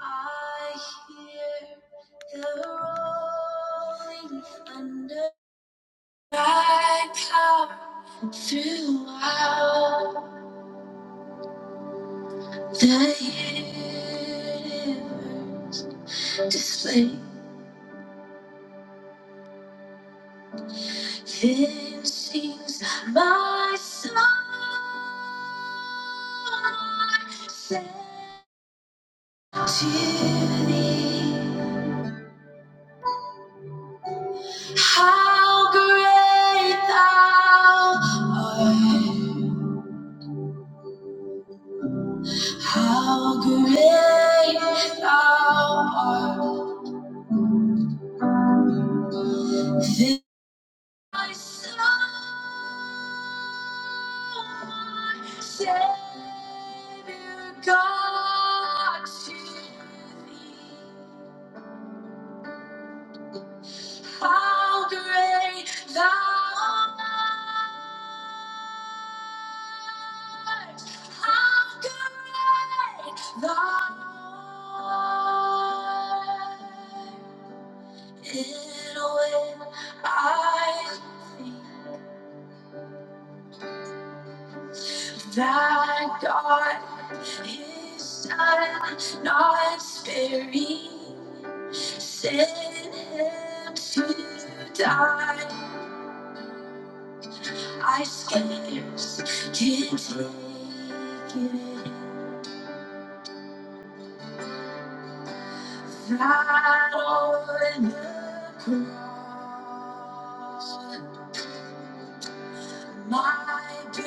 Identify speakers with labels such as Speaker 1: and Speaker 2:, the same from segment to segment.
Speaker 1: I hear the rolling thunder. I come throughout the universe. Display finishings. My soul sent to thee. How great thou art. How great thou art, this my soul my Savior God to thee. How great thou art, how great thou art. Hid away my eyes And when I think that God is son, not sparing, sent him to die, I scarce can take it. in That on the cross. My dirty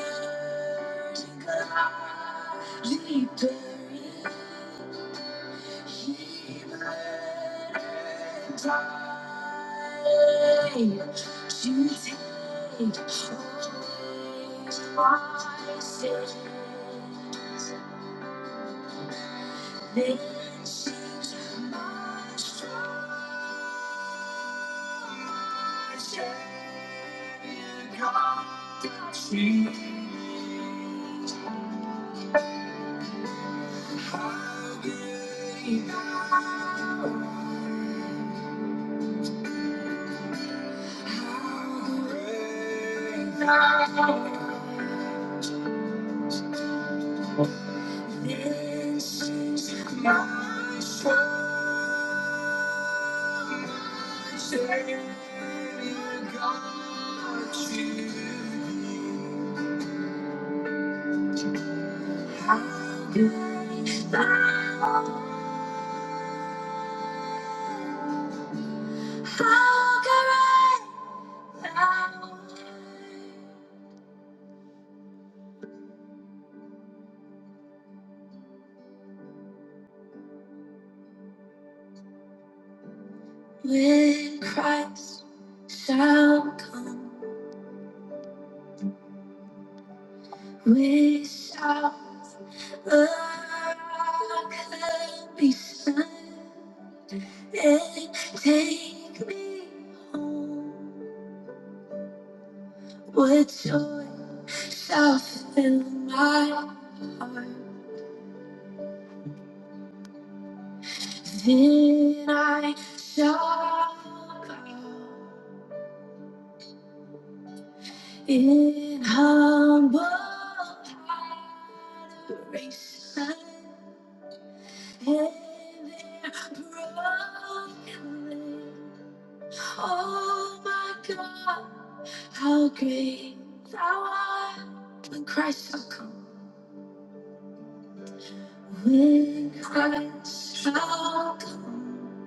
Speaker 1: godly buried, he burned dry to take away my sins. Then she's my strong shepherd, she When Christ shall come, we shall. I could be silent and take me home. Would joy soften my heart? Then I shall bow in humble adoration and their brokenness. Oh my God, how great thou art when Christ shall come. When Christ shall come,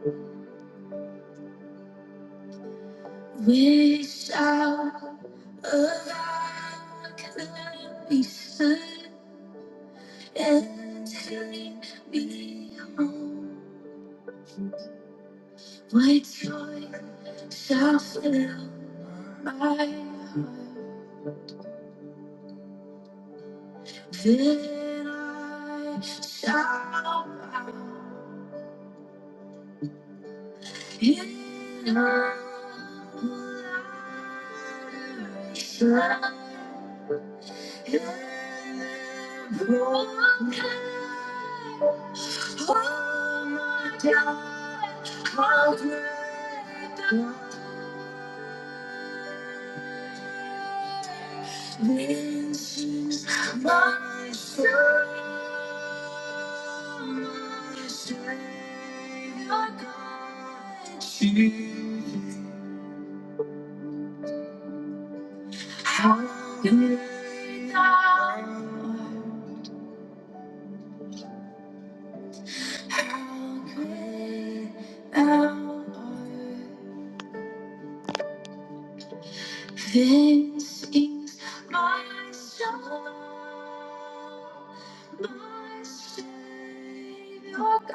Speaker 1: we shall alike and be stood and take me home. My joy shall fill my heart, then I shall bow. In our generation, in the broken Oh my God, How good thou this is my soul, my Savior God. Jesus, how great thou art. How great thou art. This is my song, my Savior God.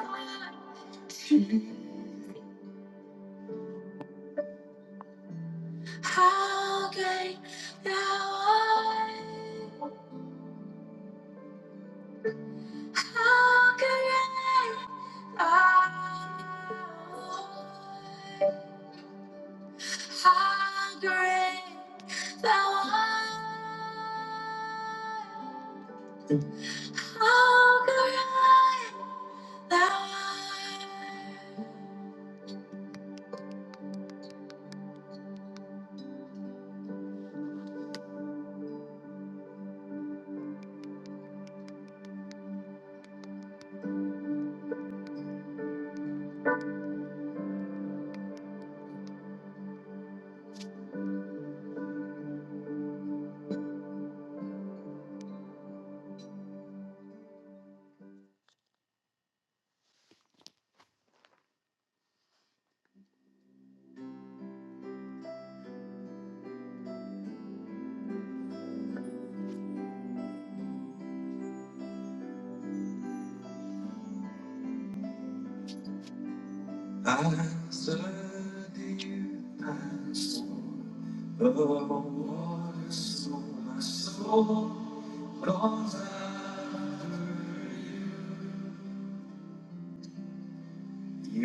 Speaker 1: How great thou art. How great thou art. How great thou art. How great Thou art! I stood before the waters of my soul, long after You. You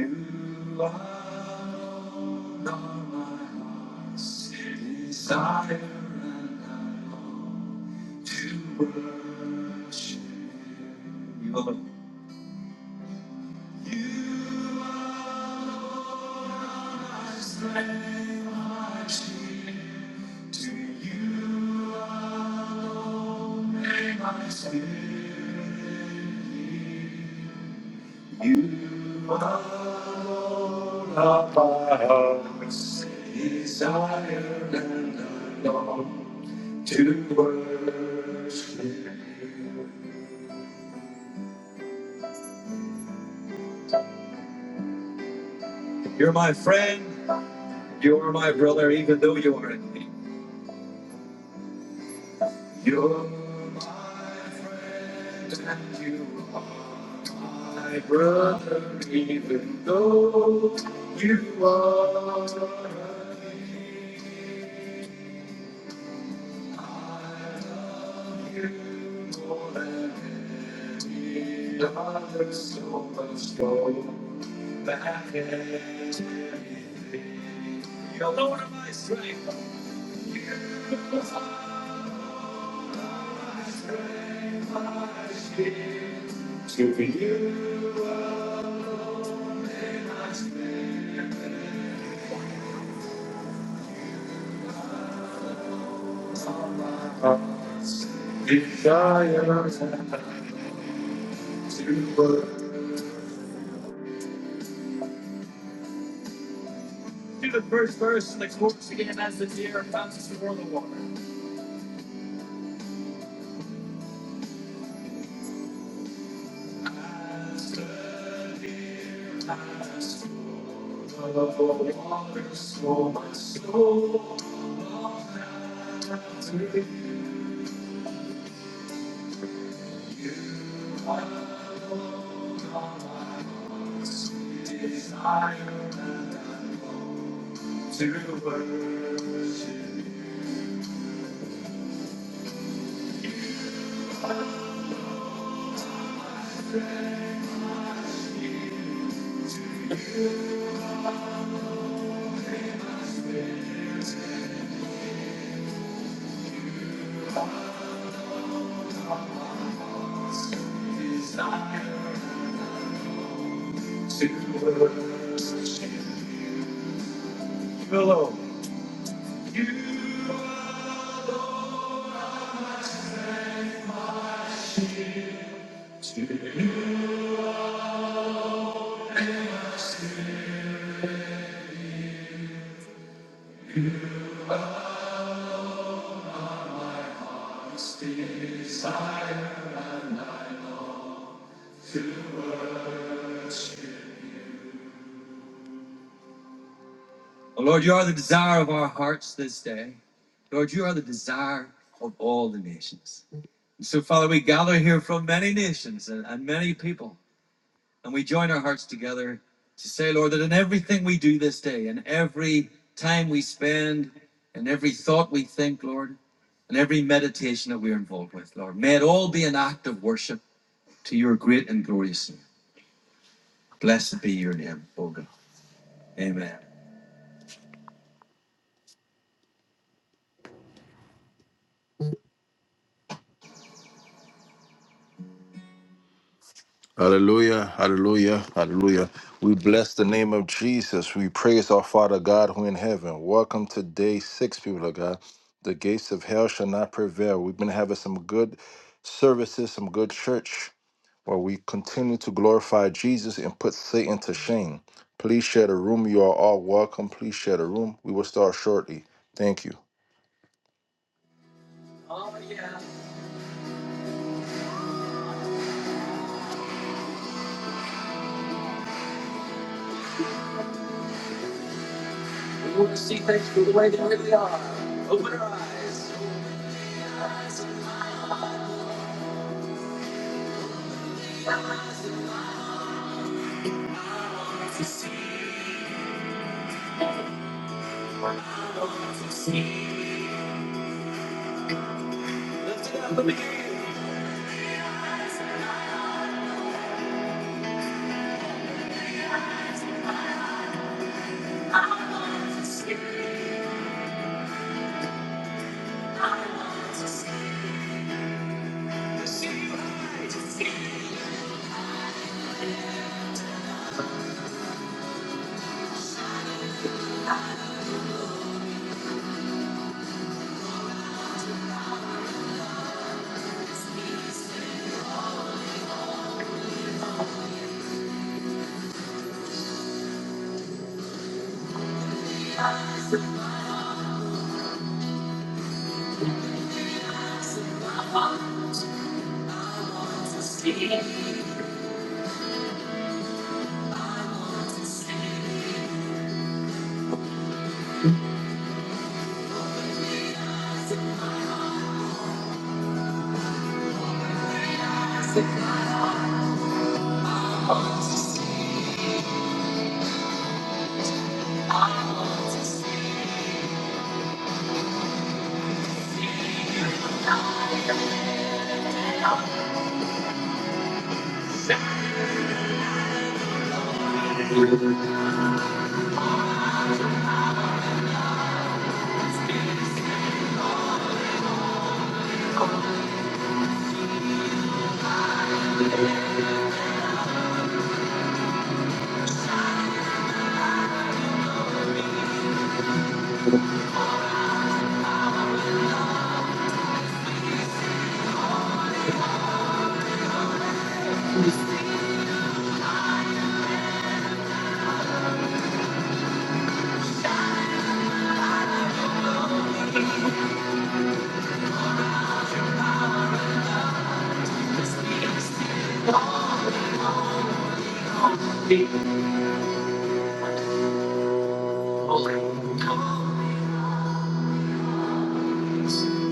Speaker 1: alone are on my heart's desire, and I long to worship You. You alone. You are strength, my shield. To you alone may my spirit You are Lord of my heart's desire and I long to worship you. You're my friend, you're my brother, even though you are enemy. You're my friend and you are my brother, even though you are a I love you more than any other, so much go back anything. You're Lord of my strength. To be you alone I've my heart's desire to work. Do the first verse and the chorus again as the deer bounces for the water. As the deer bounces for the water, so my soul to you alone my heart's desire and I long. To worship you desire to worship Hello. Oh, Lord, you are the desire of our hearts this day. Lord, you are the desire of all the nations. And so, Father, we gather here from many nations and, and many people. And we join our hearts together to say, Lord, that in everything we do this day, in every time we spend, in every thought we think, Lord, and every meditation that we're involved with, Lord, may it all be an act of worship to your great and glorious name. Blessed be your name, O God. Amen. Hallelujah, hallelujah, hallelujah. We bless the name of Jesus. We praise our Father God who in heaven. Welcome to day six, people of God. The gates of hell shall not prevail. We've been having some good services, some good church where we continue to glorify Jesus and put Satan to shame. Please share the room. You are all welcome. Please share the room. We will start shortly. Thank you.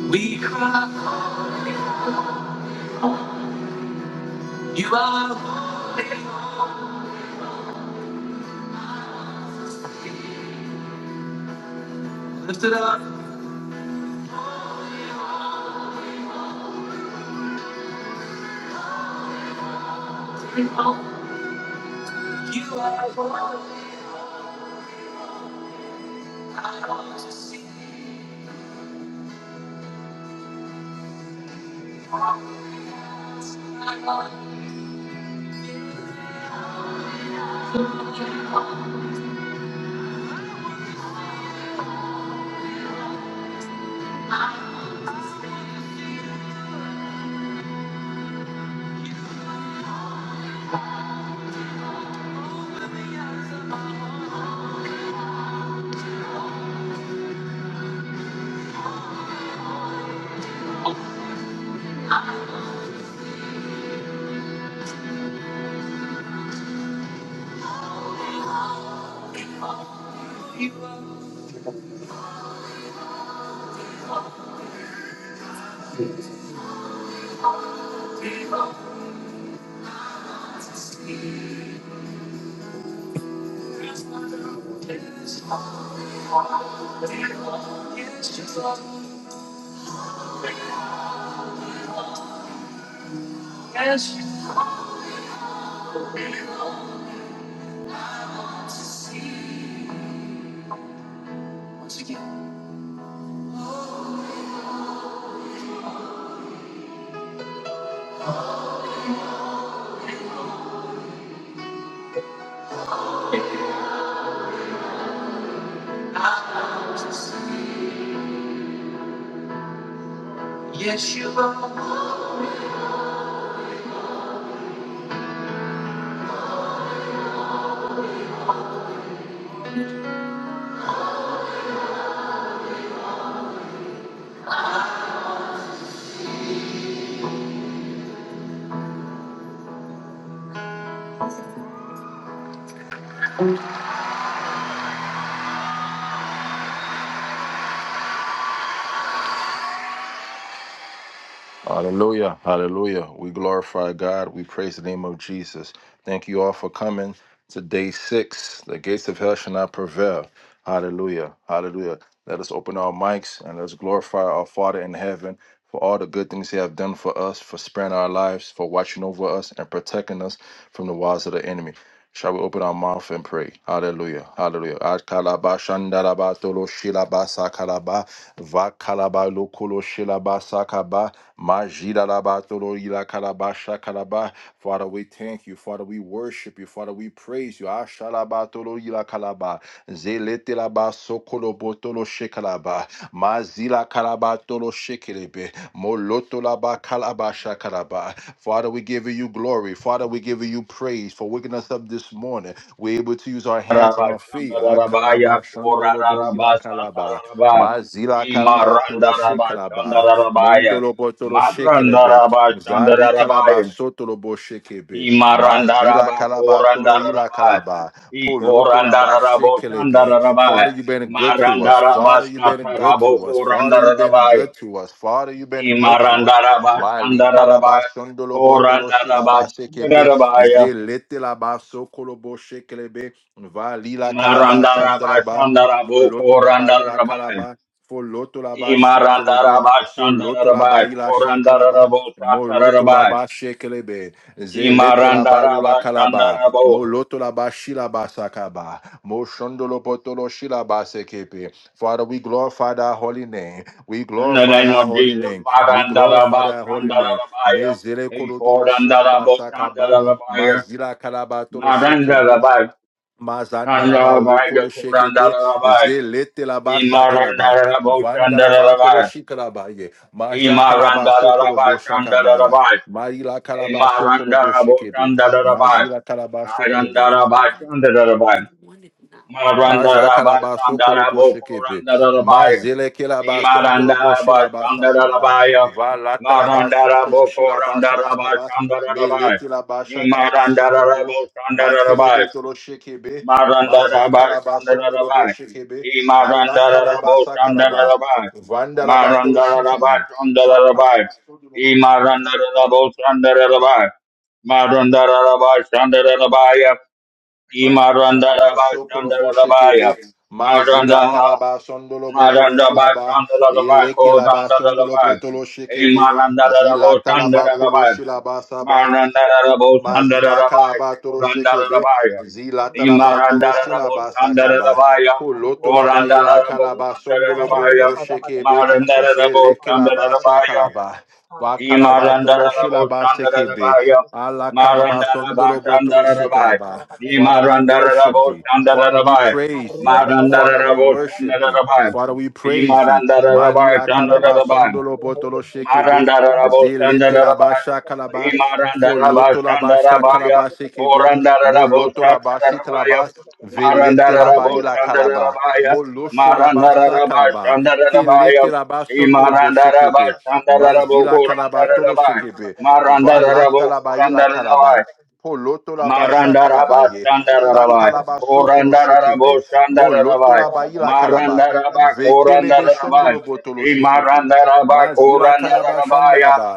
Speaker 1: We you are Hallelujah. Hallelujah. We glorify God. We praise the name of Jesus. Thank you all for coming to day six. The gates of hell shall not prevail. Hallelujah. Hallelujah. Let us open our mics and let's glorify our Father in heaven for all the good things He have done for us, for sparing our lives, for watching over us and protecting us from the wiles of the enemy. Shall we open our mouth and pray? Hallelujah. Hallelujah. Akalaba shandaraba tolo shilaba sakalaba vakalaba lokolo shilaba sakaba majidaraba tolo ilakalaba shakalaba. Father, we thank you. Father, we worship you. Father, we praise you. Ashalaba tolo ilakalaba zeletelaba sokolo botolo shikalaba mazila kalaba tolo shikelebe molotolaba kalaba shakalaba. Father, we give you you glory. Father, we're giving you praise for waking us up this morning. We're able to use our hands and
Speaker 2: Raba,
Speaker 1: our feet.
Speaker 2: Shanda
Speaker 1: Ah,
Speaker 2: Raba,
Speaker 1: kalaba,
Speaker 2: Yakura
Speaker 1: shandolo, bo, yila,
Speaker 2: Raba, Santa
Speaker 1: kalaba.
Speaker 2: Raba,
Speaker 1: Ma, zila,
Speaker 2: Ima
Speaker 1: kalaba,
Speaker 2: Randa
Speaker 1: tolo,
Speaker 2: Raba, Shanda
Speaker 1: shekalaba.
Speaker 2: Raba, Ya.
Speaker 1: Mondolo, bo, tolo,
Speaker 2: Maranda
Speaker 1: shekelebe.
Speaker 2: Raba, Shanda
Speaker 1: Zali,
Speaker 2: Raba,
Speaker 1: kalaba,
Speaker 2: Ya.
Speaker 1: sotolo, bo, shekebe.
Speaker 2: Ima
Speaker 1: Ma,
Speaker 2: Randa
Speaker 1: zila,
Speaker 2: Raba,
Speaker 1: kalaba, tolo,
Speaker 2: Koranda
Speaker 1: yila,
Speaker 2: Raba,
Speaker 1: kalaba. Polo,
Speaker 2: Iko Randa
Speaker 1: tolaba,
Speaker 2: Rabo, Shanda
Speaker 1: shekelebe.
Speaker 2: Raba,
Speaker 1: Father,
Speaker 2: Ya.
Speaker 1: you've been good to
Speaker 2: Maranda
Speaker 1: us.
Speaker 2: Raba,
Speaker 1: Father, you've
Speaker 2: Shata
Speaker 1: been good to
Speaker 2: Rabo,
Speaker 1: us. Father,
Speaker 2: Koranda
Speaker 1: you've been
Speaker 2: Raba, Ya.
Speaker 1: good to us. Father, you've been
Speaker 2: Ima
Speaker 1: good to us.
Speaker 2: Randa Raba, Shanda
Speaker 1: Malika la
Speaker 2: Raba, Ya.
Speaker 1: bashondo lo botolo
Speaker 2: Koranda
Speaker 1: shila
Speaker 2: Raba,
Speaker 1: base
Speaker 2: Shanda Raba, Ya.
Speaker 1: zelete la baso kolobo shekelebe vali la kalaba
Speaker 2: Maranda Raba,
Speaker 1: shandaraba
Speaker 2: Shanda Rabo,
Speaker 1: moloto la ba
Speaker 2: Koranda Raba, Ya.
Speaker 1: kalaba foloto la ba shekelebe soloto la
Speaker 2: Imarandarabashandarabo,
Speaker 1: ba shakalaba
Speaker 2: Korandarabo,
Speaker 1: moloto la
Speaker 2: Satarabo,
Speaker 1: ba shekelebe zelete la ba lula kalaba
Speaker 2: Imarandarabashandarabo.
Speaker 1: moloto la ba shila basakaba moshondo lo botolo shila base Father we glorify thy holy name we
Speaker 2: In the
Speaker 1: glorify
Speaker 2: name
Speaker 1: thy
Speaker 2: of
Speaker 1: holy
Speaker 2: Jesus,
Speaker 1: name we glorify thy holy name.
Speaker 2: Marandarabashandarabaya,
Speaker 1: Mezele korotolo shilaba
Speaker 2: Ikorandarabo,
Speaker 1: sakaba,
Speaker 2: Sandarabaya,
Speaker 1: mazila kalabatoro shekebe,
Speaker 2: Marandarabaya,
Speaker 1: mazandalaba olokolo
Speaker 2: Sandarabaya,
Speaker 1: shekebe,
Speaker 2: Korandarabaya,
Speaker 1: zelete laba sakalaba,
Speaker 2: Imarandarabo,
Speaker 1: vandalabatoro
Speaker 2: Sandarabaya,
Speaker 1: shikalabaye, maja kalaba sokolobo
Speaker 2: Imarandarabaya,
Speaker 1: shakabaya,
Speaker 2: Sandarabaya,
Speaker 1: maila kalaba sokolobo
Speaker 2: Imarandarabo,
Speaker 1: shekebe,
Speaker 2: Sandarabaya,
Speaker 1: mazila kalaba sokolo bo.
Speaker 2: Marandarabaya, Sandarabaya,
Speaker 1: Aja
Speaker 2: Marandara
Speaker 1: calabasso
Speaker 2: Bashandara
Speaker 1: coloboshe kepe.
Speaker 2: Bokorandara baya.
Speaker 1: Mazele kelabason
Speaker 2: Imarandara
Speaker 1: doloboshi labasa
Speaker 2: Bashandara
Speaker 1: kalaba.
Speaker 2: baya.
Speaker 1: Valata labasso
Speaker 2: Marandara
Speaker 1: coloshi labasa
Speaker 2: Bokorandara
Speaker 1: kalaba.
Speaker 2: Bashandara baya.
Speaker 1: Meleti labasha calabasso
Speaker 2: Imarandara
Speaker 1: coco.
Speaker 2: Boshandara
Speaker 1: Makelebe
Speaker 2: baya.
Speaker 1: toloshe kebe.
Speaker 2: Marandara
Speaker 1: Maza calabason
Speaker 2: Bashandara baya.
Speaker 1: doloboshe kebe. Alla
Speaker 2: Marandarabashandaraboko
Speaker 1: calabasa calaba.
Speaker 2: Imarandarabashandarabaya.
Speaker 1: Vanda labatolo shekebe. Sa
Speaker 2: Marandaraboko baya.
Speaker 1: calabasso doloboshe kebe.
Speaker 2: Imarandaraboshandarabaya. Marandarabashandarabaya. Imarandaraboshandarabaya. Marandarabashandarabaya. Imarandaraboshandarabaya. baya.
Speaker 1: Valashalabaso koloboshekebe,
Speaker 2: Imarandarabasandarabaya.
Speaker 1: mazila
Speaker 2: Maranda
Speaker 1: kalabasondolo botolo shilaba, yeleke
Speaker 2: Marandabasandarabako
Speaker 1: labasondolo
Speaker 2: Dandarabaya.
Speaker 1: botolo shekebe, zila talaba kolo
Speaker 2: Imarandarabosandarabaya.
Speaker 1: shilaba Mazila
Speaker 2: Marandarabosandarabai.
Speaker 1: kalabatoro shekebe,
Speaker 2: Korandarabaya.
Speaker 1: zila talabatoro shilaba sakaba.
Speaker 2: Imarandarabosandarabaya.
Speaker 1: Poloto la baila kalaba sondolo
Speaker 2: Korandarabosandarabaya.
Speaker 1: botoro shekebe, jele kelaba
Speaker 2: Marandarabosandarabai.
Speaker 1: sakalaba. Va
Speaker 2: E
Speaker 1: kalabatoro
Speaker 2: Marandarabo
Speaker 1: shilaba sekebe.
Speaker 2: Sandarabaya,
Speaker 1: Ala kalaba
Speaker 2: Marandaraba
Speaker 1: sondolo botoro
Speaker 2: Sandarabai,
Speaker 1: shekelaba.
Speaker 2: E
Speaker 1: Father, we worship
Speaker 2: Marandarabo
Speaker 1: thee. Father, we
Speaker 2: Sandarabai,
Speaker 1: praise thee. Father, we
Speaker 2: Marandarabo
Speaker 1: worship thee.
Speaker 2: Sandarabai,
Speaker 1: Father, we
Speaker 2: E
Speaker 1: praise thee. Malila kalaba
Speaker 2: Marandarabai
Speaker 1: sondolo botoro shekebe.
Speaker 2: Marandarabo
Speaker 1: Zilete la
Speaker 2: Shandarabai,
Speaker 1: basha
Speaker 2: Imarandaraba
Speaker 1: Foloto la basha
Speaker 2: Shandarabaya,
Speaker 1: calabashe kebe.
Speaker 2: Orandarabo
Speaker 1: Moloto la bashi
Speaker 2: Shatarabaya,
Speaker 1: calabas. Velete la
Speaker 2: Marandarabo
Speaker 1: bari la calaba.
Speaker 2: Shandarabaya,
Speaker 1: Moloso la basa
Speaker 2: Marandaraba
Speaker 1: calaba. Kelete
Speaker 2: Shandarabaya,
Speaker 1: la basondo lo boshe
Speaker 2: Imarandaraba
Speaker 1: kebe.
Speaker 2: Shandarabo
Speaker 1: Mazila calabato tolo
Speaker 2: Kurandarabai,
Speaker 1: shekebe. Valata
Speaker 2: Marandarabo
Speaker 1: la bari la calaba.
Speaker 2: Kurandarabai,
Speaker 1: Poloto la basha
Speaker 2: Marandaraba
Speaker 1: calabaye. Sa
Speaker 2: Shandarabai.
Speaker 1: calabaso kolo shekebe.
Speaker 2: Korandarabo
Speaker 1: Moloto
Speaker 2: Shandarabai.
Speaker 1: la bari la calaba.
Speaker 2: Marandaraba
Speaker 1: Vekelebe shondo
Speaker 2: Korandarabai.
Speaker 1: lo botolo shekebe.
Speaker 2: Imarandaraba
Speaker 1: Mazila calabashanda la
Speaker 2: Korandarabaya.
Speaker 1: ba.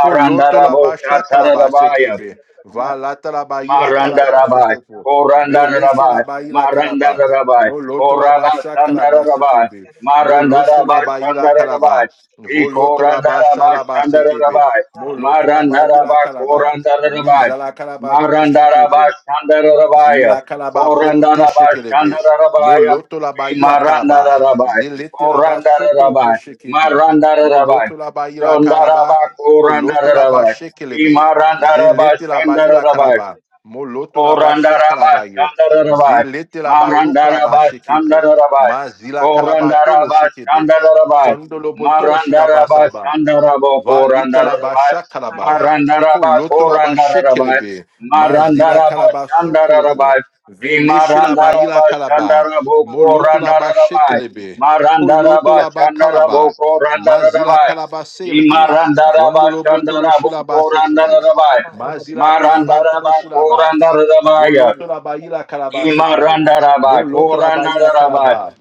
Speaker 1: Poloto la basha kalaba
Speaker 2: Shatarabaya.
Speaker 1: sekebe. Valata la bayi la
Speaker 2: Maranda
Speaker 1: kalaba
Speaker 2: Rabai,
Speaker 1: sokopo.
Speaker 2: Koranda
Speaker 1: Veleshe la
Speaker 2: Rabai,
Speaker 1: bayi la
Speaker 2: Maranda
Speaker 1: kalaba.
Speaker 2: Rabai,
Speaker 1: Moloto la
Speaker 2: Koraba
Speaker 1: basha
Speaker 2: Sandara
Speaker 1: kalaba
Speaker 2: Rabai,
Speaker 1: sekebe.
Speaker 2: Maranda
Speaker 1: Molosho la
Speaker 2: Rabai,
Speaker 1: bayi la
Speaker 2: Sandara
Speaker 1: kalaba.
Speaker 2: Rabai, E
Speaker 1: Voloto la
Speaker 2: Koranda
Speaker 1: basha
Speaker 2: Rabai,
Speaker 1: la
Speaker 2: Sandara
Speaker 1: basekebe.
Speaker 2: Rabai,
Speaker 1: Moloto la
Speaker 2: Maranda
Speaker 1: bayi la
Speaker 2: Rabai,
Speaker 1: kalaba.
Speaker 2: Koranda Rabai,
Speaker 1: Mizala kalaba toro
Speaker 2: Maranda
Speaker 1: shekebe.
Speaker 2: Rabai, Sandara Rabai,
Speaker 1: Zila kalaba
Speaker 2: Koranda
Speaker 1: folote
Speaker 2: Rabai,
Speaker 1: shekelebe.
Speaker 2: Sandara Rabai,
Speaker 1: Moloto laba
Speaker 2: E
Speaker 1: ila
Speaker 2: Maranda
Speaker 1: kalaba.
Speaker 2: Rabai,
Speaker 1: Zilete laba
Speaker 2: Koranda
Speaker 1: sokolobo
Speaker 2: Rabai,
Speaker 1: shekebe.
Speaker 2: Maranda Rabai,
Speaker 1: Moloto laba ila
Speaker 2: Sandara
Speaker 1: kalaba.
Speaker 2: Rabai, Koranda
Speaker 1: Foloto laba
Speaker 2: Rabai, E
Speaker 1: shekelebe.
Speaker 2: Maranda Rabai,
Speaker 1: Zilete laba
Speaker 2: Sandara
Speaker 1: ila
Speaker 2: Rabai,
Speaker 1: kalaba. Moloto laba
Speaker 2: Korandaraba
Speaker 1: shakalaba ye.
Speaker 2: Shandarabai.
Speaker 1: Zilete laba rukalaba
Speaker 2: Marandaraba
Speaker 1: shekebe.
Speaker 2: Shandarabai.
Speaker 1: Ma zila kalaba tolo
Speaker 2: Korandaraba
Speaker 1: shekebe.
Speaker 2: Shandarabai.
Speaker 1: Sondolo botolo shilaba
Speaker 2: Marandaraba
Speaker 1: saba.
Speaker 2: Shandarabo
Speaker 1: Valita la
Speaker 2: Korandarabai.
Speaker 1: basha kalaba.
Speaker 2: Marandaraba
Speaker 1: Poloto la bashe
Speaker 2: Korandarabai.
Speaker 1: kelebe. Mazila
Speaker 2: Marandaraba
Speaker 1: kalaba sokolobo.
Speaker 2: Shandarabai.
Speaker 1: Veleshi la baila
Speaker 2: Imarandaraba
Speaker 1: kalaba.
Speaker 2: Shandarabo
Speaker 1: Moloto la bashe
Speaker 2: Korandarabai.
Speaker 1: kelebe. Poloto
Speaker 2: Marandaraba
Speaker 1: la ba
Speaker 2: Shandarabo
Speaker 1: kalaba. Mazila
Speaker 2: Korandarabai.
Speaker 1: kalaba selebe.
Speaker 2: Imarandaraba
Speaker 1: Vondolo botolo
Speaker 2: Shandarabo
Speaker 1: shilaba sekelebe.
Speaker 2: Korandarabai.
Speaker 1: Mazila kalaba tolo
Speaker 2: Marandaraba,
Speaker 1: shilaba.
Speaker 2: Korandarabaya,
Speaker 1: Voloto la baila kalaba sekelebe.
Speaker 2: Imarandaraba,
Speaker 1: Moloto la baila
Speaker 2: Korandaraba,
Speaker 1: kalaba.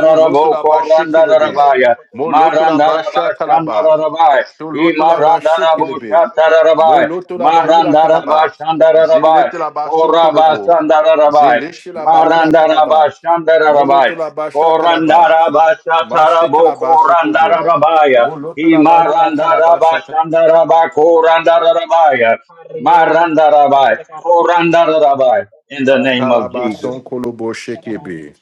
Speaker 1: Poloto la bashe kelebe.
Speaker 2: Korandarabaya,
Speaker 1: Moloto la basha
Speaker 2: Marandaraba,
Speaker 1: kalaba.
Speaker 2: Shandarabai,
Speaker 1: Soloto la ba
Speaker 2: Imarandarabo,
Speaker 1: shekelebe.
Speaker 2: Shatarabai,
Speaker 1: Moloto la ba yila
Speaker 2: Marandaraba,
Speaker 1: kalaba.
Speaker 2: Shandarabai,
Speaker 1: Zelete la ba
Speaker 2: Koraba,
Speaker 1: sokolobo.
Speaker 2: Sandarabai,
Speaker 1: Zeleshe la ba yila kalaba.
Speaker 2: Marandaraba, Shandarabai,
Speaker 1: Moloto la ba shakalaba.
Speaker 2: Korandaraba, Shatarabo,
Speaker 1: Mashekalaba sokobo.
Speaker 2: Korandarabaya,
Speaker 1: Moloto la ba yila kalaba
Speaker 2: Imarandaraba,
Speaker 1: shaka.
Speaker 2: Shandaraba, Korandarabaya, Marandarabai, Korandarabai, in the name of
Speaker 1: Akalaba
Speaker 2: Jesus.
Speaker 1: sonkolobo shekebe.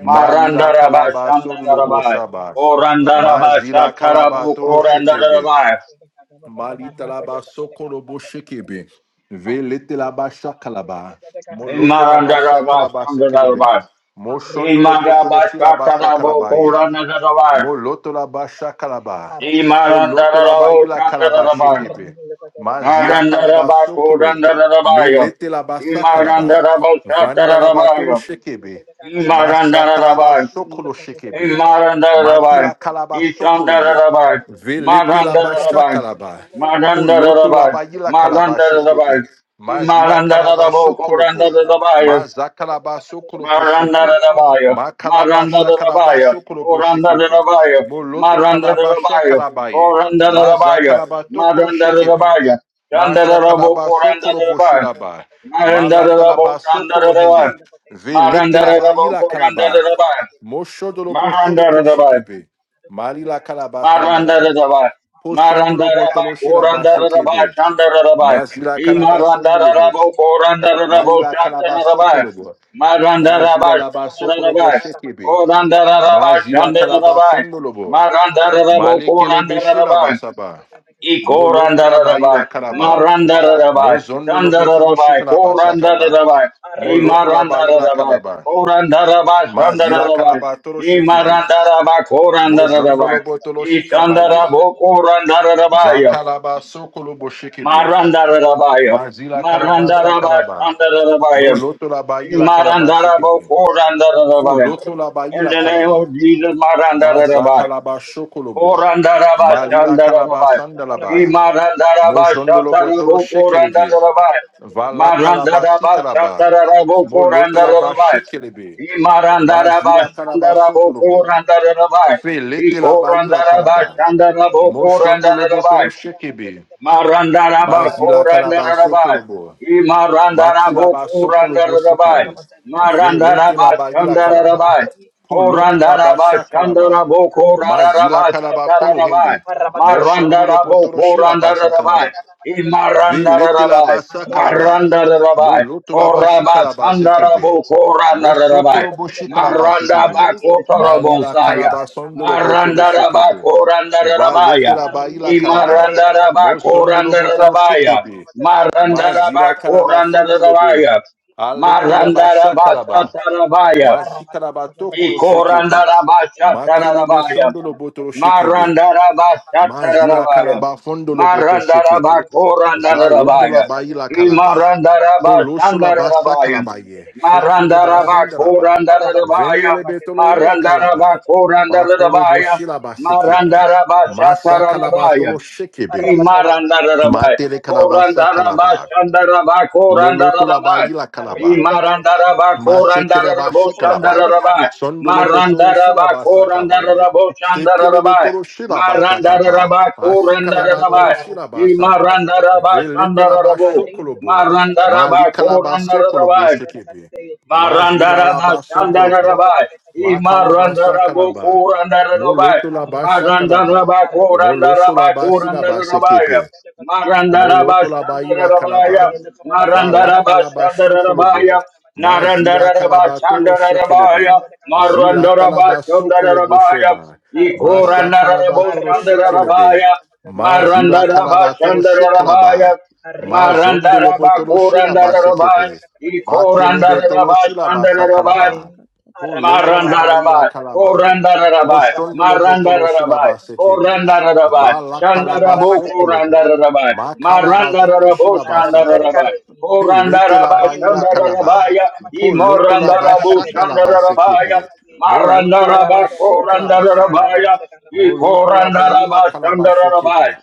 Speaker 1: Malila
Speaker 2: Marandarabai,
Speaker 1: kalaba sololobo
Speaker 2: Shandarabai,
Speaker 1: shabas.
Speaker 2: Korandarabai,
Speaker 1: Mazila kalaba
Speaker 2: Shatarabu,
Speaker 1: toro shekebe.
Speaker 2: Korandarabai,
Speaker 1: Malita laba sokorobo shekebe. Velete laba shakalaba. Moloto laba
Speaker 2: Imarandarabai,
Speaker 1: shakalaba sekelebe.
Speaker 2: Shandarabai,
Speaker 1: Moshondolo botoro
Speaker 2: Imarabai,
Speaker 1: shilaba
Speaker 2: Shatarabu,
Speaker 1: sakalabaye.
Speaker 2: Korandarabai,
Speaker 1: Moloto la ba shakalaba. Poloto la ba
Speaker 2: Imarandarabai,
Speaker 1: ila kalaba
Speaker 2: Shandarabai,
Speaker 1: shekebe. Mazila kalaba
Speaker 2: Narandarabai,
Speaker 1: sokolo.
Speaker 2: Korandarabai,
Speaker 1: Melete la ba sakalaba.
Speaker 2: Imarandarabai,
Speaker 1: Vanda la ba tolo
Speaker 2: Shatarabai,
Speaker 1: shekebe. Masa kalaba
Speaker 2: Imarandarabai,
Speaker 1: sokolo shekebe. Matila
Speaker 2: Marandarabai,
Speaker 1: kalaba sokolo ye.
Speaker 2: Isandarabai,
Speaker 1: Velete la ba
Speaker 2: Marandarabai,
Speaker 1: shakalaba. Poloto la
Speaker 2: Marandarabai,
Speaker 1: ba ila kalaba
Speaker 2: Marandarabai,
Speaker 1: shekebe. Mazila kalaba
Speaker 2: Marandarabo,
Speaker 1: sokolo po.
Speaker 2: Korandarabai,
Speaker 1: Maza kalaba sokolo po shepe.
Speaker 2: Marandarabai,
Speaker 1: Makalabasha
Speaker 2: Marandarabai,
Speaker 1: kalabaso koloboshekebe.
Speaker 2: Korandarabai,
Speaker 1: Moloto kalabasha
Speaker 2: Marandarabai,
Speaker 1: kalabaye. Maza
Speaker 2: Korandarabai,
Speaker 1: kalabato koloshekebe.
Speaker 2: Marandarabai,
Speaker 1: Masha
Speaker 2: Chandarabo,
Speaker 1: kalabaso
Speaker 2: Korandarabai,
Speaker 1: koloboshilaba. Malata
Speaker 2: Marandarabo,
Speaker 1: labaso
Speaker 2: Chandarabai,
Speaker 1: kolohende. Velete laba
Speaker 2: Marandarabai,
Speaker 1: ila kalaba.
Speaker 2: Korandarabai,
Speaker 1: Mosho dolobo solo
Speaker 2: Marandarabai,
Speaker 1: koshekebe. Malila
Speaker 2: मारंदर
Speaker 1: kalabasandalaba.
Speaker 2: दभाइ, मारंदर
Speaker 1: Posondolobo
Speaker 2: दभाइ, को
Speaker 1: toloshilaba sekebe.
Speaker 2: मारंदर दभाइ.
Speaker 1: Majila
Speaker 2: इमरंदर
Speaker 1: kalabasondolobo.
Speaker 2: दभू करंदर दभू,
Speaker 1: Malila
Speaker 2: shot कर्णधर
Speaker 1: kalabaso
Speaker 2: दभाइ,
Speaker 1: kolobo.
Speaker 2: मारंदर
Speaker 1: Majila
Speaker 2: दभाइ,
Speaker 1: labaso
Speaker 2: शान्दर
Speaker 1: kolobo
Speaker 2: दभाइ,
Speaker 1: shekebe.
Speaker 2: कोरंदर दभाइ, शात
Speaker 1: Mazila kalaba
Speaker 2: दभाइ.
Speaker 1: sondolobo.
Speaker 2: मारंदर दभू
Speaker 1: Malekele
Speaker 2: करंदर
Speaker 1: beshe la
Speaker 2: दभाइ
Speaker 1: basaba. Moloto la bayi
Speaker 2: Ikorandarabai,
Speaker 1: la kalaba.
Speaker 2: Marandarabai,
Speaker 1: Mozondo lobo toro
Speaker 2: Dandarabai,
Speaker 1: shikalaba sakaba.
Speaker 2: Korandarabai,
Speaker 1: Moloto la bayi la
Speaker 2: Imarandarabai,
Speaker 1: kalaba.
Speaker 2: Korandarabai,
Speaker 1: Mazila
Speaker 2: Shandarabai,
Speaker 1: kalaba toro shikibi.
Speaker 2: Imarandarabai,
Speaker 1: Mozondo
Speaker 2: Korandarabai,
Speaker 1: lobo toro shikabaye.
Speaker 2: Ishandarabo, Korandarabai,
Speaker 1: Zakalaba sokolobo shikibi.
Speaker 2: Marandarabai,
Speaker 1: Mazila kalaba
Speaker 2: Marandarabai,
Speaker 1: sakalaba.
Speaker 2: Shandarabai,
Speaker 1: Moloto la bayi la kalaba
Speaker 2: Imarandarabo,
Speaker 1: shikibi.
Speaker 2: Korandarabai,
Speaker 1: Moloto la bayi
Speaker 2: in
Speaker 1: la
Speaker 2: the name
Speaker 1: kalaba.
Speaker 2: of Jesus, Marandarabai.
Speaker 1: Mazakalaba shokolobo.
Speaker 2: Korandaraba
Speaker 1: Malila kalaba
Speaker 2: Shandarabai.
Speaker 1: sandalaba.
Speaker 2: Imarandaraba
Speaker 1: Moshondolo botolo
Speaker 2: Shatarabu
Speaker 1: shekelebe,
Speaker 2: Korandarabai.
Speaker 1: Vala kalaba si
Speaker 2: Marandaraba
Speaker 1: kalaba.
Speaker 2: Shatarabu
Speaker 1: Moloto laba
Speaker 2: Korandarabai.
Speaker 1: shekelibi.
Speaker 2: Imarandaraba
Speaker 1: Mazila kalaba
Speaker 2: Shandarabu
Speaker 1: sotolobo.
Speaker 2: Korandarabai.
Speaker 1: Felete laba ila
Speaker 2: Ikorandaraba
Speaker 1: kalaba.
Speaker 2: Shandarabu
Speaker 1: Moshondolo botolo
Speaker 2: Korandarabai.
Speaker 1: shekebi.
Speaker 2: Marandaraba
Speaker 1: Mazila kalaba
Speaker 2: Korandaraba
Speaker 1: sokolobo. Mati
Speaker 2: Imarandarabo
Speaker 1: laba sokolobo
Speaker 2: Kurandarabai
Speaker 1: sekebi. Velete
Speaker 2: Marandaraba
Speaker 1: laba ila kalaba.
Speaker 2: Shandarabai
Speaker 1: Poloto laba
Speaker 2: Korandaraba
Speaker 1: shakalaba.
Speaker 2: Shandarabo
Speaker 1: Mazila
Speaker 2: Koraraba
Speaker 1: kalaba
Speaker 2: Satarabai
Speaker 1: kolohende. Moshondolo
Speaker 2: Marandarabo
Speaker 1: botolo shilaba sakaba.
Speaker 2: Korandarabai
Speaker 1: Velete la
Speaker 2: Imarandarabai
Speaker 1: basa kalaba.
Speaker 2: Marandarabai
Speaker 1: Moloto la bashi
Speaker 2: Koraba
Speaker 1: kalaba sekebe.
Speaker 2: Sandarabo
Speaker 1: Mosoko
Speaker 2: Korandarabai
Speaker 1: lo boshi kalaba sekebe.
Speaker 2: Marandaba Kotorabo
Speaker 1: Malila
Speaker 2: Saya
Speaker 1: kalaba sondo lo boto lo
Speaker 2: Marandaraba
Speaker 1: shekebe. Valete
Speaker 2: Korandarabaya
Speaker 1: la baila kalaba.
Speaker 2: یمارند رباب
Speaker 1: Mosondo
Speaker 2: کورند
Speaker 1: lo boto lo
Speaker 2: رباب یا
Speaker 1: shekebe.
Speaker 2: مارند رباب
Speaker 1: Mazila kalaba
Speaker 2: کورند
Speaker 1: fondo lo
Speaker 2: رباب
Speaker 1: bo.
Speaker 2: یا
Speaker 1: Aleke la
Speaker 2: مارند
Speaker 1: basha
Speaker 2: رباب
Speaker 1: kalaba.
Speaker 2: چتراب یا
Speaker 1: Masi kalaba toko lo shekebe. Makelebe
Speaker 2: İkorandarabashatarabaya.
Speaker 1: sondo lo boto lo shekebe. Mazila
Speaker 2: Marandarabashatarabaya.
Speaker 1: kalaba fondolo boto shekepe. Zaloto la
Speaker 2: Marandarabakorandarabaya.
Speaker 1: bayi la kalaba. Polosho la basa
Speaker 2: İmarandarabashandarabaya.
Speaker 1: kalabaye. Shekile basindalaba.
Speaker 2: Marandarabakorandarabaya.
Speaker 1: Vendele betolo ila kalaba. Makolo
Speaker 2: Marandarabakorandarabaya.
Speaker 1: boshila basekepe. Masa kalaba
Speaker 2: Marandarabashatarabaya.
Speaker 1: tolo shekebe.
Speaker 2: İmarandarabaya.
Speaker 1: Matele kalabasa kalaba.
Speaker 2: Korandarabashandarabaya.
Speaker 1: Moloto la bayi
Speaker 2: Korandarabaya.
Speaker 1: la kalaba.
Speaker 2: इमारंदारबा,
Speaker 1: Masekeleba shikalaba.
Speaker 2: कोरंदारबो,
Speaker 1: Sondolobo tolo shilaba sakabaye. Sekelebe tolo shilaba sakaba. Asikalaba tolo shilaba saba. Veletelaba shokolobo. Malikalaba sokolobo
Speaker 2: शांदारबा,
Speaker 1: shekebe.
Speaker 2: Marandaraba
Speaker 1: Majilalaba sokolobo.
Speaker 2: Shandarabai. I
Speaker 1: Makalaba
Speaker 2: Marandarabo
Speaker 1: sakalaba.
Speaker 2: Kurandarabai.
Speaker 1: Molotolaba shakalaba.
Speaker 2: Marandaraba Kurandaraba
Speaker 1: Molosholaba silaba
Speaker 2: Kurandarabai.
Speaker 1: sekebe. Moloto
Speaker 2: Marandaraba
Speaker 1: la baila
Speaker 2: Shandarabai.
Speaker 1: calaba. Va la
Speaker 2: Marandaraba
Speaker 1: calaba shokolobo.
Speaker 2: Shandarabai.
Speaker 1: Ma zila
Speaker 2: Narandaraba
Speaker 1: calaba tolo
Speaker 2: Shandarabai.
Speaker 1: shekelebe. Zila
Speaker 2: Marandaraba
Speaker 1: talaba sokolobo
Speaker 2: Shandarabai.
Speaker 1: sheba.
Speaker 2: I
Speaker 1: Ma sa calaba
Speaker 2: Kurandarabo
Speaker 1: tolo shekelebe.
Speaker 2: Shandarabai.
Speaker 1: Ma zila
Speaker 2: Marandaraba
Speaker 1: calaba tolo shekalaba.
Speaker 2: Shandarabai.
Speaker 1: Ma
Speaker 2: Maranda
Speaker 1: zondolo
Speaker 2: raba
Speaker 1: botolo
Speaker 2: koranda
Speaker 1: shilaba
Speaker 2: raba,
Speaker 1: sekebe. Ma
Speaker 2: ikoranda
Speaker 1: kelebe tolo
Speaker 2: raba
Speaker 1: shilaba
Speaker 2: şanda raba,
Speaker 1: sakalaba.
Speaker 3: Arababosetiabasukabakatata.
Speaker 1: Po loto la baila
Speaker 2: Marandarabai,
Speaker 3: Thank
Speaker 1: calaba.
Speaker 3: you,
Speaker 1: Po
Speaker 2: Korandarabai,
Speaker 3: Jesus.
Speaker 1: shondolo botolo
Speaker 2: Marandarabai,
Speaker 1: shilaba
Speaker 3: Thank
Speaker 1: sekepe.
Speaker 3: you,
Speaker 2: Korandarabai,
Speaker 1: Va la
Speaker 3: Jesus.
Speaker 1: calaba
Speaker 2: Shandarabo
Speaker 1: sokolobo.
Speaker 2: Korandarabai,
Speaker 3: Thank you,
Speaker 1: Makalaba tolo
Speaker 2: Marandarabo
Speaker 3: Libarata.
Speaker 1: shilaba sakaba.
Speaker 2: Shandarabai.
Speaker 1: Pelete
Speaker 2: Korandaraba
Speaker 1: laba ila kalaba.
Speaker 2: Shandarabaya,
Speaker 1: Poloto laba
Speaker 2: Imorandarabu
Speaker 1: shakalaba
Speaker 3: Rakasha
Speaker 2: Shandarabaya,
Speaker 1: sekebe. Moloto laba
Speaker 2: Marandaraba
Speaker 3: Labrakatatatata.
Speaker 1: shikalaba sakaba.
Speaker 2: Korandarabaya,
Speaker 1: Moloto laba ila
Speaker 2: Ikorandaraba
Speaker 1: kalaba
Speaker 2: Shandarabaya,
Speaker 1: shekebe.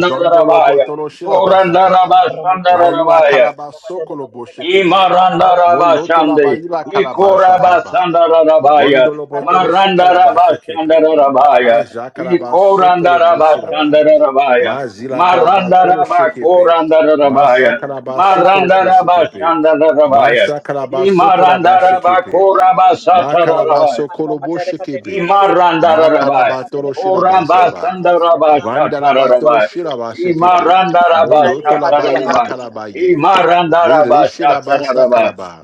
Speaker 1: Zondo lobo tolo shilaba sakaba.
Speaker 2: Korandaraba
Speaker 1: Maila
Speaker 2: Shandarabaya,
Speaker 1: kalaba sokolo sokolobo
Speaker 2: İmarandara
Speaker 1: Moloto la
Speaker 2: başandı.
Speaker 1: ba ila kalaba
Speaker 2: İkora
Speaker 1: shakaba.
Speaker 2: basandara rabaya.
Speaker 1: Vondo lo botolo
Speaker 3: Rakadadadakapapapapapapapapapa.
Speaker 2: Marandara
Speaker 1: shikalaba sekepe.
Speaker 2: başandara rabaya.
Speaker 1: Aja
Speaker 3: Rakashata
Speaker 1: kalaba sokolo
Speaker 3: labasete
Speaker 2: İkorandara
Speaker 1: boshilaba.
Speaker 3: likapai.
Speaker 2: başandara rabaya.
Speaker 1: Mazila kalaba tolo
Speaker 2: Marandara
Speaker 3: Rakadadadadadadadada.
Speaker 1: shekepe.
Speaker 2: bakorandara
Speaker 1: Masa
Speaker 2: rabaya.
Speaker 1: kalaba sokolo po
Speaker 2: Marandara
Speaker 1: sekepe.
Speaker 3: Rekarabapapapapapapapapa.
Speaker 2: başandara rabaya.
Speaker 1: Masha kalaba sokolaba
Speaker 2: İmarandara
Speaker 3: Rekarabashata
Speaker 1: shekepe.
Speaker 2: bakora
Speaker 3: baganda
Speaker 1: Ma
Speaker 2: basatara
Speaker 1: kalaba
Speaker 2: rabaya.
Speaker 1: sokolo bo shekepe.
Speaker 3: rekaradapakapapapapapapa.
Speaker 1: Ma
Speaker 2: Imarandarabai.
Speaker 1: kalaba tolo shilaba
Speaker 3: Rakashata
Speaker 2: Oramba
Speaker 1: saba.
Speaker 2: Sandaraba
Speaker 3: labasete
Speaker 1: Vandalabatoro
Speaker 3: libragadia.
Speaker 2: Shatarabai.
Speaker 1: Shiraba Sekipi,
Speaker 3: Makado
Speaker 2: Imarandaraba
Speaker 1: Moloto
Speaker 3: shandaya
Speaker 1: Labaila
Speaker 2: Shatarabai.
Speaker 1: Kalabaye,
Speaker 2: Imarandaraba
Speaker 1: Velishirabasa
Speaker 3: rekaradadadapapapapapapapa.
Speaker 2: Shatarabai.
Speaker 1: Kalaba,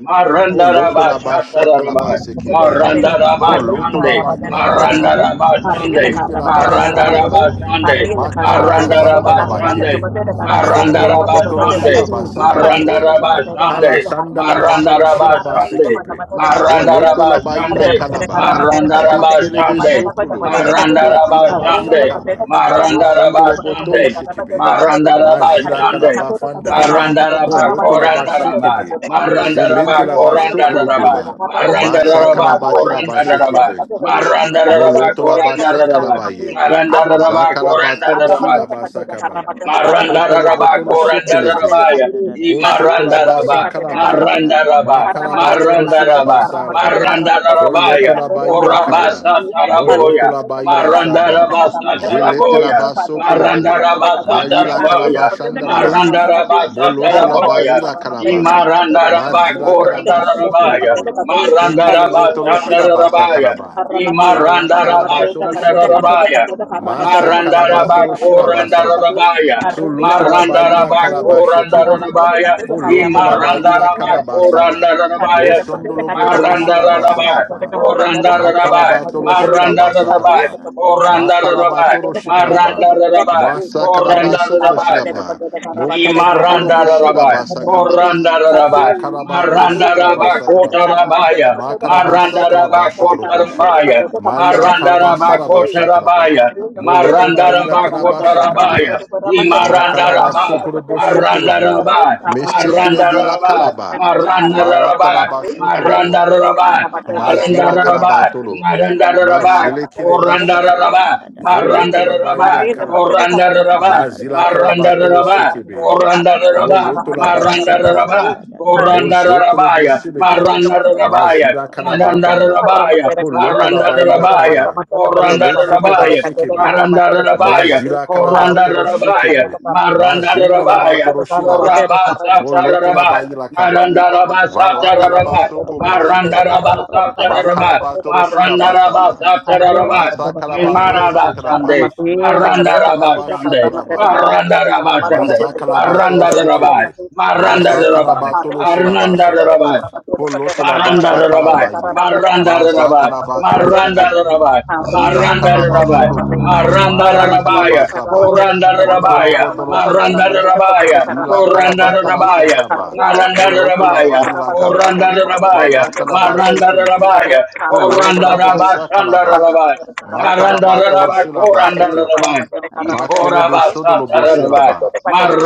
Speaker 1: Poloto
Speaker 2: Marandaraba
Speaker 3: Rakashata
Speaker 1: Labasha
Speaker 3: labasete
Speaker 1: Kalaba
Speaker 2: Shatarabai.
Speaker 1: Sekibi,
Speaker 3: libragadia.
Speaker 2: Marandaraba
Speaker 3: Ra
Speaker 1: Poloto
Speaker 3: da
Speaker 2: Shande.
Speaker 3: da da
Speaker 1: Labaila
Speaker 3: da da da
Speaker 1: Kalaba,
Speaker 3: da da
Speaker 2: Marandaraba
Speaker 3: da da da
Speaker 2: Shande.
Speaker 1: Shilete
Speaker 3: da da
Speaker 2: Marandaraba
Speaker 1: Labasokopo,
Speaker 2: Shande.
Speaker 3: Rekarabakato
Speaker 2: Marandaraba
Speaker 1: Makalaba
Speaker 2: Shande.
Speaker 3: shalalalaba seketeli
Speaker 1: Fondolo
Speaker 2: Marandaraba
Speaker 1: potolo
Speaker 2: Shande.
Speaker 1: shiraba
Speaker 3: baratakaba
Speaker 2: Maranda
Speaker 1: sakabaye.
Speaker 2: Raba
Speaker 1: Kala
Speaker 2: Shande,
Speaker 1: sandala
Speaker 2: Maranda
Speaker 1: batoro
Speaker 2: Raba
Speaker 1: shiraba
Speaker 2: Shande,
Speaker 1: sekepe.
Speaker 3: akapapapapapapapapapapapapa
Speaker 2: Maranda
Speaker 1: Moloto la
Speaker 2: Raba
Speaker 1: baila
Speaker 2: Shande,
Speaker 3: rakashatalaba
Speaker 1: kalaba.
Speaker 2: Maranda
Speaker 3: seteli
Speaker 2: Raba
Speaker 1: Shekelebe
Speaker 2: Shande,
Speaker 3: bragadia
Speaker 1: sokolo.
Speaker 2: Maranda
Speaker 1: Matila
Speaker 2: Raba
Speaker 1: ba
Speaker 2: Shande,
Speaker 1: shakaba.
Speaker 2: Maranda
Speaker 3: radadadadadadadadadadadadada
Speaker 2: Raba
Speaker 1: Mosondolo botolo
Speaker 2: Shande,
Speaker 1: shekepe.
Speaker 2: Maranda Raba
Speaker 1: Mazila
Speaker 3: rakadadadadadadadadada
Speaker 2: Shande,
Speaker 1: kalaba fanda.
Speaker 2: Maranda Raba
Speaker 1: Poloto la ba
Speaker 2: Koranda Raba,
Speaker 1: shekepe.
Speaker 3: harabashatabaganda
Speaker 2: Maranda
Speaker 1: Zilete
Speaker 2: Raba
Speaker 1: la ba
Speaker 2: Koranda
Speaker 1: shokolo
Speaker 2: Raba,
Speaker 1: bola.
Speaker 3: rikaratapapapapapa
Speaker 2: Maranda
Speaker 1: Masakala
Speaker 2: Raba
Speaker 1: batila ba
Speaker 3: iaparata
Speaker 2: Koranda Raba,
Speaker 1: shekepe.
Speaker 2: Maranda Raba
Speaker 3: kapakapapapapapapa
Speaker 1: Moloto la ba
Speaker 2: Koranda Raba,
Speaker 1: shakalabaye.
Speaker 3: Andele
Speaker 2: Maranda
Speaker 3: praskila
Speaker 2: Raba
Speaker 1: Zakala
Speaker 3: tuata
Speaker 2: Koranda
Speaker 1: batoro
Speaker 2: Raba,
Speaker 1: shiraba
Speaker 3: takapande de de
Speaker 1: sakaba.
Speaker 3: de de de
Speaker 1: Potolo
Speaker 2: Marandaraba,
Speaker 3: de
Speaker 1: potolo
Speaker 3: de de de de de de de
Speaker 1: shekelepe.
Speaker 3: ka da
Speaker 2: Korandarabaya,
Speaker 3: da da da da da
Speaker 4: Arramate,
Speaker 3: da da da da
Speaker 1: Boshokolabasa
Speaker 4: kotoda
Speaker 2: Imarandaraba,
Speaker 4: katode
Speaker 1: sakalaba,
Speaker 4: haramatode
Speaker 3: ra da da
Speaker 1: Ma
Speaker 2: Marandaraba,
Speaker 3: da da da
Speaker 1: kalaba
Speaker 4: haramatode
Speaker 3: da
Speaker 1: soro
Speaker 3: da da da
Speaker 4: karamatode
Speaker 1: shilaba
Speaker 2: Marandaraba, Marandaraba,
Speaker 3: da da da
Speaker 4: karamatode
Speaker 3: da
Speaker 1: salaba.
Speaker 4: karamatode kotoda
Speaker 1: Foloto
Speaker 2: Marandarabaya,
Speaker 3: ra
Speaker 1: laba
Speaker 4: katode
Speaker 3: ka
Speaker 1: ila
Speaker 3: da da do
Speaker 4: haramatode
Speaker 1: kaba.
Speaker 3: do
Speaker 2: Korabasa
Speaker 4: katode
Speaker 3: shanda
Speaker 1: Moloto
Speaker 2: Taraboya,
Speaker 3: yar
Speaker 4: harine
Speaker 1: laba
Speaker 3: kar
Speaker 4: kotoda
Speaker 1: ila
Speaker 3: dia ra pa
Speaker 1: shaba.
Speaker 4: karamatode
Speaker 3: pa
Speaker 2: Marandaraba
Speaker 3: pa pa
Speaker 4: karamatode
Speaker 3: pa pa
Speaker 1: Jelete
Speaker 4: kotoda
Speaker 3: pa
Speaker 2: Sataraboya,
Speaker 3: pa
Speaker 1: laba
Speaker 4: kotoda kotoda kotoda
Speaker 1: sokolobo.
Speaker 3: ya
Speaker 4: kotoda
Speaker 2: Marandaraba
Speaker 4: kotoda
Speaker 3: ba
Speaker 1: Ma
Speaker 3: ra ta
Speaker 1: ila
Speaker 3: ka
Speaker 4: harine
Speaker 3: pa
Speaker 2: Sataraboya,
Speaker 1: kalaba
Speaker 3: ka pa pa pa
Speaker 4: kotoda
Speaker 1: shandalaba.
Speaker 3: pa pa pa
Speaker 4: katode
Speaker 2: Marandaraba
Speaker 3: pa pa pa
Speaker 1: Molosho
Speaker 3: pa pa
Speaker 1: laba
Speaker 4: haramatode haramatode
Speaker 2: Sataraboya,
Speaker 1: ila
Speaker 4: karamatode
Speaker 1: kalaba.
Speaker 3: i ba
Speaker 4: karamatode
Speaker 3: ra
Speaker 1: Ma
Speaker 2: Imarandaraba
Speaker 3: ta ka
Speaker 4: kotoda
Speaker 1: zila
Speaker 3: pa pa
Speaker 4: kotoda
Speaker 1: kalaba
Speaker 3: pa pa
Speaker 4: kotoda
Speaker 3: pa pa
Speaker 2: Korandarabaya,
Speaker 4: karamatode
Speaker 1: sokolobo.
Speaker 3: pa pa
Speaker 4: katode
Speaker 3: pa
Speaker 1: Shendelebe
Speaker 2: Marandaraba
Speaker 1: tolo
Speaker 4: harine
Speaker 3: re
Speaker 4: kotoda
Speaker 1: shilaba
Speaker 3: ka
Speaker 4: katode
Speaker 3: ra
Speaker 2: Sandarabaya,
Speaker 3: da
Speaker 1: sakalaba.
Speaker 3: da da do
Speaker 4: haramatode
Speaker 1: Vala
Speaker 3: shanda
Speaker 2: Imarandaraba
Speaker 1: kalaba
Speaker 4: haramatode
Speaker 1: tolo
Speaker 4: katode kotoda
Speaker 1: shekebe.
Speaker 2: Sandarabaya,
Speaker 4: kotoda
Speaker 1: Ma
Speaker 3: Makadosa
Speaker 4: karamatode
Speaker 2: मारं
Speaker 1: sakalaba
Speaker 4: karamatode
Speaker 2: दराबा,
Speaker 3: Ayari
Speaker 1: tolo
Speaker 4: karamatode
Speaker 1: shilaba
Speaker 2: कोरं
Speaker 4: baru
Speaker 3: Karadia
Speaker 4: betul
Speaker 1: saba.
Speaker 4: betul hari
Speaker 1: So
Speaker 3: Barakate
Speaker 4: ini
Speaker 1: loto
Speaker 4: dekatnya
Speaker 1: laba
Speaker 4: dekatnya
Speaker 1: ila
Speaker 3: Rada da
Speaker 4: betul
Speaker 3: da
Speaker 1: kalaba
Speaker 3: Karata
Speaker 4: agama
Speaker 1: shekebe.
Speaker 4: itu
Speaker 3: Tata
Speaker 4: dekatnya
Speaker 3: Tata
Speaker 4: dekatnya
Speaker 1: Foloto
Speaker 4: agama
Speaker 3: Tata
Speaker 1: la ba
Speaker 4: itu
Speaker 3: Tata
Speaker 1: ila
Speaker 4: dekatnya
Speaker 1: kalabasa
Speaker 4: dekatnya
Speaker 1: ba.
Speaker 4: hari
Speaker 3: Rekarada
Speaker 4: ini
Speaker 3: da da
Speaker 4: dekatnya
Speaker 3: da
Speaker 1: Moshondolo
Speaker 3: da da da
Speaker 4: dekatnya
Speaker 1: botolo
Speaker 3: da da
Speaker 4: hari ini
Speaker 3: da, da
Speaker 4: dekatnya dekatnya hari ini dekatnya
Speaker 3: da
Speaker 1: shilabasa
Speaker 3: da
Speaker 1: kaba.
Speaker 4: dekatnya hari ini dekatnya
Speaker 3: Break
Speaker 4: dekatnya hari
Speaker 3: for the
Speaker 4: ini
Speaker 1: Makalabatolo
Speaker 4: dekatnya dekatnya hari ini dekatnya
Speaker 3: Lord
Speaker 1: Shiraba Sakaba.
Speaker 4: dekatnya hari ini dekatnya
Speaker 3: Brekadosanda
Speaker 4: dekatnya hari ini dekatnya dekatnya hari ini dekatnya dekatnya hari
Speaker 3: Praskita
Speaker 4: ini
Speaker 1: Makalabatolo
Speaker 4: dekatnya
Speaker 3: Break
Speaker 1: Shikraba.
Speaker 3: for the Lord your
Speaker 4: dekatnya hari
Speaker 1: Masakaraba Sokoro
Speaker 2: दराबाया,
Speaker 3: Paraparazimo
Speaker 1: Shiraba.
Speaker 3: Lord in
Speaker 1: Mokolobotoro
Speaker 3: the
Speaker 2: Imaranda rabai,
Speaker 1: Boshiraba
Speaker 3: mighty name of
Speaker 1: Sakaba.
Speaker 2: koranda
Speaker 3: Jesus
Speaker 2: rabai,
Speaker 1: Makalabatolo
Speaker 2: maranda
Speaker 3: Rakada
Speaker 1: Shikraba
Speaker 3: da.
Speaker 2: rabai
Speaker 3: da da
Speaker 2: kota
Speaker 3: da
Speaker 1: Sakaraba.
Speaker 3: da da da da
Speaker 2: rabaya,
Speaker 3: da da
Speaker 1: Makaraba
Speaker 3: da
Speaker 2: maranda
Speaker 3: da
Speaker 1: Sakaraba
Speaker 2: rabai kota
Speaker 1: Shokoroboshe.
Speaker 3: Rata
Speaker 2: rabaya,
Speaker 3: shata
Speaker 4: ini
Speaker 1: Marila
Speaker 3: kapa
Speaker 2: maranda
Speaker 1: Karaba
Speaker 4: dekatnya
Speaker 2: rabai
Speaker 3: pa
Speaker 1: Saraba
Speaker 2: kota
Speaker 3: pa pa
Speaker 4: dekat
Speaker 3: pa
Speaker 1: Shakaraba.
Speaker 3: pa
Speaker 2: rabaya,
Speaker 3: pa pa pa pa
Speaker 1: Moloto
Speaker 3: ka
Speaker 2: maranda
Speaker 3: pa
Speaker 1: Barila
Speaker 3: pa
Speaker 2: rabai
Speaker 3: pa
Speaker 1: Karaba
Speaker 3: pa
Speaker 2: kota
Speaker 3: pa pa pa
Speaker 2: rabaya,
Speaker 1: Sakaraba.
Speaker 3: raka
Speaker 2: imaranda
Speaker 3: da
Speaker 1: Makalaba
Speaker 3: da da da
Speaker 2: rabai,
Speaker 3: da
Speaker 1: Sokolobo
Speaker 3: da da da
Speaker 2: maranda
Speaker 3: da da
Speaker 1: Shokolobo.
Speaker 3: da da
Speaker 2: rabai,
Speaker 3: da
Speaker 1: Mesekele
Speaker 2: maranda
Speaker 1: Bila
Speaker 3: arata
Speaker 2: rabai,
Speaker 3: kapa
Speaker 1: Kalaba.
Speaker 3: hi
Speaker 2: maranda
Speaker 3: ande de de de
Speaker 2: rabai,
Speaker 3: de
Speaker 1: Valatalaba
Speaker 3: de de de
Speaker 1: Shokolobo.
Speaker 2: maranda rabai,
Speaker 3: arise o
Speaker 1: Mazila
Speaker 2: Narandaraba,
Speaker 3: Lord
Speaker 1: calabatolo.
Speaker 2: Narandaraba,
Speaker 3: antelia
Speaker 1: Majele kelebe
Speaker 3: kadosha da da
Speaker 1: sikebe.
Speaker 2: Korandaraba,
Speaker 3: da da da da da da
Speaker 1: Voloto la
Speaker 2: Marandaraba,
Speaker 1: barila
Speaker 3: raka
Speaker 1: calaba.
Speaker 3: da da da
Speaker 2: Korandaraba,
Speaker 3: da da da
Speaker 1: Mazila
Speaker 3: da da da da
Speaker 1: calabatolo
Speaker 3: da
Speaker 2: Marandaraba,
Speaker 3: da da
Speaker 1: shekebe.
Speaker 2: Korandaraba,
Speaker 3: raka
Speaker 1: Moloto la
Speaker 3: da da
Speaker 1: basha
Speaker 3: da da da
Speaker 2: Marandaraba,
Speaker 3: da
Speaker 1: calaba.
Speaker 3: da da da da
Speaker 4: hari
Speaker 3: da
Speaker 1: Mozokolo
Speaker 2: Korandarabaya,
Speaker 1: bosilebe.
Speaker 4: Arriba,
Speaker 2: Marandarabaya,
Speaker 3: pa
Speaker 1: Mazila
Speaker 3: pa pa pa
Speaker 1: calababada.
Speaker 3: pa
Speaker 2: Narandarabaya,
Speaker 3: pa pa pa
Speaker 1: Holoto
Speaker 3: pa
Speaker 1: la
Speaker 3: pa
Speaker 1: barila
Speaker 2: Narandarabaya,
Speaker 1: kaba. Holo
Speaker 3: Arakato
Speaker 1: shekeba
Speaker 2: Korandarabaya,
Speaker 1: sekebe.
Speaker 3: Shatara Baraka
Speaker 2: Narandarabaya,
Speaker 1: Mazira kalabatoro
Speaker 2: Korandarabaya,
Speaker 1: shekebe.
Speaker 3: Rekarada da da da da
Speaker 1: Mazinda
Speaker 3: da
Speaker 2: Marandarabaya,
Speaker 1: labatoro shilaba.
Speaker 2: Korabasa
Speaker 3: Rakata da da
Speaker 1: Boloto
Speaker 3: da
Speaker 2: Tarabaya,
Speaker 3: da
Speaker 1: labaila kaba.
Speaker 2: Narandarabasa
Speaker 3: Iparata
Speaker 1: Vala
Speaker 3: kapa pa
Speaker 2: Tarabaya,
Speaker 3: pa
Speaker 1: kalabasoko
Speaker 3: pa
Speaker 1: bo
Speaker 3: pa pa pa pa
Speaker 1: shekebe.
Speaker 2: Marandaraba Sataraba,
Speaker 1: Makalabatoro shilaba
Speaker 2: Marandaraba
Speaker 1: saba.
Speaker 3: Rada da
Speaker 4: Arrama
Speaker 2: Sataraba,
Speaker 1: Basa
Speaker 4: beberapa
Speaker 3: kante
Speaker 4: carrama hari
Speaker 1: kalabatoro
Speaker 3: shente
Speaker 2: Nimaraba
Speaker 3: kato
Speaker 4: carrama
Speaker 1: shekalaba.
Speaker 2: Shande,
Speaker 3: shada
Speaker 4: todo
Speaker 3: da
Speaker 4: dekat
Speaker 3: da
Speaker 4: todo
Speaker 1: Poloto
Speaker 2: Marandaraba
Speaker 4: todo
Speaker 1: labasha
Speaker 2: Shande,
Speaker 4: carrama todo
Speaker 1: kalaba.
Speaker 3: Rada da
Speaker 4: carrama
Speaker 3: da
Speaker 4: todo
Speaker 3: da da
Speaker 2: Marandaraba
Speaker 4: carrama
Speaker 3: da da
Speaker 4: todo
Speaker 2: Shande,
Speaker 3: da
Speaker 4: todo todo
Speaker 3: da
Speaker 4: carrama
Speaker 1: Masakalabatolo
Speaker 4: todo todo
Speaker 2: Marandaraba,
Speaker 1: shekebe.
Speaker 4: hari
Speaker 3: O
Speaker 4: hari
Speaker 3: kaya
Speaker 2: Marandaraba,
Speaker 3: ra
Speaker 4: harri
Speaker 1: Masakalabatolo
Speaker 3: pa
Speaker 4: dekat
Speaker 3: pa
Speaker 4: que te
Speaker 3: pa
Speaker 4: deja
Speaker 3: pa pa
Speaker 1: shilabashaba.
Speaker 4: dekat
Speaker 3: pa
Speaker 2: Arnandaraba,
Speaker 3: pa
Speaker 4: carrama todo dekat te carrama
Speaker 2: Maranda
Speaker 4: todo dekat
Speaker 2: Rabai,
Speaker 1: Polotolabashakalabaye.
Speaker 4: carrama todo carrama
Speaker 2: Maranda
Speaker 4: todo
Speaker 2: Rabai,
Speaker 4: carrama todo
Speaker 1: Mazakalabatolo
Speaker 4: todo
Speaker 2: Maranda
Speaker 4: todo
Speaker 1: shekebe.
Speaker 3: Raka
Speaker 2: Rabai,
Speaker 3: da da da
Speaker 1: Zila
Speaker 4: harri lo que
Speaker 2: Maranda
Speaker 4: dekat
Speaker 2: Rabai,
Speaker 1: kalabasholobo.
Speaker 2: Maranda Rabaya,
Speaker 3: Rakashata ka
Speaker 4: carrama
Speaker 1: Mashakalabasaba.
Speaker 3: pa
Speaker 4: dekat
Speaker 3: pa
Speaker 2: Koranda
Speaker 4: carrama
Speaker 3: pa
Speaker 4: dekat
Speaker 2: Rabaya,
Speaker 4: carrama
Speaker 1: Fondolobotolo
Speaker 3: ka
Speaker 4: dekat
Speaker 3: pa pa pa pa pa pa pa pa pa pa
Speaker 2: Maranda
Speaker 4: carrama todo carrama
Speaker 1: shekebe.
Speaker 4: todo carrama todo todo
Speaker 2: Rabaya,
Speaker 4: carrama
Speaker 1: Zila
Speaker 4: todo todo
Speaker 2: Koranda
Speaker 1: kalabatala
Speaker 4: todo
Speaker 2: Rabaya,
Speaker 1: shakaba.
Speaker 4: harri lo que
Speaker 2: Maranda
Speaker 4: te carrama todo
Speaker 2: Rabaya,
Speaker 4: carrama todo
Speaker 1: Molotolabailakaba.
Speaker 2: Koranda
Speaker 4: carrama todo
Speaker 2: Rabaya, Maranda
Speaker 1: Falatalabashekelebe.
Speaker 2: Rabaya, Koranda
Speaker 3: pa
Speaker 2: Rabashanda
Speaker 1: Polotolabashakalaba.
Speaker 4: Hari,
Speaker 2: Rabai, Naranda
Speaker 1: Makalabatolo
Speaker 2: Rabai, Koranda
Speaker 1: shilabasekepe.
Speaker 2: Rabai,
Speaker 1: Makelebe
Speaker 2: Ikorabasata
Speaker 1: shodolo
Speaker 2: Rabai,
Speaker 1: boshelaba.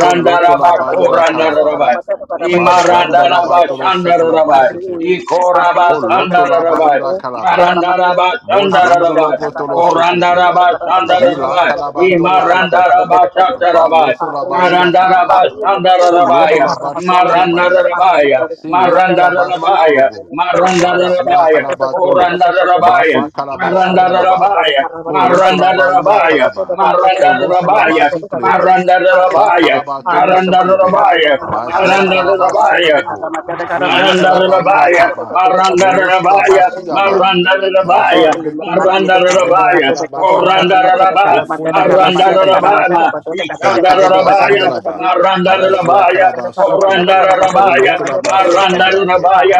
Speaker 1: Poloto
Speaker 2: با
Speaker 1: laba ila
Speaker 2: کورندارا با،
Speaker 1: kalaba.
Speaker 2: ای
Speaker 1: Majanda
Speaker 2: مرندارا
Speaker 1: laba
Speaker 2: با
Speaker 1: tolo
Speaker 2: شندارا
Speaker 1: shekalaba
Speaker 2: با، ای
Speaker 1: sekebe.
Speaker 2: کورا با
Speaker 1: Poloto
Speaker 2: شندارا
Speaker 1: laba
Speaker 2: با،
Speaker 1: ila
Speaker 3: pa
Speaker 1: kalaba.
Speaker 2: مرندارا
Speaker 3: pa
Speaker 2: با
Speaker 3: pa
Speaker 2: شندارا
Speaker 1: Mojondolo
Speaker 2: با،
Speaker 1: botolo
Speaker 2: کورندارا
Speaker 1: shekebe.
Speaker 2: با شندارا
Speaker 1: Zila
Speaker 2: با،
Speaker 1: kalaba
Speaker 2: ای
Speaker 1: tolo
Speaker 3: Rakatatatatatatatatatata
Speaker 2: مرندارا
Speaker 1: shekebe.
Speaker 2: با
Speaker 3: ardhi ya
Speaker 2: شندارا با،
Speaker 3: kame
Speaker 1: Valoto laba ila
Speaker 2: مرندارا با
Speaker 1: kalaba.
Speaker 3: ikapapaua
Speaker 2: شندارا با،
Speaker 1: Poloto
Speaker 2: ای
Speaker 3: tatatatata
Speaker 1: laba shakalabaye.
Speaker 2: مرندارا با،
Speaker 1: Si lipi la
Speaker 3: rakatatatatata
Speaker 1: ba
Speaker 2: مرندارا با،
Speaker 1: shokolobo.
Speaker 2: مرندارا با،
Speaker 1: Ma
Speaker 2: مرندارا با،
Speaker 1: zila kalaba tolo.
Speaker 2: کورندارا
Speaker 1: Ma
Speaker 4: hari,
Speaker 1: fa
Speaker 2: با
Speaker 1: kalaba
Speaker 2: Maranda da
Speaker 1: shandalaba.
Speaker 2: Rabaya,
Speaker 1: Poloto la
Speaker 2: Maranda da
Speaker 1: ba ila
Speaker 2: Rabaya,
Speaker 1: kalaba.
Speaker 2: Maranda da
Speaker 1: Polosho la ba
Speaker 2: Rabaya,
Speaker 1: siklebe.
Speaker 2: Maranda da
Speaker 1: Sa
Speaker 2: Rabaya,
Speaker 1: kalaba tolo
Speaker 2: Maranda da
Speaker 1: shekebe.
Speaker 2: Rabaya,
Speaker 1: Ma zila
Speaker 2: Maranda da
Speaker 1: dalaba
Speaker 3: Reign of
Speaker 2: Rabaya,
Speaker 1: sokobo.
Speaker 3: your
Speaker 1: Ve lipi
Speaker 2: Maranda
Speaker 1: la
Speaker 2: Maranda
Speaker 1: ba ila kaba.
Speaker 3: kingdom,
Speaker 2: Maranda
Speaker 1: Molosho la ba
Speaker 2: Maranda Maranda
Speaker 4: Mari,
Speaker 1: sigaba.
Speaker 3: reigning
Speaker 1: Ma
Speaker 4: harus
Speaker 2: Maranda
Speaker 1: zelebe kolo.
Speaker 2: Maranda
Speaker 1: Ma ila
Speaker 2: Rabaya,
Speaker 1: kalaba
Speaker 2: Rabaya,
Speaker 1: sanda. Vo fono robo
Speaker 2: Rabaya, Rabaya,
Speaker 1: shekebe.
Speaker 2: Rabaya, Ishanda
Speaker 1: Akalaba
Speaker 2: Rabaya,
Speaker 3: on
Speaker 1: sandalaba.
Speaker 2: Maranda
Speaker 3: earth.
Speaker 1: Mazila
Speaker 2: Rabaya,
Speaker 1: kalaba
Speaker 2: Oranda
Speaker 1: sokolobo.
Speaker 3: Rakaya
Speaker 2: Rabaya,
Speaker 1: Molotolaba
Speaker 2: Maranda
Speaker 1: shakalabaye.
Speaker 2: Rabaya,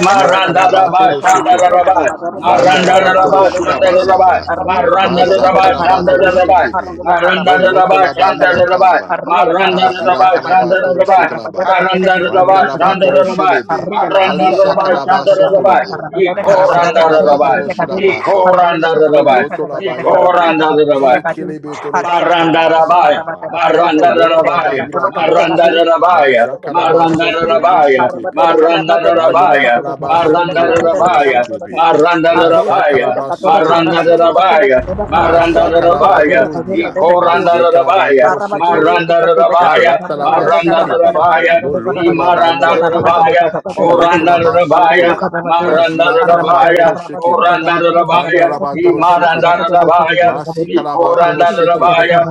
Speaker 2: Marandarabaya,
Speaker 1: kalaba tolo
Speaker 2: Marandarabaya,
Speaker 1: shekebe.
Speaker 2: Rabaya, Maranda
Speaker 1: Vandalaba
Speaker 2: Korandarabaya,
Speaker 1: tolo shiraba
Speaker 2: Rabaya,
Speaker 1: saba.
Speaker 2: Maranda Marandarabaya,
Speaker 1: Mazakalaba tolo
Speaker 2: Rabaya,
Speaker 1: shekebe.
Speaker 2: Maranda Imarandarabashandarabaya,
Speaker 1: Molotolaba ila
Speaker 2: Rabaya,
Speaker 1: kalaba.
Speaker 2: Maranda
Speaker 1: Bazila kalaba
Speaker 2: Marandarabashandarabaya,
Speaker 1: tolo
Speaker 2: Rabaya.
Speaker 1: shekalaba.
Speaker 2: Marandaraba,
Speaker 1: Vandalaba tolo
Speaker 2: Shandaraba,
Speaker 1: shelebe.
Speaker 4: Parriendo catudo,
Speaker 1: Alisha
Speaker 2: Marandaraba,
Speaker 4: carramatero,
Speaker 1: kalaba
Speaker 4: carramatero,
Speaker 2: Shandaraba,
Speaker 1: sokolobo.
Speaker 4: carramatero,
Speaker 1: Masha
Speaker 4: carramatero, catudo,
Speaker 1: kalaba
Speaker 2: Ikorandaraba,
Speaker 4: catudo,
Speaker 1: tolo
Speaker 4: catudo,
Speaker 1: shilaba saba.
Speaker 4: parriendo
Speaker 2: Ikorandaraba,
Speaker 4: carramatero, catudo,
Speaker 1: Polotolaba ilebe.
Speaker 4: carramatero, catudo,
Speaker 2: Ikorandaraba,
Speaker 4: catudo,
Speaker 1: Shekelebe toloshi
Speaker 4: parriendo
Speaker 1: kalaba
Speaker 4: carramatero,
Speaker 2: Marandaraba,
Speaker 1: sakaba.
Speaker 4: carramatero, carramatero,
Speaker 1: Poloto
Speaker 4: catudo,
Speaker 1: laba
Speaker 2: Marandaraba,
Speaker 1: ila
Speaker 2: Marandaraba,
Speaker 4: carramatero,
Speaker 1: kalaba.
Speaker 4: catudo, catudo,
Speaker 2: Marandaraba,
Speaker 4: parriendo
Speaker 1: Maja
Speaker 4: catudo,
Speaker 1: kalaba sokolobo
Speaker 2: Marandaraba,
Speaker 4: carramatero, carramatero,
Speaker 1: shekebe.
Speaker 4: carramatero, catudo,
Speaker 1: Malila
Speaker 2: Marandaraba,
Speaker 4: catudo,
Speaker 1: kalaba sondolobo
Speaker 4: carramatero, carramatero,
Speaker 1: tolo
Speaker 4: carramatero,
Speaker 1: shekebe.
Speaker 4: catudo,
Speaker 1: Aja
Speaker 4: parriendo
Speaker 3: You
Speaker 2: Marandaraba,
Speaker 4: catudo,
Speaker 3: are
Speaker 1: kalaba
Speaker 4: catudo,
Speaker 3: good,
Speaker 1: sokobo
Speaker 3: you
Speaker 4: carramatero, catudo,
Speaker 1: shekebe.
Speaker 2: Marandarabaya,
Speaker 4: catudo, carramatero,
Speaker 1: Masha
Speaker 4: catudo, catudo,
Speaker 1: kalaba
Speaker 4: catudo,
Speaker 2: Marandarabaya,
Speaker 1: tolo ya.
Speaker 4: catudo, catudo,
Speaker 1: Maze kalaba
Speaker 3: are
Speaker 2: Ikorandarabaya,
Speaker 3: kind.
Speaker 1: tolo
Speaker 4: Hari
Speaker 1: shekebe.
Speaker 2: Marandarabaya,
Speaker 1: Falata laba sekebe.
Speaker 2: Marandarabaya, Ni
Speaker 1: Moloto laba ila kaba.
Speaker 2: marandarabaya,
Speaker 1: Chelete laba
Speaker 2: korandarabaya,
Speaker 1: sokolo. Majila kalaba
Speaker 2: marandarabaya,
Speaker 1: tolo shekebe. Fanda
Speaker 2: korandarabaya,
Speaker 1: laba
Speaker 2: ni
Speaker 1: tolo
Speaker 2: marandar
Speaker 1: shekebe.
Speaker 2: Rabaya,
Speaker 1: Masi
Speaker 2: ni
Speaker 1: kalabatolo shekebe.
Speaker 2: korandarabaya,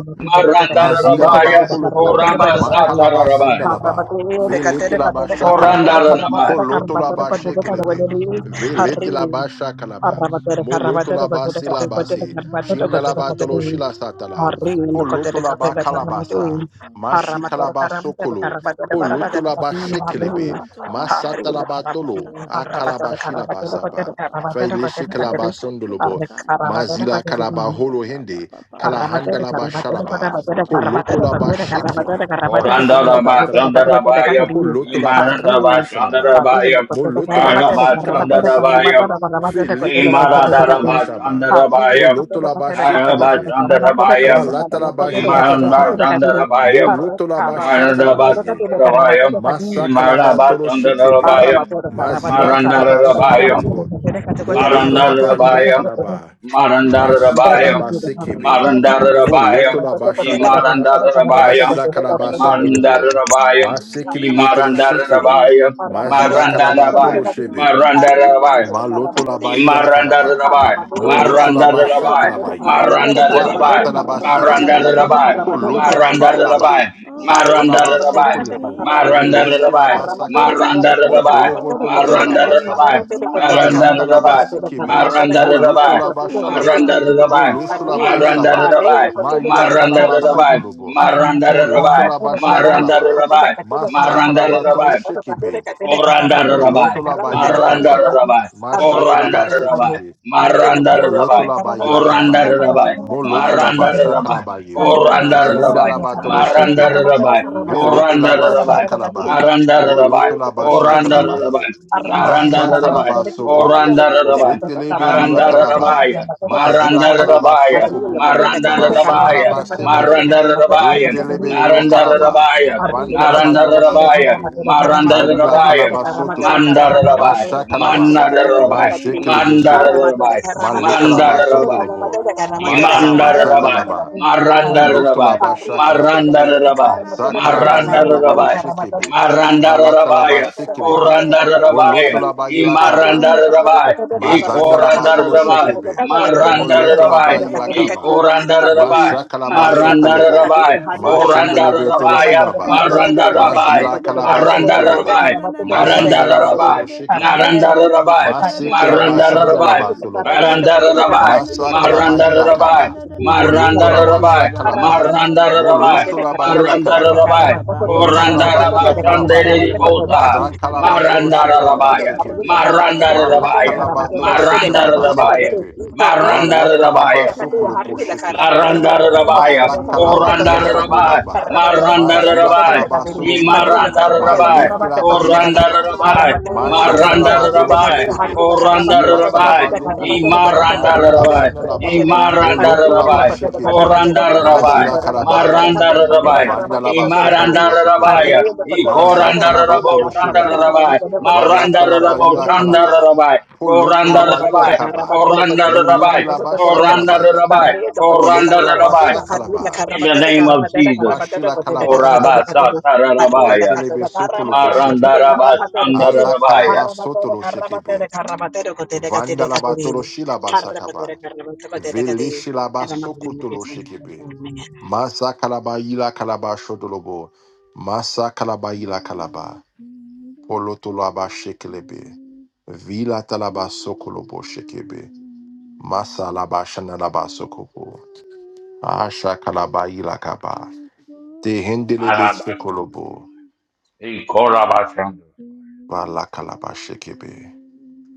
Speaker 1: Mazigalaba
Speaker 2: Rabaya,
Speaker 1: kolobo, makalaba
Speaker 2: korabasatarabaya,
Speaker 1: sandalaba, veletilaba shakalaba,
Speaker 2: korandarabaya, Rabaya,
Speaker 1: polotolaba shekelebe, veletilaba shakalaba,
Speaker 4: Arrabatore carrabatore
Speaker 1: molotolaba
Speaker 4: batore
Speaker 3: I
Speaker 4: cate batore
Speaker 1: silabase,
Speaker 4: carrabatore
Speaker 3: have
Speaker 1: shindalaba
Speaker 4: batore
Speaker 1: tolo
Speaker 4: cate
Speaker 3: never
Speaker 1: shilasatala,
Speaker 4: Arri indo
Speaker 3: seen
Speaker 4: cote de cate
Speaker 1: polotolaba
Speaker 4: de
Speaker 3: your
Speaker 4: carrabatore in
Speaker 1: kalabasa,
Speaker 3: throne.
Speaker 4: Arramatore
Speaker 1: mashikalaba
Speaker 4: carrabatore
Speaker 1: sokolo,
Speaker 4: carrabatore carrabatore
Speaker 1: polotolaba
Speaker 4: cate
Speaker 3: Rabashete
Speaker 1: shekelebe,
Speaker 4: Arri
Speaker 3: kante
Speaker 4: Arri
Speaker 3: likato
Speaker 4: indo
Speaker 1: masatalaba tolo,
Speaker 3: shadata kataka pa
Speaker 1: akalaba
Speaker 4: carrabatore carrabatore
Speaker 3: pa pa pa
Speaker 4: carrabatore
Speaker 3: pa
Speaker 4: cote
Speaker 1: shilabasaba,
Speaker 4: de
Speaker 3: pa pa.
Speaker 4: carrabatore
Speaker 1: faile
Speaker 4: cote de cate
Speaker 1: shekalaba
Speaker 3: Rakatete
Speaker 1: sondolobo,
Speaker 4: Arri
Speaker 3: kante
Speaker 4: carrabatore
Speaker 1: mazila kalaba
Speaker 4: cate
Speaker 3: telikapaya
Speaker 1: holo hende,
Speaker 4: Harri
Speaker 3: rabapapa kapa kapa
Speaker 1: kalahandalaba
Speaker 3: pa pa pa
Speaker 1: shalaba,
Speaker 3: pa pa pa pa pa. pa pa.
Speaker 1: Polotolaba shekibi.
Speaker 3: Reka rada
Speaker 2: korandar
Speaker 3: da
Speaker 2: rabaya,
Speaker 3: da
Speaker 1: Masilaba
Speaker 3: da da
Speaker 2: korandar rabaya,
Speaker 3: da
Speaker 1: talaba.
Speaker 3: da da
Speaker 2: rabaya,
Speaker 3: da da
Speaker 2: ni
Speaker 3: da
Speaker 1: Polotolaba
Speaker 3: da da da da
Speaker 1: kalaba
Speaker 2: marandarabaya,
Speaker 3: da da
Speaker 2: Rabaya,
Speaker 1: shalaba.
Speaker 2: rabaya,
Speaker 3: I
Speaker 1: Molotolaba
Speaker 3: have
Speaker 2: marabasanda
Speaker 1: sikalaba sikibi.
Speaker 2: rabaya,
Speaker 3: never
Speaker 2: ni
Speaker 1: Filetilaba
Speaker 2: marandarabaya,
Speaker 1: silaba
Speaker 3: seen
Speaker 1: shaba.
Speaker 2: Rabaya.
Speaker 3: your
Speaker 2: rabaya,
Speaker 1: Moloto la ba
Speaker 3: time.
Speaker 1: shekilebe. Falata shekilibi.
Speaker 3: I
Speaker 2: marabasanda
Speaker 3: am
Speaker 2: rabaya,
Speaker 1: Falatalaba jila kalaba.
Speaker 3: devoted to
Speaker 2: ஈமானந்தாந்தரபாயம்
Speaker 1: Moloto Molotolaba
Speaker 3: your
Speaker 1: shakalabaye.
Speaker 3: praise.
Speaker 2: மானடபாத்தந்தரபாயம்
Speaker 1: Masa kalaba
Speaker 3: And
Speaker 1: tolo shekibi.
Speaker 2: ஈமானபாத்தந்தரபாயம்
Speaker 3: forever
Speaker 1: Mazila kalaba
Speaker 2: மரண்டரபாயம்
Speaker 3: do
Speaker 1: sondolobo.
Speaker 3: you
Speaker 1: Molotolaba lila
Speaker 3: need
Speaker 2: மரண்டரபாயம்
Speaker 1: kalaba. Mashi
Speaker 3: all
Speaker 2: மரண்டரபாயம்
Speaker 1: kalaba sekibi.
Speaker 3: living
Speaker 2: மரண்டரபாயம்
Speaker 1: Folotolaba shakalaba.
Speaker 3: water,
Speaker 2: ஈமானந்தரபாயம்
Speaker 1: Masila kalaba sondolobo.
Speaker 3: God,
Speaker 2: ஈமானந்தரபாயம்
Speaker 3: my
Speaker 1: Masekelebe
Speaker 3: Redeemer?
Speaker 1: tolo shekebe.
Speaker 2: ஈமானந்தரபாயம்
Speaker 1: Mazila
Speaker 2: மரண்டரபாயம்
Speaker 1: kalaba tolo
Speaker 3: If
Speaker 1: shebe.
Speaker 3: I
Speaker 2: மரண்டரபாயம்
Speaker 1: Maloto la
Speaker 3: ever
Speaker 1: baila
Speaker 4: Arri,
Speaker 3: need
Speaker 2: Maranda
Speaker 1: calaba.
Speaker 2: Rabai,
Speaker 3: you,
Speaker 1: Moloto
Speaker 2: Maranda
Speaker 1: la basha
Speaker 2: Rabai,
Speaker 3: I
Speaker 1: calabaye.
Speaker 2: Maranda
Speaker 3: need
Speaker 2: Rabai,
Speaker 1: Falata la
Speaker 3: you
Speaker 2: Maranda
Speaker 1: basekebe.
Speaker 3: now.
Speaker 2: Rabai,
Speaker 1: Poloto la
Speaker 2: Maranda
Speaker 1: balaba.
Speaker 2: Rabai, Maranda
Speaker 3: Oh,
Speaker 1: Sakalaba
Speaker 2: Rabai,
Speaker 1: sokolego.
Speaker 3: living
Speaker 2: Maranda
Speaker 1: Melisi la
Speaker 2: Rabai,
Speaker 3: water.
Speaker 4: Karramatore,
Speaker 1: basakaba.
Speaker 2: Maranda
Speaker 4: karramatore,
Speaker 2: Rabai,
Speaker 1: Mondolo
Speaker 4: karramatore,
Speaker 1: botolo
Speaker 4: potete,
Speaker 3: Oh,
Speaker 2: Maranda
Speaker 1: shilaba
Speaker 4: karramatore,
Speaker 2: Rabai,
Speaker 3: my
Speaker 1: saba.
Speaker 4: potete,
Speaker 2: Maranda
Speaker 1: Falata la
Speaker 4: karramatore,
Speaker 2: Rabai,
Speaker 4: potete,
Speaker 1: basikebe.
Speaker 3: Redeemer,
Speaker 4: karramatore,
Speaker 2: Maranda Rabai, Maranda
Speaker 1: Moloto
Speaker 4: karramatore,
Speaker 2: Rabai,
Speaker 1: la
Speaker 4: potete,
Speaker 3: if
Speaker 4: potete,
Speaker 1: bashalaba.
Speaker 2: Maranda
Speaker 4: gaji,
Speaker 2: Rabai,
Speaker 1: Molosho la
Speaker 3: I
Speaker 4: arri,
Speaker 2: Maranda
Speaker 1: bailaba.
Speaker 3: ever
Speaker 4: arri,
Speaker 2: Rabai,
Speaker 4: lokotete,
Speaker 1: Marila
Speaker 3: needed
Speaker 4: katete,
Speaker 2: Maranda
Speaker 1: calaba
Speaker 4: karramatore,
Speaker 3: thee
Speaker 1: sotolobo.
Speaker 4: karramatore,
Speaker 1: Moloto
Speaker 2: Rabai,
Speaker 1: la
Speaker 4: karramatore,
Speaker 1: basha
Speaker 2: Maranda
Speaker 4: karramatore,
Speaker 1: calaba.
Speaker 4: potete,
Speaker 2: Rabai,
Speaker 4: katete,
Speaker 1: Masa
Speaker 2: Maranda
Speaker 4: karramatore,
Speaker 1: calaba tolo
Speaker 2: Rabai,
Speaker 4: karramatore, potete,
Speaker 1: shekebe.
Speaker 4: katete, karramatore,
Speaker 2: Korandarabai,
Speaker 4: potete,
Speaker 1: Molotola ba yila
Speaker 4: karramatore, potete,
Speaker 1: kaba.
Speaker 4: gaji,
Speaker 2: Marandarabai,
Speaker 1: Masha
Speaker 4: arri,
Speaker 1: kalaba
Speaker 4: lokotete, gaji,
Speaker 2: Korandarabai,
Speaker 1: sekebe.
Speaker 4: arri,
Speaker 2: Marandarabai,
Speaker 4: lokotete,
Speaker 1: Molotolaba
Speaker 4: karramatore, karramatore,
Speaker 1: Yilakaba.
Speaker 3: in
Speaker 4: karramatore,
Speaker 2: Korandarabai,
Speaker 4: potete, karramatore,
Speaker 1: Molotolaba
Speaker 4: potete,
Speaker 3: waters,
Speaker 4: gaji.
Speaker 2: Marandarabai,
Speaker 4: Arramatere,
Speaker 1: Shakalabaye.
Speaker 3: Gayabara
Speaker 2: Korandarabai,
Speaker 3: sete
Speaker 1: Zindalaba
Speaker 3: candidate,
Speaker 1: Toloshekebe.
Speaker 2: Marandarabai,
Speaker 1: Vilitilaba
Speaker 3: Jesus,
Speaker 2: Korandarabai,
Speaker 3: my
Speaker 1: Shakalaba.
Speaker 2: Narandarabai,
Speaker 1: Molotolaba
Speaker 3: Redeemer,
Speaker 2: Korandarabai,
Speaker 1: Shakalabaye.
Speaker 3: if I
Speaker 1: Masa
Speaker 2: Narandarabai,
Speaker 1: Kalaba
Speaker 3: ever
Speaker 1: Sokobo.
Speaker 2: Korandarabai,
Speaker 1: Jetelebe
Speaker 3: needed
Speaker 1: Lula Kalaba.
Speaker 3: thee,
Speaker 2: Narandarabaya,
Speaker 1: Mazila Kalaba
Speaker 2: Marandarabaya,
Speaker 3: I
Speaker 1: Sokobo.
Speaker 3: need you
Speaker 2: Marandarabaya,
Speaker 1: Mashikalaba Sekebe.
Speaker 3: now.
Speaker 2: Marandarabaya,
Speaker 1: Rendelebe Lula
Speaker 3: Oh,
Speaker 1: Kalaba.
Speaker 2: Narandarabaya,
Speaker 1: Fandalaba
Speaker 3: living
Speaker 2: Narandarabaya,
Speaker 1: Toloshekebe.
Speaker 3: water.
Speaker 1: Malila
Speaker 2: Marandarabaya,
Speaker 1: Kalaba Sotolo.
Speaker 2: Mandarabai,
Speaker 3: Come,
Speaker 1: Mashakalaba.
Speaker 2: Mandarabai,
Speaker 1: Mashikelebe
Speaker 3: Redeemer,
Speaker 1: Sobo.
Speaker 2: Mandarabai,
Speaker 3: if
Speaker 1: Malikalaba
Speaker 2: Mandarabai,
Speaker 1: Sundalobo,
Speaker 3: I
Speaker 1: Makalaba
Speaker 3: ever
Speaker 2: Imandar Rabbi,
Speaker 1: Sandalaba,
Speaker 2: Marandar
Speaker 4: haru
Speaker 2: Rabbi,
Speaker 1: Polotolaba
Speaker 3: needed.
Speaker 4: haru kote da
Speaker 1: Shakalabaye,
Speaker 2: Marandar
Speaker 4: kote da
Speaker 2: Rabbi,
Speaker 4: karra mata da kote da
Speaker 1: Sakalaba
Speaker 4: karra
Speaker 2: Marandar
Speaker 4: mata da
Speaker 1: Yondogolo
Speaker 2: Rabbi,
Speaker 3: Rekarararararararararara.
Speaker 4: karra mata da
Speaker 1: Shekebe,
Speaker 4: kote da karra
Speaker 2: Marandar
Speaker 4: mata da
Speaker 3: Shandelelele
Speaker 4: karra
Speaker 1: Malatalaba
Speaker 2: Rabbi,
Speaker 4: mata da
Speaker 3: mosha
Speaker 4: karra
Speaker 1: Sekebe,
Speaker 4: mata da
Speaker 2: Korandar
Speaker 4: karra mata da
Speaker 2: Rabbi,
Speaker 4: kati.
Speaker 1: Volotolaba
Speaker 3: kandededededededede.
Speaker 1: Ilakaba,
Speaker 4: Harun,
Speaker 2: Imarandar
Speaker 4: kote da
Speaker 2: Rabbi,
Speaker 4: kote da karra
Speaker 3: Rikararararararara.
Speaker 4: mata
Speaker 1: Bazanda
Speaker 4: da
Speaker 1: la
Speaker 4: karra
Speaker 2: Ikorandar
Speaker 1: bakolo
Speaker 4: mata da
Speaker 2: Rabbi,
Speaker 4: mata da
Speaker 3: Shanananananana.
Speaker 1: shekebe.
Speaker 4: karra mata da kote
Speaker 3: Rade
Speaker 2: Marandar
Speaker 1: Moloto
Speaker 4: karra
Speaker 1: la
Speaker 4: mata
Speaker 2: Rabbi,
Speaker 1: ba
Speaker 4: da kote
Speaker 3: shande
Speaker 4: da kati.
Speaker 1: ilakaba.
Speaker 2: Ikorandar
Speaker 4: Harun,
Speaker 2: Rabbi,
Speaker 3: rekanananosha.
Speaker 1: Mashaka la ba
Speaker 4: Harun,
Speaker 2: Marandar
Speaker 4: kote da
Speaker 1: sokolobo.
Speaker 4: kote da
Speaker 2: Rabbi,
Speaker 3: Rekararararara.
Speaker 4: Harun, karra
Speaker 2: Korandar
Speaker 4: mata
Speaker 1: Mashendelebe
Speaker 4: da kote
Speaker 3: Shananananaya.
Speaker 2: Rabbi,
Speaker 4: mata da karra
Speaker 1: toroshilaba.
Speaker 4: mata da
Speaker 2: Marandar
Speaker 4: kote da kote
Speaker 2: Rabbi,
Speaker 1: Mazila
Speaker 3: Rikarararararararara.
Speaker 1: kalaba
Speaker 2: Marandar
Speaker 1: sotolobo.
Speaker 2: Rabbi,
Speaker 3: Rakararararara.
Speaker 1: Mazanda la
Speaker 2: Marandar
Speaker 1: ba
Speaker 2: Rabbi,
Speaker 1: tolo
Speaker 3: Yandedededede.
Speaker 1: shekalaba.
Speaker 2: Narandar Rabbi,
Speaker 3: Rekararosha
Speaker 1: Maseke la ba
Speaker 2: Marandar
Speaker 1: shanda la ba
Speaker 2: Rabbi,
Speaker 3: karararararararara.
Speaker 1: tolobo. se,
Speaker 2: Marandar Rabai,
Speaker 1: masaka la ba
Speaker 2: Marandar Rabai,
Speaker 1: ilakaba.
Speaker 3: Rakarararararararara.
Speaker 1: Foloto
Speaker 2: Marandar
Speaker 1: la ba
Speaker 3: Rekara
Speaker 2: Rabai,
Speaker 3: ba ba
Speaker 1: shakalaba.
Speaker 3: ba ba
Speaker 2: Marandar
Speaker 3: ba
Speaker 2: Rabai,
Speaker 1: Molosho la ba
Speaker 3: ibarata ka ba
Speaker 2: Marandar
Speaker 3: ba ba
Speaker 1: ilakalaba.
Speaker 3: ba
Speaker 2: Rabai,
Speaker 3: ba ba.
Speaker 1: Moloto la
Speaker 2: Korandar
Speaker 1: ba
Speaker 3: Rekara
Speaker 2: Rabai,
Speaker 3: da da da da da
Speaker 1: ilakalabaye.
Speaker 2: Shandere
Speaker 3: da da.
Speaker 2: Bosa,
Speaker 3: Rekara
Speaker 1: Sakalaba
Speaker 3: da da
Speaker 1: tolo
Speaker 3: da
Speaker 2: Marandar
Speaker 3: da da da da
Speaker 1: shekalaba
Speaker 2: Rabaya,
Speaker 3: da
Speaker 1: sekepe.
Speaker 3: da da da da.
Speaker 2: Marandar Rabaya,
Speaker 1: Malakalabatolo
Speaker 2: Marandar
Speaker 1: shekalaba
Speaker 2: Rabaya,
Speaker 1: sekepe.
Speaker 2: Marandar
Speaker 1: Malakalaba
Speaker 2: Rabaya,
Speaker 1: sokolopo
Speaker 3: Open the
Speaker 1: shekepe.
Speaker 2: Marandararabai,
Speaker 3: stargates,
Speaker 1: Malakalaba
Speaker 2: Korandararabai,
Speaker 1: josobolaba. Majila
Speaker 2: Marandararabai,
Speaker 1: kalaba
Speaker 3: rain
Speaker 1: solobo.
Speaker 4: Arriba,
Speaker 2: Nimarandarabai,
Speaker 3: abundance.
Speaker 1: Mailekilaba
Speaker 3: Let
Speaker 1: shakaba.
Speaker 2: Korandarabai,
Speaker 3: your
Speaker 1: Majandalaba tolo
Speaker 2: Marandarabai,
Speaker 3: rain
Speaker 1: shekebe.
Speaker 2: Korandarabai,
Speaker 1: Zilatalaba
Speaker 3: fall
Speaker 1: lokolo.
Speaker 3: on
Speaker 1: Malila
Speaker 3: us.
Speaker 2: Nimarandarabai,
Speaker 1: shandalaba. Bolotolaba
Speaker 2: Nimarandarabai,
Speaker 1: shekebe.
Speaker 3: Open the
Speaker 2: Korandarabai,
Speaker 3: soul
Speaker 1: Mazila kalaba.
Speaker 2: Marandarabai,
Speaker 3: gates
Speaker 1: Vandalaba sokolo
Speaker 3: in
Speaker 1: bosetepe.
Speaker 2: Nimarandarabai,
Speaker 1: Maza kalaba
Speaker 2: Ikorandarabo
Speaker 3: abundance.
Speaker 1: tolo shelebe.
Speaker 2: Shandarabai,
Speaker 3: Cause your
Speaker 1: Valata laba
Speaker 2: Marandarabo
Speaker 1: ila
Speaker 4: Hari
Speaker 1: kalaba.
Speaker 3: land
Speaker 2: Shandarabai,
Speaker 3: to
Speaker 1: Poloto laba ila
Speaker 4: Arrabatero,
Speaker 2: Korandarabai,
Speaker 1: kaba.
Speaker 4: carrabatero,
Speaker 2: Koranda
Speaker 3: follow
Speaker 4: cotuda,
Speaker 1: Melete
Speaker 2: Rabai.
Speaker 4: carrabatero,
Speaker 1: laba
Speaker 4: cotuda,
Speaker 3: you.
Speaker 4: cati,
Speaker 2: Koranda
Speaker 1: kalabaye,
Speaker 2: Rabai.
Speaker 4: arriendo, cotete,
Speaker 2: Koranda
Speaker 1: Poloto
Speaker 3: Yama,
Speaker 1: la
Speaker 4: catuda,
Speaker 1: laba
Speaker 2: Rabai.
Speaker 4: catuda, arriendo,
Speaker 1: kalaba,
Speaker 2: In the
Speaker 4: carramatete,
Speaker 2: name of
Speaker 4: carramatete,
Speaker 2: Jesus.
Speaker 4: carramatete,
Speaker 1: Mashila
Speaker 4: cotete,
Speaker 1: kalaba
Speaker 4: carramatete,
Speaker 2: Koraba Satara
Speaker 1: sokopo.
Speaker 4: catuda, arriendo,
Speaker 2: rabaya,
Speaker 1: Matelebe
Speaker 4: catuda,
Speaker 3: Yama,
Speaker 2: Korabasatarabaya.
Speaker 1: sokolo
Speaker 4: carramatete, cotuda,
Speaker 1: boshekebe.
Speaker 4: carramatero, cotuda,
Speaker 1: Ala
Speaker 2: Marandarabashandarabaya.
Speaker 1: kalaba
Speaker 4: arrabatero,
Speaker 1: sotolo shekebe.
Speaker 4: carramatete,
Speaker 3: Follow
Speaker 4: carramatero,
Speaker 3: us,
Speaker 4: cotete, catete,
Speaker 1: Vandalaba
Speaker 4: caturi,
Speaker 1: tolo shilaba
Speaker 4: arrabatero,
Speaker 1: sakaba.
Speaker 4: carramatete, cotete,
Speaker 1: Vele
Speaker 4: cati,
Speaker 1: shilaba
Speaker 4: and I'm not going to
Speaker 1: sokotolo shekebe.
Speaker 4: get
Speaker 1: Masa kalaba yila kalaba shodolobo. Masa kalaba yila kalaba. Polotolaba shekelebe. Vila talaba sokolobo shekebe. Masa laba shanalaba sokobo. Asha kalaba yila kaba. Dehendelebe sokolobo.
Speaker 2: Marabashandarabaya. Hey, Korabashandarabaya.
Speaker 3: open
Speaker 1: Vala kalaba
Speaker 3: the
Speaker 1: shekebe.
Speaker 3: you.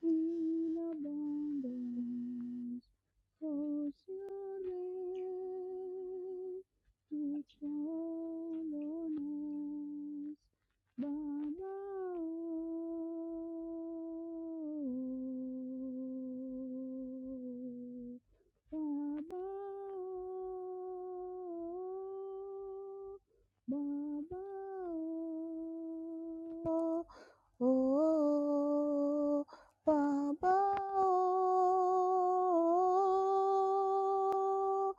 Speaker 3: In abundance was your love to follow us, Baba. oh, Baba. oh, Baba. oh. Oh, Baba. Oh,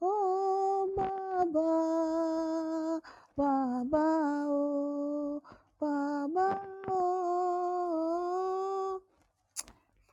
Speaker 3: oh Baba. Baba. Oh, Baba. Oh.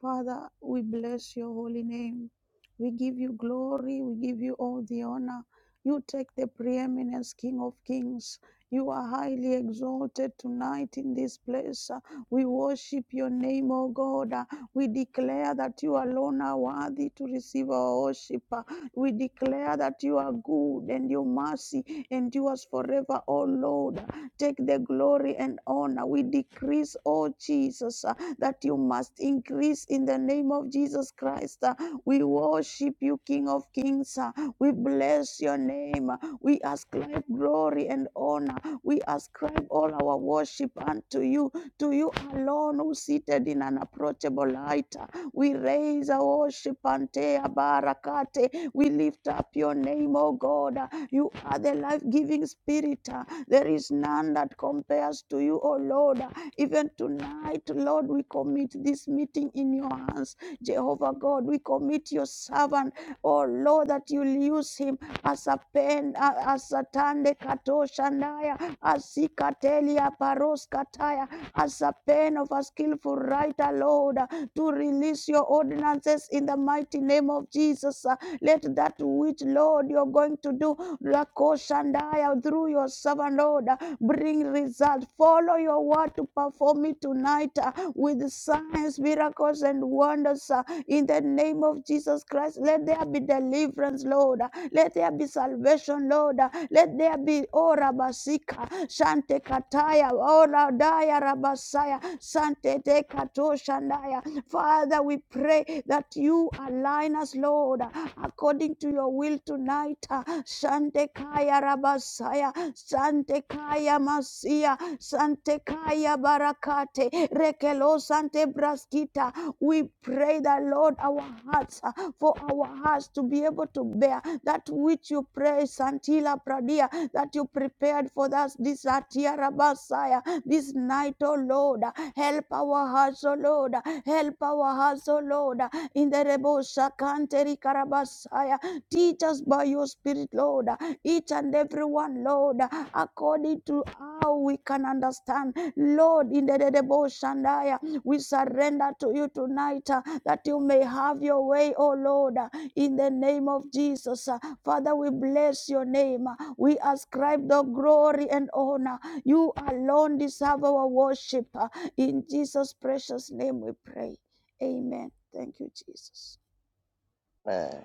Speaker 3: Father, we bless your holy name. We give you glory. We give you all the honor. You take the preeminence, King of Kings. You are highly exalted tonight in this place. Uh, We worship your name, O God. Uh, We declare that you alone are worthy to receive our worship. Uh, We declare that you are good and your mercy endures forever, O Lord. Take the glory and honor. We decrease, O Jesus. uh, that you must increase in the name of Jesus Christ. Uh, We worship you, King of Kings. Uh, We bless your name. Uh, We ascribe glory and honor. We ascribe all our worship unto you, to you alone who seated in an approachable light. Uh, We raise our worship unto Barakate. We lift up your name, O God. Uh, You are the life-giving spirit. Uh, There is none that compares to you, O Lord. Uh, even tonight, Lord, we commit this meeting in your hands. Jehovah God, we commit your servant, oh Lord, that you'll use him as a pen, as a tande katoshandaya, as ikatelia paroskataya, as a pen of a skillful writer, Lord, uh, to release your ordinances in the mighty name of Jesus. Uh, Let that which, Lord, you're going to do, lakoshandaya, through your servant, Lord, bring result. Follow your word to perform it tonight uh, with signs, miracles, and wonders uh, in the name of Jesus Christ. Let there be deliverance, Lord. Uh, Let there be salvation, Lord. Uh, Let there be ora basika shante kataya ora daya rabasaya sante te kato shandaya. Father, we pray that you align us, Lord, uh, according to your will tonight. uh, Shante kaya rabasaya Sante Kaya Masia, Sante Kaya Barakate, Rekelo Sante Braskita. We pray that, Lord, our hearts, uh, for our hearts to be able to bear that which you pray, Santila Pradia, that you prepared for us this Atiara Basaya, this night, O Lord. Help our hearts, O Lord. Help our hearts, O Lord. In the Rebo Shakanteri Karabasaya, teach us by your Spirit, Lord each and every one, Lord, according to how we can understand. Lord, in the Dedebo Shandaya, we surrender to you tonight uh, that you may have your way, oh Lord, uh, in the name of Jesus. Uh, Father, we bless your name. Uh, We ascribe the glory and honor. You alone deserve our worship. Uh, In Jesus' precious name we pray. Amen. Thank you, Jesus.
Speaker 5: Amen.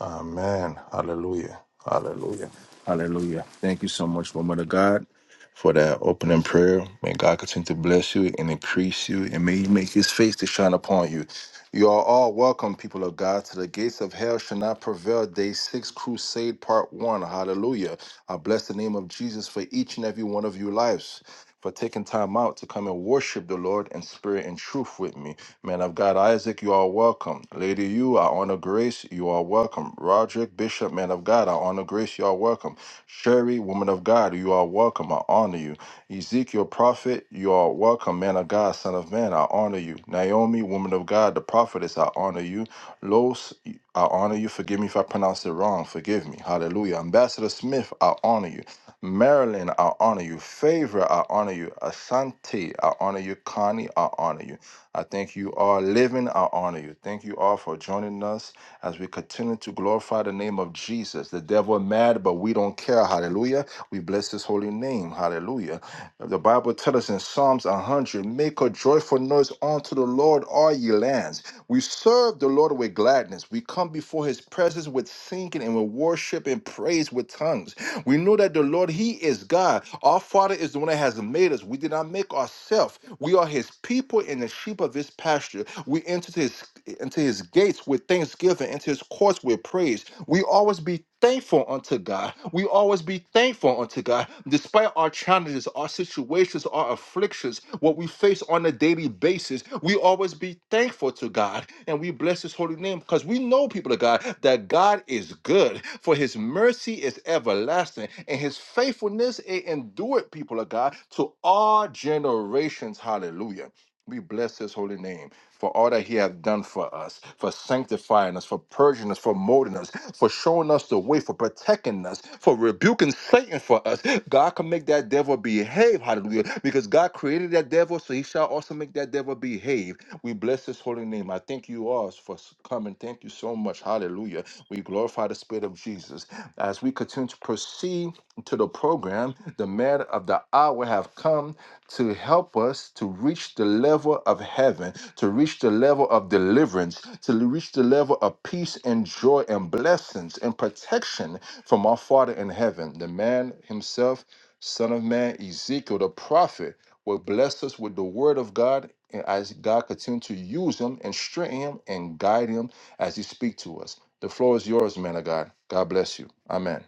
Speaker 1: Amen. Hallelujah. Hallelujah. Hallelujah. Thank you so much, woman of God, for that opening prayer. May God continue to bless you and increase you, and may He make His face to shine upon you. You are all welcome, people of God, to the gates of hell shall not prevail. Day six, crusade part one. Hallelujah. I bless the name of Jesus for each and every one of your lives. For taking time out to come and worship the Lord in spirit and truth with me. Man of God, Isaac, you are welcome. Lady, you, I honor grace, you are welcome. Roderick, Bishop, man of God, I honor grace, you are welcome. Sherry, woman of God, you are welcome, I honor you. Ezekiel, prophet, you are welcome, man of God, son of man, I honor you. Naomi, woman of God, the prophetess, I honor you. Los, I honor you. Forgive me if I pronounce it wrong, forgive me. Hallelujah. Ambassador Smith, I honor you. Marilyn, I honor you. Favor, I honor you. Asante, I honor you. Connie, I honor you. I thank you all living. I honor you. Thank you all for joining us as we continue to glorify the name of Jesus. The devil mad, but we don't care. Hallelujah. We bless his holy name. Hallelujah. The Bible tells us in Psalms 100 make a joyful noise unto the Lord, all ye lands. We serve the Lord with gladness. We come before his presence with singing and with worship and praise with tongues. We know that the Lord, He is God. Our Father is the one that has made us. We did not make ourselves. We are His people and the sheep of His pasture. We enter His into His gates with thanksgiving, into His courts with praise. We always be thankful unto God. We always be thankful unto God, despite our challenges, our our situations, our afflictions, what we face on a daily basis, we always be thankful to God and we bless His holy name because we know, people of God, that God is good, for His mercy is everlasting and His faithfulness it endured, people of God, to all generations. Hallelujah. We bless his holy name for all that he hath done for us, for sanctifying us, for purging us, for molding us, for showing us the way, for protecting us, for rebuking Satan for us. God can make that devil behave, hallelujah, because God created that devil, so he shall also make that devil behave. We bless his holy name. I thank you all for coming. Thank you so much, hallelujah. We glorify the Spirit of Jesus. As we continue to proceed to the program, the man of the hour have come to help us to reach the level of heaven, to reach the level of deliverance, to reach the level of peace and joy and blessings and protection from our Father in heaven. The man himself, Son of Man, Ezekiel, the prophet, will bless us with the word of God. And as God continue to use him and strengthen him and guide him as he speaks to us. The floor is yours, man of God. God bless you. Amen.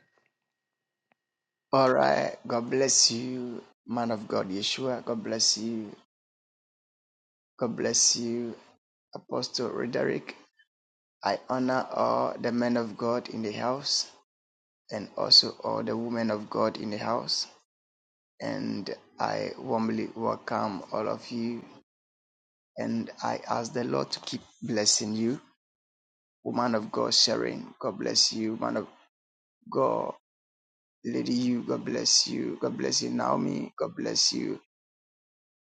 Speaker 5: All right. God bless you, man of God, Yeshua. God bless you. God bless you, Apostle Roderick. I honor all the men of God in the house and also all the women of God in the house. And I warmly welcome all of you. And I ask the Lord to keep blessing you. Woman of God, Sharon, God bless you. Man of God, Lady, you, God bless you. God bless you, Naomi. God bless you,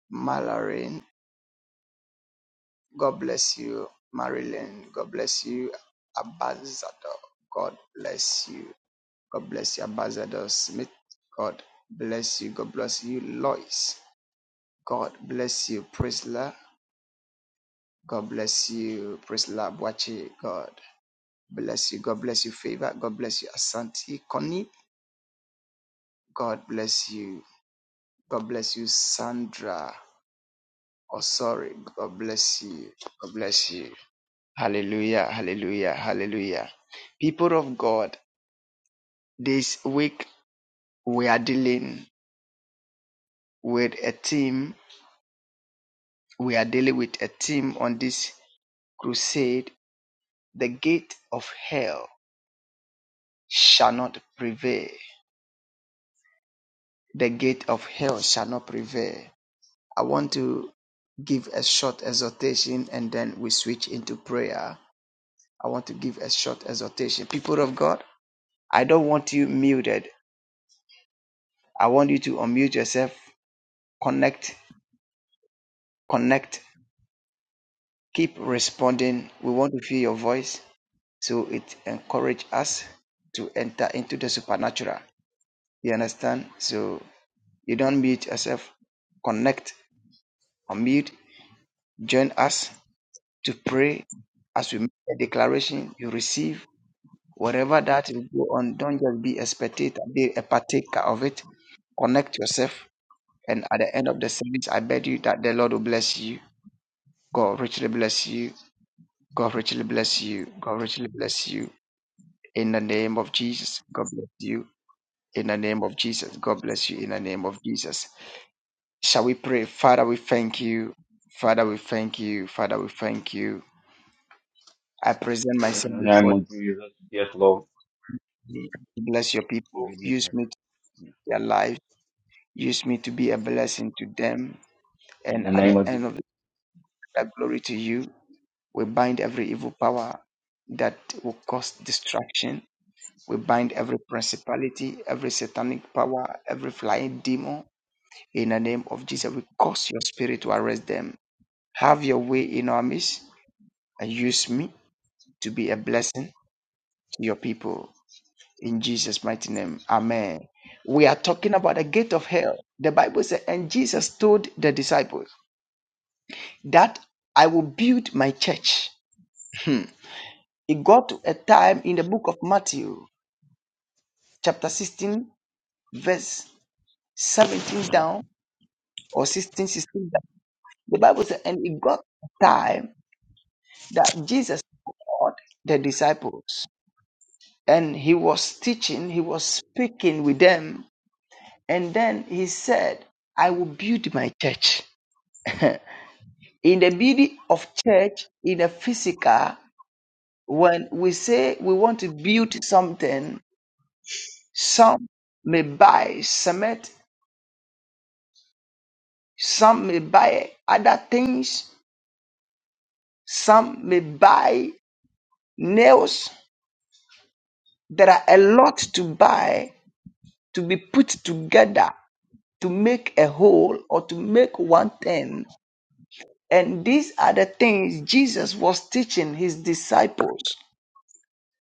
Speaker 5: Mallory. God bless you, Marilyn. God bless you, Ambassador. God bless you. God bless you, Ambassador Smith. God bless you. God bless you, Lois. God bless you, Priscilla. God bless you, Priscilla Boache. God bless you. God bless you, Favor. God bless you, Asante Connie. God bless you. God bless you, Sandra. Oh, sorry. God bless you. God bless you. Hallelujah. Hallelujah. Hallelujah. People of God. This week we are dealing with a team. We are dealing with a team on this crusade. The gate of hell shall not prevail. The gate of hell shall not prevail. I want to give a short exhortation and then we switch into prayer. I want to give a short exhortation. People of God, I don't want you muted. I want you to unmute yourself, connect, connect, keep responding. We want to hear your voice. So it encourages us to enter into the supernatural. You understand? So you don't mute yourself. Connect, unmute, join us to pray. As we make a declaration, you receive whatever that will go on. Don't just be a spectator, be a partaker of it. Connect yourself. And at the end of the service, I beg you that the Lord will bless you. God richly bless you. God richly bless you. God richly bless you. In the name of Jesus, God bless you. in the name of Jesus. God bless you in the name of Jesus. Shall we pray? Father, we thank you. Father, we thank you. Father, we thank you. I present
Speaker 2: In
Speaker 5: myself
Speaker 2: the name
Speaker 5: before
Speaker 2: of Jesus. Yes, Lord.
Speaker 5: you. Bless your
Speaker 2: We
Speaker 5: people.
Speaker 2: give you
Speaker 5: Use
Speaker 2: praise.
Speaker 5: me to their life. Use me to be a blessing to them.
Speaker 2: In
Speaker 5: And
Speaker 2: the
Speaker 5: at
Speaker 2: name
Speaker 5: the
Speaker 2: of
Speaker 5: end
Speaker 2: Jesus.
Speaker 5: of that, glory to you. We bind every evil power that will cause destruction. We bind every principality, every satanic power, every flying demon. In the name of Jesus, we cause your spirit to arrest them Have your way in our midst and use me to be a blessing to your people. In Jesus' mighty name. Amen. We are talking about the gate of hell. The Bible says, and Jesus told the disciples that I will build my church. Hmm. It got to a time in the book of Matthew, chapter 16, verse 17 down or 16 16. down. The Bible says, and it got a time that Jesus called the disciples and he was teaching, he was speaking with them. And then he said, I will build my church. In the building of church, in the physical, when we say we want to build something, some may buy cement, some may buy other things, some may buy nails. There are a lot to buy to be put together to make a whole or to make one thing And these are the things Jesus was teaching his disciples.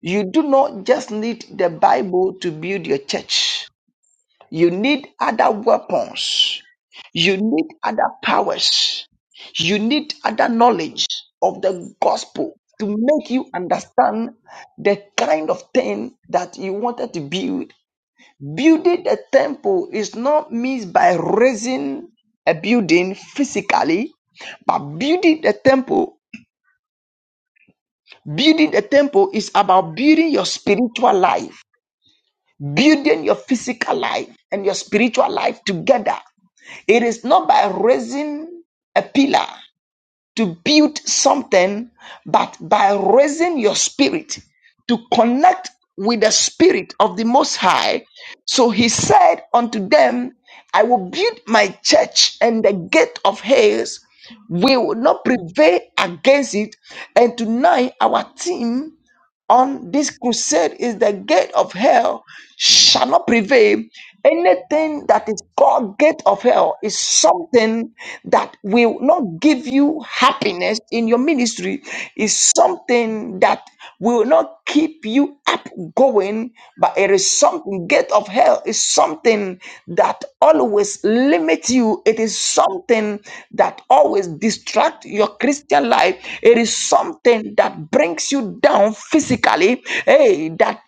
Speaker 5: You do not just need the Bible to build your church, you need other weapons, you need other powers, you need other knowledge of the gospel to make you understand the kind of thing that you wanted to build. Building a temple is not means by raising a building physically, but building a temple Building the temple is about building your spiritual life, building your physical life and your spiritual life together. It is not by raising a pillar to build something, but by raising your spirit to connect with the spirit of the Most High. So he said unto them, I will build my church, and the gate of Hades will not prevail against it. And tonight, our team on this crusade is the gate of hell shall not prevail. Anything that is called gate of hell is something that will not give you happiness in your ministry, is something that will not keep you up going, but it is something gate of hell is something that always limits you. It is something that always distract your Christian life. It is something that brings you down physically, hey, that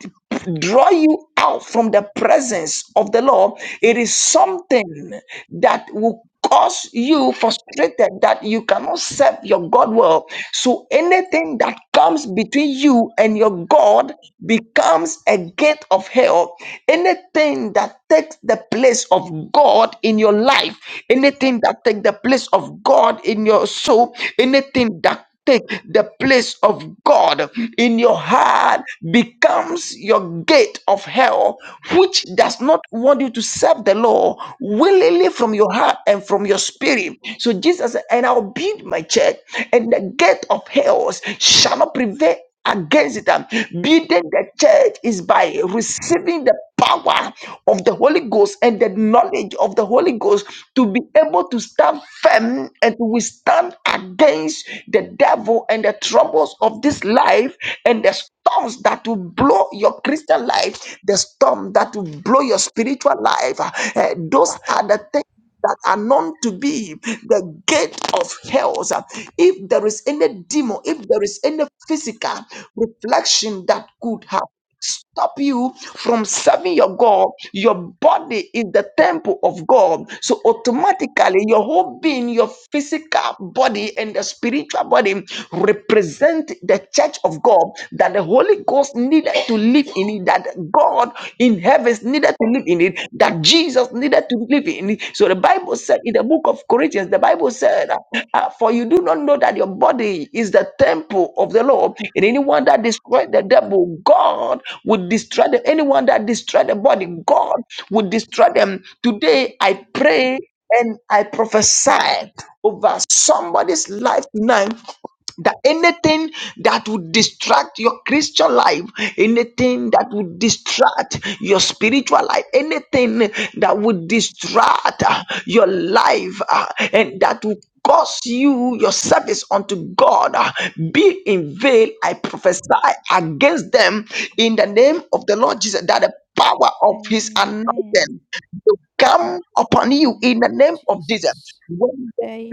Speaker 5: draw you out from the presence of the Lord. It is something that will cause you frustrated that you cannot serve your God well. So anything that comes between you and your God becomes a gate of hell anything that takes the place of God in your life, anything that takes the place of God in your soul, anything that take the place of God in your heart becomes your gate of hell, which does not want you to serve the law willingly from your heart and from your spirit. So Jesus said, and I'll build my church, and the gate of hell shall not prevail against it. Um, Building the church is by receiving the power of the Holy Ghost and the knowledge of the Holy Ghost to be able to stand firm and to withstand against the devil and the troubles of this life and the storms that will blow your Christian life, the storm that will blow your spiritual life. Uh, those are the things that are known to be the gate of hell. If there is any demon, if there is any physical reflection that could have stop you from serving your God, your body is the temple of God. So automatically your whole being, your physical body and the spiritual body represent the church of God that the Holy Ghost needed to live in it, that God in heavens needed to live in it, that Jesus needed to live in. So the Bible said in the book of Corinthians, the Bible said, uh, For you do not know that your body is the temple of the Lord, and anyone that destroyed the devil, God would destroy them. Anyone that destroyed the body, God would destroy them. Today, I pray and I prophesy over somebody's life tonight that anything that would distract your Christian life, anything that would distract your spiritual life, anything that would distract uh, your life uh, and that would cause you your service unto God uh, be in vain. I prophesy against them in the name of the Lord Jesus that the power of his
Speaker 3: Amen.
Speaker 5: anointing will come
Speaker 3: In
Speaker 5: upon
Speaker 3: the
Speaker 5: you in
Speaker 3: name
Speaker 5: the
Speaker 3: of
Speaker 5: name of Jesus.
Speaker 3: Jesus.
Speaker 5: When
Speaker 3: Amen.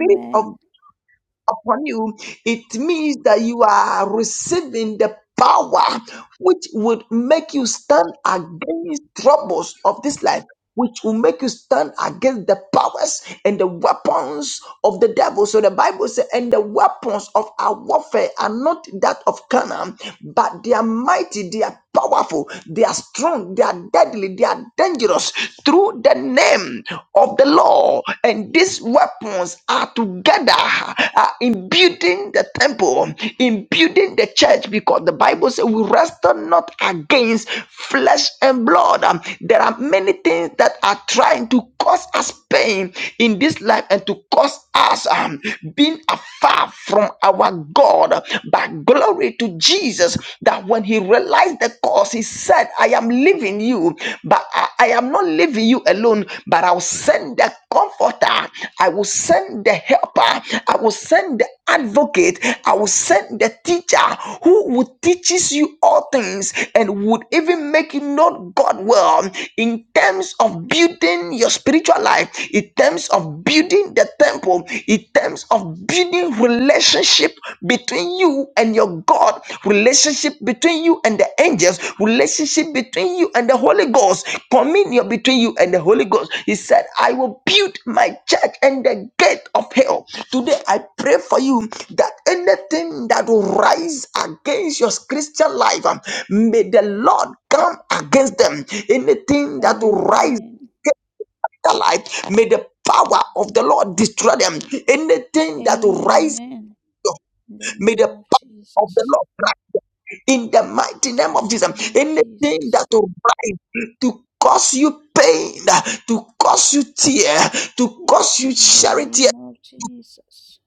Speaker 5: upon you, it means that you are receiving the power which would make you stand against troubles of this life. Which will make you stand against the powers and the weapons of the devil. So the Bible says, and the weapons of our warfare are not that of Canaan, but they are mighty, they are powerful, they are strong, they are deadly, they are dangerous through the the name of the Lord. And these weapons are together uh, in building the temple, in building the church, because the Bible says we wrestle not against flesh and blood. Um, there are many things that are trying to cause us pain in this life and to cause us um, being afar from our God. But glory to Jesus that when He he realized the cause. He said, I am leaving you, but I, I am not leaving you alone, but I'll send the comforter, I will send the helper, I will send the advocate, I will send the teacher who would teaches you all things and would even make you know God well in terms of building your spiritual life, in terms of building the temple, in terms of of building relationship between you and your God, relationship between you and the angels, relationship between you and the Holy Ghost, communion between you and the Holy Ghost. He said, I will build my church and the gate of hell. Today, I pray for you that anything that will rise against your Christian life, um, may the Lord come against them. Anything that will rise
Speaker 3: Amen.
Speaker 5: their life. May the power of the Lord destroy them. Anything that will rise,
Speaker 3: Amen. In the
Speaker 5: may the
Speaker 3: name of
Speaker 5: power of the
Speaker 3: Jesus.
Speaker 5: Lord rise in the mighty name of
Speaker 3: In The name
Speaker 5: Jesus.
Speaker 3: of
Speaker 5: Anything
Speaker 3: Jesus.
Speaker 5: that will rise to cause you pain, to cause you tear, to cause you
Speaker 3: In the
Speaker 5: charity.
Speaker 3: name of Jesus.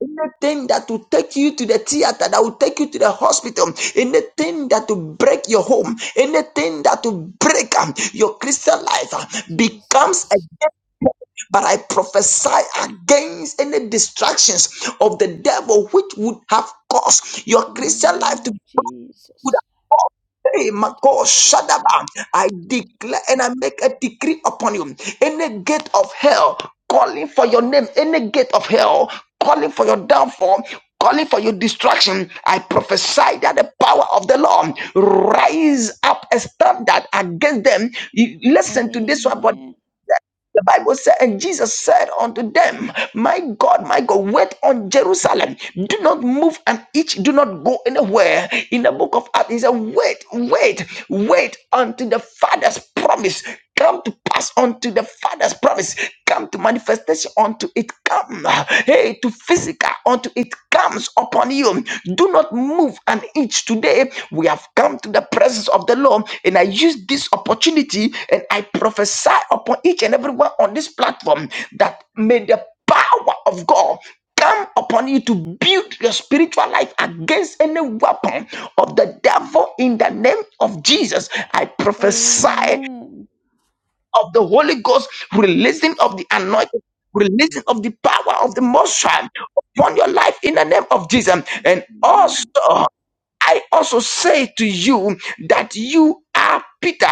Speaker 5: Anything that will take you to the theater, that will take you to the hospital, anything that will break your home, anything that will break um, your Christian life uh, becomes a
Speaker 3: Jesus.
Speaker 5: death. But I prophesy against any distractions of the devil which would have caused your
Speaker 3: In the
Speaker 5: Christian life
Speaker 3: name
Speaker 5: to
Speaker 3: of
Speaker 5: break.
Speaker 3: Jesus.
Speaker 5: Hey, Mako Shadaba, I declare and I make a decree upon you. Any gate of hell calling for your name, any gate of hell calling for your downfall, calling for your destruction, I prophesy that the power of the Lord rise up a standard against them. You- Listen to this one, but
Speaker 3: Amen.
Speaker 5: the Bible said, and Jesus said unto them, My God, my God, wait on Jerusalem. Do not move and each do not go anywhere. In the book of Acts, he said, Wait, wait, wait until the Father's promise come to pass unto the Father's promise, come to manifestation unto it come. Hey, to physical unto it comes upon you you. Do not move an inch today. We have come to the presence of the Lord, and I use this opportunity and I prophesy upon each and everyone on this platform that may the power of God come upon you to build your spiritual life against any weapon of the devil in the name of Jesus. I prophesy
Speaker 3: Amen.
Speaker 5: of the Holy Ghost, releasing
Speaker 3: Yes,
Speaker 5: of the
Speaker 3: Lord.
Speaker 5: anointing, releasing of the power
Speaker 3: Yes,
Speaker 5: of the
Speaker 3: Lord.
Speaker 5: Most High upon your life in the name of Jesus. And also,
Speaker 3: Amen.
Speaker 5: I also say to you that you are Peter,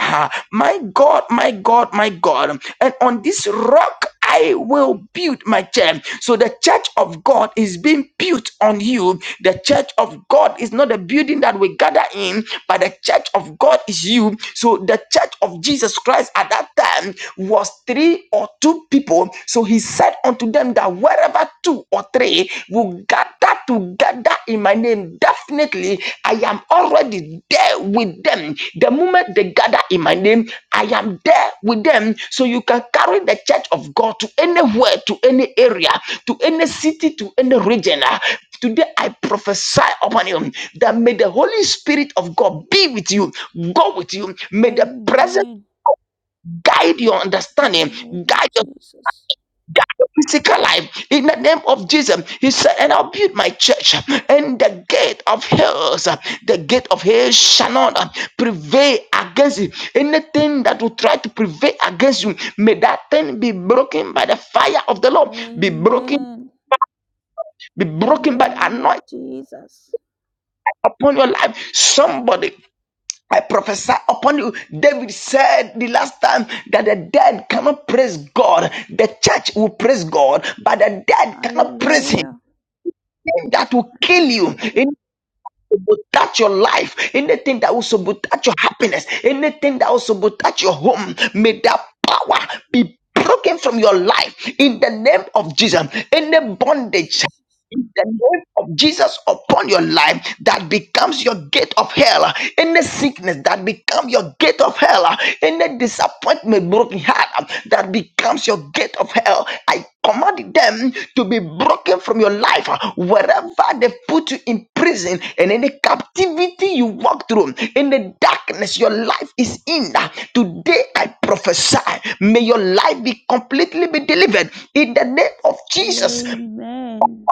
Speaker 5: my God, my God, my God. And on this rock I will build my church. So the church of God is being built on you. The church of God is not a building that we gather in, but the church of God is you. So the church of Jesus Christ at that time was three or two people. So he said unto them that wherever two or three will gather to gather in my name, definitely I am already there with them. The moment they gather in my name, I am there with them. So you can carry the church of God to anywhere, to any area, to any city, to any region. Ah, Today I prophesy upon you that may the Holy Spirit of God be with you, go with you. May the presence
Speaker 3: Amen.
Speaker 5: guide your
Speaker 3: In the
Speaker 5: understanding,
Speaker 3: name of
Speaker 5: guide your
Speaker 3: Jesus.
Speaker 5: that physical life in the name of Jesus. He said, And I'll build my church, and the gate of hell, the gate of hell shall not uh, prevail against it. Anything that will try to prevail against you, may that thing be broken by the fire of the Lord, be broken,
Speaker 3: Amen.
Speaker 5: be
Speaker 3: In
Speaker 5: broken
Speaker 3: the
Speaker 5: by the
Speaker 3: name of
Speaker 5: anointing
Speaker 3: Jesus.
Speaker 5: upon your life. Somebody. I prophesy upon you. David said the last time that the dead cannot praise God. The church will praise God, but the dead cannot praise Him.
Speaker 3: Hallelujah.
Speaker 5: that will kill you,
Speaker 3: Hallelujah.
Speaker 5: anything that will touch your life, anything that will sabotage your happiness, anything that will sabotage your home, may that power be broken from your life in the name of Jesus.
Speaker 3: In the
Speaker 5: Any
Speaker 3: name of
Speaker 5: bondage
Speaker 3: Jesus.
Speaker 5: in the name of Jesus upon your life that becomes your gate of hell. Any sickness that becomes your gate of hell. Any disappointment, broken heart that becomes your gate of hell. I command them to be broken from your life wherever they put you in prison and any captivity you walk through in the darkness your life is in today i prophesy may your life be completely be delivered in the name of jesus
Speaker 3: Amen.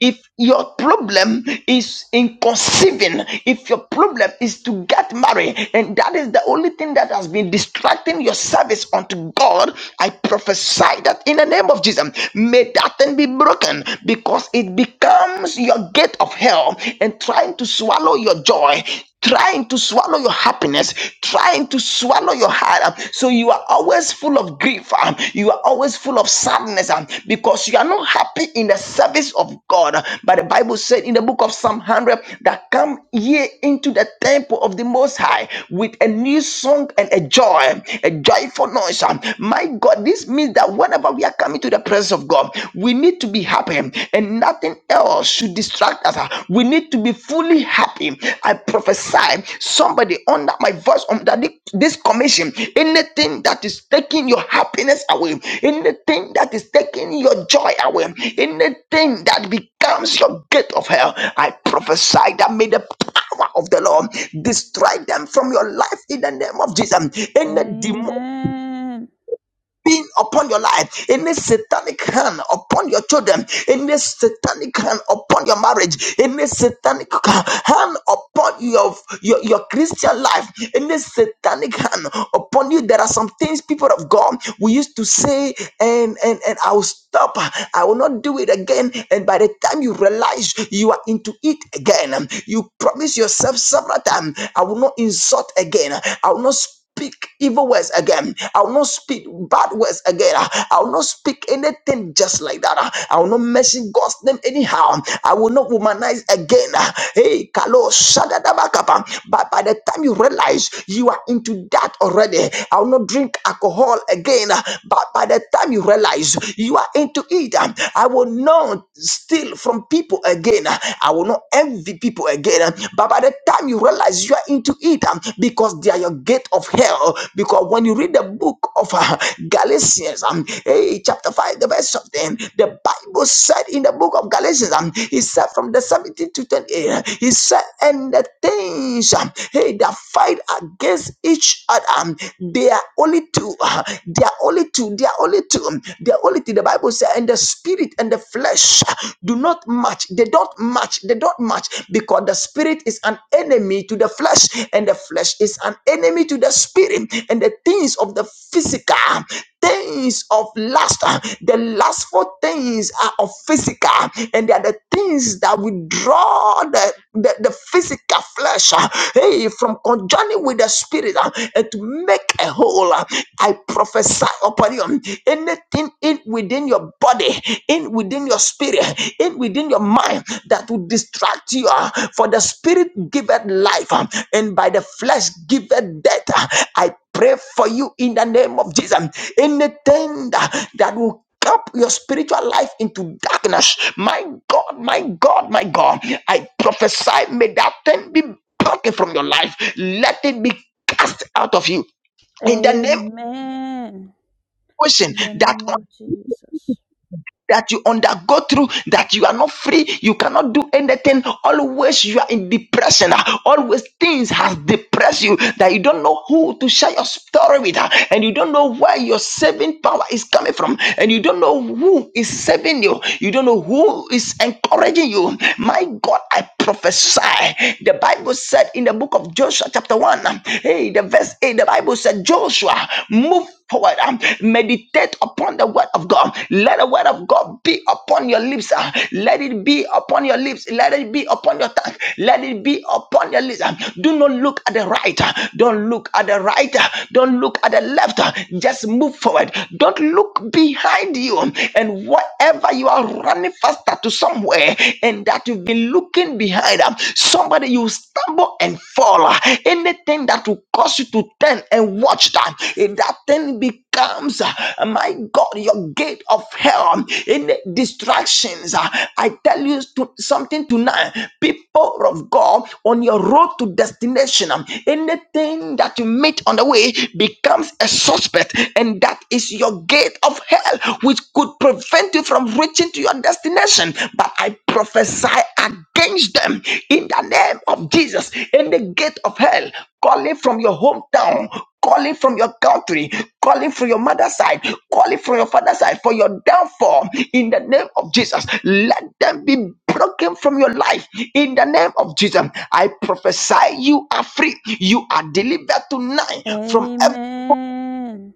Speaker 5: if your problem is in conceiving, if your problem is to get married, and that is the only thing that has been distracting your service unto God, I prophesy that in the name of Jesus, may that thing be broken because it becomes your gate of hell and trying to swallow your joy trying to swallow your happiness, trying to swallow your heart. um, So you are always full of grief. um, You are always full of sadness um, because you are not happy in the service of God. But the Bible said in the book of Psalm 100 that come ye into the temple of the Most High with a new song and a joy, a joyful noise. um. My God, this means that whenever we are coming to the presence of God, we need to be happy happy and nothing else should distract us. We need to be fully happy. I prophesy somebody under my voice, under thi- this commission, anything that is taking your happiness away, anything that is taking your joy away, anything that becomes your gate of hell, I prophesy that may the power of the Lord destroy them from your life in the name of Jesus. Any demonic
Speaker 3: Amen.
Speaker 5: being upon your life, any satanic hand upon your children, any satanic hand upon your marriage, any satanic hand upon your, your, your Christian life, any satanic hand upon you. There are some things, people of God, we used to say, and and and I'll stop, I will not do it again. And by the time you realize you are into it again, you promise yourself several times, I will not insult again, I will not speak speak evil words again. I will not speak bad words again. I will not speak anything just like that. I will not mention God's name anyhow. I will not womanize again. Hey, Kalo, shadadabakapa. but by the time you realize you are into that already, I will not drink alcohol again. But by the time you realize you are into it, I will not steal from people again. I will not envy people again. But by the time you realize you are into it um, because they are your gate of hell. Because when you read the book of uh, Galatians, um, eh, chapter 5, the verse of them, the Bible said in the book of Galatians, um, he said from the 17 to 28, he said, and the things um, hey, that fight against each other, um, they are only two, uh, they are only two, they are only two, um, they are only two. The Bible said, and the spirit and the flesh do not match. They don't match. They don't match because the spirit is an enemy to the flesh, and the flesh is an enemy to the spirit, and the things of the physical, things of lust, uh, the lustful things are of physical, and they are the things that withdraw the, the, the physical flesh uh, hey, from conjoining with the spirit uh, and to make a whole. uh, I prophesy upon you anything in within your body in within your spirit in within your mind that will distract you uh, for the spirit giveth life um, and by the flesh giveth death Uh, i pray for you in the name of jesus anything that, that will up your spiritual life into darkness. My God, my God, my God. I prophesy, may that thing be broken from your life. Let it be cast out of you. In the name of
Speaker 3: Amen.
Speaker 5: ocean,
Speaker 3: In the name
Speaker 5: that
Speaker 3: of Jesus.
Speaker 5: that you undergo through that you are not free you cannot do anything always you are in depression ah. always things has depressed you that you don't know who to share your story with ah, and you don't know where your saving power is coming from and you don't know who is saving you you don't know who is encouraging you my god i prophesy the bible said in the book of joshua chapter 1 hey the verse 8 the bible said Joshua, move forward. um, Meditate upon the word of God. Let the word of God be upon your lips. uh, Let it be upon your lips. Let it be upon your tongue. Let it be upon your lips. um, Do not look at the right. uh, Don't look at the right. uh, Don't look at the left. uh, Just move forward. Don't look behind you. um, And whatever you are running faster to somewhere and that you've been looking behind, um, Somebody, you stumble and fall. Anything that will cause you to turn and watch that, if that thing becomes, uh, my God, your gate of hell. Any distractions, uh, I tell you to- something tonight, people of God, on your road to destination, um, anything that you meet on the way becomes a suspect, and that is your gate of hell, which could prevent you you from reaching to your destination. But I prophesy against them in the name of Jesus. In the gate of hell, calling from your hometown, calling from your country, calling from your mother's side, calling from your father's side for your downfall in the name of Jesus. Let them be broken from your life in the name of Jesus. I prophesy you are free. You are delivered tonight from
Speaker 3: Amen.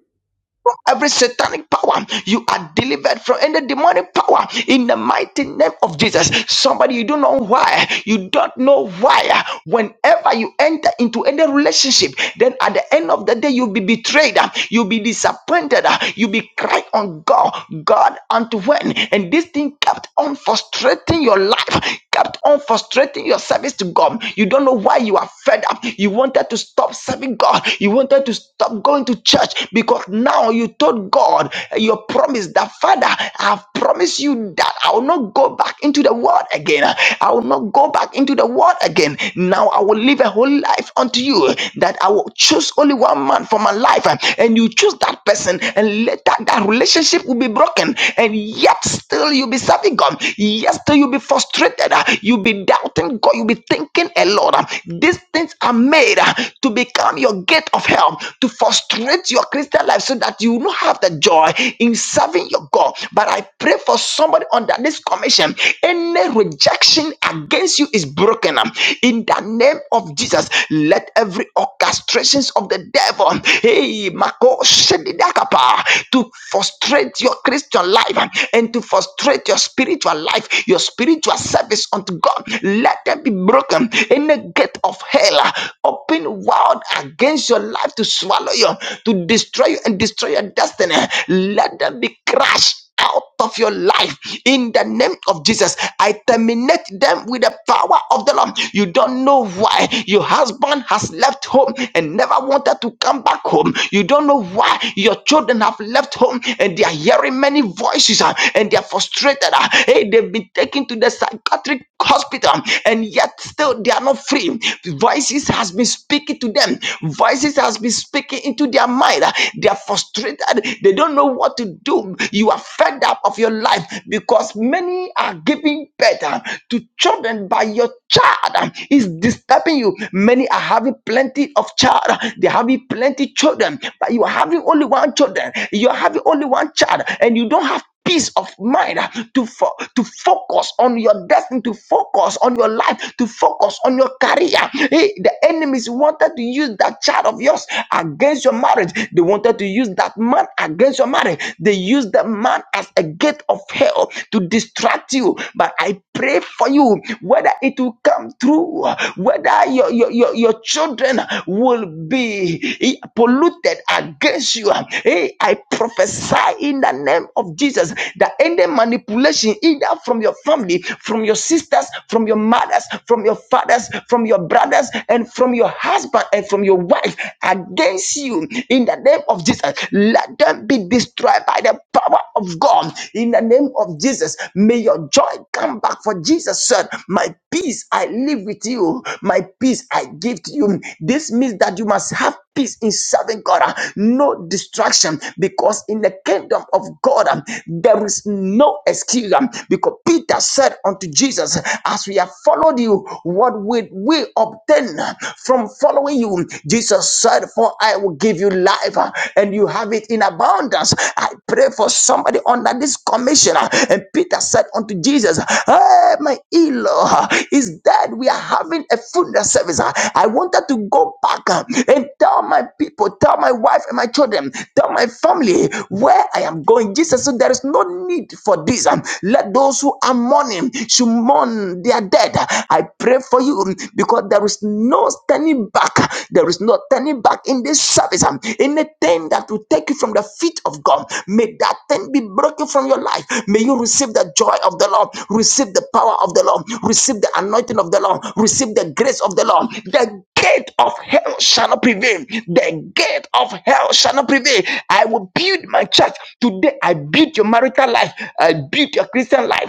Speaker 5: every satanic power you are delivered from any demonic power in the mighty name of jesus somebody you don't know why you don't know why whenever you enter into any relationship then at the end of the day you'll be betrayed uh, you'll be disappointed uh, you'll be crying on god god unto when and this thing kept on frustrating your life kept on frustrating your service to God. You don't know why you are fed up. You wanted to stop serving God. You wanted to stop going to church because now you told God your promise that Father, I have promised you that I will not go back into the world again. I will not go back into the world again. Now I will live a whole life unto you that I will choose only one man for my life. And you choose that person, and later that relationship will be broken. And yet still you'll be serving God. Yet still you'll be frustrated distracted. uh, You'll be doubting God. You'll be thinking a lot. uh, These things are made uh, to become your gate of help, to frustrate your Christian life so that you will not have the joy in serving your God. But I pray for somebody under this commission. Any rejection against you is broken. um, In the name of Jesus, let every orchestrations of the devil hey, Mako, shedidakapa, to frustrate your Christian life um, and to frustrate your spiritual life, your spiritual service unto God. Let them be broken. in the gate of hell uh, open wide against your life to swallow you, to destroy you, and destroy your destiny. Let them be crushed out of your life in the name of Jesus. I terminate them with the power of the Lord. You don't know why your husband has left home and never wanted to come back home. You don't know why your children have left home and they are hearing many voices uh, and they are frustrated. uh. Hey, they've been taken to the psychiatric hospital and yet still they are not free voices has been speaking to them voices has been speaking into their mind they are frustrated they don't know what to do you are fed up of your life because many are giving birth uh, to children by your child uh, is disturbing you many are having plenty of child they are having plenty children but you are having only one children you are having only one child and you don't have peace of mind uh, to, fo- to focus on your destiny, to focus on your life, to focus on your career. Hey, the enemies wanted to use that child of yours against your marriage. They wanted to use that man against your marriage. They used the man as a gate of hell to distract you. But I pray for you whether it will come through, whether your, your, your, your children will be be eh, polluted against you. Hey, I prophesy in the name of Jesus that any manipulation, either from your family, from your sisters, from your mothers, from your fathers, from your brothers, and from your husband and from your wife against you, in the name of Jesus, let them be destroyed by the power of God. In the name of Jesus, may your joy come back for Jesus son, my peace I live with you, my peace I give to you. This means that you must have peace in serving God, uh, no distraction, because in the kingdom of God, um, there is no excuse. um, Because Peter said unto Jesus, As we have followed you, what will we obtain uh, from following you? Jesus said, For I will give you life uh, and you have it in abundance. I pray for somebody under this commission. And Peter said unto Jesus, Hey, my Elo is dead. We are having a funeral service. I wanted to go back and tell my people, tell my wife and my children, tell my family where I am going. Jesus said, There is no need for this. Let those who are mourning should mourn their dead. I pray for you because there is no turning back. There is no turning back in this service. Um, Anything that will take you from the feet of God, may that thing be broken from your life. May you receive the joy of the Lord, receive the power of the Lord, receive the anointing of the Lord, receive the grace of the Lord. The gate of hell shall not prevail. The gate of hell shall not prevail. I will build my church. Today, I build your marital life. I build your Christian life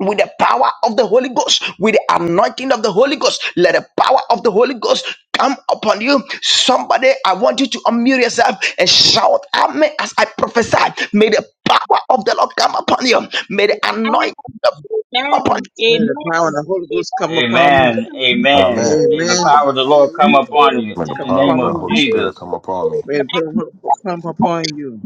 Speaker 5: with the power of the Holy Ghost, with the anointing of the Holy Ghost. Let the power of the Holy Ghost come upon you. Somebody, I want you to unmute yourself and shout Amen as I prophesy. May the power of the Lord come upon you. May the
Speaker 6: Amen.
Speaker 5: anointing of God upon you.
Speaker 6: Amen.
Speaker 7: May the power and
Speaker 6: Amen.
Speaker 7: the Holy Ghost come upon me.
Speaker 2: Amen.
Speaker 8: Amen.
Speaker 2: Amen.
Speaker 7: Amen.
Speaker 1: Amen.
Speaker 2: May the power
Speaker 7: Amen.
Speaker 2: of the Lord come
Speaker 7: The
Speaker 2: upon
Speaker 7: Holy
Speaker 2: you
Speaker 1: May
Speaker 7: Ghost
Speaker 1: the
Speaker 2: in the
Speaker 7: come
Speaker 1: power
Speaker 2: name
Speaker 1: of
Speaker 7: upon
Speaker 1: the
Speaker 7: me.
Speaker 2: of
Speaker 1: Holy Spirit
Speaker 2: Jesus.
Speaker 1: come upon me.
Speaker 7: May the power of the Holy Ghost come upon you.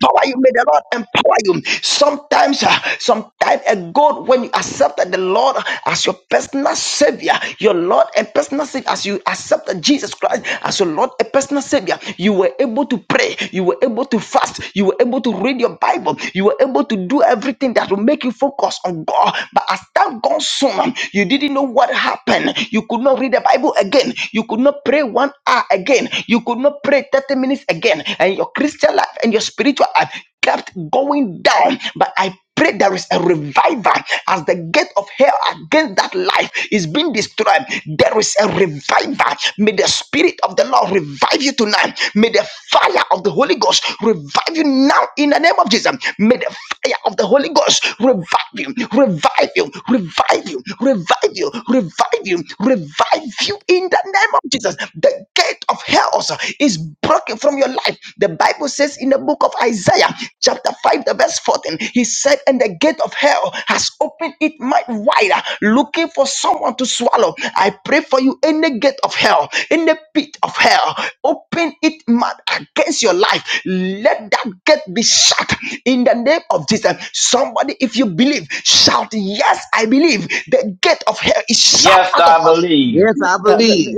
Speaker 5: empower you. May the Lord empower you. Sometimes, uh, some time ago, when you accepted the Lord as your personal Savior, your Lord and personal Savior, as you accepted Jesus Christ as your Lord and personal Savior, you were able to pray, you were able to fast, you were able to read your Bible, you were able to do everything that will make you focus on God. But as time gone soon, um, you didn't know what happened. You could not read the Bible again. You could not pray one hour again. You could not pray 30 minutes minutes again, and your Christian life and your spiritual life kept going down. But I pray there is a revival as the gate of hell against that life is being destroyed. There is a revival. May the spirit of the Lord revive you tonight. May the fire of the Holy Ghost revive you now in the name of Jesus. May the fire of the Holy Ghost revive you, revive you, revive you, revive you, revive you, revive you in the name of Jesus. The gate of health is broken from your life. The Bible says in the book of Isaiah, chapter 5, the verse 14, he said, And the gate of hell has opened it might wider, looking for someone to swallow. I pray for you in the gate of hell, in the pit of hell, open it mad against your life. Let that gate be shut in the name of Jesus. Somebody, if you believe, shout, Yes, I believe. The gate of hell is shut
Speaker 2: Yes,
Speaker 5: out of
Speaker 2: I
Speaker 5: my life.
Speaker 2: believe.
Speaker 7: Yes,
Speaker 9: Yes,
Speaker 7: I believe.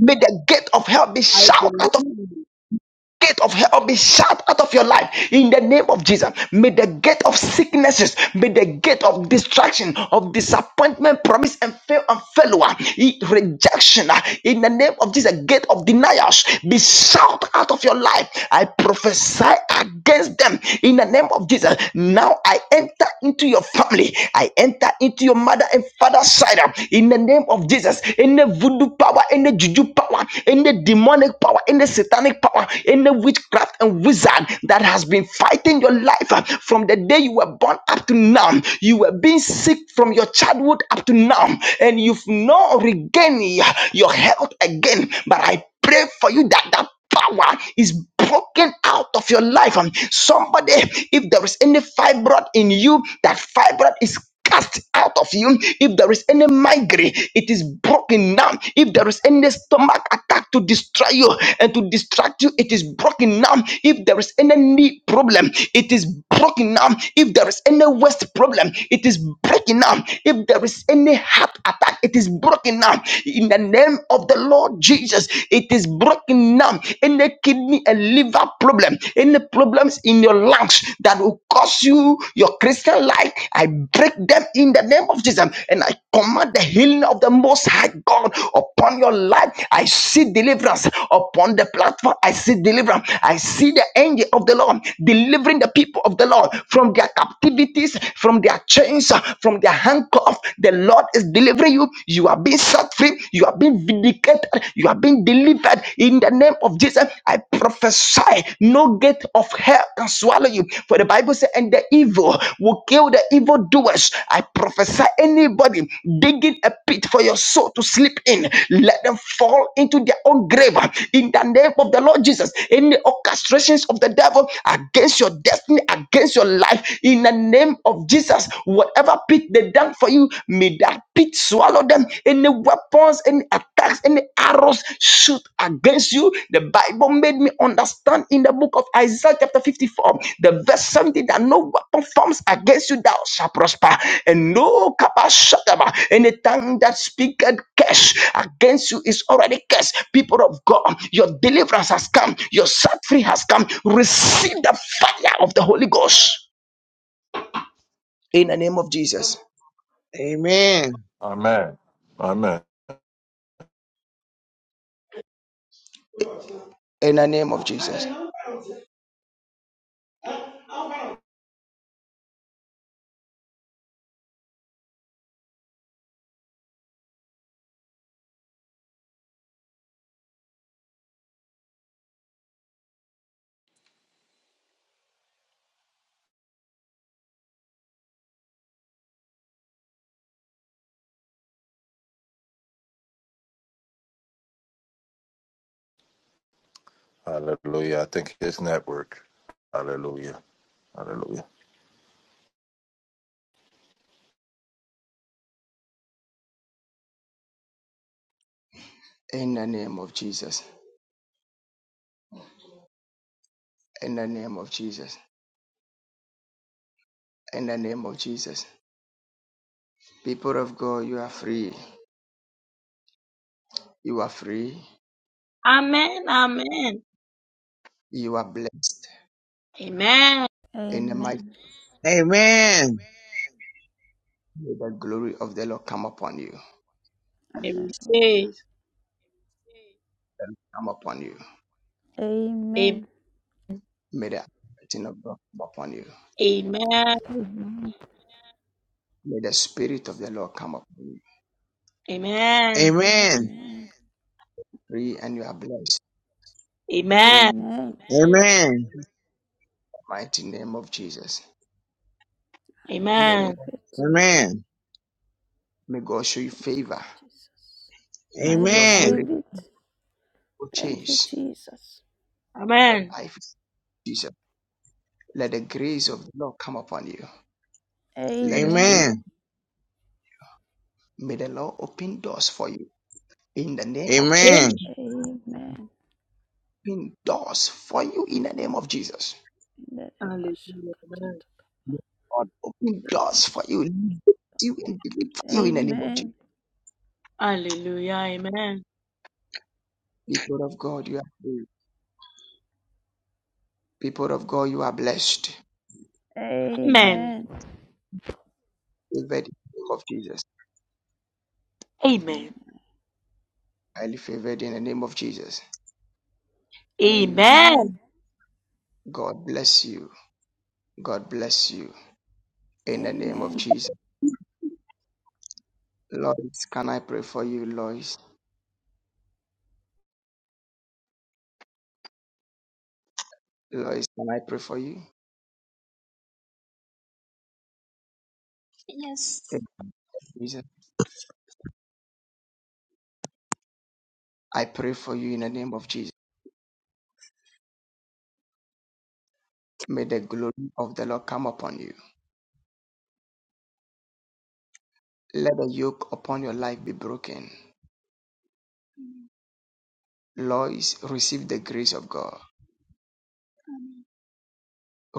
Speaker 5: May the gate of hell be
Speaker 6: I
Speaker 5: shut out
Speaker 6: believe.
Speaker 5: of
Speaker 6: you.
Speaker 5: gate of hell be shut out of your life in the name of Jesus. May the gate of sicknesses, may the gate of distraction, of disappointment, promise and fail and failure, e- rejection uh, in the name of Jesus, gate of denials be shut out of your life. I prophesy against them in the name of Jesus. Now I enter into your family, I enter into your mother and father's side uh, in the name of Jesus. In the voodoo power, any juju power, any demonic power, any satanic power, any witchcraft and wizard that has been fighting your life uh, from the day you were born up to now. You were being sick from your childhood up to now, and you've not regained uh, your health again. But I pray for you that that power is broken out of your life. Um, Somebody, if there is any fibroid in you, that fibroid is is cast out of you. If there is any migraine, it is broken now. If there is any stomach attack to destroy you and to distract you, it is broken now. If there is any knee problem, it is broken now. If there is any waist problem, it is broken now. If there is any heart attack, it is broken now. In the name of the Lord Jesus, it is broken now. Any kidney and liver problem, any problem problems in your lungs that will cause you your Christian life. I break them in the name of Jesus and I command the healing of the Most High God upon your life. I see deliverance upon the platform. I see deliverance. I see the angel of the Lord delivering the people of the Lord from their captivities, from their chains, from their handcuffs. The Lord is delivering you. You are being set free. You are being vindicated. You are being delivered delivered in the name of Jesus. I prophesy no gate of hell can swallow you. For the Bible says, and the evil will kill the evildoers. I prophesy anybody digging a pit for your soul to sleep in, let them fall into their own grave in the name of the Lord Jesus. Any orchestrations of the devil against your destiny, against your life, in the name of Jesus, whatever pit they dug for you, may pit swallow them. Any weapons, any attacks, any arrows shoot against you. The Bible made me understand in the book of Isaiah chapter 54, the verse 70, that no weapon forms against you thou shall prosper, and no kabashakaba, any tongue that speaketh curse against you is already cursed. People of God, your deliverance has come, your set free has come. Receive the fire of the Holy Ghost in the name of Jesus.
Speaker 7: Amen.
Speaker 1: Amen. Amen.
Speaker 5: In the name of Jesus.
Speaker 1: Hallelujah. I think his network. Hallelujah. Hallelujah.
Speaker 5: In the name of Jesus. in the name of Jesus. In the name of Jesus. People of God, you are free. You are free.
Speaker 6: Amen. Amen.
Speaker 5: You are blessed.
Speaker 6: Amen.
Speaker 5: In the mighty
Speaker 3: Amen.
Speaker 7: Amen.
Speaker 3: Amen.
Speaker 5: may the glory of the Lord come upon you.
Speaker 6: I
Speaker 3: Hallelujah.
Speaker 6: receive.
Speaker 5: Come upon you.
Speaker 6: A-
Speaker 3: Amen.
Speaker 5: May the anointing of God come upon you.
Speaker 6: Amen.
Speaker 3: Amen.
Speaker 5: May the spirit of the Lord come upon you.
Speaker 6: Amen.
Speaker 7: Amen.
Speaker 3: Amen.
Speaker 5: Free and you are blessed. In
Speaker 6: Amen.
Speaker 3: Amen.
Speaker 7: Amen.
Speaker 5: the mighty name of Jesus.
Speaker 3: I
Speaker 5: May
Speaker 3: receive
Speaker 5: God,
Speaker 6: Amen.
Speaker 3: it.
Speaker 7: Amen.
Speaker 5: may God show you
Speaker 3: Thank
Speaker 5: favor.
Speaker 3: you, Jesus.
Speaker 5: May
Speaker 3: I
Speaker 5: the Lord
Speaker 6: I-
Speaker 7: Amen.
Speaker 5: break
Speaker 3: receive it.
Speaker 5: or
Speaker 3: Thank you,
Speaker 5: change
Speaker 3: Jesus.
Speaker 5: your
Speaker 6: Amen.
Speaker 5: life. Jesus. Let the grace of the Lord come upon you. Let the faith,
Speaker 3: Amen.
Speaker 7: Amen.
Speaker 5: may the Lord open doors for you. In the name of Jesus.
Speaker 7: Amen.
Speaker 6: Amen.
Speaker 3: Amen.
Speaker 5: open doors for you in the name of Jesus.
Speaker 3: Amen.
Speaker 6: Hallelujah. Amen.
Speaker 5: May God open doors for you, lift you and deliver you in the name of Jesus.
Speaker 3: Amen.
Speaker 6: Hallelujah. Amen.
Speaker 5: People of God, you are free. People of God, you are blessed.
Speaker 6: Amen.
Speaker 3: Amen.
Speaker 5: Favored in the name of Jesus.
Speaker 6: Amen.
Speaker 5: Highly favored in the name of Jesus.
Speaker 6: Amen.
Speaker 3: Amen.
Speaker 5: God bless you. God bless you in the name of
Speaker 3: Amen.
Speaker 5: Jesus. Lois, can I pray for you, Lois? Lois, can I pray for you?
Speaker 8: Yes.
Speaker 5: Thank you, Jesus. I pray for you in the name of Jesus. May the glory of the Lord come upon you. Let the yoke upon your life be broken
Speaker 8: Amen.
Speaker 5: Lois received the grace of God,
Speaker 8: Amen.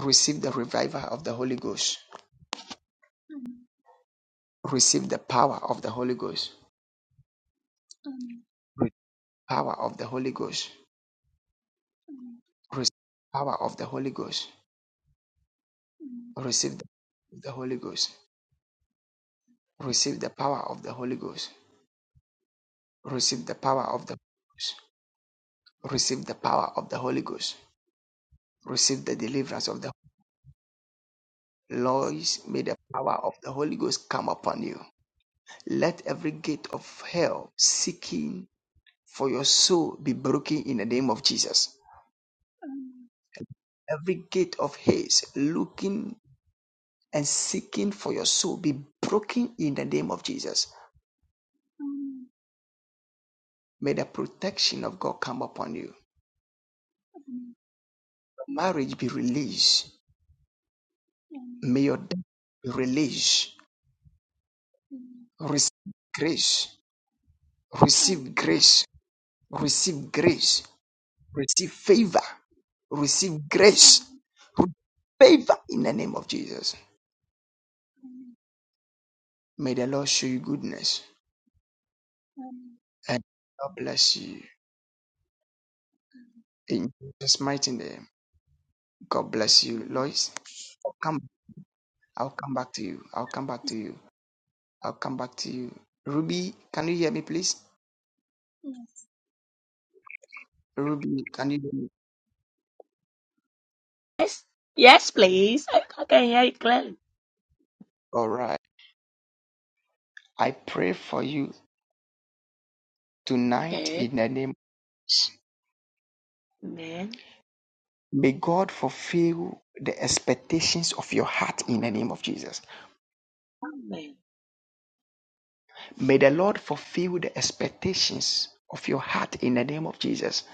Speaker 5: received the revival of the Holy Ghost, received the power of the Holy Ghost,
Speaker 8: Amen.
Speaker 5: power of the Holy Ghost,
Speaker 8: Amen.
Speaker 5: receive the power of the Holy Ghost,
Speaker 8: Amen.
Speaker 5: receive the, Holy Ghost, receive the power of the Holy Ghost, receive
Speaker 8: Amen.
Speaker 5: the power of the Holy Ghost, receive the power of the Holy Ghost, receive
Speaker 8: Amen.
Speaker 5: the
Speaker 8: Yes.
Speaker 5: deliverance of the
Speaker 8: Yes.
Speaker 5: Lois, may the power of the Holy Ghost come upon you. Let every gate of hell seeking for your soul be broken in the name of Jesus.
Speaker 8: Amen.
Speaker 5: Every gate of haste looking and seeking for your soul be broken in the name of Jesus.
Speaker 8: Amen.
Speaker 5: May the protection of God come upon you.
Speaker 8: Amen.
Speaker 5: Marriage be released.
Speaker 8: Amen.
Speaker 5: May your death be released. Receive grace. Receive
Speaker 8: Amen.
Speaker 5: grace. Receive
Speaker 8: Amen. Yes.
Speaker 5: grace. Receive favor. Receive grace.
Speaker 8: Amen.
Speaker 5: Receive favor in the name of Jesus.
Speaker 8: Amen.
Speaker 5: May the Lord show you goodness
Speaker 8: Amen.
Speaker 5: and God bless you. In Jesus' mighty name. God bless you,
Speaker 8: Amen.
Speaker 5: Lois. I'll Come, I'll come back to you. I'll come back to you. I'll come back to you. Ruby, can you hear me, please?
Speaker 8: Yes.
Speaker 5: Ruby, can you hear me?
Speaker 6: Yes. Yes, please. I I can hear it clearly.
Speaker 5: All right. I pray for you tonight
Speaker 6: Okay.
Speaker 5: in the name. of Jesus.
Speaker 6: Amen.
Speaker 5: May God fulfill the expectations of your heart in the name of Jesus.
Speaker 6: Amen.
Speaker 5: May the Lord fulfill the expectations of your heart in the name of Jesus.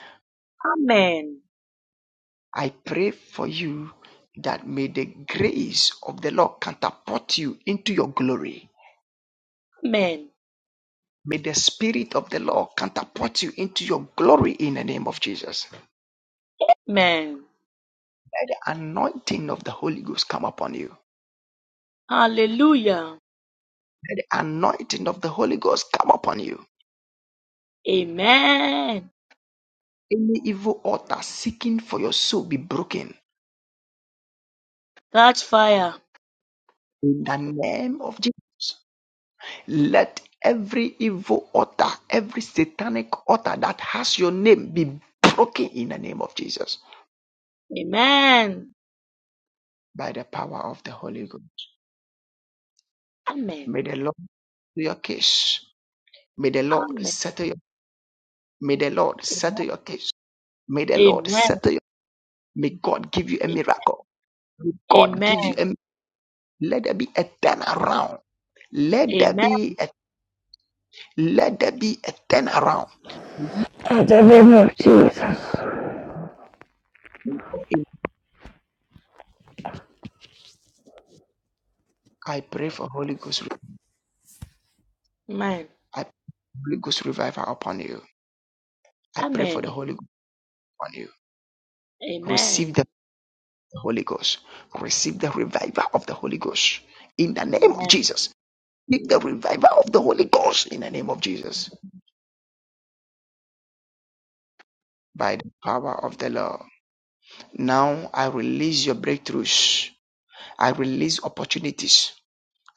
Speaker 6: Amen.
Speaker 5: I pray for you that may the grace of the Lord catapult you into your glory
Speaker 6: Amen.
Speaker 5: May the Spirit of the Lord catapult you into your glory in the name of Jesus.
Speaker 6: Amen.
Speaker 5: Let the anointing of the Holy Ghost come upon you.
Speaker 6: Hallelujah.
Speaker 5: Let the anointing of the Holy Ghost come upon you.
Speaker 6: Amen.
Speaker 5: Any evil altar seeking for your soul be broken
Speaker 6: Catch fire.
Speaker 5: in the name of Jesus. Let every evil altar, every satanic altar that has your name be broken in the name of Jesus
Speaker 6: Amen.
Speaker 5: by the power of the Holy Ghost.
Speaker 6: Amen.
Speaker 5: May the Lord settle your case. May the Lord
Speaker 6: Amen.
Speaker 5: settle your may the Lord settle your case. May the Lord
Speaker 6: Amen.
Speaker 5: settle you. May God give you a miracle. God
Speaker 6: Amen.
Speaker 5: give you a let there be a turnaround. Let there
Speaker 6: Amen.
Speaker 5: be a let there be a turnaround.
Speaker 3: In the name of Jesus.
Speaker 5: I pray for Holy Ghost. I pray for Holy Ghost revival upon you. I pray for
Speaker 6: Amen.
Speaker 5: the
Speaker 6: Amen.
Speaker 5: Holy Ghost upon you. Receive the Holy Ghost. Receive the revival of the Holy Ghost in the
Speaker 6: Amen. Amen.
Speaker 5: name of
Speaker 6: Amen.
Speaker 5: Jesus. give the revival of the Holy Ghost in the name of Jesus by the power of the Lord. Now I release your breakthroughs. I release opportunities.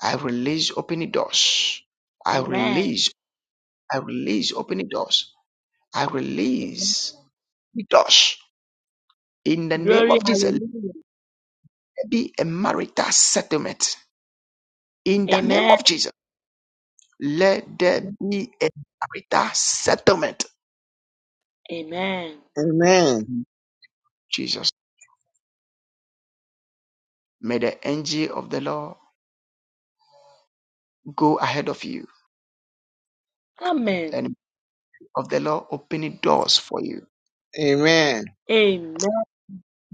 Speaker 5: I release opening doors. I release, I release opening doors. I
Speaker 6: Amen.
Speaker 5: release the doors. In the name
Speaker 6: Glory.
Speaker 5: of Jesus, let
Speaker 6: Hallelujah.
Speaker 5: there be a marital settlement. In the name
Speaker 6: Amen.
Speaker 5: of Jesus, let there
Speaker 6: Amen.
Speaker 5: be a marital settlement.
Speaker 7: Amen.
Speaker 5: Jesus, may the angel of the Lord go ahead of you
Speaker 6: Amen.
Speaker 5: and of the Lord opening doors for you.
Speaker 7: Amen.
Speaker 6: Amen.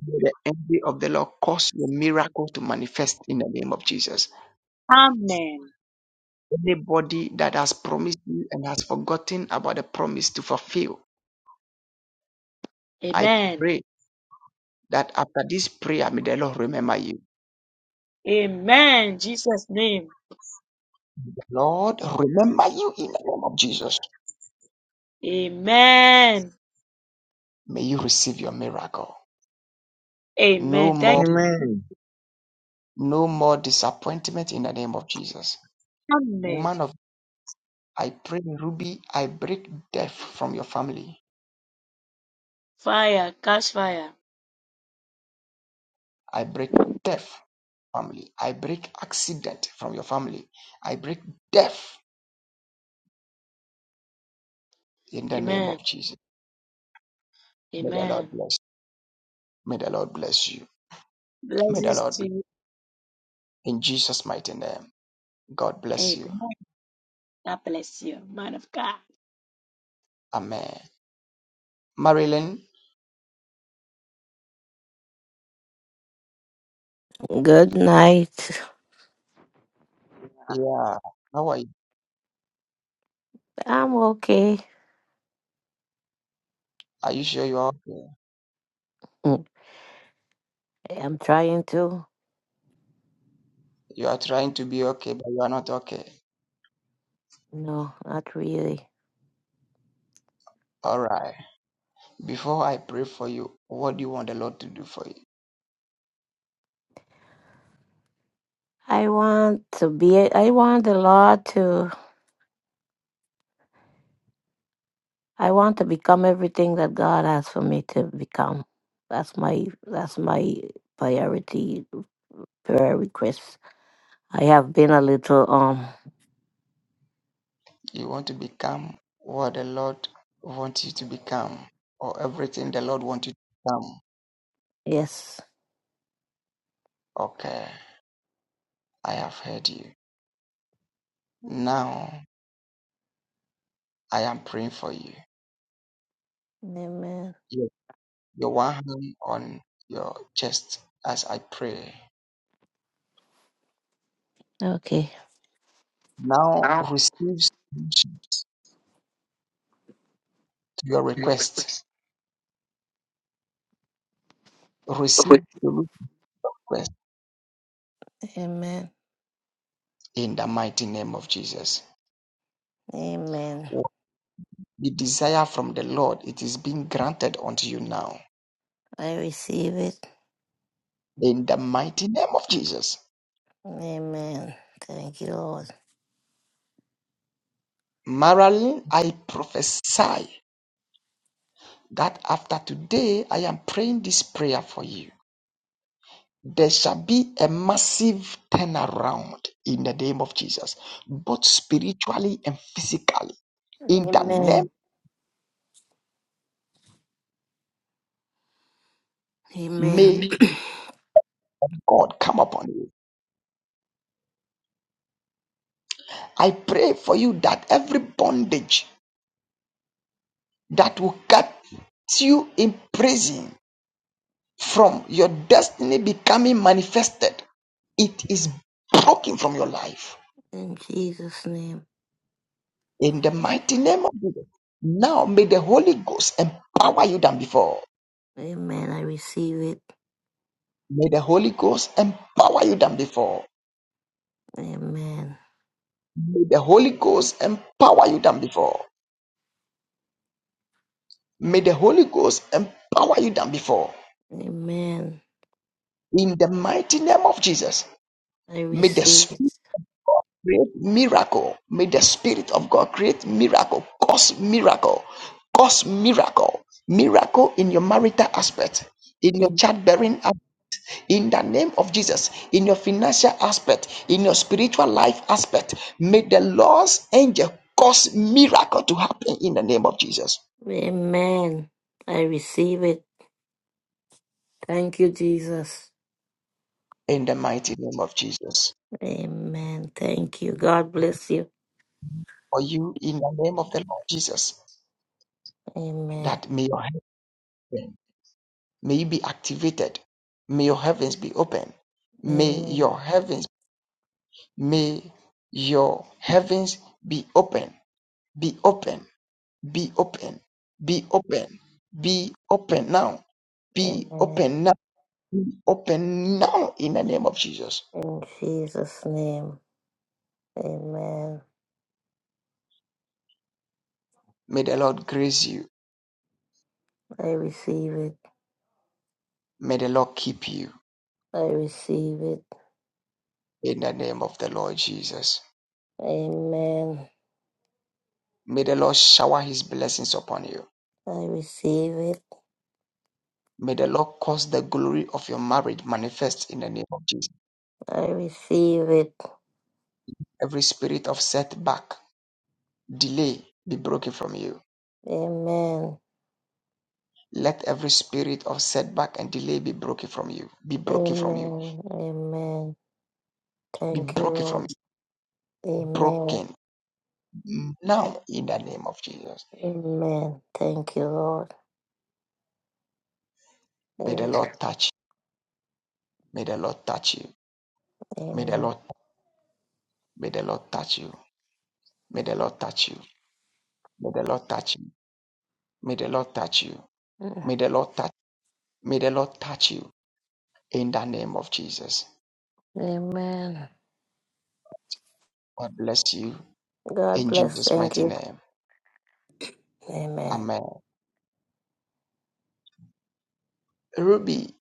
Speaker 5: May the angel of the Lord cause your miracle to manifest in the name of Jesus.
Speaker 6: Amen.
Speaker 5: Anybody that has promised you and has forgotten about the promise to fulfill, I
Speaker 6: Amen.
Speaker 5: pray that after this prayer, may the Lord remember you.
Speaker 6: Amen. Jesus' name.
Speaker 5: Lord, remember you in the name of Jesus.
Speaker 6: Amen.
Speaker 5: May you receive your miracle. No
Speaker 6: Amen. Thank
Speaker 5: more,
Speaker 7: Amen.
Speaker 5: no more disappointment in the name of Jesus.
Speaker 6: Amen.
Speaker 5: Woman of I pray, Ruby, I break death from your family.
Speaker 6: Fire, catch fire.
Speaker 5: I break death family. I break accident from your family. I break death in the name
Speaker 6: Amen.
Speaker 5: of Jesus. May the Lord
Speaker 6: Amen.
Speaker 5: bless. May the Lord bless you. May the
Speaker 6: Blessings
Speaker 5: Lord
Speaker 6: to
Speaker 5: bless
Speaker 6: you.
Speaker 5: you. in Jesus' mighty name. God bless
Speaker 6: Amen.
Speaker 5: you.
Speaker 6: God bless you, man of God.
Speaker 5: Amen. Marilyn,
Speaker 10: Good night.
Speaker 5: yeah. How are you?
Speaker 10: I'm okay.
Speaker 5: Are you sure you are okay?
Speaker 10: Mm, I'm trying to.
Speaker 5: You are trying to be okay, but you are not okay.
Speaker 10: No, not really.
Speaker 5: All right. Before I pray for you, what do you want the Lord to do for you?
Speaker 10: I want to be, I want the Lord to, I want to become everything that God has for me to become. That's my, that's my priority, prayer request. I have been a little, um,
Speaker 5: You want to become what the Lord wants you to become, or everything the Lord wants you to become.
Speaker 10: yes.
Speaker 5: Okay. I have heard you. Now I am praying for you.
Speaker 10: Amen.
Speaker 5: your one hand on your chest as I pray.
Speaker 10: Okay.
Speaker 5: Now
Speaker 10: Now,
Speaker 5: receive solution to your
Speaker 10: your
Speaker 5: request.
Speaker 10: request.
Speaker 5: Receive the request
Speaker 10: Amen.
Speaker 5: in the mighty name of Jesus.
Speaker 10: Amen.
Speaker 5: What you desire from the Lord, it is being granted unto you now.
Speaker 10: I receive it.
Speaker 5: In the mighty name of Jesus.
Speaker 10: Amen. Thank you, Lord.
Speaker 5: Marilyn, I prophesy that after today I am praying this prayer for you. there shall be a massive turnaround in the name of Jesus, both spiritually and physically. In the name,
Speaker 10: Amen. Amen.
Speaker 5: may God come upon you. I pray for you that every bondage that will cut you in prison from your destiny becoming manifested, it is broken from your life.
Speaker 10: In Jesus' name.
Speaker 5: In the mighty name of Jesus. Now may the Holy Ghost empower you than before.
Speaker 10: Amen. I receive it.
Speaker 5: May the Holy Ghost empower you than before.
Speaker 10: Amen.
Speaker 5: May the Holy Ghost empower you than before. May the Holy Ghost empower you than before.
Speaker 10: Amen.
Speaker 5: In the mighty name of Jesus,
Speaker 10: I
Speaker 5: may the
Speaker 10: receive
Speaker 5: Spirit
Speaker 10: it.
Speaker 5: create miracle. May the Spirit of God create miracle, cause miracle, cause miracle, miracle in your marital aspect, in your
Speaker 10: Am-
Speaker 5: childbearing aspect in the name of Jesus, in your financial aspect, in your spiritual life aspect, may the Lord's angel cause miracle to happen in the name of Jesus.
Speaker 10: Amen. I receive it. Thank you, Jesus.
Speaker 5: In the mighty name of Jesus.
Speaker 10: Amen. Thank you. God bless you.
Speaker 5: For you, in the name of the Lord Jesus,
Speaker 10: Amen.
Speaker 5: that may your heaven, may you be activated. May your heavens be open. May
Speaker 10: Amen.
Speaker 5: your heavens, may your heavens be open, be open, be open, be open, be open now, be
Speaker 10: Amen.
Speaker 5: open now Open now in the name of Jesus.
Speaker 10: In Jesus' name. Amen.
Speaker 5: May the Lord grace you.
Speaker 10: I receive it.
Speaker 5: May the Lord keep you
Speaker 10: I receive it.
Speaker 5: in the name of the Lord Jesus.
Speaker 10: Amen.
Speaker 5: May the Lord shower his blessings upon you.
Speaker 10: I receive it.
Speaker 5: May the Lord cause the glory of your marriage manifest in the name of Jesus.
Speaker 10: I receive it.
Speaker 5: Every spirit of setback, delay be broken from you.
Speaker 10: Amen.
Speaker 5: Let every spirit of setback and delay be broken from you. Be broken from you.
Speaker 10: Amen. Amen.
Speaker 5: Be
Speaker 10: Thank you,
Speaker 5: broken from
Speaker 10: Lord.
Speaker 5: you.
Speaker 10: Amen.
Speaker 5: Broken now in the name of Jesus.
Speaker 10: Amen. Thank you, Lord.
Speaker 5: May the
Speaker 10: Amen.
Speaker 5: Lord touch you. May the Lord touch you. May the
Speaker 10: Amen.
Speaker 5: Lord May the Lord touch you. May the Lord touch you. May the Lord touch you. May the Lord touch you.
Speaker 10: Mm.
Speaker 5: May the Lord touch. May the Lord touch you in the name of Jesus.
Speaker 10: Amen.
Speaker 5: God bless you
Speaker 10: God
Speaker 5: in
Speaker 10: bless.
Speaker 5: Jesus'
Speaker 10: Thank
Speaker 5: mighty
Speaker 10: you.
Speaker 5: name.
Speaker 10: Amen.
Speaker 5: Amen. Ruby,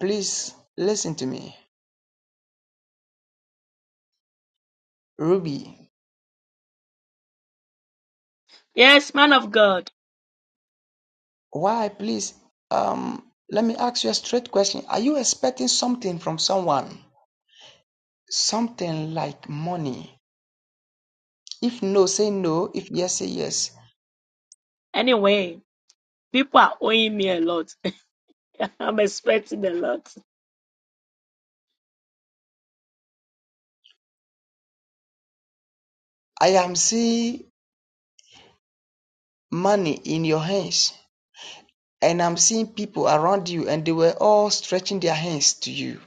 Speaker 5: please listen to me. Ruby,
Speaker 6: Yes, man of God.
Speaker 5: why please um let me ask you a straight question. Are you expecting something from someone? Something like money. If no, say no. If yes, say yes.
Speaker 6: Anyway, people are owing me a lot. I'm expecting a lot.
Speaker 5: I am seeing money in your hands. And I'm seeing people around you, and they were all stretching their hands to you.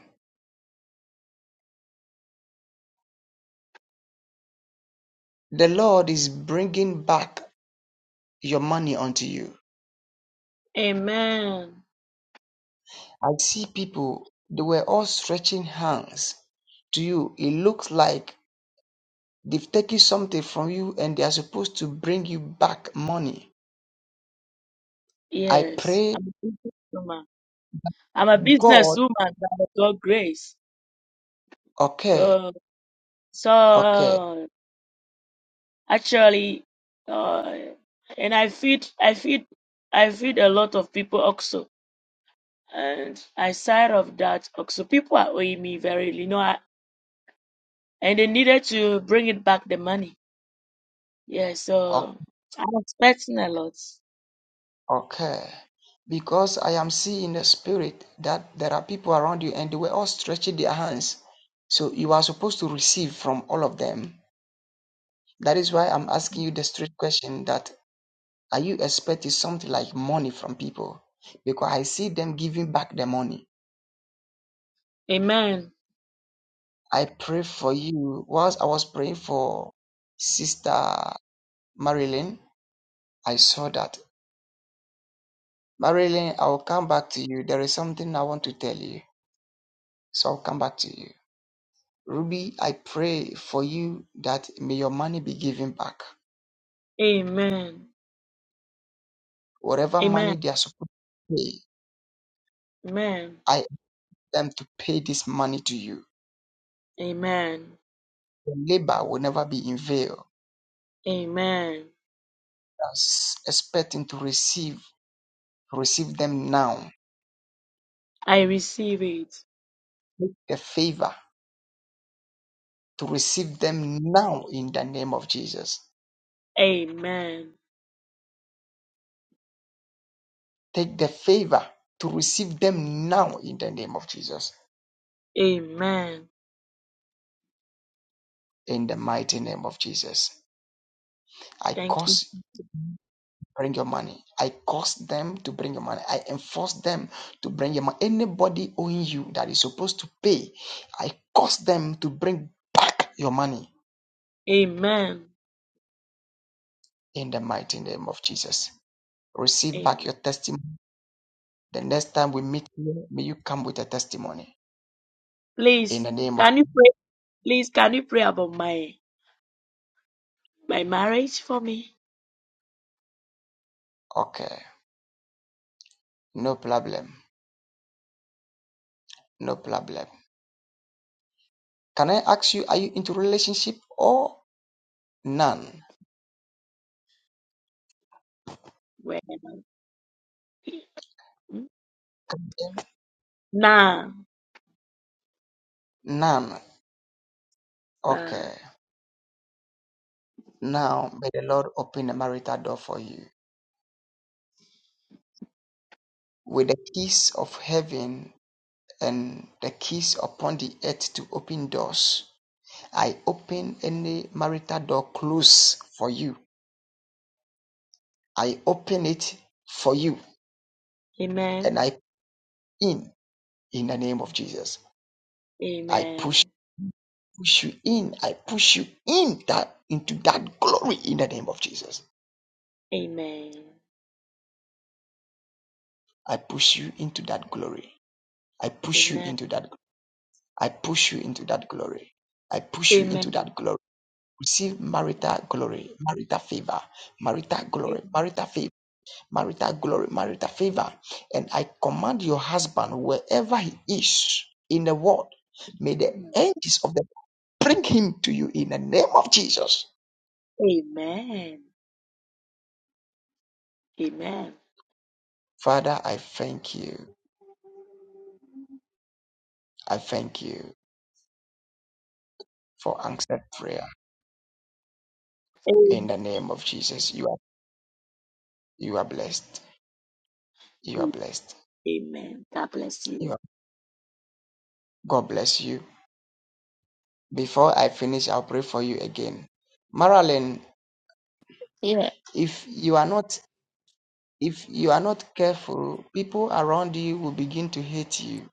Speaker 5: The Lord is bringing back your money unto you.
Speaker 6: Amen.
Speaker 5: I see people, they were all stretching hands to you. It looks like they've taken something from you and they are supposed to bring you back money. I
Speaker 6: Yes,
Speaker 5: pray,
Speaker 6: I'm a businesswoman. I'm a
Speaker 5: God,
Speaker 6: businesswoman by God's grace.
Speaker 5: okay,
Speaker 6: Uh, so
Speaker 5: okay,
Speaker 6: uh, actually, uh, and I feed, I feed, I feed a lot of people also. And aside of that, also people are owing me very, you know, I, and they needed to bring it back the money. Yeah, so I'm expecting a lot.
Speaker 5: Okay. Because I am seeing in the spirit that there are people around you and they were all stretching their hands. So you are supposed to receive from all of them. That is why I'm asking you the straight question that are you expecting something like money from people? Because I see them giving back the money.
Speaker 6: Amen.
Speaker 5: I pray for you. Whilst I was praying for Sister Marilyn, I saw that. Marilyn, I will come back to you. There is something I want to tell you. So I'll come back to you. Ruby, I pray for you that may your money be given back.
Speaker 6: Amen.
Speaker 5: Whatever
Speaker 6: Amen.
Speaker 5: money they are supposed to pay,
Speaker 6: Amen.
Speaker 5: I ask them to pay this money to you.
Speaker 6: Amen.
Speaker 5: Your labor will never be in vain.
Speaker 6: Amen.
Speaker 5: That's expecting to receive, receive them now.
Speaker 6: I receive it.
Speaker 5: The favor to receive them now in the name of Jesus.
Speaker 6: Amen.
Speaker 5: Take the favor to receive them now in the name of Jesus.
Speaker 6: Amen.
Speaker 5: In the mighty name of Jesus. I
Speaker 6: Thank you.
Speaker 5: cause bring your money. I cause them to bring your money. I enforce them to bring your money. Anybody owing you that is supposed to pay, I cause them to bring back your money
Speaker 6: Amen.
Speaker 5: in the mighty name of Jesus. Receive back
Speaker 6: Amen.
Speaker 5: your testimony. The next time we meet here, may you come with a testimony in
Speaker 6: Please,
Speaker 5: the name of
Speaker 6: can you pray? Please, can you pray about my my marriage for me?
Speaker 5: okay. No problem. No problem. Can I ask you, are you into relationship or none?
Speaker 6: Well, nah,
Speaker 5: None.
Speaker 6: nah.
Speaker 5: Okay. Now may the Lord open a marital door for you. with the keys of heaven and the keys upon the earth to open doors. I open any marital door closed for you. I open it for you
Speaker 6: Amen.
Speaker 5: and I in in the name of Jesus. I push
Speaker 6: Amen.
Speaker 5: push you in. I push you in that into that glory in the name of Jesus.
Speaker 6: Amen.
Speaker 5: I push you into that glory. I push you
Speaker 6: Amen.
Speaker 5: into that I push you into that glory. I push you into
Speaker 6: Amen.
Speaker 5: that glory. Receive marital glory, marital favor, marital glory, marital favor, marital glory, marital favor. And I command your husband, wherever he is in the world, may the
Speaker 6: Amen.
Speaker 5: angels of the bring him to you in the name of Jesus.
Speaker 6: Amen. Amen.
Speaker 5: Father, I thank you. I thank you for answered prayer in
Speaker 6: Amen.
Speaker 5: the name of Jesus. You are you are blessed. You are blessed.
Speaker 6: Amen. God bless
Speaker 5: You
Speaker 6: you.
Speaker 5: are, God bless you. Before I finish, I'll pray for you again. Marilyn,
Speaker 10: Yeah.
Speaker 5: if you are not If you are not careful, people around you will begin to hate you.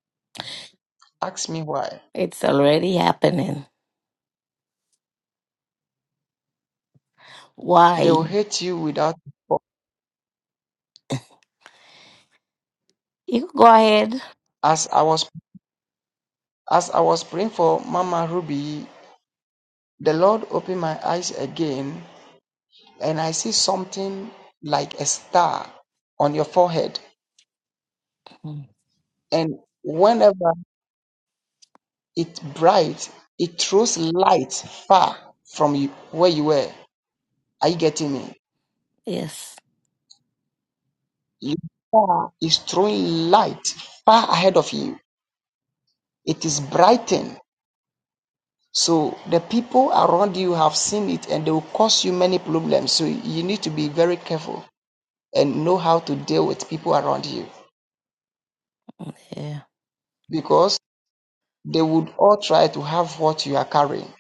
Speaker 5: Ask me why.
Speaker 10: It's already happening.
Speaker 5: They will
Speaker 10: Why?
Speaker 5: hate you without fault.
Speaker 10: You go ahead.
Speaker 5: As I was as I was praying for Mama Ruby, the Lord opened my eyes again and I see something like a star on your forehead.
Speaker 10: Mm.
Speaker 5: And whenever it bright, it throws light far from you, where you were. Are you getting me?
Speaker 10: Yes.
Speaker 5: Your star is throwing light far ahead of you. It is brightened So the people around you have seen it and they will cause you many problems. So you need to be very careful and know how to deal with people around you
Speaker 10: Yeah.
Speaker 5: because they would all try to have what you are carrying,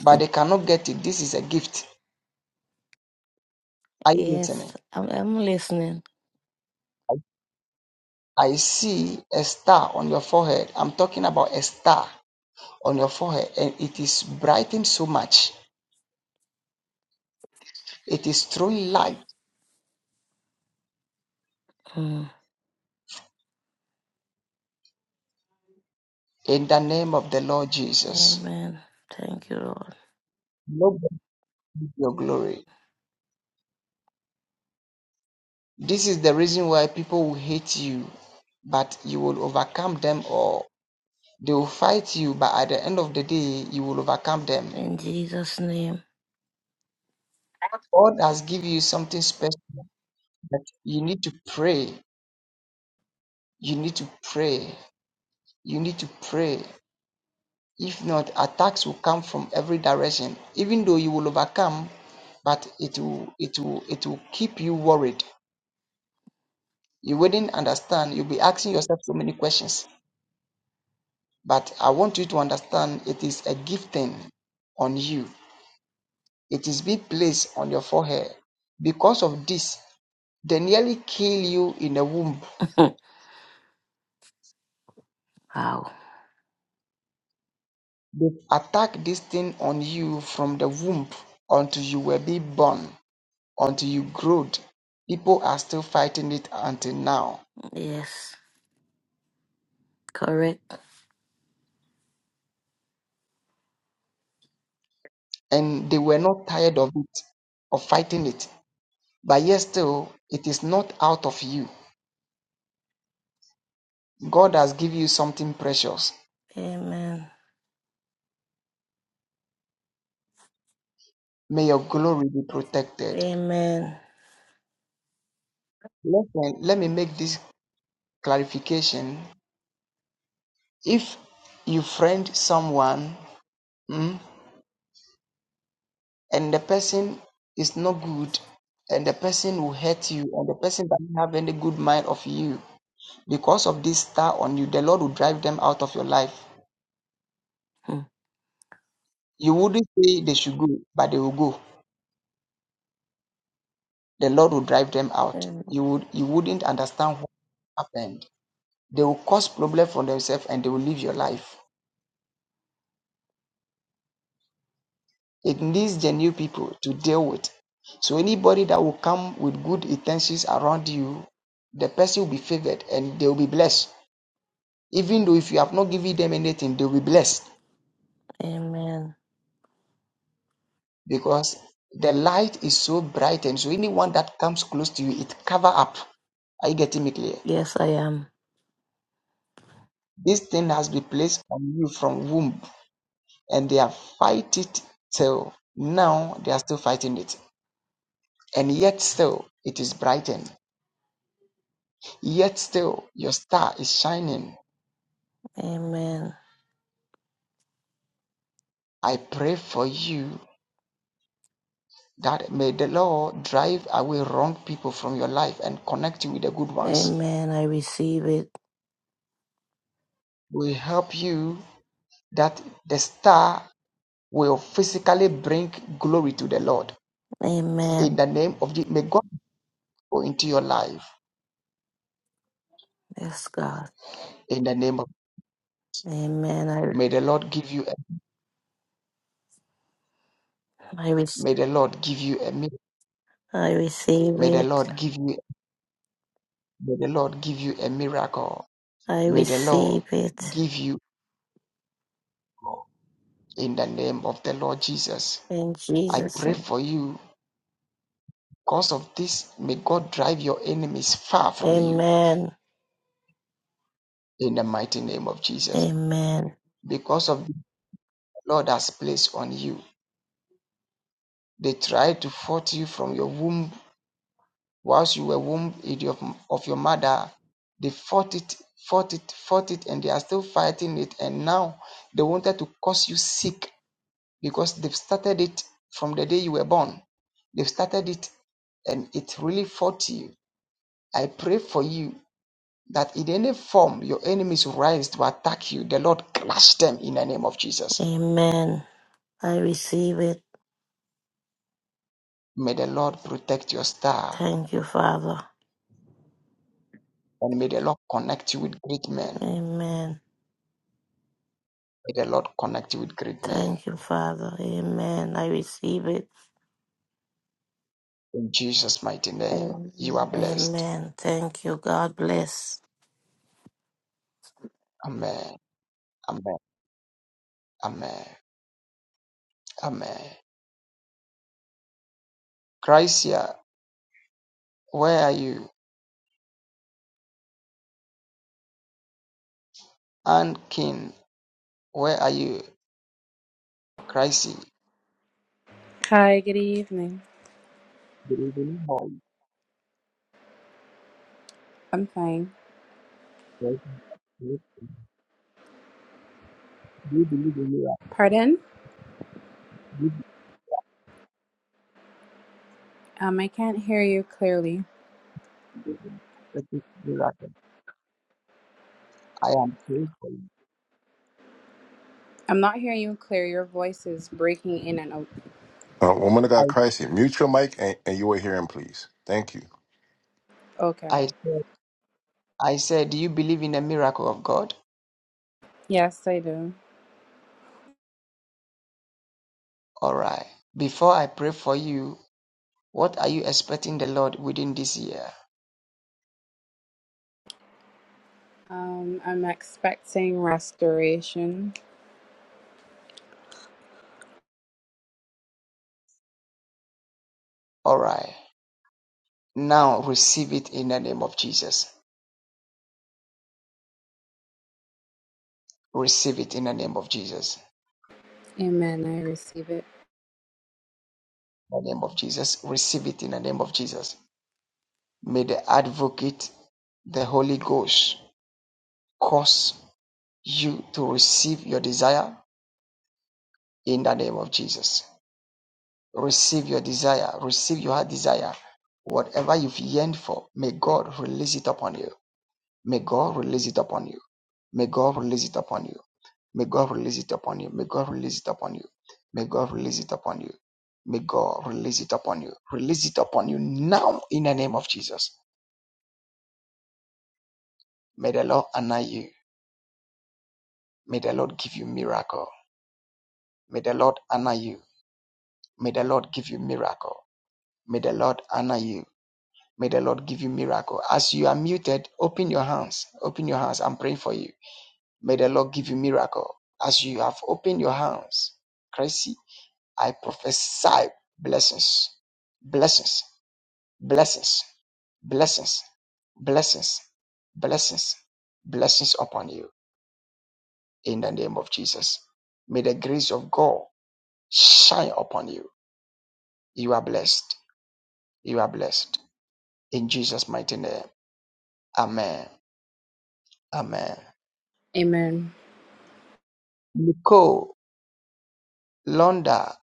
Speaker 5: but they cannot get it. This is a gift. Are you listening?
Speaker 10: Yes. I'm, I'm listening.
Speaker 5: I see a star on your forehead. I'm talking about a star on your forehead and it is brightened so much. It is throwing light
Speaker 10: Mm.
Speaker 5: in the name of the Lord Jesus.
Speaker 10: Amen. Thank you, Lord.
Speaker 5: Nobody your glory. This is the reason why people will hate you, but you will overcome them Or They will fight you, but at the end of the day, you will overcome them.
Speaker 10: In Jesus' name.
Speaker 5: God has given you something special But you need to pray. You need to pray. You need to pray. If not, attacks will come from every direction. Even though you will overcome, but it will it will it will keep you worried. You wouldn't understand. You'll be asking yourself so many questions But I want you to understand it is a gifting on you. It is being placed on your forehead. Because of this, they nearly kill you in the womb.
Speaker 10: Wow.
Speaker 5: They attack this thing on you from the womb until you were being born, until you growed. People are still fighting it until now.
Speaker 10: Yes. Correct.
Speaker 5: And they were not tired of it, of fighting it. But yet still, it is not out of you. God has given you something precious.
Speaker 10: Amen.
Speaker 5: May your glory be protected.
Speaker 10: Amen.
Speaker 5: Listen, let me make this clarification. If you friend someone mm, and the person is not good, and the person will hurt you, and the person doesn't have any good mind of you, because of this star on you, the Lord will drive them out of your life.
Speaker 10: Hmm.
Speaker 5: You wouldn't say they should go, but they will go. The Lord will drive them out.
Speaker 10: Amen.
Speaker 5: You would you wouldn't understand what happened. They will cause problem for themselves and they will leave your life. It needs genuine people to deal with. So anybody that will come with good intentions around you, the person will be favored and they will be blessed. Even though if you have not given them anything, they will be blessed
Speaker 10: Amen.
Speaker 5: because the light is so bright and so anyone that comes close to you, it cover up. Are you getting me clear?
Speaker 10: Yes, I am.
Speaker 5: This thing has been placed on you from womb and they have fight it till now they are still fighting it. And yet still it is brightened. Yet still your star is shining
Speaker 10: Amen.
Speaker 5: I pray for you that may the Lord drive away wrong people from your life and connect you with the good ones.
Speaker 10: Amen. I receive it.
Speaker 5: Will help you that the star will physically bring glory to the Lord. In
Speaker 10: Amen.
Speaker 5: the name of the, may God go into your life.
Speaker 10: Yes, God.
Speaker 5: In the name of
Speaker 10: Amen. I
Speaker 5: may the Lord give you a,
Speaker 10: I, re-
Speaker 5: may the Lord give you a mi-
Speaker 10: I receive
Speaker 5: may the
Speaker 10: it.
Speaker 5: Lord give you may the Lord give you a miracle.
Speaker 10: I
Speaker 5: May the Lord
Speaker 10: receive it
Speaker 5: give you in the name of the Lord Jesus.
Speaker 10: in
Speaker 5: I
Speaker 10: Jesus'
Speaker 5: pray
Speaker 10: name.
Speaker 5: for you Because of this, may God drive your enemies far from you
Speaker 10: Amen.
Speaker 5: in the mighty name of Jesus.
Speaker 10: Amen.
Speaker 5: Because of the Lord has placed on you. They tried to fought you from your womb whilst you were womb in your- of your mother. They fought it, fought it, fought it, and they are still fighting it. And now they wanted to cause you sick because they've started it from the day you were born. They've started it and it really fought you. I pray for you that in any form your enemies rise to attack you, the Lord crush them in the name of Jesus.
Speaker 10: Amen. I receive it.
Speaker 5: May the Lord protect your star
Speaker 10: Thank you, Father.
Speaker 5: and may the Lord connect you with great men.
Speaker 10: Amen.
Speaker 5: May the Lord connect you with great men.
Speaker 10: Thank you, Father. Amen. I receive it.
Speaker 5: In Jesus' mighty name, you are blessed.
Speaker 10: Amen. Thank you. God bless.
Speaker 5: Amen. Amen. Amen. Amen. Chrisia, where are you? Ann King, where are you? Chrissy.
Speaker 11: Hi, good evening.
Speaker 5: Do you believe in God?
Speaker 11: I'm fine.
Speaker 5: Do you believe in miracles?
Speaker 11: Pardon?
Speaker 5: Do you
Speaker 11: Um, I can't hear you clearly.
Speaker 5: believe in prophetic miracles? I am praying for you.
Speaker 11: I'm not hearing you clear. Your voice is breaking in and out.
Speaker 1: Uh, woman of
Speaker 5: I
Speaker 1: God, Christ here. Mute your mic and, and you will hear him, please. Thank you.
Speaker 11: Okay.
Speaker 5: I said, I said, Do you believe in the miracle of God?
Speaker 11: Yes, I do.
Speaker 5: All right. Before I pray for you, what are you expecting the Lord within this year?
Speaker 11: Um, I'm expecting restoration.
Speaker 5: All right. Now receive it in the name of Jesus. Receive it in the name of Jesus.
Speaker 11: Amen. I receive it.
Speaker 5: In the name of Jesus. Receive it in the name of Jesus. May the advocate, the Holy Ghost, cause you to receive your desire in the name of Jesus. Receive your desire. Receive your heart desire. Whatever you've yearned for, may God release it upon you. May God release it upon you. May God release it upon you. May God release it upon you. May God release it upon you. May God release it upon you. May God release it upon you. Release it upon you now in the name of Jesus. May the Lord honor you. May the Lord give you miracle. May the Lord honor you. May the Lord give you miracle. May the Lord honor you. May the Lord give you miracle. As you are muted, open your hands. Open your hands. I'm praying for you. May the Lord give you miracle. As you have opened your hands, Chrissy, I prophesy blessings, blessings, blessings, blessings, blessings, blessings, blessings upon you in the name of Jesus. May the grace of God shine upon you. You are blessed. You are blessed. In Jesus' mighty name. Amen. Amen.
Speaker 11: Amen.
Speaker 5: Nicole. Londa,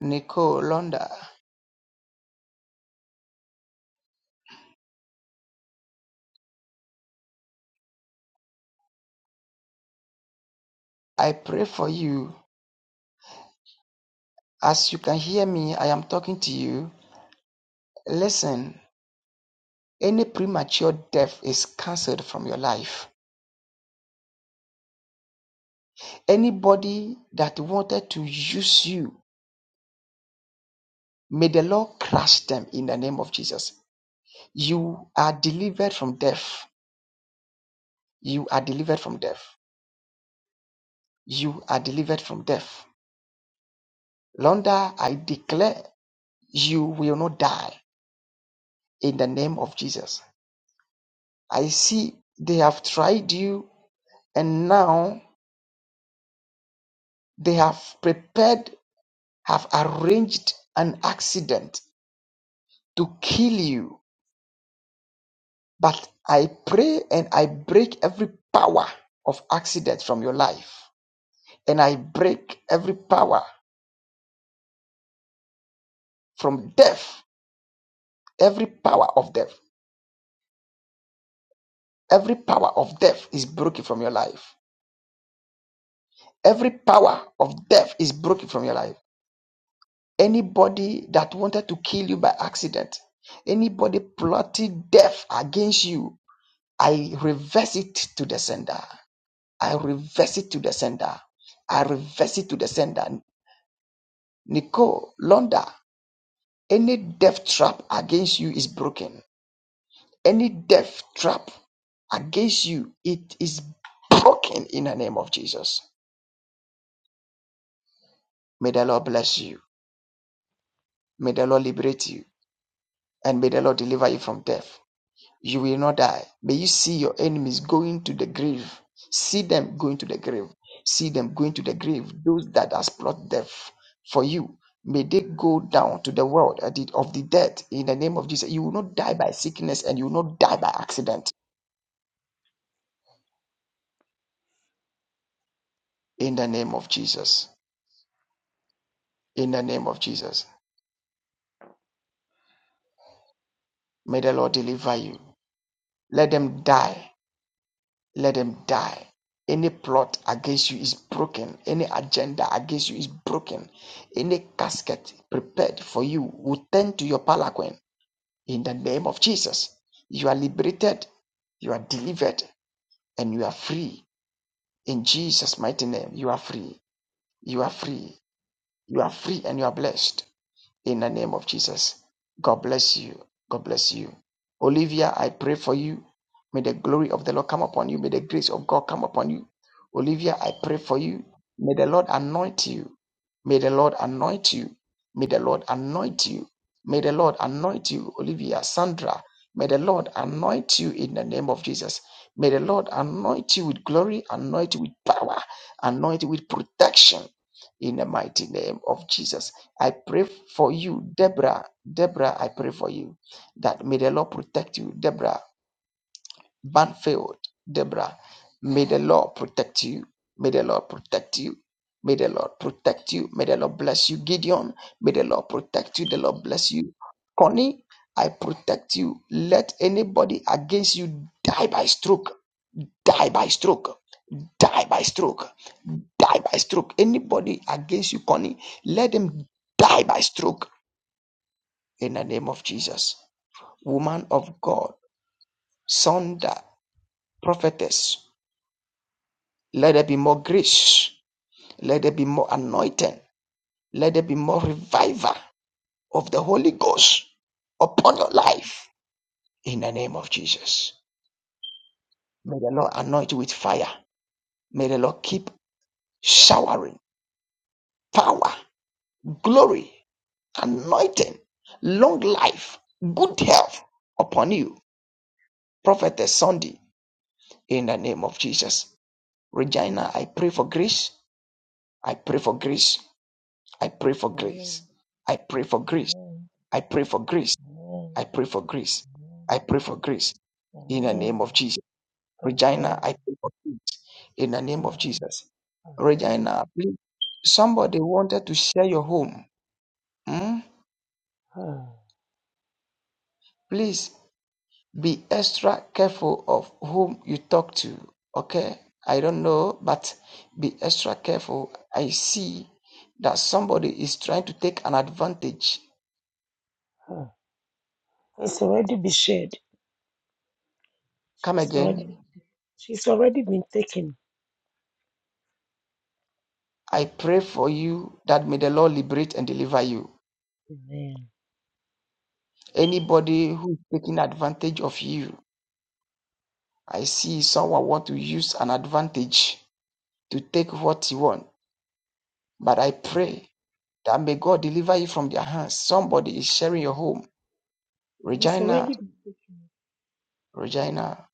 Speaker 5: Nicole Londa, I pray for you. As you can hear me, I am talking to you. Listen, any premature death is cancelled from your life. Anybody that wanted to use you, may the Lord crush them in the name of Jesus. You are delivered from death. You are delivered from death. You are delivered from death. Londa, I declare you will not die in the name of Jesus. I see they have tried you And now they have prepared, have arranged an accident to kill you. But I pray and I break every power of accident from your life. And I break every power from death, every power of death. Every power of death is broken from your life. Every power of death is broken from your life. Anybody that wanted to kill you by accident, anybody plotting death against you, I reverse it to the sender. I reverse it to the sender. I reverse it to the sender. Nicole, Londa, any death trap against you is broken. Any death trap against you, it is broken in the name of Jesus. May the Lord bless you. May the Lord liberate you. And may the Lord deliver you from death. You will not die. May you see your enemies going to the grave. See them going to the grave. See them going to the grave. Those that has plot death for you. May they go down to the world of the of the dead in the name of Jesus. You will not die by sickness and you will not die by accident in the name of Jesus. In the name of Jesus. May the Lord deliver you. Let them die let them die. Any plot against you is broken. Any agenda against you is broken. Any casket prepared for you will turn to your palanquin in the name of Jesus. You are liberated, you are delivered, and you are free. In Jesus' mighty name, you are free. You are free. You are free and you are blessed in the name of Jesus. God bless you. God bless you. Olivia, I pray for you. May the glory of the Lord come upon you. May the grace of God come upon you. Olivia, I pray for you. May the Lord anoint you. May the Lord anoint you. May the Lord anoint you. May the Lord anoint you, Olivia, Sandra. May the Lord anoint you in the name of Jesus. May the Lord anoint you with glory, anoint you with power, anoint you with protection in the mighty name of Jesus. I pray for you, Deborah. Deborah, I pray for you that may the Lord protect you, Deborah. Banfield, Deborah, may the Lord protect you. May the Lord protect you. May the Lord protect you. May the Lord bless you, Gideon. May the Lord protect you. The Lord bless you, Connie. I protect you. Let anybody against you die by stroke. Die by stroke. Die by stroke. Die by stroke. Anybody against you, Connie, let them die by stroke in the name of Jesus. Woman of God, Sonda, prophetess, let there be more grace, let there be more anointing, let there be more revival of the Holy Ghost upon your life in the name of Jesus. May the Lord anoint you with fire. May the Lord keep showering power, glory, anointing, long life, good health upon you, prophetess Sunday, in the name of Jesus. Regina, I pray for grace I pray for grace. I pray for grace. I pray for grace. I pray for grace. I pray for grace. I pray for grace. In the name of Jesus. Regina, I pray for grace. In the name of Jesus. Regina, please. Somebody wanted to share your home. Hmm? Please be extra careful of whom you talk to. Okay? I don't know, but be extra careful. I see that somebody is trying to take an advantage.
Speaker 12: It's already been shared.
Speaker 5: Come
Speaker 12: It's
Speaker 5: again
Speaker 12: already, she's already been taken.
Speaker 5: I pray for you that may the Lord liberate and deliver you.
Speaker 12: Amen.
Speaker 5: Anybody who is taking advantage of you, I see someone want to use an advantage to take what he want. But I pray that may God deliver you from their hands. Somebody is sharing your home.
Speaker 12: It's
Speaker 5: Regina,
Speaker 12: already,
Speaker 5: Regina,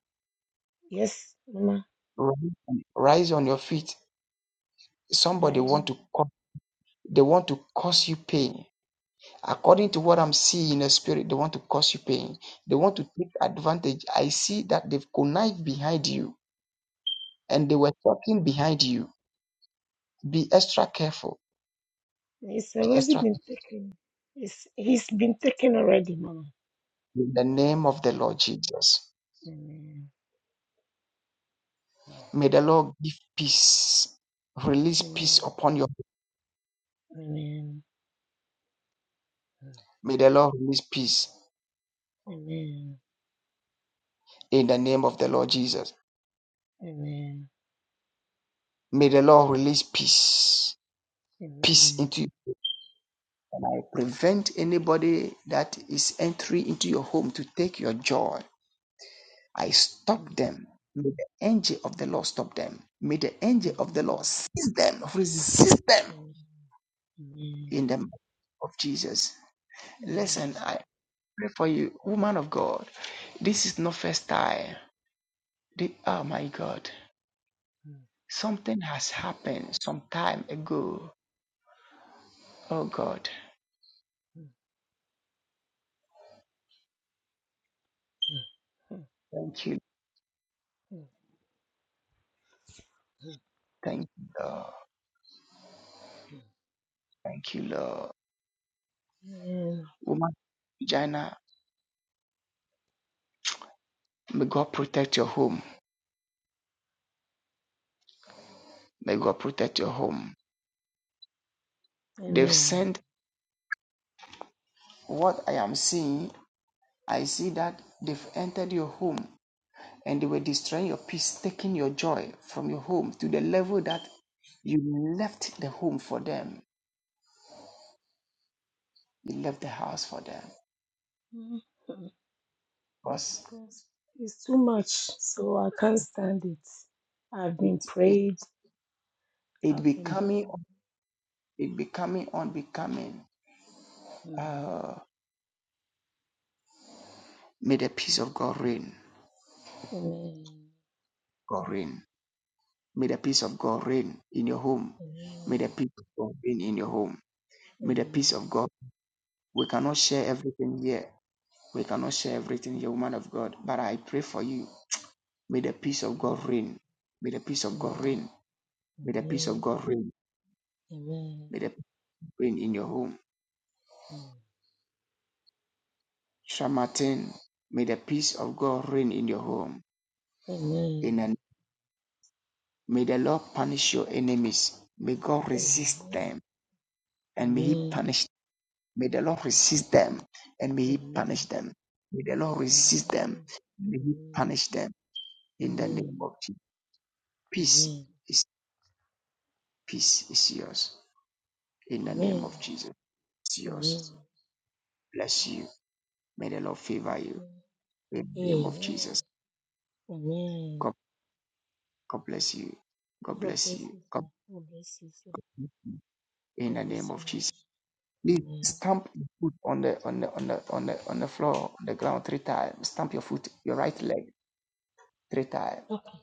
Speaker 12: yes, Mama.
Speaker 5: rise rise on your feet. Somebody
Speaker 12: I, uh,
Speaker 5: want to cause, they want to cause you pain. According to what I'm seeing in the spirit, they want to cause you pain. They want to take advantage. I see that they've connived behind you and they were talking behind you, be extra careful.
Speaker 12: it's
Speaker 5: Be
Speaker 12: already
Speaker 5: extra careful
Speaker 12: been taken. It's, he's been taken already, Mama.
Speaker 5: in the name of the Lord Jesus.
Speaker 12: Amen.
Speaker 5: May the Lord give peace, release peace
Speaker 12: Amen.
Speaker 5: upon your.
Speaker 12: Amen.
Speaker 5: May the Lord release peace
Speaker 12: Amen.
Speaker 5: in the name of the Lord Jesus.
Speaker 12: Amen.
Speaker 5: May the Lord release peace, peace
Speaker 12: Amen.
Speaker 5: into you. And I prevent anybody that is entering into your home to take your joy. I stop them. May the angel of the Lord stop them. May the angel of the Lord
Speaker 12: Amen.
Speaker 5: seize them, resist them
Speaker 12: Amen.
Speaker 5: in the name of Jesus. Listen,
Speaker 12: Amen.
Speaker 5: I pray for you, woman of God. This is not first time. The- oh my God,
Speaker 12: Amen.
Speaker 5: something has happened some time ago. Oh God, thank you, thank you, Lord, thank you, Lord. Woman, Jana, may God protect your home. May God protect your home.
Speaker 12: Amen. Amen.
Speaker 5: They've sent what I am seeing. I see that they've entered your home and they were destroying your peace, taking your joy from your home to the level that you left the home for them, you left the house for them, because
Speaker 12: Because It's too much, so I can't stand it. I've
Speaker 5: it
Speaker 12: been
Speaker 5: it
Speaker 12: prayed,
Speaker 5: it
Speaker 12: I've been
Speaker 5: becoming
Speaker 12: doing.
Speaker 5: it becoming unbecoming.
Speaker 12: Mm.
Speaker 5: Uh, may the peace of God reign,
Speaker 12: Amen.
Speaker 5: God reign. May the peace of God reign in your home. May the
Speaker 12: Amen.
Speaker 5: peace of God reign in your home. May the peace
Speaker 12: Amen.
Speaker 5: of God. We cannot share everything here. We cannall share everything here, woman of God. But I pray for you May the peace of God reign. May the peace of God
Speaker 12: Amen. Amen.
Speaker 5: reign. May the peace of God reign.
Speaker 12: Amen.
Speaker 5: May the peace reign in your home.
Speaker 12: Mm.
Speaker 5: Shamatin, may the peace of God reign in your home.
Speaker 12: Amen.
Speaker 5: In
Speaker 12: Amen.
Speaker 5: the, may the Lord punish your enemies. May God resist
Speaker 12: Amen.
Speaker 5: them and may He
Speaker 12: Amen. Amen.
Speaker 5: punish. them. May the Lord resist them and may He punish them. May the Lord resist them.
Speaker 12: Amen.
Speaker 5: and May He punish them in the
Speaker 12: Amen.
Speaker 5: name of Jesus. Peace
Speaker 12: Amen.
Speaker 5: is peace is yours. In the name
Speaker 12: Amen.
Speaker 5: of Jesus, it's
Speaker 12: Amen.
Speaker 5: yours.
Speaker 12: Thank
Speaker 5: Bless you. May the Lord favor you.
Speaker 12: you.
Speaker 5: in the name of
Speaker 12: Amen.
Speaker 5: Jesus.
Speaker 12: Amen.
Speaker 5: God, God bless you. God
Speaker 12: God
Speaker 5: bless
Speaker 12: bless
Speaker 5: you.
Speaker 12: you,
Speaker 5: God,
Speaker 12: sir. God bless you, sir.
Speaker 5: in
Speaker 12: Thank
Speaker 5: the
Speaker 12: you
Speaker 5: name
Speaker 12: so
Speaker 5: of Jesus.
Speaker 12: much.
Speaker 5: Please
Speaker 12: Amen.
Speaker 5: stamp your foot on the on the on the on the on the floor, on the ground three times. Stamp your foot, your right leg three times.
Speaker 12: Okay.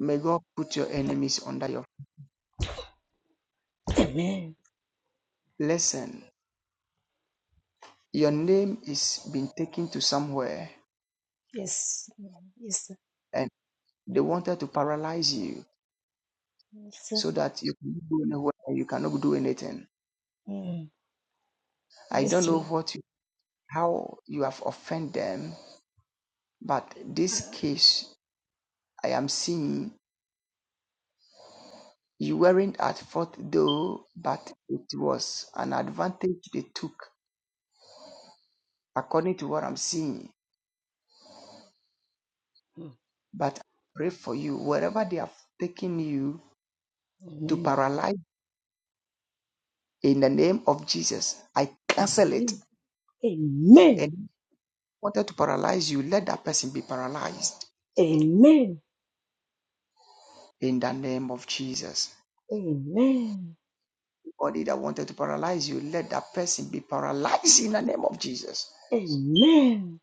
Speaker 5: May God put your enemies under your
Speaker 12: Mm. Amen.
Speaker 5: listen. Your name is been taken to somewhere,
Speaker 12: Yes. Mm. Yes, sir.
Speaker 5: and they wanted to paralyze you
Speaker 12: Yes, sir.
Speaker 5: so that you cannot go anywhere and you cannot do anything.
Speaker 12: Mm.
Speaker 5: I
Speaker 12: Yes,
Speaker 5: don't
Speaker 12: sir.
Speaker 5: know what you, how you have offended them, but this case I am seeing. You weren't at fault though, but it was an advantage they took, according to what I'm seeing.
Speaker 12: Mm.
Speaker 5: But I pray for you, wherever they have taken you to
Speaker 12: Amen.
Speaker 5: paralyze, in the name of Jesus, I cancel it.
Speaker 12: Amen.
Speaker 5: And
Speaker 12: Amen.
Speaker 5: if they wanted to paralyze you, let that person be paralyzed
Speaker 12: Amen.
Speaker 5: in the name of Jesus.
Speaker 12: Amen.
Speaker 5: Anybody that wanted to paralyze you, let that person be paralyzed in the name of Jesus.
Speaker 12: Amen.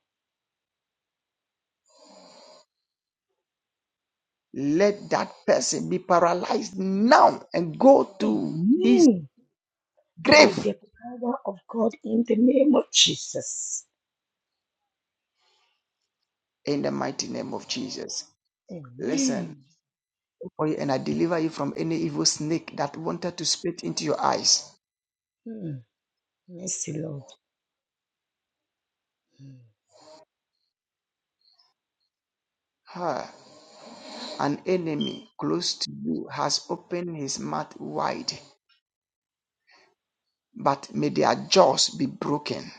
Speaker 5: Let that person be paralyzed now and go to his
Speaker 12: Amen. By
Speaker 5: grave
Speaker 12: the power of God in the name of Jesus.
Speaker 5: in the mighty name of Jesus. Listen,
Speaker 12: Amen.
Speaker 5: and I deliver you from any evil snake that wanted to spit into your eyes.
Speaker 12: Mm. Mercy, Lord. Mm.
Speaker 5: Ha! An enemy close to you has opened his mouth wide, but may their jaws be broken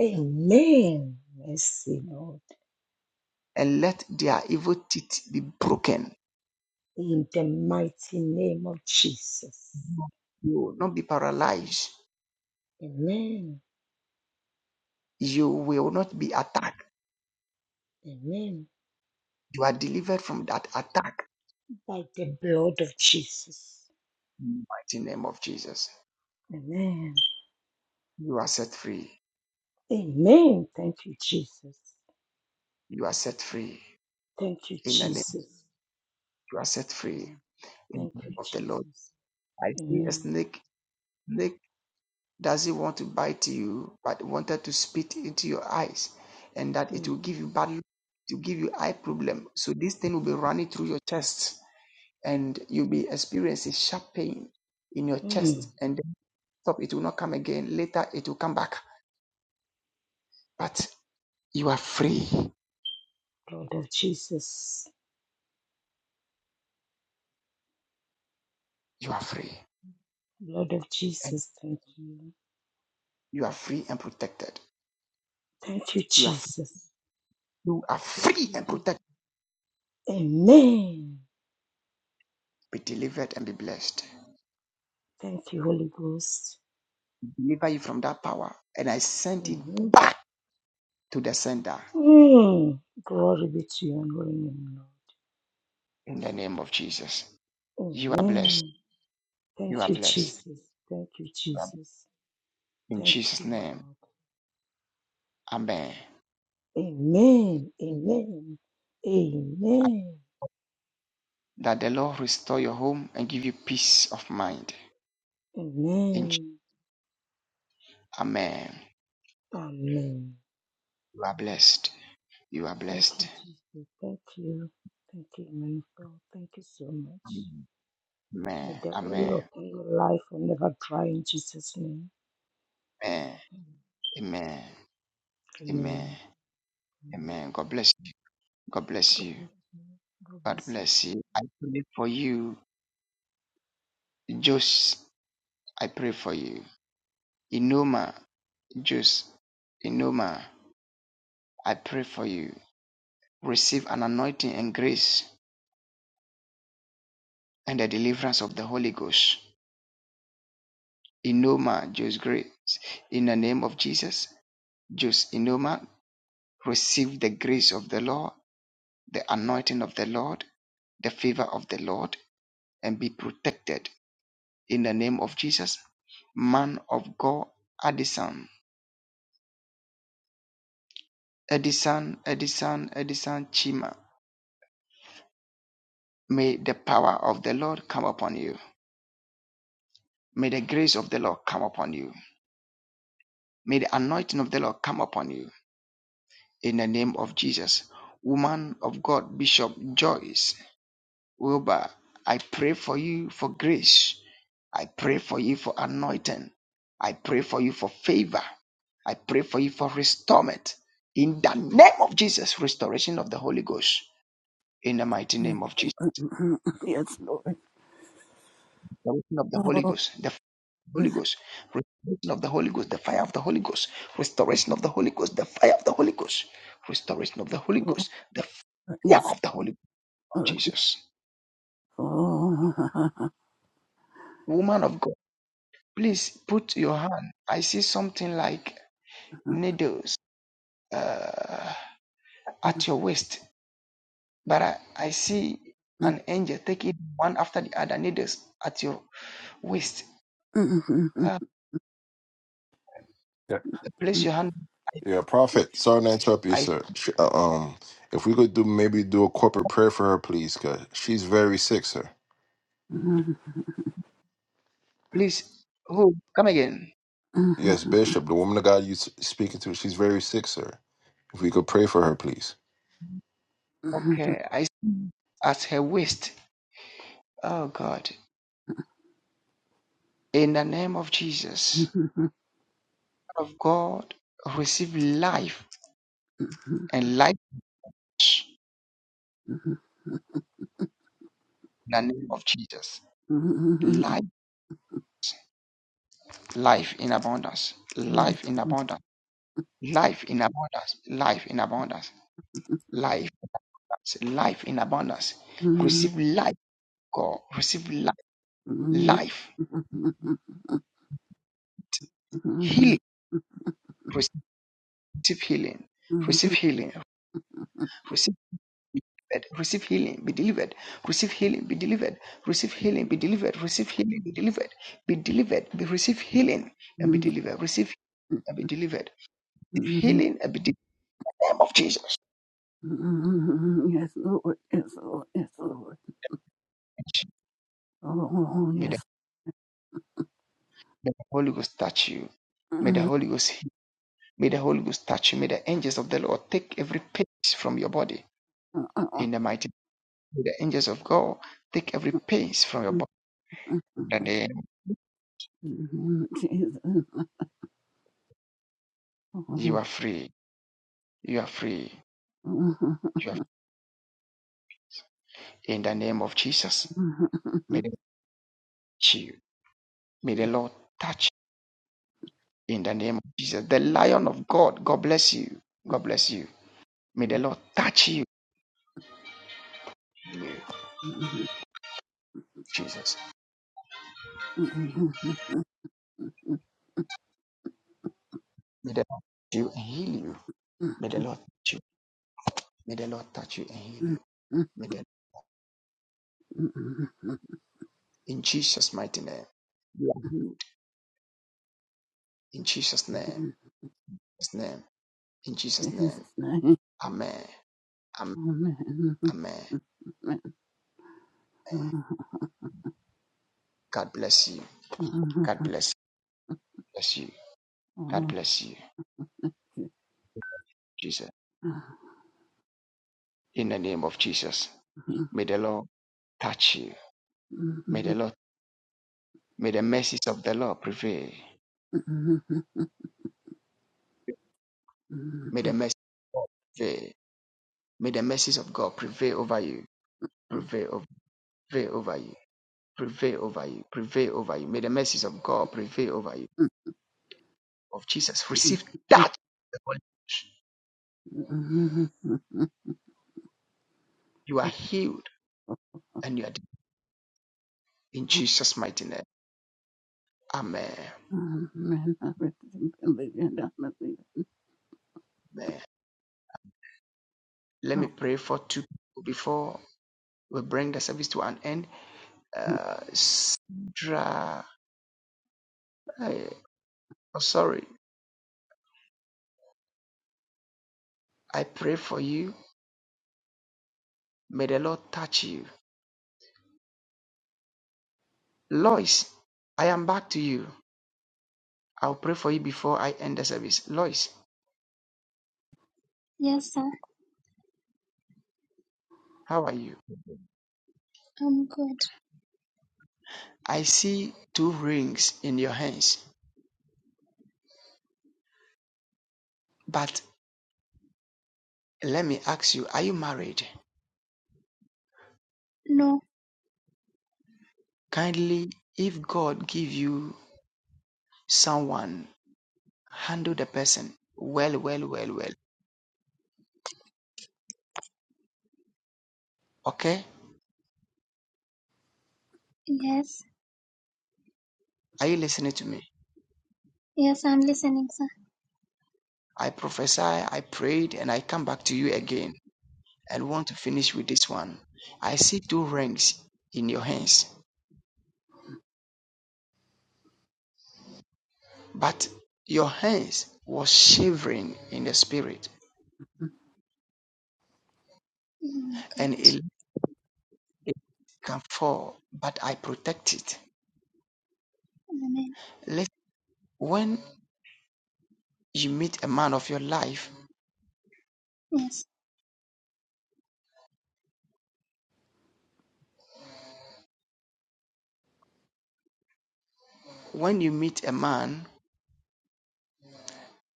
Speaker 12: Amen. Mercy, Lord.
Speaker 5: and let their evil teeth be broken.
Speaker 12: In the mighty name of Jesus.
Speaker 5: You will not be paralyzed.
Speaker 12: Amen.
Speaker 5: You will not be attacked.
Speaker 12: Amen.
Speaker 5: You are delivered from that attack
Speaker 12: By the blood of Jesus.
Speaker 5: in the mighty name of Jesus.
Speaker 12: Amen.
Speaker 5: You are set free.
Speaker 12: Amen. Thank you, Jesus.
Speaker 5: You are set free.
Speaker 12: Thank you,
Speaker 5: In the name,
Speaker 12: Jesus.
Speaker 5: you are set free
Speaker 12: Mm.
Speaker 5: in
Speaker 12: Thank
Speaker 5: the
Speaker 12: you,
Speaker 5: name of the Lord.
Speaker 12: Jesus.
Speaker 5: I see a
Speaker 12: Amen.
Speaker 5: snake. Snake doesn't want to bite you, but wanted to spit into your eyes, and that it will
Speaker 12: Mm.
Speaker 5: give you bad luck, to give you eye problem. So this thing will be running through your chest, and you'll be experiencing sharp pain in your
Speaker 12: Mm.
Speaker 5: chest, and then stop. It will not come again. Later, it will come back. But you are free.
Speaker 12: Blood of Jesus.
Speaker 5: You are free,
Speaker 12: Blood of
Speaker 5: and
Speaker 12: Jesus. Thank you.
Speaker 5: you are free and protected.
Speaker 12: Thank you,
Speaker 5: You are free.
Speaker 12: Jesus.
Speaker 5: you are
Speaker 12: Thank
Speaker 5: free
Speaker 12: you,
Speaker 5: and
Speaker 12: Jesus.
Speaker 5: protected.
Speaker 12: Amen.
Speaker 5: Be delivered and be blessed.
Speaker 12: Thank you, Holy Ghost.
Speaker 5: deliver you from that power. And I sent it
Speaker 12: Amen.
Speaker 5: back to the sender
Speaker 12: Mm. Glory be to your holy name,
Speaker 5: in the name of Jesus.
Speaker 12: Lord.
Speaker 5: You are blessed.
Speaker 12: Amen.
Speaker 5: You
Speaker 12: Thank
Speaker 5: are
Speaker 12: you,
Speaker 5: blessed.
Speaker 12: Jesus. Thank you,
Speaker 5: You are blessed.
Speaker 12: Jesus.
Speaker 5: In
Speaker 12: Thank
Speaker 5: Jesus'
Speaker 12: you,
Speaker 5: name.
Speaker 12: Lord.
Speaker 5: Amen.
Speaker 12: Amen. Amen. Amen.
Speaker 5: That the Lord restore your home and give you peace of mind. In Je-
Speaker 12: Amen.
Speaker 5: Amen.
Speaker 12: Amen.
Speaker 5: You are blessed. You are
Speaker 12: Thank
Speaker 5: blessed.
Speaker 12: you, Jesus. Thank you. Thank you, man of God. Thank you so much.
Speaker 5: Amen.
Speaker 12: May the oil
Speaker 5: Amen.
Speaker 12: upon your life will never dry in Jesus' name.
Speaker 5: Amen. Amen. Amen. Amen.
Speaker 12: Amen. Amen.
Speaker 5: Amen. God bless you. God bless
Speaker 12: God
Speaker 5: you.
Speaker 12: bless you. God
Speaker 5: God
Speaker 12: bless you.
Speaker 5: bless you. I pray for you. Jos, I pray for you. Inoma, Jose Inoma, I pray for you. Receive an anointing and grace and the deliverance of the Holy Ghost. Inoma, Jose Grace, in the name of Jesus, Jose Inoma, receive the grace of the Lord, the anointing of the Lord, the favor of the Lord, and be protected in the name of Jesus. Man of God, Addison, Edison, Edison, Edison, Chima, may the power of the Lord come upon you. May the grace of the Lord come upon you. May the anointing of the Lord come upon you in the name of Jesus. Woman of God, Bishop Joyce Wilbur, I pray for you for grace. I pray for you for anointing. I pray for you for favor. I pray for you for restorement. In the name of Jesus, restoration of the Holy Ghost. In the mighty name of Jesus.
Speaker 9: Lord.
Speaker 5: the washing of the Holy
Speaker 9: Oh,
Speaker 5: Ghost, the Holy
Speaker 9: yes,
Speaker 5: Ghost, restoration of the Holy Ghost, the fire of the Holy Ghost, restoration of the Holy Ghost, the fire of the Holy Ghost, restoration of the Holy
Speaker 9: Lord.
Speaker 5: Ghost, the
Speaker 9: Oh,
Speaker 5: fire
Speaker 9: yes,
Speaker 5: of the Holy Ghost,
Speaker 9: Lord.
Speaker 5: Jesus.
Speaker 9: Oh. Yes,
Speaker 5: Woman of God, please put your hand. I see something like
Speaker 9: Lord.
Speaker 5: needles uh, at your waist, but I, I see an angel taking one after the other needles at your waist. Uh,
Speaker 1: Yeah.
Speaker 5: place your hand.
Speaker 1: yeah. prophet. Sorry to interrupt you,
Speaker 5: I
Speaker 1: sir. Sh- uh, um, if we could do maybe do a corporate prayer for her, please, because she's very sick, sir.
Speaker 5: please. Who come again?
Speaker 1: Yes, Bishop, the woman of God you s- speaking to, she's very sick, sir. If we could pray for her, please.
Speaker 5: Okay, I. at her waist. Oh God, in the name of Jesus, of God, receive life and life in the name of Jesus. Life, life in abundance, life in abundance, life in abundance, life in abundance, life, life in abundance. Receive life, God, receive life, life, healing, receive healing, receive healing, Receive. delivered, receive healing, be delivered, receive healing, be delivered, receive healing, be delivered, receive healing, be delivered, be delivered, be receive healing and be delivered, receive and be delivered, receive healing and be delivered in the name of Jesus.
Speaker 9: Yes, Lord. Yes, Lord. Oh,
Speaker 5: May the,
Speaker 9: yes.
Speaker 5: may the Holy Ghost touch you. May the Holy Ghost heal. May the Holy Ghost touch you. May the angels of the Lord take every pain from your body in the mighty name. May the angels of God take every pain from your body in the name.
Speaker 9: Jesus. Jesus'
Speaker 5: You are free. You are free. You are free. in the name of Jesus. May they touch you May the Lord touch you in the name of Jesus. The Lion of God, God bless you. God bless you. May the Lord touch you, Jesus. May the Lord touch you and heal you. May the Lord touch you. May the Lord touch you and heal you. May the in Jesus' mighty name. You are healed in Jesus' name. His name. In Jesus' name.
Speaker 9: name.
Speaker 5: Amen. Amen.
Speaker 9: Amen.
Speaker 5: Amen. God bless you. God bless you. Bless you. God bless you. Jesus. In the name of Jesus. May the Lord touch you. May the Lord May the mercies of the Lord prevail. May the mercies of God prevail. May the mercies of God prevail over you. Prevail over, prevail over you. Prevail over you. Prevail over you. May the mercies of God prevail over you. Of Jesus. Receive that. You are healed and you are delivered in Jesus' mighty name. Amen. Amen. Let me pray for two people before we bring the service to an end. Uh, Sandra, i oh, sorry. I pray for you. May the Lord touch you. Lois, I am back to you. I'll pray for you before I end the service. Lois,
Speaker 8: Yes, sir.
Speaker 5: how are you?
Speaker 8: I'm good.
Speaker 5: I see two rings in your hands, but let me ask you, are you married?
Speaker 8: No.
Speaker 5: Kindly, if God give you someone, handle the person well, well, well, well. Okay?
Speaker 8: Yes.
Speaker 5: Are you listening to me?
Speaker 8: Yes, I'm listening, sir.
Speaker 5: I prophesy, I prayed, and I come back to you again and want to finish with this one. I see two rings in your hands But your hands was shivering in the spirit,
Speaker 8: Oh my
Speaker 5: and
Speaker 8: God.
Speaker 5: it, it can fall, but I protect it.
Speaker 8: Amen.
Speaker 5: Let when you meet a man of your life,
Speaker 8: Yes.
Speaker 5: when you meet a man,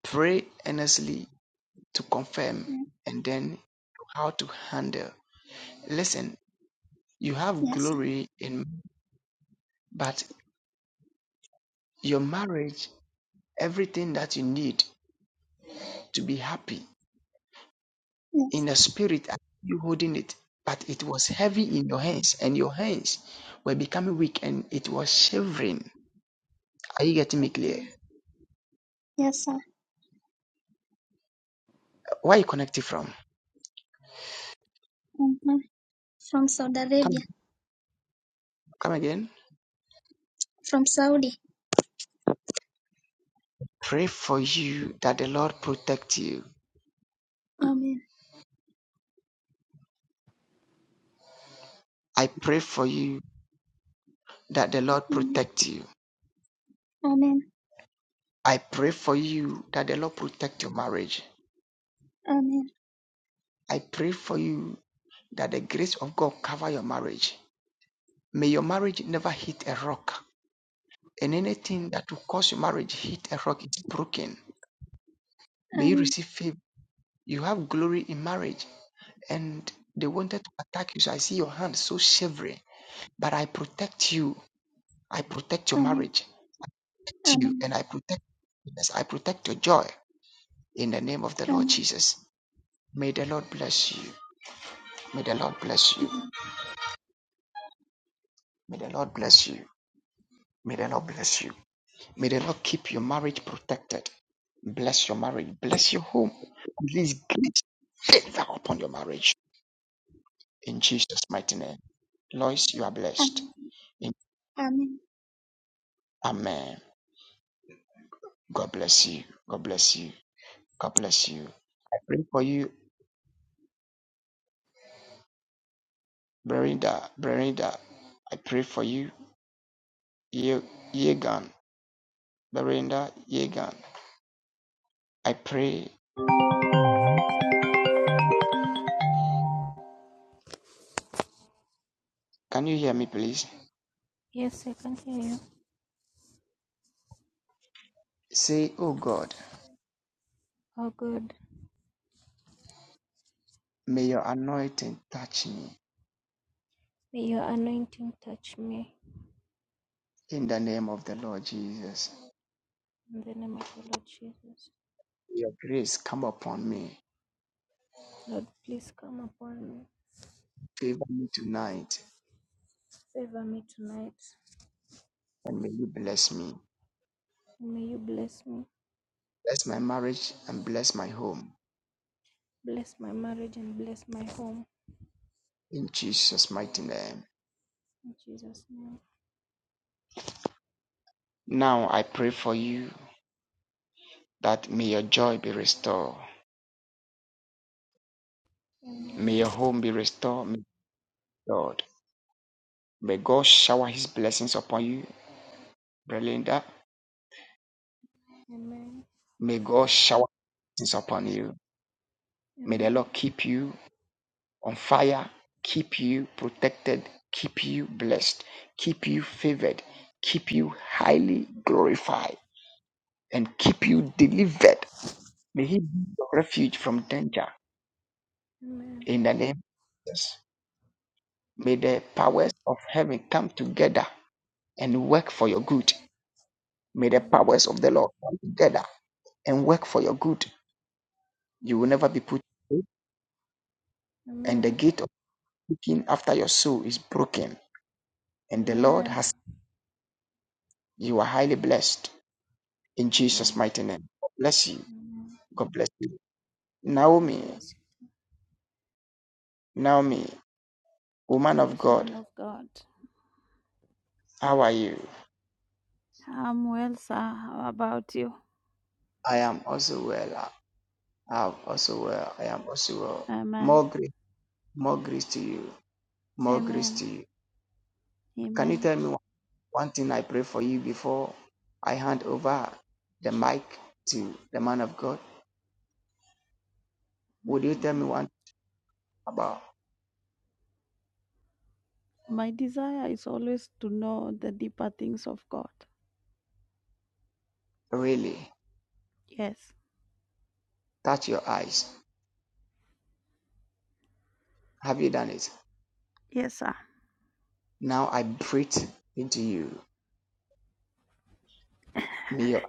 Speaker 5: pray earnestly to confirm,
Speaker 8: Mm.
Speaker 5: and then how to handle. Listen, you have
Speaker 8: Yes, sir.
Speaker 5: glory in, but your marriage, everything that you need to be happy in
Speaker 8: Yes.
Speaker 5: the spirit I see you holding it but it was heavy in your hands and your hands were becoming weak and it was shivering are you getting me clear
Speaker 8: Okay. Yes, sir.
Speaker 5: where are you connected from
Speaker 8: Um, From Saudi Arabia.
Speaker 5: come come again
Speaker 8: From Saudi.
Speaker 5: pray for you that the lord protect you
Speaker 8: Amen.
Speaker 5: i pray for you that the lord
Speaker 8: Amen.
Speaker 5: protect you
Speaker 8: Amen.
Speaker 5: i pray for you that the lord protect your marriage
Speaker 8: Amen.
Speaker 5: i pray for you that the grace of god cover your marriage may your marriage never hit a rock and anything that will cause your marriage hit a rock is broken May you
Speaker 8: Amen.
Speaker 5: receive favor. You have glory in marriage. And they wanted to attack you. So I see your hand so shivering. But I protect you. I protect your
Speaker 8: Amen.
Speaker 5: marriage. too,
Speaker 8: Amen.
Speaker 5: and I protect goodness. I protect your joy in the name of the Lord
Speaker 8: Amen.
Speaker 5: Jesus. May the Lord bless you. May the Lord bless you.
Speaker 8: Mhm.
Speaker 5: May the Lord bless you. May the Lord bless you. May the Lord keep your marriage protected. Bless your marriage. Bless your home. Release great favor upon your marriage. In Jesus' mighty name. Lois, you are blessed.
Speaker 8: Amen.
Speaker 5: In-
Speaker 8: Amen.
Speaker 5: Amen. God bless you. God bless you. God bless you. I pray for you, Brenda. Brenda, I pray for you, Ye- Yegan. Brenda, Yegan. I pray. Can you hear me, please?
Speaker 13: Yes, I can hear you.
Speaker 5: Say, Oh God,
Speaker 13: Oh, good.
Speaker 5: may your anointing touch me
Speaker 13: May your anointing touch me.
Speaker 5: in the name of the Lord Jesus.
Speaker 13: In the name of the Lord Jesus.
Speaker 5: May your grace come upon me.
Speaker 13: Lord, please come upon me.
Speaker 5: Favor me tonight
Speaker 13: Favor me tonight.
Speaker 5: and may you bless me.
Speaker 13: And may you bless me.
Speaker 5: Bless my marriage and bless my home
Speaker 13: Bless my marriage and bless my home.
Speaker 5: in Jesus' mighty name.
Speaker 13: In Jesus' name.
Speaker 5: Now I pray for you that may your joy be restored. May
Speaker 13: Amen.
Speaker 5: your home be restored, may Lord. May God shower his blessings upon you, Belinda.
Speaker 13: Amen.
Speaker 5: May God shower his blessings upon you. May the
Speaker 13: Amen.
Speaker 5: Lord keep you on fire, keep you protected, keep you blessed, keep you favored, keep you highly glorified, and keep you delivered. May He be your refuge from danger
Speaker 13: Amen.
Speaker 5: in the name of Jesus. May the powers of heaven come together and work for your good May the
Speaker 13: Amen.
Speaker 5: powers of the Lord come together and work for your good. You will
Speaker 13: Amen.
Speaker 5: never be put to shame, and the
Speaker 13: Amen.
Speaker 5: gate of seeking after your soul is broken. And the Lord
Speaker 13: Amen.
Speaker 5: has you are highly blessed in Jesus'
Speaker 13: Amen.
Speaker 5: mighty name. God bless you.
Speaker 13: Amen.
Speaker 5: God bless you.
Speaker 13: God
Speaker 5: Naomi,
Speaker 13: bless you.
Speaker 5: Naomi, woman of
Speaker 3: Yes,
Speaker 5: God,
Speaker 3: man of God.
Speaker 5: how are you?
Speaker 3: I'm well, sir. How about you?
Speaker 5: I am also well. I am also well. I am also well.
Speaker 3: Amen.
Speaker 5: More grace, more grace to you. More grace
Speaker 3: Amen.
Speaker 5: to you. Can you
Speaker 3: Amen.
Speaker 5: tell me? One thing I pray for you before I hand over the mic to the man of God. Would you tell me
Speaker 3: Mm,
Speaker 5: one thing about
Speaker 3: My desire is always to know the deeper things of God.
Speaker 5: really
Speaker 3: Yes.
Speaker 5: touch your eyes? Have you done it?
Speaker 3: Yes, sir.
Speaker 5: Now I breathe into you. May your,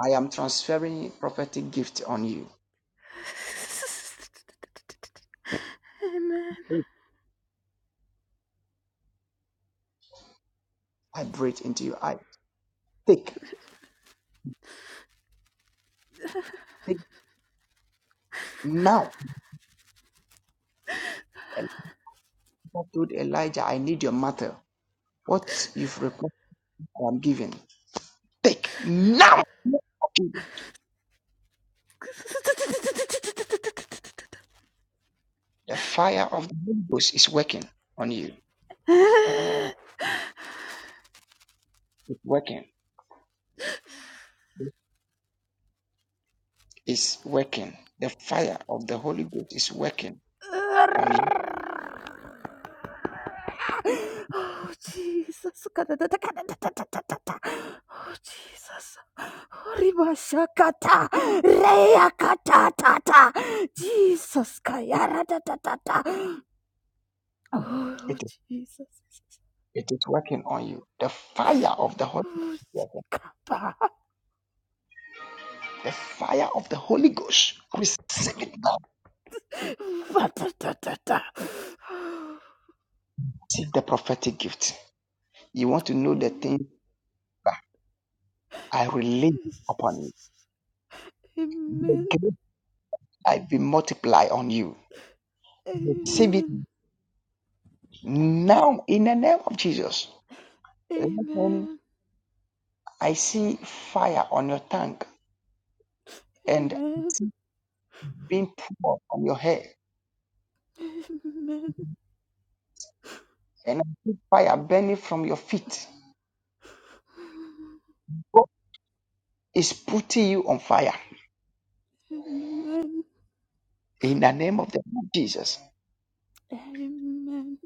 Speaker 5: I am transferring prophetic gift on you.
Speaker 3: Amen.
Speaker 5: I breathe into you. I take, take now. Elijah told Elijah, I need your matter. What you've requested, I am giving. Take now. The fire of the Holy Ghost is working on you. It's working is working. The fire of the Holy Ghost is working on you.
Speaker 3: Oh, Jesus. Kadadada, kadadadadadada. Oh, Jesus. Ribashakata. Reakata. Jesus. Kayara, Oh,
Speaker 5: It,
Speaker 3: Jesus.
Speaker 5: it is working on you. The fire of the Holy
Speaker 3: Oh,
Speaker 5: Ghost. the fire of the Holy Ghost. Receive it now.
Speaker 3: patata.
Speaker 5: Receive the prophetic gift. You want to know the
Speaker 3: Amen.
Speaker 5: thing I relate upon you. The
Speaker 3: Amen.
Speaker 5: grace I will multiply on you. Receive it
Speaker 3: Amen.
Speaker 5: now in the name of Jesus. Listen,
Speaker 3: Amen.
Speaker 5: I see fire on your tongue and being poured on your hair.
Speaker 3: Amen.
Speaker 5: And I see fire burning from your feet. God is putting you on fire
Speaker 3: Amen.
Speaker 5: in the name of the Lord Jesus.
Speaker 3: Amen. Amen.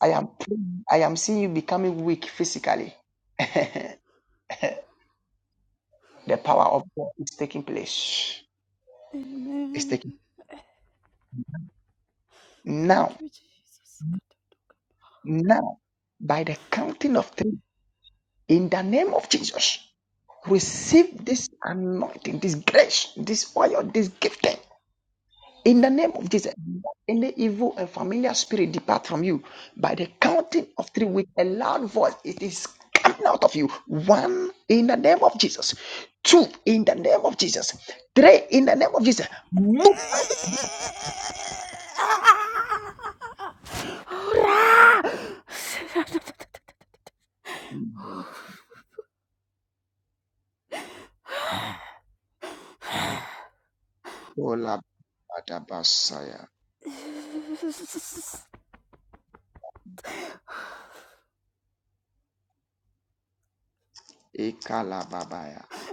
Speaker 5: I am praying- I am seeing you becoming weak physically. the power of God is taking place. It's
Speaker 3: Amen.
Speaker 5: taking now,
Speaker 3: Thank you, Jesus.
Speaker 5: now, by the counting of three, in the name of Jesus, receive this anointing, this grace, this oil, this gifting. In the name of Jesus, any evil and familiar spirit depart from you. By the counting of three with a loud voice, it is coming out of you. One, in the name of Jesus. Two, in the name of Jesus. Three, in the name of Jesus. Move. Ola badabasaya.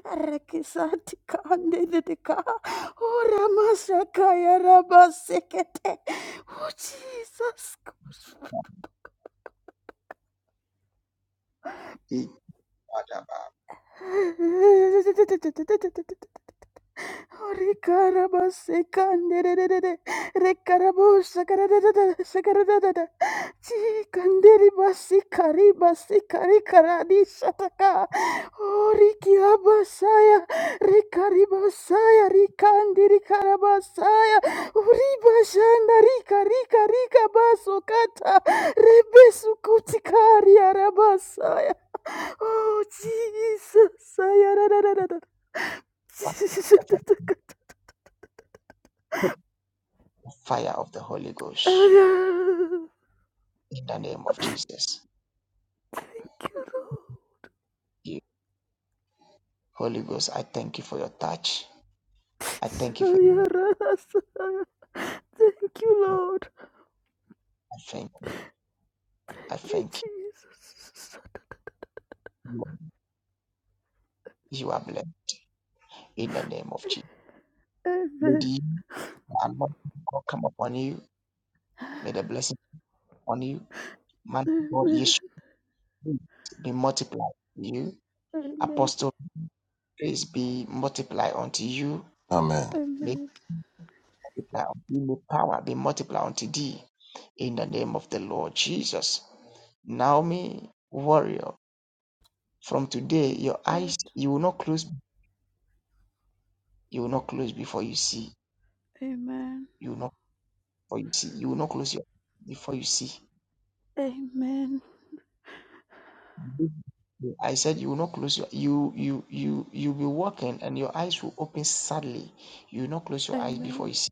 Speaker 3: Rakisati kande dedeka. Oh, ramasakaya rabasekete. Oh, Jesus.
Speaker 5: Ikadaba.
Speaker 3: Rikaraba sekanderere rekarabo sakarada sakarada chi kanderi basi kari basi kari karadi shataka ori kiabasaya rekari basaya Rikaribasaya, rikandiri karabasaya uri bashanda rika rika rika baso kata rebesu kutikari arabasaya oh jesus saya
Speaker 5: by the fire of the Holy Ghost in the name of Jesus. You- Holy Ghost, I thank you for your touch. I thank you for your
Speaker 3: Thank you, Lord.
Speaker 5: I thank you. I
Speaker 3: Thank you,
Speaker 5: thank
Speaker 3: Jesus.
Speaker 5: you. You are blessed. in the name of Jesus. May
Speaker 3: Amen.
Speaker 5: the anointing of God come upon you. May the blessing upon you. Man of God, you
Speaker 3: Amen.
Speaker 5: be multiplied to you.
Speaker 3: Amen.
Speaker 5: Apostle, grace be multiplied unto you.
Speaker 1: Amen.
Speaker 5: May
Speaker 3: Amen.
Speaker 5: it multiply unto you. May power be multiplied unto thee. In the name of the Lord Jesus. Naomi, warrior, from today,
Speaker 3: Man of
Speaker 5: your eyes,
Speaker 3: God.
Speaker 5: you will not close. You will not close before you see.
Speaker 3: Amen.
Speaker 5: You will not before you see. You will not close your before you see.
Speaker 3: Amen.
Speaker 5: I said you will not close your you you you you'll be walking and your eyes will open sadly. You will not close your eyes before
Speaker 3: Amen.
Speaker 5: you see.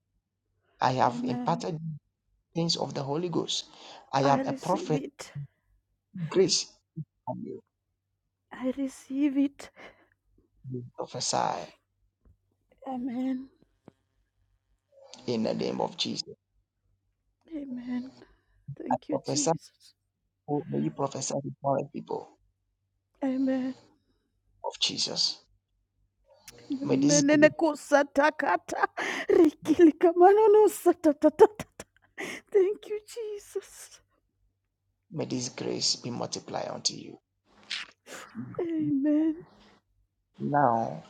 Speaker 5: I have
Speaker 3: Amen.
Speaker 5: imparted things of the Holy Ghost. I
Speaker 3: I
Speaker 5: am a
Speaker 3: receive
Speaker 5: prophet.
Speaker 3: it.
Speaker 5: Grace on you.
Speaker 3: I receive it.
Speaker 5: You Prophesy
Speaker 3: Amen.
Speaker 5: in the name of Jesus.
Speaker 3: Amen.
Speaker 5: I
Speaker 3: Thank you,
Speaker 5: prophesy.
Speaker 3: Jesus.
Speaker 5: oh, May you prophesy before the people
Speaker 3: Amen.
Speaker 5: of Jesus. May this
Speaker 3: Menene
Speaker 5: grace,
Speaker 3: kusatakata. Rikili kamanono satatatata. Thank you, Jesus.
Speaker 5: may this grace be multiplied unto you.
Speaker 3: Amen.
Speaker 5: Now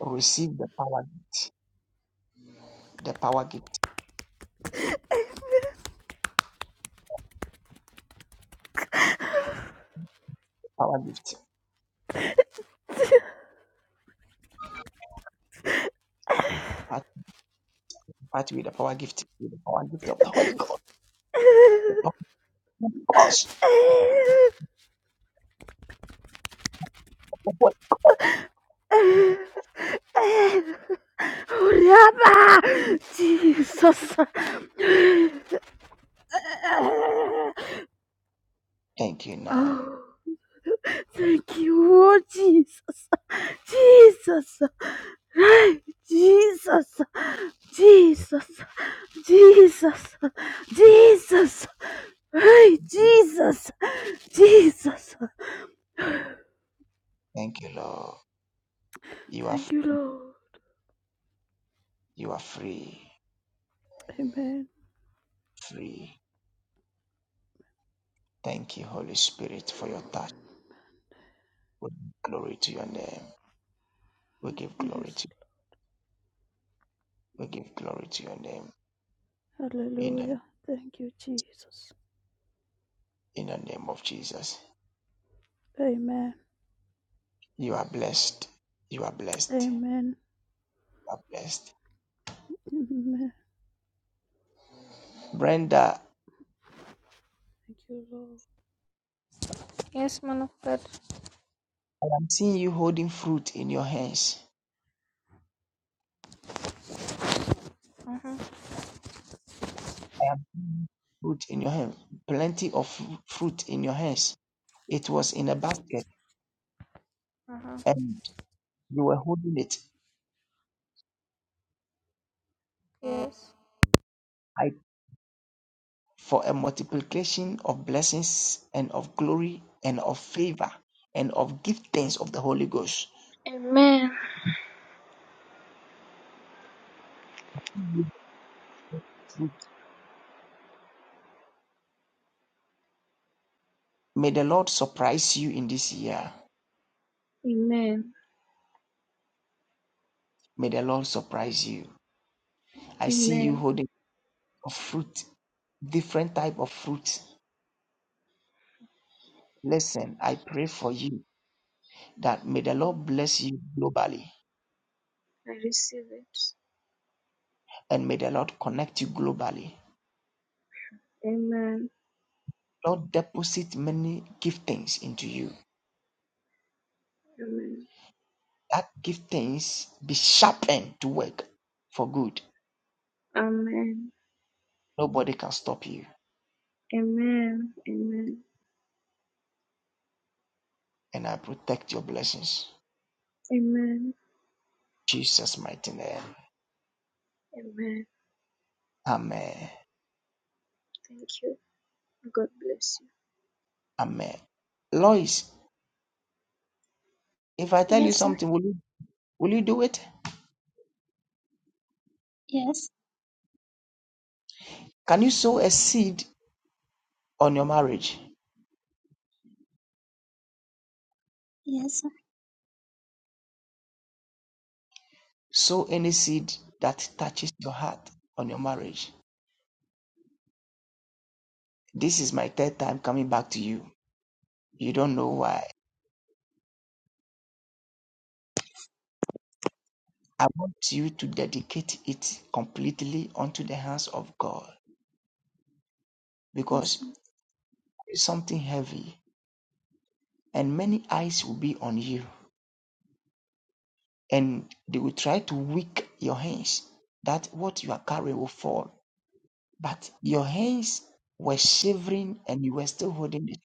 Speaker 5: receive the power gift. The power gift. Power gift. But with the power gift, with the power gift of the Holy Ghost, the power of us. the Holy-
Speaker 3: 우리 Jesus.
Speaker 5: Thank you now.
Speaker 3: Oh, Thank you, Lord Jesus. Jesus. Jesus. Jesus. Jesus. Jesus. Hey, Jesus. Jesus.
Speaker 5: Thank you, Lord. You are
Speaker 3: Thank
Speaker 5: f-
Speaker 3: you, Lord.
Speaker 5: you are free,
Speaker 3: Amen.
Speaker 5: free. Thank you, Holy Spirit, for your touch. We give glory to your name. We give glory
Speaker 3: Yes.
Speaker 5: to we give glory to your name. In the
Speaker 3: Hallelujah. Thank you, Jesus.
Speaker 5: in the name of Jesus.
Speaker 3: Amen.
Speaker 5: You are blessed. You are blessed. You
Speaker 3: Amen.
Speaker 5: are blessed.
Speaker 3: Amen.
Speaker 5: Brenda,
Speaker 3: Thank you,
Speaker 13: Yes, man of God.
Speaker 5: I am seeing you holding fruit in your hands.
Speaker 13: Uh huh.
Speaker 5: I am seeing fruit in your hand. Plenty of fruit in your hands It was in a basket,
Speaker 13: Uh huh.
Speaker 5: and you were holding it.
Speaker 13: Yes.
Speaker 5: I for a multiplication of blessings and of glory and of favor and of giftings of the Holy Ghost.
Speaker 13: Amen.
Speaker 5: May the Lord surprise you in this year.
Speaker 13: Amen.
Speaker 5: May the Lord surprise you. I see you
Speaker 13: Amen.
Speaker 5: holding a fruit, different type of fruit. Listen, I pray for you that may the Lord bless you globally
Speaker 13: I receive it.
Speaker 5: and may the Lord connect you globally.
Speaker 13: Amen.
Speaker 5: Lord deposit many giftings into you.
Speaker 13: Amen.
Speaker 5: That giftings be sharpened to work for good.
Speaker 13: Amen.
Speaker 5: Nobody can stop you.
Speaker 13: Amen. Amen.
Speaker 5: And I protect your blessings.
Speaker 13: Amen.
Speaker 5: Jesus' mighty name.
Speaker 13: Amen.
Speaker 5: Amen.
Speaker 13: Thank you. God bless you.
Speaker 5: Amen. Lois, if I tell you
Speaker 8: Yes, sir.
Speaker 5: something, will you will you do it?
Speaker 8: Yes.
Speaker 5: Can you sow a seed on your marriage?
Speaker 8: Yes, sir.
Speaker 5: Sow any seed that touches your heart on your marriage. This is my third time coming back to you. You don't know why. I want you to dedicate it completely unto the hands of God
Speaker 8: Yes,
Speaker 5: because
Speaker 8: sir.
Speaker 5: something heavy, and many eyes will be on you, and they will try to weak your hands, that what you are carrying will fall. But your hands were shivering and you were still holding it.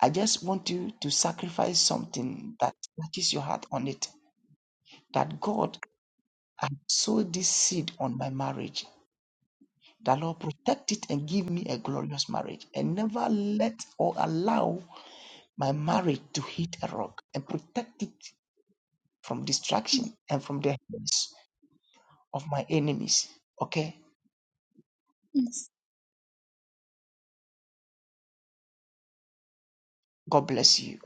Speaker 5: I just want you to sacrifice something that touches your heart on it. That God, I sowed this seed on my marriage. The Lord protect it and give me a glorious marriage, and never let or allow my marriage to hit a rock and protect it from
Speaker 8: Yes.
Speaker 5: distraction and from the hands of my enemies. Okay?
Speaker 8: yes.
Speaker 5: God bless you.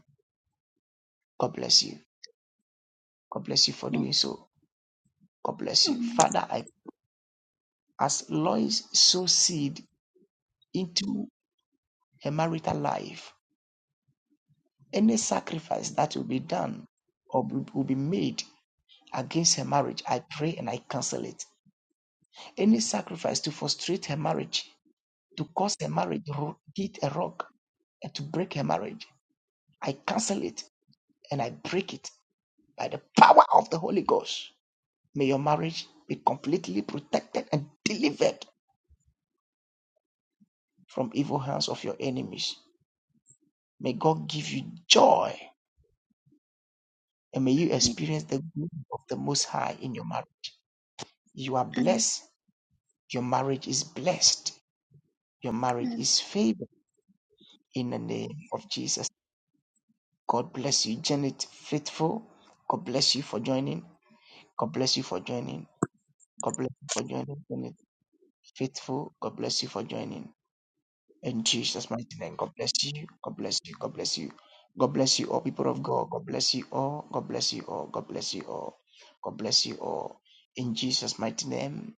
Speaker 5: God bless you. God bless you for doing so. God bless you.
Speaker 8: Amen.
Speaker 5: Father, I as Lois sow seed into her marital life, any sacrifice that will be done or will be made against her marriage, I pray and I cancel it. Any sacrifice to frustrate her marriage, to cause her marriage to hit a rock, and to break her marriage, I cancel it and I break it by the power of the Holy Ghost. May your marriage be completely protected and delivered from evil hands of your enemies. May God give you joy and may you
Speaker 8: Amen.
Speaker 5: experience the glory of the Most High in your marriage. You are
Speaker 8: Amen.
Speaker 5: blessed. Your marriage is blessed. Your marriage
Speaker 8: Amen.
Speaker 5: is favored in the name of Jesus. God bless you, Janet Faithful. God bless you for joining. God bless you for joining. God bless you for joining, Janet Faithful. God bless you for joining. In Jesus' mighty name, God bless you. God bless you. God bless you. God bless you all, people of God. God bless you all. God bless you all. God bless you all. God bless you all. In Jesus' mighty name,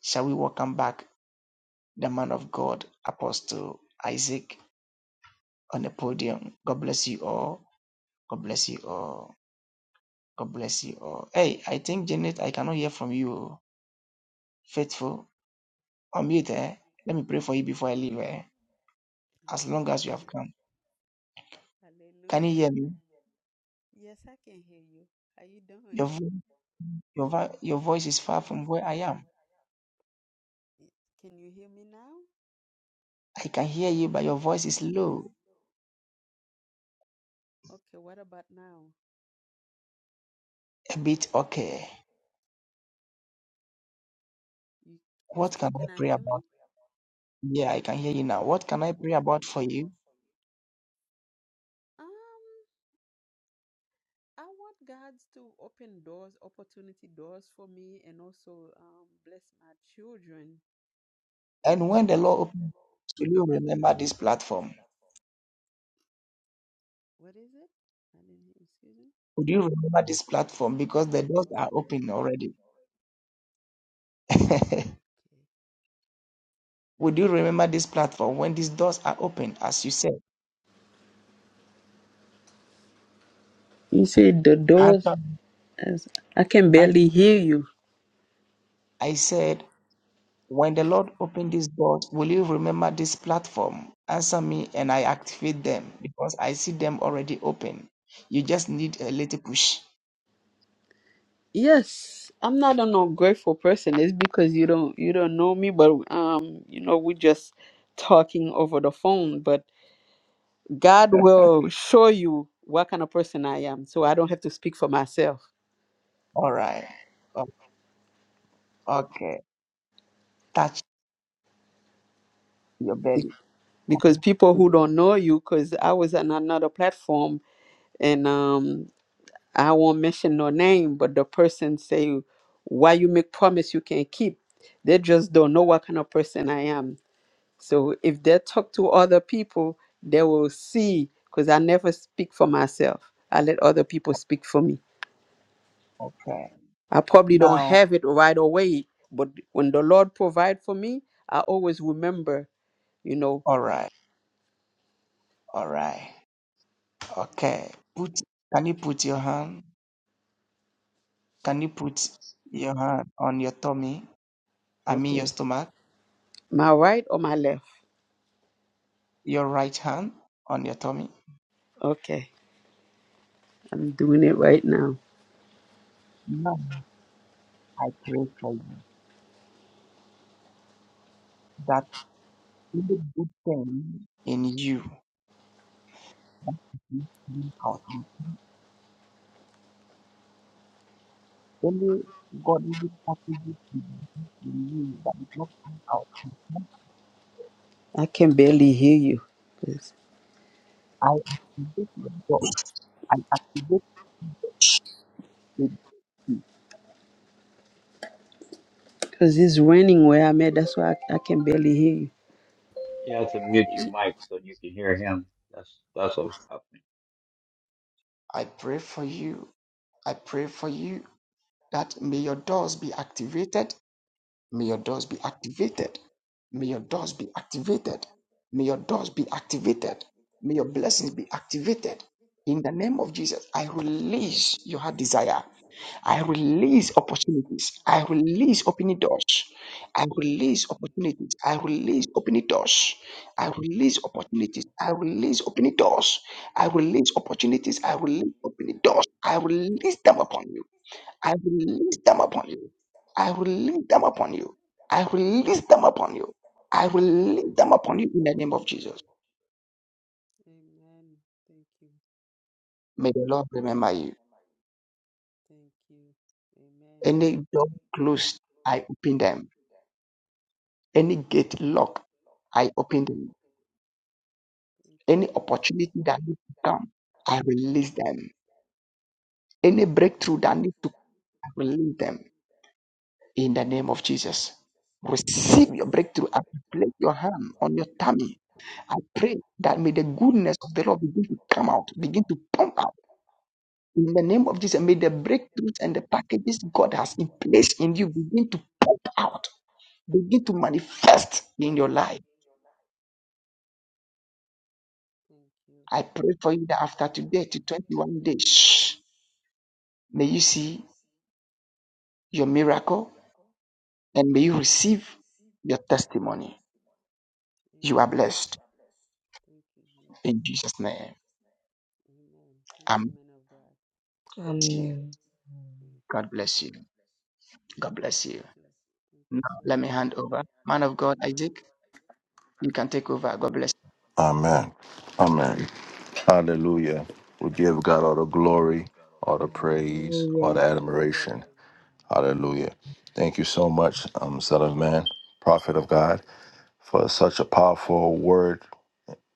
Speaker 5: shall we welcome back the man of God, Apostle Isaac, on the podium? God bless you all. God bless you all. God bless you all. Hey, I think, Janet, I cannot hear from you. Faithful, unmute, eh? Let me pray for you before I leave, eh? As
Speaker 14: Okay.
Speaker 5: long as you have come. Can you
Speaker 14: Hallelujah.
Speaker 5: hear me?
Speaker 14: Yes, I can hear you. How you
Speaker 5: Your
Speaker 14: doing?
Speaker 5: voice. Your, vo- your voice is far from where I am.
Speaker 14: Can you hear me now?
Speaker 5: I can hear you, but your voice is low,
Speaker 14: Okay, what about now?
Speaker 5: a bit okay.
Speaker 14: You you
Speaker 5: What can
Speaker 14: still
Speaker 5: I
Speaker 14: cannot
Speaker 5: pray
Speaker 14: hear me?
Speaker 5: about? Yeah, I can hear you now. What can I pray about for you?
Speaker 14: Um, I want God to open doors, opportunity doors for me and also um bless my children, you
Speaker 5: And when the
Speaker 14: know. And
Speaker 5: Lord
Speaker 14: when the
Speaker 5: opens,
Speaker 14: Lord
Speaker 5: will you remember
Speaker 14: don't
Speaker 5: this
Speaker 14: remember this
Speaker 5: platform?
Speaker 14: platform. What is it? I didn't hear. Excuse me.
Speaker 5: Would you
Speaker 14: Do
Speaker 5: remember
Speaker 14: You
Speaker 5: this
Speaker 14: remember this
Speaker 5: platform? Because
Speaker 14: platform
Speaker 5: the doors
Speaker 14: because
Speaker 5: are
Speaker 14: the doors
Speaker 5: open
Speaker 14: are open
Speaker 5: already.
Speaker 14: already. Okay.
Speaker 5: Would you remember this platform when these doors are open, as you said?
Speaker 14: You said the doors.
Speaker 5: Answer,
Speaker 14: As I can
Speaker 5: an-
Speaker 14: barely hear you.
Speaker 5: I said, When the Lord opened these doors, will you remember this platform? Answer me and I activate them because I see them already open. You just need a little push.
Speaker 14: Yes, I'm not an ungrateful person. It's because you don't you don't know me, but um, you know, we're just talking over the phone. But God will show you what kind of person I am, so I don't have to speak for myself.
Speaker 5: All right. O- Okay. Touch your belly.
Speaker 14: Because people who don't know you, because I was on another platform, and um, I won't mention no name, but the person say, "Why you make promise you can't keep?" They just don't know what kind of person I am. So if they talk to other people, they will see. Because I never speak for myself. I let other people speak for me.
Speaker 5: Okay.
Speaker 14: I probably don't
Speaker 5: Now,
Speaker 14: have it right away, but when the Lord provide for me, I always remember. You know,
Speaker 5: all right. All right. Okay. Put, can you put your hand? Can you put your hand on your tummy? I mean, your
Speaker 14: okay,
Speaker 5: stomach,
Speaker 14: my right or my left?
Speaker 5: your right hand on your tummy.
Speaker 14: Okay, I'm doing it right now.
Speaker 5: Now, I pray for you that. Only good thing in you is coming out. The Only godly attribute in you that is not coming out.
Speaker 14: I can barely hear you. Yes.
Speaker 5: I activate your God. I activate the
Speaker 14: Because it's raining where I'm at. That's why I, I can barely hear you.
Speaker 2: You have to mute your
Speaker 3: Lord.
Speaker 2: mic so you can hear him. That's that's what's happening.
Speaker 5: I pray for you. I pray for you that may your doors be activated May your doors be activated. May your doors be activated. May your doors be activated. May your blessings be activated. In the name of Jesus, I release your heart desire. I release opportunities. I release opening doors. I release opportunities. I release opening doors. I release opportunities. I release opening doors. I release opportunities. I release opening doors. I release them upon you. I release them upon you. I release them upon you. I release them upon you. I release them upon you in the name of Jesus.
Speaker 14: Amen. Thank you.
Speaker 5: May the Lord remember you.
Speaker 14: Thank you. Amen.
Speaker 5: Any door closed, I open them. Any gate locked, I open them.
Speaker 14: Thank you,
Speaker 5: Any
Speaker 14: Jesus. Thank
Speaker 5: opportunity
Speaker 14: you, Lord.
Speaker 5: that needs to come, I release them. Any breakthrough that
Speaker 14: Thank
Speaker 5: needs to
Speaker 14: you.
Speaker 5: come, I release them in the name of Jesus. Receive your breakthrough and place your hand on your tummy I pray that may the goodness of the Lord begin to come out, begin to pump out in the name of Jesus. May the breakthroughs and the packages God has in place in you begin to pump out, begin to manifest in your life. I pray for you that after today to 21 days, may you see your miracle and may you receive your testimony.
Speaker 14: Thank you.
Speaker 5: You
Speaker 14: Amen.
Speaker 5: are
Speaker 14: You
Speaker 5: blessed
Speaker 14: are blessed. Thank you, Jesus.
Speaker 5: in Jesus'
Speaker 14: In
Speaker 5: name.
Speaker 14: Jesus' name, Amen. Thank
Speaker 5: i
Speaker 14: you,
Speaker 5: bless
Speaker 14: men of God.
Speaker 5: you.
Speaker 12: Amen.
Speaker 14: Thank
Speaker 5: God
Speaker 14: you.
Speaker 5: bless you.
Speaker 14: God bless you God
Speaker 5: God
Speaker 14: bless
Speaker 5: bless
Speaker 14: you
Speaker 5: you.
Speaker 14: God too. Bless you. Thank
Speaker 5: Now
Speaker 14: you so
Speaker 5: let me
Speaker 14: much.
Speaker 5: hand
Speaker 14: Let
Speaker 5: over.
Speaker 14: me hand
Speaker 5: Man
Speaker 14: over,
Speaker 5: of
Speaker 14: over.
Speaker 5: God,
Speaker 14: man of
Speaker 5: Isaac,
Speaker 14: God. I think you can take
Speaker 5: you can take over. God bless.
Speaker 14: over. God bless you.
Speaker 1: Amen. Amen.
Speaker 14: Um,
Speaker 1: Hallelujah. We give God
Speaker 14: Hallelujah.
Speaker 1: all the
Speaker 14: We give
Speaker 1: glory,
Speaker 14: God all the
Speaker 1: all the
Speaker 14: glory, all
Speaker 1: praise,
Speaker 14: the
Speaker 1: all the
Speaker 12: Hallelujah.
Speaker 14: praise, all
Speaker 1: admiration.
Speaker 14: that.
Speaker 1: Hallelujah. Thank you so much, um, Son of Man, Prophet of God, for such a powerful word,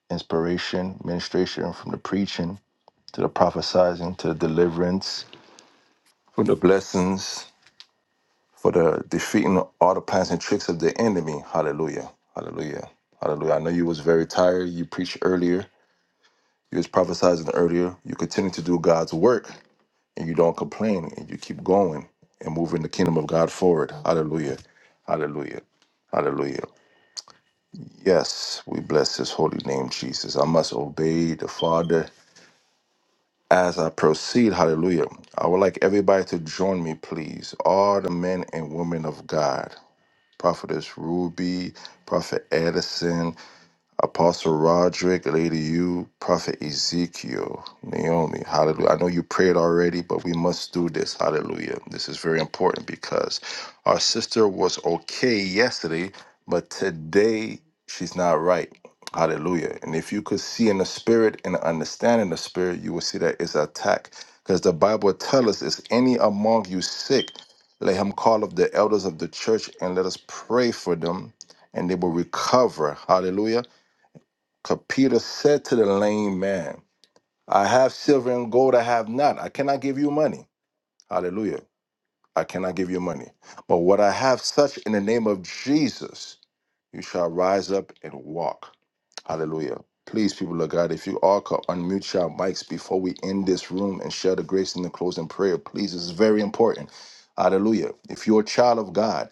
Speaker 1: inspiration, ministration from the preaching to the prophesizing to the deliverance, from the blessings, for the defeating all the plans and tricks of the enemy. Hallelujah. Hallelujah. Hallelujah. I know you was very tired. You preached earlier. You was prophesizing earlier. You continue to do God's work and you don't complain and you keep going and moving the kingdom of God forward. Hallelujah. Hallelujah. Hallelujah. Yes, we bless his holy name, Jesus. I must obey the Father as I proceed. Hallelujah. I would like everybody to join me, please. All the men and women of God. Prophetess Ruby, Prophet Edison, Apostle Roderick, Lady U, Prophet Ezekiel, Naomi, hallelujah. I know you prayed already, but we must do this, hallelujah. This is very important because our sister was okay yesterday, but today she's not right, hallelujah. And if you could see in the spirit and understand in the spirit, you will see that it's attack because the Bible tells us, is any among you sick, let him call up the elders of the church and let us pray for them and they will recover, hallelujah 'Cause Peter said to the lame man, I have silver and gold I have not. I cannot give you money. Hallelujah. I cannot give you money. But what I have, such in the name of Jesus, you shall rise up and walk. Hallelujah. Please, people of God, if you all could unmute your mics before we end this room and share the grace in the closing prayer, please. It's very important. Hallelujah. If you're a child of God,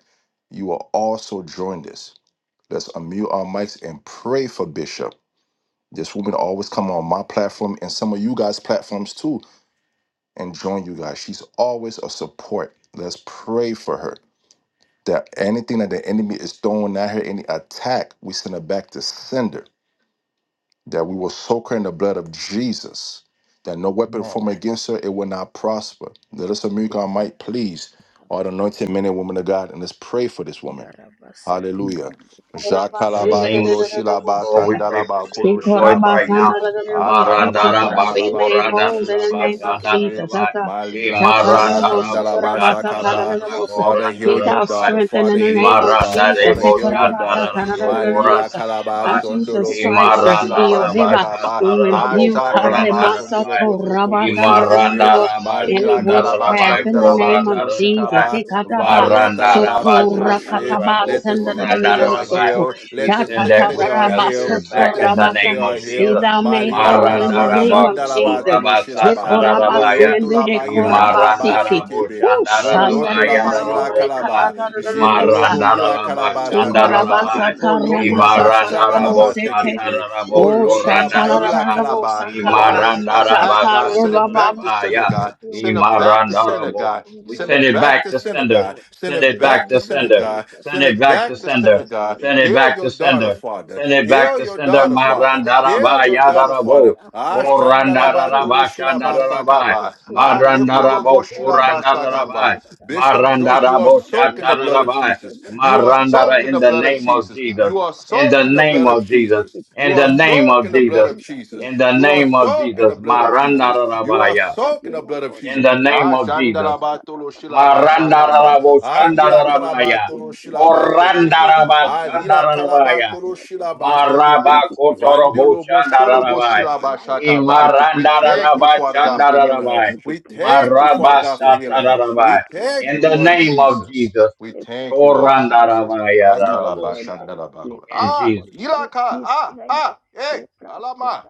Speaker 1: you are also joined this. Let's unmute our mics and pray for Bishop. Just for me to always come on my platform and some of you guys' platforms too and join you guys. She's always a support. Let's pray for her. That anything that the enemy is throwing at her, any attack, we send her back to sender that we will soak her in the blood of Jesus, that no weapon
Speaker 5: Amen.
Speaker 1: formed against her, it will not prosper. Let us make our might please, all the anointed men and women of God, and let's pray for this woman.
Speaker 3: Indarabasete
Speaker 1: Hallelujah.
Speaker 3: kandi dede
Speaker 2: In the
Speaker 1: Jakalaba
Speaker 3: bosha
Speaker 2: name
Speaker 1: tolo
Speaker 2: of
Speaker 3: kata
Speaker 2: Jesus,
Speaker 3: tata
Speaker 1: shilaba
Speaker 2: Lord, we
Speaker 15: Korabasandaraboshata.
Speaker 3: tata ta.
Speaker 2: pray for
Speaker 1: sandalaba kolo
Speaker 2: Bishop Joyce
Speaker 1: shilaba
Speaker 3: Narate
Speaker 2: right
Speaker 1: ye.
Speaker 2: now.
Speaker 3: kaka kata
Speaker 15: Ikorabasandarabokoto
Speaker 3: kapa
Speaker 1: Akalaba
Speaker 3: papa
Speaker 2: Marandaraba,
Speaker 15: korabe
Speaker 1: vandalaba
Speaker 3: papa.
Speaker 15: made
Speaker 1: tolo
Speaker 15: whole in the
Speaker 2: korandaraba,
Speaker 1: shilaba
Speaker 15: name of
Speaker 3: Oh
Speaker 1: sekebe.
Speaker 15: Jesus.
Speaker 3: Lord
Speaker 2: shandaraba,
Speaker 3: of
Speaker 15: Ata-
Speaker 1: Malila
Speaker 3: mercy.
Speaker 1: kalaba
Speaker 15: Shataraboso
Speaker 2: imarandarabo,
Speaker 1: samdalaba
Speaker 3: Rada
Speaker 1: shakaba.
Speaker 2: shataraba,
Speaker 15: korabasatarabosa.
Speaker 3: shakara
Speaker 1: Father,
Speaker 3: dada
Speaker 1: heal
Speaker 15: Get
Speaker 1: your
Speaker 15: our
Speaker 3: bapa
Speaker 2: korandaraba,
Speaker 1: daughter.
Speaker 15: strength
Speaker 3: bapa.
Speaker 15: in the
Speaker 1: Father, heal
Speaker 15: name of
Speaker 1: your daughter.
Speaker 15: Jesus.
Speaker 1: Father,
Speaker 2: imarandarebo,
Speaker 1: heal your daughter.
Speaker 2: shatarabo,
Speaker 3: shakara
Speaker 1: Malila
Speaker 15: Ikorabasatarabosa.
Speaker 1: Kalaba
Speaker 15: By
Speaker 2: korandaraba,
Speaker 1: Sondolo
Speaker 15: Jesus'
Speaker 3: dada
Speaker 15: stripes
Speaker 3: bapa
Speaker 1: Potolo
Speaker 15: you're
Speaker 1: Shilaba
Speaker 15: healed.
Speaker 2: imarandaraba,
Speaker 1: Sakaba
Speaker 15: We
Speaker 3: I'm just a humble sheep. Ta ta ta ta ta ta ta ta ta
Speaker 2: shatarabo,
Speaker 15: rebuke
Speaker 1: Asha kalabason de
Speaker 2: korandaraba,
Speaker 15: Karemasato
Speaker 1: loboto kobo
Speaker 15: Rabasandra
Speaker 1: shekebe.
Speaker 2: imarandaraba,
Speaker 3: ta
Speaker 15: any
Speaker 3: ta.
Speaker 1: Malila
Speaker 15: witchcraft
Speaker 2: shandaraba,
Speaker 1: kalabasam
Speaker 15: in
Speaker 1: de
Speaker 15: the
Speaker 3: Mercy
Speaker 15: name
Speaker 1: labato
Speaker 15: of
Speaker 3: Lord,
Speaker 1: no
Speaker 15: Jesus.
Speaker 3: mercy
Speaker 2: korandaraba,
Speaker 1: shekaba.
Speaker 3: Lord,
Speaker 15: Ikataba
Speaker 3: mercy
Speaker 1: Valeta
Speaker 3: Lord,
Speaker 2: marandaraba,
Speaker 1: labaso
Speaker 15: Soko
Speaker 3: mercy Lord.
Speaker 1: kuroshe.
Speaker 3: We
Speaker 15: Rakataba
Speaker 2: shatarabo,
Speaker 3: need
Speaker 1: Let the
Speaker 15: Sandra
Speaker 1: sick
Speaker 3: your
Speaker 1: say they are
Speaker 3: mercy,
Speaker 2: korandaraba,
Speaker 3: O
Speaker 15: Soko
Speaker 1: healed.
Speaker 3: God.
Speaker 2: we
Speaker 1: Let
Speaker 3: Don't
Speaker 1: the
Speaker 3: let me
Speaker 2: send
Speaker 1: sick
Speaker 15: Tatata
Speaker 2: that
Speaker 1: say
Speaker 3: fall
Speaker 1: they are
Speaker 3: short.
Speaker 2: witchcraft
Speaker 1: healed.
Speaker 2: spirit
Speaker 1: Let
Speaker 15: Rabasoto
Speaker 2: back
Speaker 1: the
Speaker 2: in
Speaker 3: And
Speaker 2: the
Speaker 1: sick
Speaker 3: let
Speaker 1: say
Speaker 15: Rabasa.
Speaker 1: they
Speaker 3: me
Speaker 2: name
Speaker 1: are
Speaker 2: of
Speaker 3: always
Speaker 15: Be
Speaker 1: healed.
Speaker 2: Jesus.
Speaker 15: thou
Speaker 3: stay
Speaker 15: made
Speaker 3: near
Speaker 1: Malila
Speaker 3: you,
Speaker 15: whole in the
Speaker 3: mercy,
Speaker 15: name
Speaker 3: mercy,
Speaker 15: of
Speaker 1: kalabashanda
Speaker 3: mercy,
Speaker 2: Marandarabako
Speaker 1: labato
Speaker 15: Jesus.
Speaker 1: no
Speaker 3: mercy,
Speaker 1: shilaba.
Speaker 15: Ekorabasi
Speaker 2: rabasatarabaya.
Speaker 1: Voloto
Speaker 15: and
Speaker 1: laba
Speaker 3: mercy, mercy. Let
Speaker 1: ila
Speaker 3: your mercy be our guide. Ta ta ta ta ta ta ta ta
Speaker 15: Korabasiki.
Speaker 3: ta
Speaker 2: Imarandarabo
Speaker 1: shekebe.
Speaker 3: ta ta. Let your
Speaker 1: Voloto
Speaker 2: shandarabaya
Speaker 1: laba
Speaker 3: mercy
Speaker 15: Ushandarabo
Speaker 1: ila
Speaker 3: guide us
Speaker 2: darabosa.
Speaker 1: kalaba.
Speaker 3: till
Speaker 15: Rekatata
Speaker 3: our prayers
Speaker 15: Rabosa.
Speaker 1: Jetolobo
Speaker 3: are
Speaker 1: ila
Speaker 2: Marandarabha
Speaker 3: answered.
Speaker 1: kalabasandalaba.
Speaker 2: shandarabai.
Speaker 15: Ikorabasata
Speaker 1: Poloto
Speaker 15: ramasata
Speaker 3: Ta ta ta.
Speaker 1: laba
Speaker 2: Imarandarabo
Speaker 15: rabosete.
Speaker 3: We
Speaker 1: sekebe.
Speaker 3: trust in your
Speaker 2: shataraboko
Speaker 15: Oh,
Speaker 3: love.
Speaker 1: Moloto la
Speaker 3: Ta ta ta.
Speaker 2: randarabai.
Speaker 1: kalaba.
Speaker 15: shatarabosakanda.
Speaker 1: Father,
Speaker 3: Masilete
Speaker 1: any
Speaker 3: kade te
Speaker 1: attack,
Speaker 2: Imarandarabha
Speaker 3: te te
Speaker 1: God,
Speaker 3: te
Speaker 1: send it
Speaker 3: te
Speaker 1: back
Speaker 15: Shatarababa.
Speaker 1: to
Speaker 3: te.
Speaker 2: shandarabaya.
Speaker 1: synagogue.
Speaker 3: Let your
Speaker 1: Send it
Speaker 3: mercy
Speaker 1: back to
Speaker 3: prevail
Speaker 2: Imarandarabo.
Speaker 1: synagogue.
Speaker 3: upon
Speaker 2: We
Speaker 1: Send
Speaker 3: your
Speaker 2: send
Speaker 1: it
Speaker 2: it
Speaker 1: back
Speaker 3: woman
Speaker 2: back
Speaker 1: to
Speaker 2: to
Speaker 3: servant,
Speaker 2: sender.
Speaker 1: synagogue.
Speaker 3: Lord.
Speaker 1: Send
Speaker 2: Send
Speaker 1: it
Speaker 2: it
Speaker 3: In the
Speaker 1: back
Speaker 2: back
Speaker 1: to
Speaker 2: to
Speaker 3: name of
Speaker 2: sender.
Speaker 1: synagogue.
Speaker 3: Jesus,
Speaker 2: Send
Speaker 1: Send
Speaker 2: it
Speaker 1: it
Speaker 2: back to
Speaker 1: back to
Speaker 2: sender.
Speaker 3: arise, O
Speaker 1: synagogue.
Speaker 2: Send it
Speaker 3: Lord.
Speaker 1: Heal
Speaker 2: back to
Speaker 1: your daughter,
Speaker 2: sender.
Speaker 1: Father.
Speaker 2: Send it back
Speaker 1: Heal
Speaker 3: Arjarakashadadada.
Speaker 2: to
Speaker 1: your
Speaker 2: sender.
Speaker 1: daughter,
Speaker 3: Every
Speaker 1: Father.
Speaker 3: arrow of
Speaker 1: Heal
Speaker 2: Marandaraba
Speaker 1: your daughter,
Speaker 3: affliction, we
Speaker 2: yadarabo.
Speaker 1: Father.
Speaker 3: uproot it
Speaker 1: Ashanda
Speaker 3: from
Speaker 1: la
Speaker 3: its
Speaker 1: ba
Speaker 3: roots.
Speaker 1: tolo
Speaker 2: Korandaraba
Speaker 1: shila ba
Speaker 3: We are
Speaker 2: shandarabai.
Speaker 3: pratos
Speaker 1: sakaba. Ah, lekolo bo
Speaker 2: Marandarabo
Speaker 1: ba
Speaker 2: korandarabai.
Speaker 1: Bishop
Speaker 3: In the
Speaker 1: Joyce, you are
Speaker 3: name
Speaker 2: Marandarabo
Speaker 3: of
Speaker 1: soaked in the
Speaker 3: Jesus,
Speaker 1: blood of
Speaker 2: shatarabai.
Speaker 3: let
Speaker 1: Jesus.
Speaker 3: the
Speaker 1: You
Speaker 3: fire
Speaker 1: are
Speaker 3: of the
Speaker 1: soaked
Speaker 2: Marandara
Speaker 3: Holy
Speaker 1: in
Speaker 2: in
Speaker 1: the blood
Speaker 2: the
Speaker 3: Ghost
Speaker 1: blood of
Speaker 2: name
Speaker 3: from the
Speaker 2: of
Speaker 1: Jesus.
Speaker 3: crown
Speaker 2: Jesus.
Speaker 1: You
Speaker 3: of
Speaker 1: are
Speaker 3: her head
Speaker 2: In the
Speaker 1: soaked
Speaker 3: to
Speaker 1: in the
Speaker 3: the
Speaker 2: name
Speaker 1: blood of
Speaker 3: source
Speaker 2: of
Speaker 3: of her
Speaker 2: Jesus.
Speaker 1: Jesus.
Speaker 3: feet
Speaker 1: You
Speaker 2: In the
Speaker 1: are
Speaker 3: Ban
Speaker 2: name
Speaker 1: soaked
Speaker 2: of
Speaker 1: in the blood
Speaker 2: Jesus.
Speaker 1: of
Speaker 3: anything that he
Speaker 1: Jesus.
Speaker 2: In the
Speaker 3: had
Speaker 1: You are
Speaker 2: name
Speaker 3: dosha
Speaker 2: of
Speaker 3: da
Speaker 1: soaked
Speaker 3: ya
Speaker 1: in
Speaker 3: da
Speaker 1: the
Speaker 2: Jesus.
Speaker 1: blood of
Speaker 3: sika
Speaker 1: Jesus.
Speaker 3: telika
Speaker 1: You
Speaker 3: pai
Speaker 1: are
Speaker 2: Marandarabaya.
Speaker 3: that
Speaker 1: soaked in
Speaker 3: he
Speaker 1: the
Speaker 3: la
Speaker 1: blood of
Speaker 3: con
Speaker 2: In
Speaker 1: Jesus.
Speaker 2: the
Speaker 3: tequila
Speaker 2: name
Speaker 1: Ah,
Speaker 2: of
Speaker 3: kapai ya
Speaker 2: Jesus.
Speaker 3: da
Speaker 1: shandalabatolo
Speaker 3: that is
Speaker 1: shilabasakaba.
Speaker 3: not of
Speaker 2: Marandarabo
Speaker 1: Ah,
Speaker 3: God let it burn
Speaker 2: Shandarabaya.
Speaker 3: to
Speaker 1: yilakalabatolo
Speaker 3: invisible ashes
Speaker 1: shilabasekepe.
Speaker 3: in the
Speaker 2: Korandaraba
Speaker 1: Ah,
Speaker 3: melosha
Speaker 2: Shandarabaya.
Speaker 1: yilakalabatolo
Speaker 3: rekete kete
Speaker 2: Maraba
Speaker 3: we
Speaker 1: shilabasekepe.
Speaker 3: declare
Speaker 2: Kotorobo
Speaker 3: life
Speaker 1: Vandelobo
Speaker 3: we
Speaker 1: sholobo
Speaker 2: Shandarabai.
Speaker 3: declare life
Speaker 1: silabashakaba.
Speaker 3: we
Speaker 1: We
Speaker 3: declare the
Speaker 1: thank you,
Speaker 3: life
Speaker 2: Imarandaraba
Speaker 3: of
Speaker 1: Father God, for
Speaker 3: Jesus
Speaker 1: healing her.
Speaker 2: Shandarabai.
Speaker 3: we
Speaker 1: We
Speaker 3: declare
Speaker 1: thank
Speaker 3: the
Speaker 1: you,
Speaker 3: life
Speaker 1: Father
Speaker 3: of
Speaker 2: Maraba
Speaker 1: God, for
Speaker 3: Jesus
Speaker 1: healing her.
Speaker 3: we
Speaker 1: We
Speaker 2: Satarabai.
Speaker 3: declare
Speaker 1: thank
Speaker 3: the
Speaker 2: In
Speaker 1: you,
Speaker 2: the
Speaker 1: Lord
Speaker 3: blood of
Speaker 2: name of
Speaker 3: Jesus
Speaker 1: Jesus.
Speaker 2: Jesus.
Speaker 1: We thank you, Lord
Speaker 3: leproscotalia
Speaker 1: Jesus.
Speaker 2: Korandarabaya
Speaker 3: be
Speaker 1: Akalaba
Speaker 2: Rarabosa.
Speaker 3: strengthened
Speaker 1: shandalabako.
Speaker 2: In
Speaker 1: Ah,
Speaker 2: Jesus.
Speaker 3: leproscotalia
Speaker 1: ilaka.
Speaker 3: be
Speaker 1: Ah,
Speaker 3: strengthened
Speaker 1: ah, hey, alama.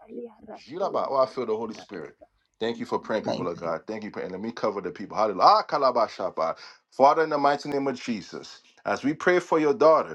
Speaker 1: Jilaba. Oh, I feel the Holy Spirit. Thank
Speaker 3: in
Speaker 1: you
Speaker 3: the
Speaker 1: for praying,
Speaker 3: name of
Speaker 1: people
Speaker 5: Thank
Speaker 1: of
Speaker 5: you.
Speaker 1: God.
Speaker 3: Jesus.
Speaker 1: Thank you. for- And let me cover the people. Hallelujah. Ah, kalaba shapa. Father, in the mighty name of Jesus, as we pray for your daughter.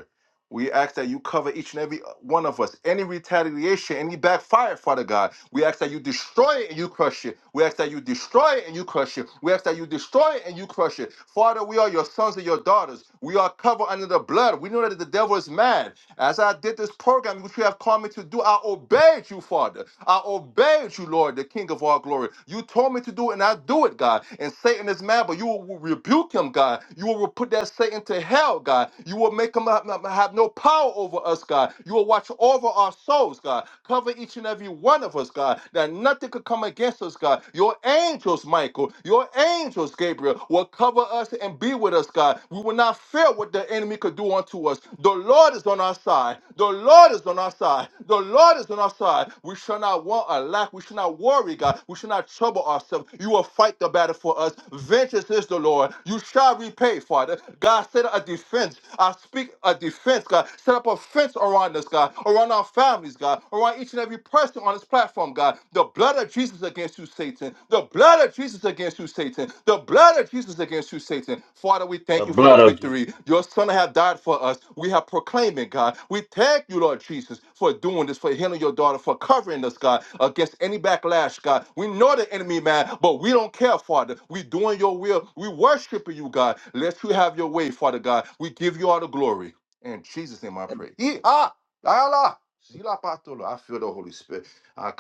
Speaker 1: We ask that you cover each and every uh, one of us. Any retaliation, any backfire, Father God. We ask that you destroy it and you crush it. We ask that you destroy it and you crush it. We ask that you destroy it and you crush it. Father, we are your sons and your daughters. We are covered under the blood. We know that the devil is mad. As I did this program, which you have called me to do, I obeyed you, Father. I obeyed you, Lord, the King of all glory. You told me to do it and I do it, God. And Satan is mad, but you will rebuke him, God. You will put that Satan to hell, God. You will make him have no power over us, God. You will watch over our souls, God. Cover each and every one of us, God, that nothing could come against us, God. Your angels, Michael, your angels, Gabriel, will cover us and be with us, God. We will not fear what the enemy could do unto us. The Lord is on our side. The Lord is on our side. The Lord is on our side. We shall not want a lack. We shall not worry, God. We shall not trouble ourselves. You will fight the battle for us. Vengeance is the Lord. You shall repay, Father. God said a defense. I speak a defense, God. Set up a fence around us, God, around our families, God, around each and every person on this platform, God. The blood of Jesus against you, Satan. The blood of Jesus against you, Satan. The blood of Jesus against you, Satan. Father, we
Speaker 2: The
Speaker 1: thank you for the
Speaker 2: blood of Jesus.
Speaker 1: victory. Your son have died for us. We have proclaimed it, God. We thank you, Lord Jesus, for doing this, for healing your daughter, for covering us, God, against any backlash, God. We know the enemy, man, but we don't care, Father. We doing your will. We worshiping you, God. Let you have your way, Father God. We give you all the glory. In Jesus' name I pray. Yee, ah, yala, zila I feel the Holy Spirit. Ah,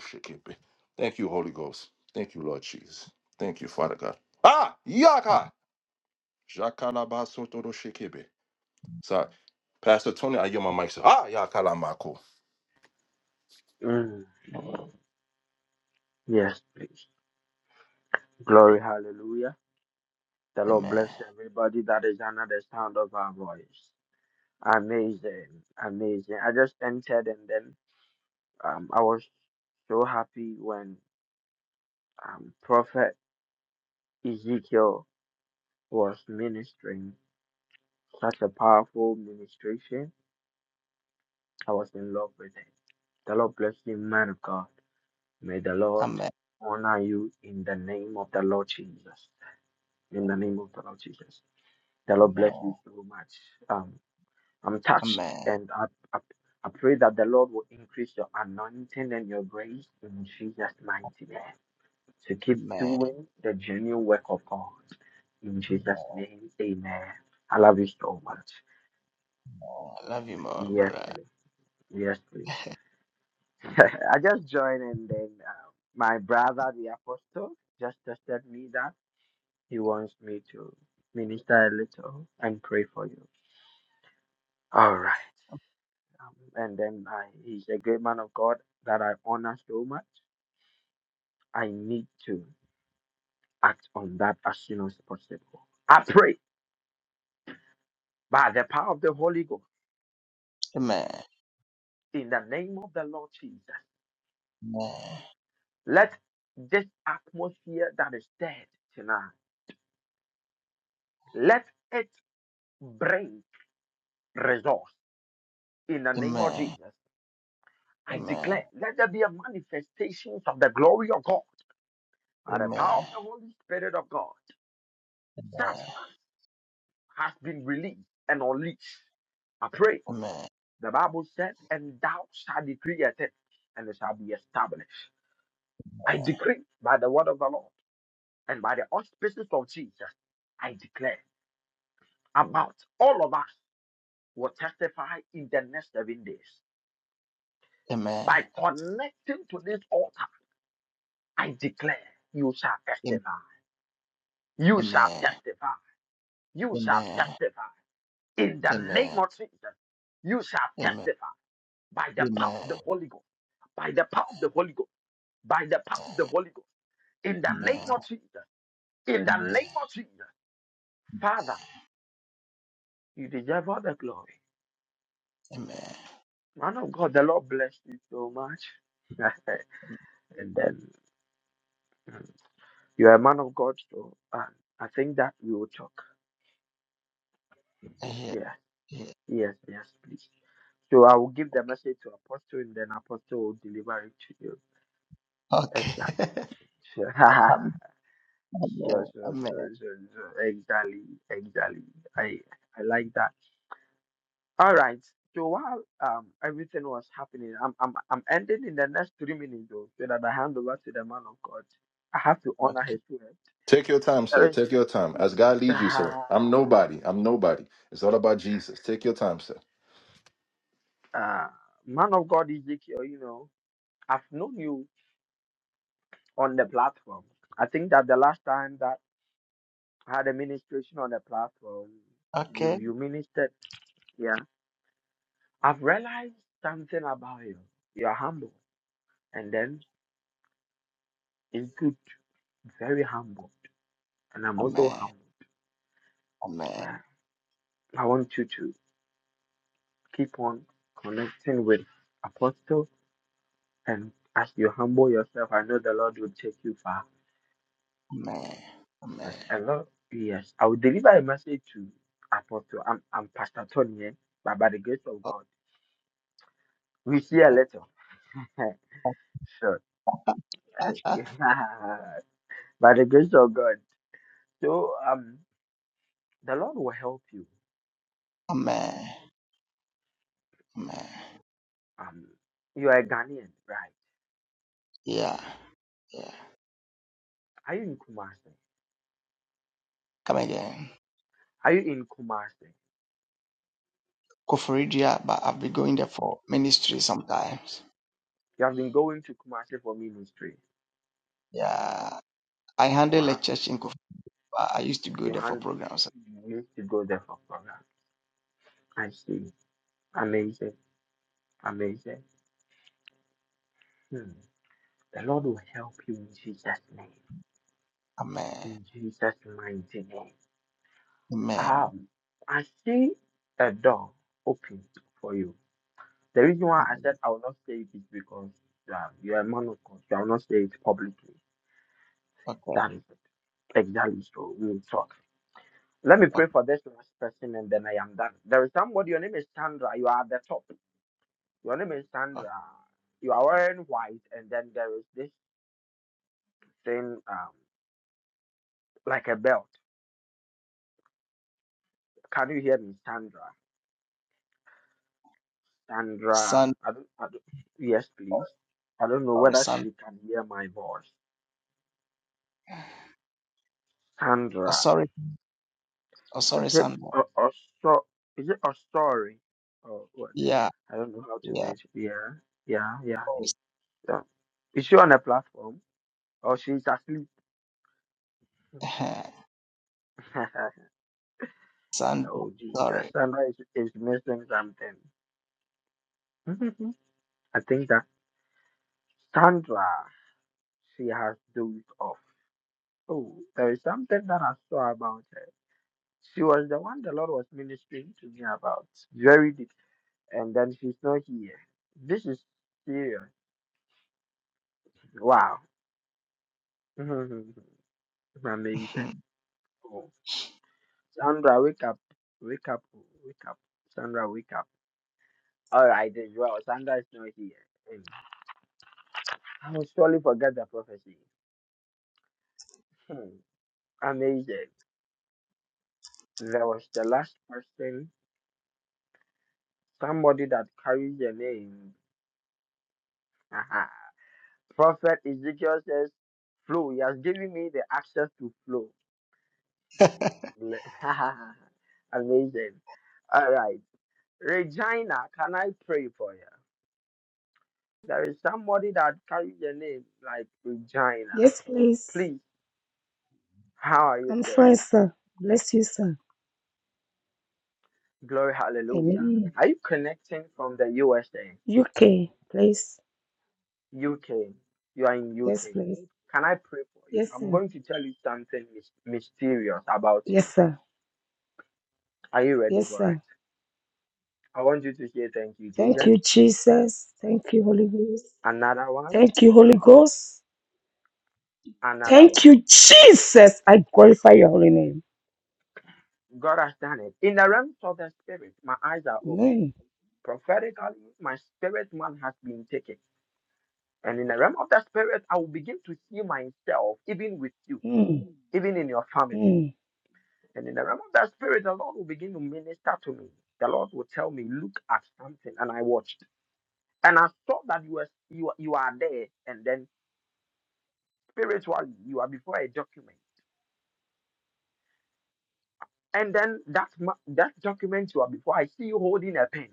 Speaker 1: shekepe. Thank you, Holy Ghost. Thank you, Lord Jesus. Thank you, Father God. Ah, yaka. Jakalabasoto do shekebe. Sorry. Pastor Tony, I yield my mic, sir. Ah, yakalamako.
Speaker 16: Mm. Yes, please. Glory, hallelujah. The Lord
Speaker 5: Amen.
Speaker 16: bless everybody that is under the sound of our voice. Amazing, amazing. I just entered and then um, I was so happy when um, Prophet Ezekiel was ministering. Such a powerful ministration. I was in love with it. The Lord bless you, man of God. May the Lord
Speaker 5: Amen.
Speaker 16: honor you in the name of the Lord Jesus. In the name of the Lord Jesus. The Lord bless you so much. Um, I'm touched,
Speaker 5: Amen.
Speaker 16: and I, I, I pray that the Lord will increase your anointing and your grace in Jesus' mighty name to keep
Speaker 5: Amen.
Speaker 16: doing the genuine work of God. In Jesus' name, amen. I love you so much.
Speaker 5: I love you more,
Speaker 16: Yes,
Speaker 5: brother.
Speaker 16: please. Yes, please. I just joined, and then uh, my brother, the apostle, just tested me that he wants me to minister a little and pray for you. All right. Um, and then I, he's a great man of God that I honor so much. I need to act on that as soon as possible. I pray by the power of the Holy Ghost
Speaker 5: Amen.
Speaker 16: in the name of the Lord Jesus.
Speaker 5: Amen.
Speaker 16: Let this atmosphere that is dead tonight, let it bring results in the name of
Speaker 5: Amen.
Speaker 16: Jesus. I
Speaker 5: Amen.
Speaker 16: declare, let there be a manifestation of the glory of God by the
Speaker 5: Amen.
Speaker 16: power of the Holy Spirit of God. Touch us has been released and unleashed. I pray.
Speaker 5: Amen.
Speaker 16: The Bible said, and thou shalt decree a thing, and it shall be established. I decree by the word of the Lord and by the auspices of Jesus, I declare about all of us will testify in the next seven days.
Speaker 5: Amen.
Speaker 16: By connecting to this altar, I declare you shall testify.
Speaker 5: Amen.
Speaker 16: You
Speaker 5: Amen.
Speaker 16: shall testify. You shall
Speaker 5: Amen.
Speaker 16: testify. In the name
Speaker 5: Amen.
Speaker 16: of Jesus, you shall
Speaker 5: Amen.
Speaker 16: testify by the power
Speaker 5: Amen.
Speaker 16: of the Holy Ghost. by the power of the Holy Ghost, by the power of the Holy Ghost, in the name of
Speaker 5: Amen.
Speaker 16: Jesus, in the name of Jesus. Father, you deserve all the glory.
Speaker 5: Amen. Amen.
Speaker 16: Man of God, the Lord bless you so much. and then mm, you are a man of God, so uh, I think that we will talk.
Speaker 5: I hear.
Speaker 16: Yeah,
Speaker 5: I hear.
Speaker 16: yes, yes, please. So I will give the message to Apostle, and then Apostle will deliver it to you.
Speaker 5: Okay.
Speaker 16: Exactly. Sure,
Speaker 5: Amen.
Speaker 16: sure, sure, sure,
Speaker 5: Amen.
Speaker 16: sure. sure. Exactly, exactly. I I like that. All right. So while um everything was happening, I'm I'm I'm ending in the next three minutes though, so that I hand over to the man of God. I have to honor
Speaker 5: Okay.
Speaker 16: his word.
Speaker 1: Take your time, sir.
Speaker 16: There is
Speaker 1: Take your time. As God leads you, sir.
Speaker 16: uh,
Speaker 1: I'm nobody. I'm nobody. It's all about Jesus. Take your time, sir.
Speaker 16: uh man of God Ezekiel, you know, I've known you on the platform. I think that the last time that I had a ministration on the platform, you
Speaker 5: Okay.
Speaker 16: you ministered, yeah. I've realized something about you. You're humble and then it's good, very humble. And I'm also
Speaker 5: Amen.
Speaker 16: humble.
Speaker 5: Amen.
Speaker 16: Yeah. I want you to keep on connecting with Apostle, and as you humble yourself, I know the Lord will take you far.
Speaker 5: Amen.
Speaker 16: As
Speaker 5: Amen.
Speaker 16: a lot, yes, I will deliver a message to Apostle. I'm, I'm Pastor Tony, eh, but by the grace of God, we see a
Speaker 5: Okay.
Speaker 16: little. sure, by the grace of God. So, um, the Lord will help you.
Speaker 5: Amen. Amen.
Speaker 16: Um, you are a Ghanaian, right?
Speaker 5: Yeah. Yeah.
Speaker 16: Are you in Kumasi?
Speaker 5: Come again.
Speaker 16: Are you in Kumasi?
Speaker 5: Koforidia, but I've been going there for ministry sometimes.
Speaker 16: You have been going to Kumasi for ministry.
Speaker 5: Yeah. I handle a
Speaker 16: Wow.
Speaker 5: church in Kofor, but I used to go
Speaker 16: You
Speaker 5: there for
Speaker 16: had
Speaker 5: programs.
Speaker 16: you need to go there for program. I see. Amazing. Amazing. Hmm. The Lord will help you in Jesus' name.
Speaker 5: Amen.
Speaker 16: In Jesus' mighty name.
Speaker 5: Amen.
Speaker 16: Um, I see a door open for you. The reason why I said
Speaker 5: Amen.
Speaker 16: I will not say it is because um, you are a man of God. You will not say it publicly.
Speaker 5: Okay.
Speaker 16: That is it. Exactly. So we will talk. Let me pray
Speaker 5: Okay.
Speaker 16: for this last person and then I am done. There is somebody, your name is Chandra. You are at the top. Your name is
Speaker 5: okay.
Speaker 16: Sandra. You are wearing white, and then there is this thing, um, like a belt. Can you hear me, Sandra? Sandra,
Speaker 5: Sun
Speaker 16: I don't, I don't, yes, please. I don't know
Speaker 5: sorry,
Speaker 16: whether
Speaker 5: sun
Speaker 16: she can hear my voice.
Speaker 5: oh
Speaker 16: Sandra,
Speaker 5: sorry. Oh sorry,
Speaker 16: is it
Speaker 5: sun.
Speaker 16: a, a so, is it a story? Or what?
Speaker 5: Yeah,
Speaker 16: I don't know how to
Speaker 5: yeah.
Speaker 16: mention. Yeah, yeah, yeah.
Speaker 5: Sorry.
Speaker 16: yeah. Is she on a platform? Or she's asleep?
Speaker 5: Sun
Speaker 16: oh, Jesus.
Speaker 5: sorry.
Speaker 16: Sandra is, is missing something. I think that Sandra, she has dozed off. Oh, there is something that I saw about her. She was the one the Lord was ministering to me about. Very deep. And then she's not here. This is serious. Wow. Amazing. Oh. Sandra, wake up. Wake up. Wake up. Sandra, wake up. All right, as well. Sandra is not here. Hmm. I will surely forget the prophecy. Hmm. Amazing. There was the last person Somebody that carries the name. Haha. Prophet Ezekiel says, Flow. He has given me the access to flow. Amazing. All right. Regina, can I pray for you? There is somebody that carries the name like Regina.
Speaker 12: Yes, please.
Speaker 16: Please, how are you
Speaker 12: I'm
Speaker 16: doing?
Speaker 12: fine, sir. Bless you, sir.
Speaker 16: Glory, hallelujah.
Speaker 12: Amen.
Speaker 16: Are you connecting from the USA,
Speaker 12: UK, please.
Speaker 16: UK? You are in
Speaker 12: Yes,
Speaker 16: UK.
Speaker 12: please.
Speaker 16: Can I pray for you?
Speaker 12: Yes,
Speaker 16: I'm
Speaker 12: sir.
Speaker 16: going to tell you something mys- mysterious about
Speaker 12: Yes,
Speaker 16: you.
Speaker 12: sir.
Speaker 16: Are you ready
Speaker 12: Yes,
Speaker 16: for it?
Speaker 12: sir.
Speaker 16: I want you to say thank you,
Speaker 12: Thank
Speaker 16: Jesus.
Speaker 12: you, Jesus. Thank you, Holy Ghost.
Speaker 16: Another one,
Speaker 12: Thank you, Holy Ghost.
Speaker 16: another
Speaker 12: Thank
Speaker 16: one.
Speaker 12: you, Jesus. I glorify your holy name.
Speaker 16: God has done it. In the realms of the spirit, my eyes are open.
Speaker 12: Amen.
Speaker 16: Prophetically, my spirit man has been taken. And in the realm of the spirit, I will begin to see myself, even with you,
Speaker 12: Mm,
Speaker 16: even in your family.
Speaker 12: mm,
Speaker 16: And in the realm of the spirit, the Lord will begin to minister to me. The Lord will tell me, look at something. And I watched. And I saw that you were you, you are there. And then spiritually, you are before a document And then that ma- that document you are before, I see you holding a pen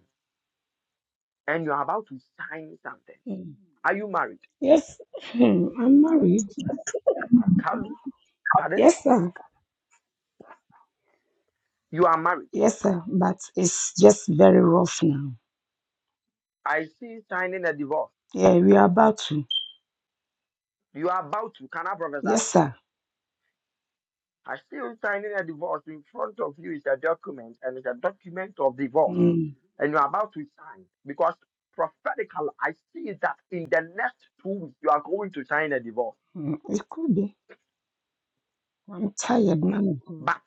Speaker 16: and you are about to sign something.
Speaker 12: mm.
Speaker 16: Are you married?
Speaker 12: Yes, hmm, I'm married.
Speaker 16: Kalu, pardon?
Speaker 12: Yes, sir.
Speaker 16: You are married.
Speaker 12: Yes, sir. But it's just very rough now.
Speaker 16: I see you signing a divorce.
Speaker 12: Yeah, we are about to.
Speaker 16: You are about to, can I prophesy?
Speaker 12: Yes, sir.
Speaker 16: I see you signing a divorce in front of you is a document and it's a document of divorce
Speaker 12: Mm.
Speaker 16: and you're about to sign because prophetically I see that in the next two weeks you are going to sign a divorce.
Speaker 12: Mm. It could be. I'm tired, man of God.
Speaker 16: But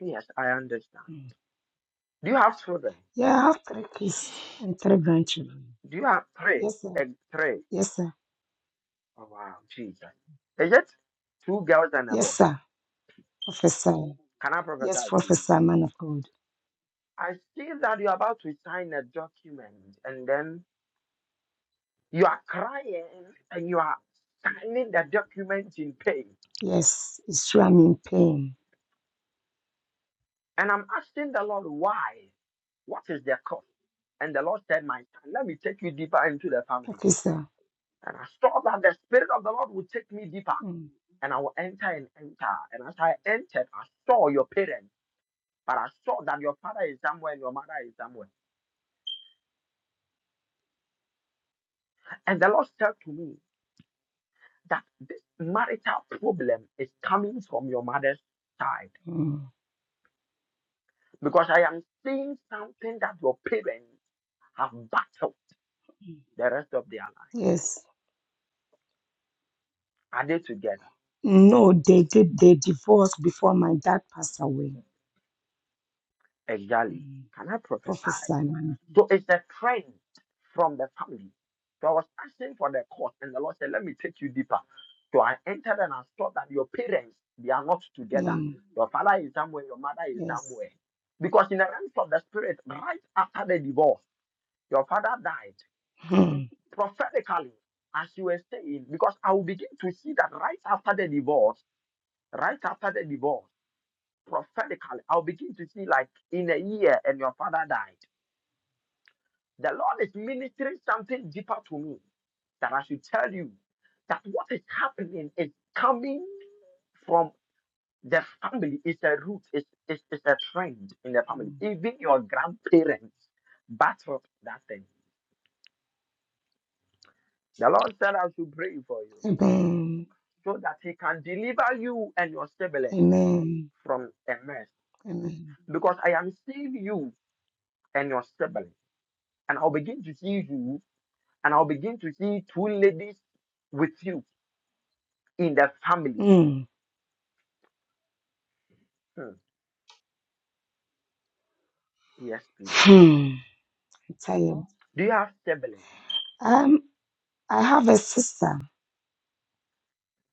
Speaker 16: yes, I understand.
Speaker 12: Mm.
Speaker 16: Do you have children?
Speaker 12: Yeah, I have three kids and three grandchildren.
Speaker 16: Do you have three?
Speaker 12: Yes, sir.
Speaker 16: And three.
Speaker 12: Yes, sir.
Speaker 16: Oh wow, Jesus. Is it two girls and a
Speaker 12: Yes,
Speaker 16: boy?
Speaker 12: sir. Professor.
Speaker 16: Can I prophesy
Speaker 12: Yes,
Speaker 16: to you?
Speaker 12: Professor, man of God.
Speaker 16: I see that you're about to sign a document and then you are crying and you are signing the document in pain.
Speaker 12: Yes, it's true. I'm in pain.
Speaker 16: And I'm asking the Lord why? What is the cause? And the Lord said, My son, let me take you deeper into the family.
Speaker 12: Okay, sir.
Speaker 16: And I saw that the Spirit of the Lord would take me deeper.
Speaker 12: Mm.
Speaker 16: And I will enter and enter. And as I entered, I saw your parents. But I saw that your father is somewhere and your mother is somewhere. And the Lord said to me that this marital problem is coming from your mother's side.
Speaker 12: Mm.
Speaker 16: Because I am seeing something that your parents have battled the rest of their life.
Speaker 12: Yes.
Speaker 16: Are they together?
Speaker 12: No, they did. They divorced before my dad passed away.
Speaker 16: Exactly.
Speaker 12: Mm.
Speaker 16: Can I prophesy?
Speaker 12: Professor, man.
Speaker 16: So it's a trend from the family. So I was asking for the course, and the Lord said, Let me take you deeper. So I entered and I saw that your parents, they are not together.
Speaker 12: No.
Speaker 16: Your father is somewhere, your mother is
Speaker 12: Yes.
Speaker 16: somewhere. Because in the realms of the spirit, right after the divorce, your father died
Speaker 12: Hmm.
Speaker 16: prophetically, as you were saying, because I will begin to see that right after the divorce, right after the divorce, prophetically, I'll begin to see like in a year and your father died The Lord is ministering something deeper to me that I should tell you that what is happening is coming from the family. It's a root, it's, it's, it's a trend in the family.
Speaker 12: Mm.
Speaker 16: Even your grandparents battled that thing. The Lord said, I should pray for you
Speaker 12: Amen.
Speaker 16: so that He can deliver you and your sibling
Speaker 12: Amen.
Speaker 16: from a mess.
Speaker 12: Amen.
Speaker 16: Because I am seeing you and your sibling, and I'll begin to see you, and I'll begin to see two ladies with you in the family.
Speaker 12: Mm.
Speaker 16: Hmm. Yes, please.
Speaker 12: Hmm. I tell you.
Speaker 16: Do you have siblings?
Speaker 12: Um, I have a sister.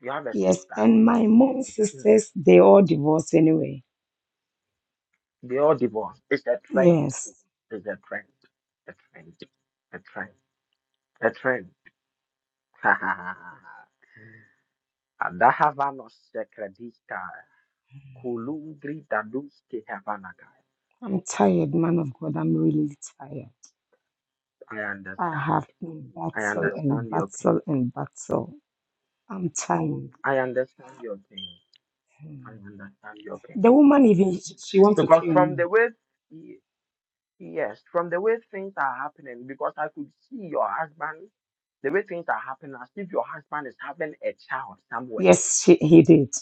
Speaker 16: Do you have a
Speaker 12: Yes,
Speaker 16: sister?
Speaker 12: and my mom
Speaker 16: Hmm.
Speaker 12: sisters, they all divorced anyway.
Speaker 16: They all divorced. It's a trend.
Speaker 12: Yes.
Speaker 16: It's a trend. A trend. A trend. A trend. Ha ha ha ha. ha. Adahavanos sekredista. Kulungri daduski havanakai.
Speaker 12: I'm tired, man of God. I'm really tired.
Speaker 16: I
Speaker 12: I
Speaker 16: understand.
Speaker 12: have been
Speaker 16: I
Speaker 12: battle and
Speaker 16: understand your pain.
Speaker 12: battle and battle. I'm tired.
Speaker 16: I understand your pain. I
Speaker 12: Hmm.
Speaker 16: understand your pain.
Speaker 12: The woman even she she want to
Speaker 16: Because
Speaker 12: kill
Speaker 16: from
Speaker 12: me.
Speaker 16: the way Yes, from the way things are happening, because I could see your husband, the way things are happening, as if your husband is having a child somewhere,
Speaker 12: Yes, she, he did.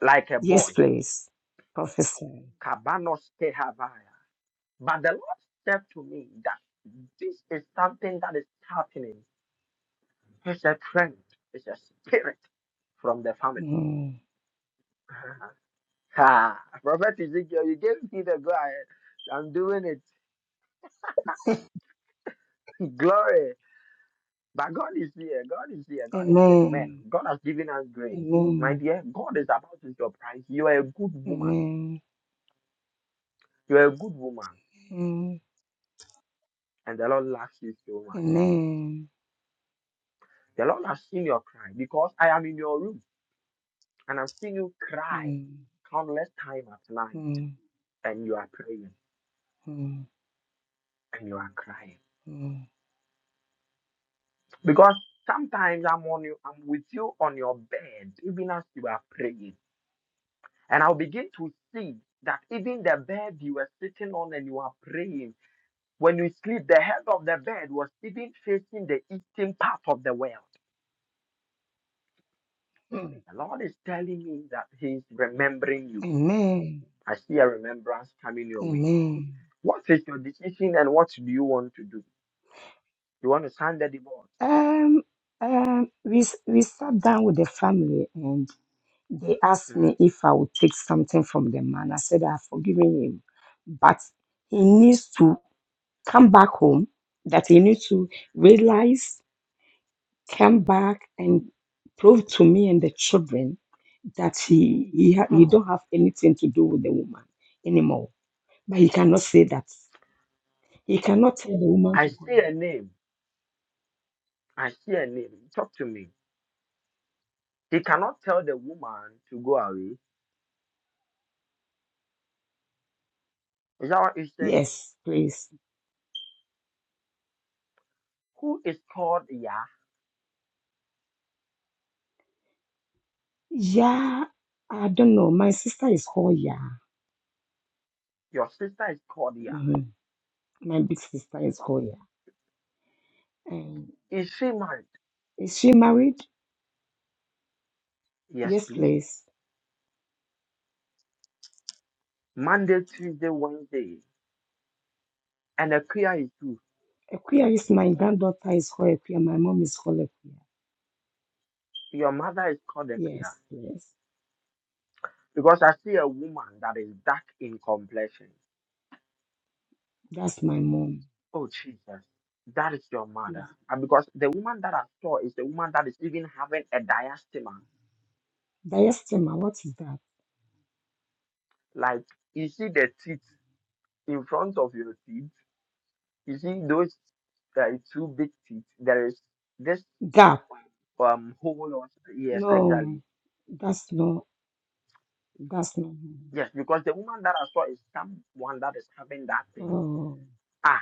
Speaker 16: like a
Speaker 12: Yes,
Speaker 16: boy.
Speaker 12: please. Professor.
Speaker 16: Kabanos Kehavaya. But the Lord said to me that this is something that is happening. It's a trend, it's a spirit from the family.
Speaker 12: Hmm.
Speaker 16: Ah, Prophet Ezekiel, you gave me the go ahead. I'm doing it. Glory. But God is here. God is here. God is with men.
Speaker 12: Amen.
Speaker 16: God has given us grace. My
Speaker 12: Amen.
Speaker 16: dear, God is about to surprise you. You are a good woman.
Speaker 12: Amen.
Speaker 16: You are a good woman.
Speaker 12: Amen.
Speaker 16: And the Lord loves you so much.
Speaker 12: Amen.
Speaker 16: The Lord has seen your cry because I am in your room and I've seen you cry
Speaker 12: Mm.
Speaker 16: countless time at night.
Speaker 12: Mm,
Speaker 16: And you are praying
Speaker 12: mm,
Speaker 16: and you are crying.
Speaker 12: mm,
Speaker 16: Because sometimes I'm on you, I'm with you on your bed, even as you are praying. And I'll begin to see that even the bed you were sitting on and you are praying When we sleep, the head of the bed was even facing the eastern part of the world.
Speaker 12: mm.
Speaker 16: The Lord is telling me that He is remembering you.
Speaker 12: Amen.
Speaker 16: I see a remembrance coming your way.
Speaker 12: Amen.
Speaker 16: What is your decision and what do you want to do? You want to sign the divorce?
Speaker 12: Um, um, we s- we sat down with the family and they asked me
Speaker 16: Mhm.
Speaker 12: if I would take something from the man. I said I've forgiven him, but he needs to come back home. That he needs to realize, come back and prove to me and the children that he he, ha- he don't
Speaker 16: Oh,
Speaker 12: have anything to do with the woman anymore. But he cannot say that. He cannot tell the woman
Speaker 16: I
Speaker 12: to go
Speaker 16: see a name. I see a name. Talk to me. He cannot tell the woman to go away. Is that what he's saying?
Speaker 12: Yes, please.
Speaker 16: Who is called Yah?
Speaker 12: Yeah, I don't know. My sister is called Ya.
Speaker 16: Your sister is called Yah.
Speaker 12: hmm My big sister is called Ya. And
Speaker 16: Is she married?
Speaker 12: is she married?
Speaker 16: Yes,
Speaker 12: Yes,
Speaker 16: please.
Speaker 12: please.
Speaker 16: Monday, Tuesday, Wednesday. And a Kia is too.
Speaker 12: Equia is my granddaughter is called Equia. My mom is called Equia.
Speaker 16: Your mother is called a Kia.
Speaker 12: Yes, please.
Speaker 16: Because I see a woman that is dark in complexion.
Speaker 12: That's my mom.
Speaker 16: Oh Jesus, that is your
Speaker 12: Yes.
Speaker 16: mother. And because the woman that I saw is the woman that is even having a diastema.
Speaker 12: Diastema, what is that?
Speaker 16: Like you see the teeth in front of your teeth. You see those uh, two big teeth. There is this
Speaker 12: Gap.
Speaker 16: um hole. Or, yes,
Speaker 12: No,
Speaker 16: exactly.
Speaker 12: that's no, that's not. me.
Speaker 16: Yes, because the woman that I saw is someone that is having that thing.
Speaker 12: Oh,
Speaker 16: Ah,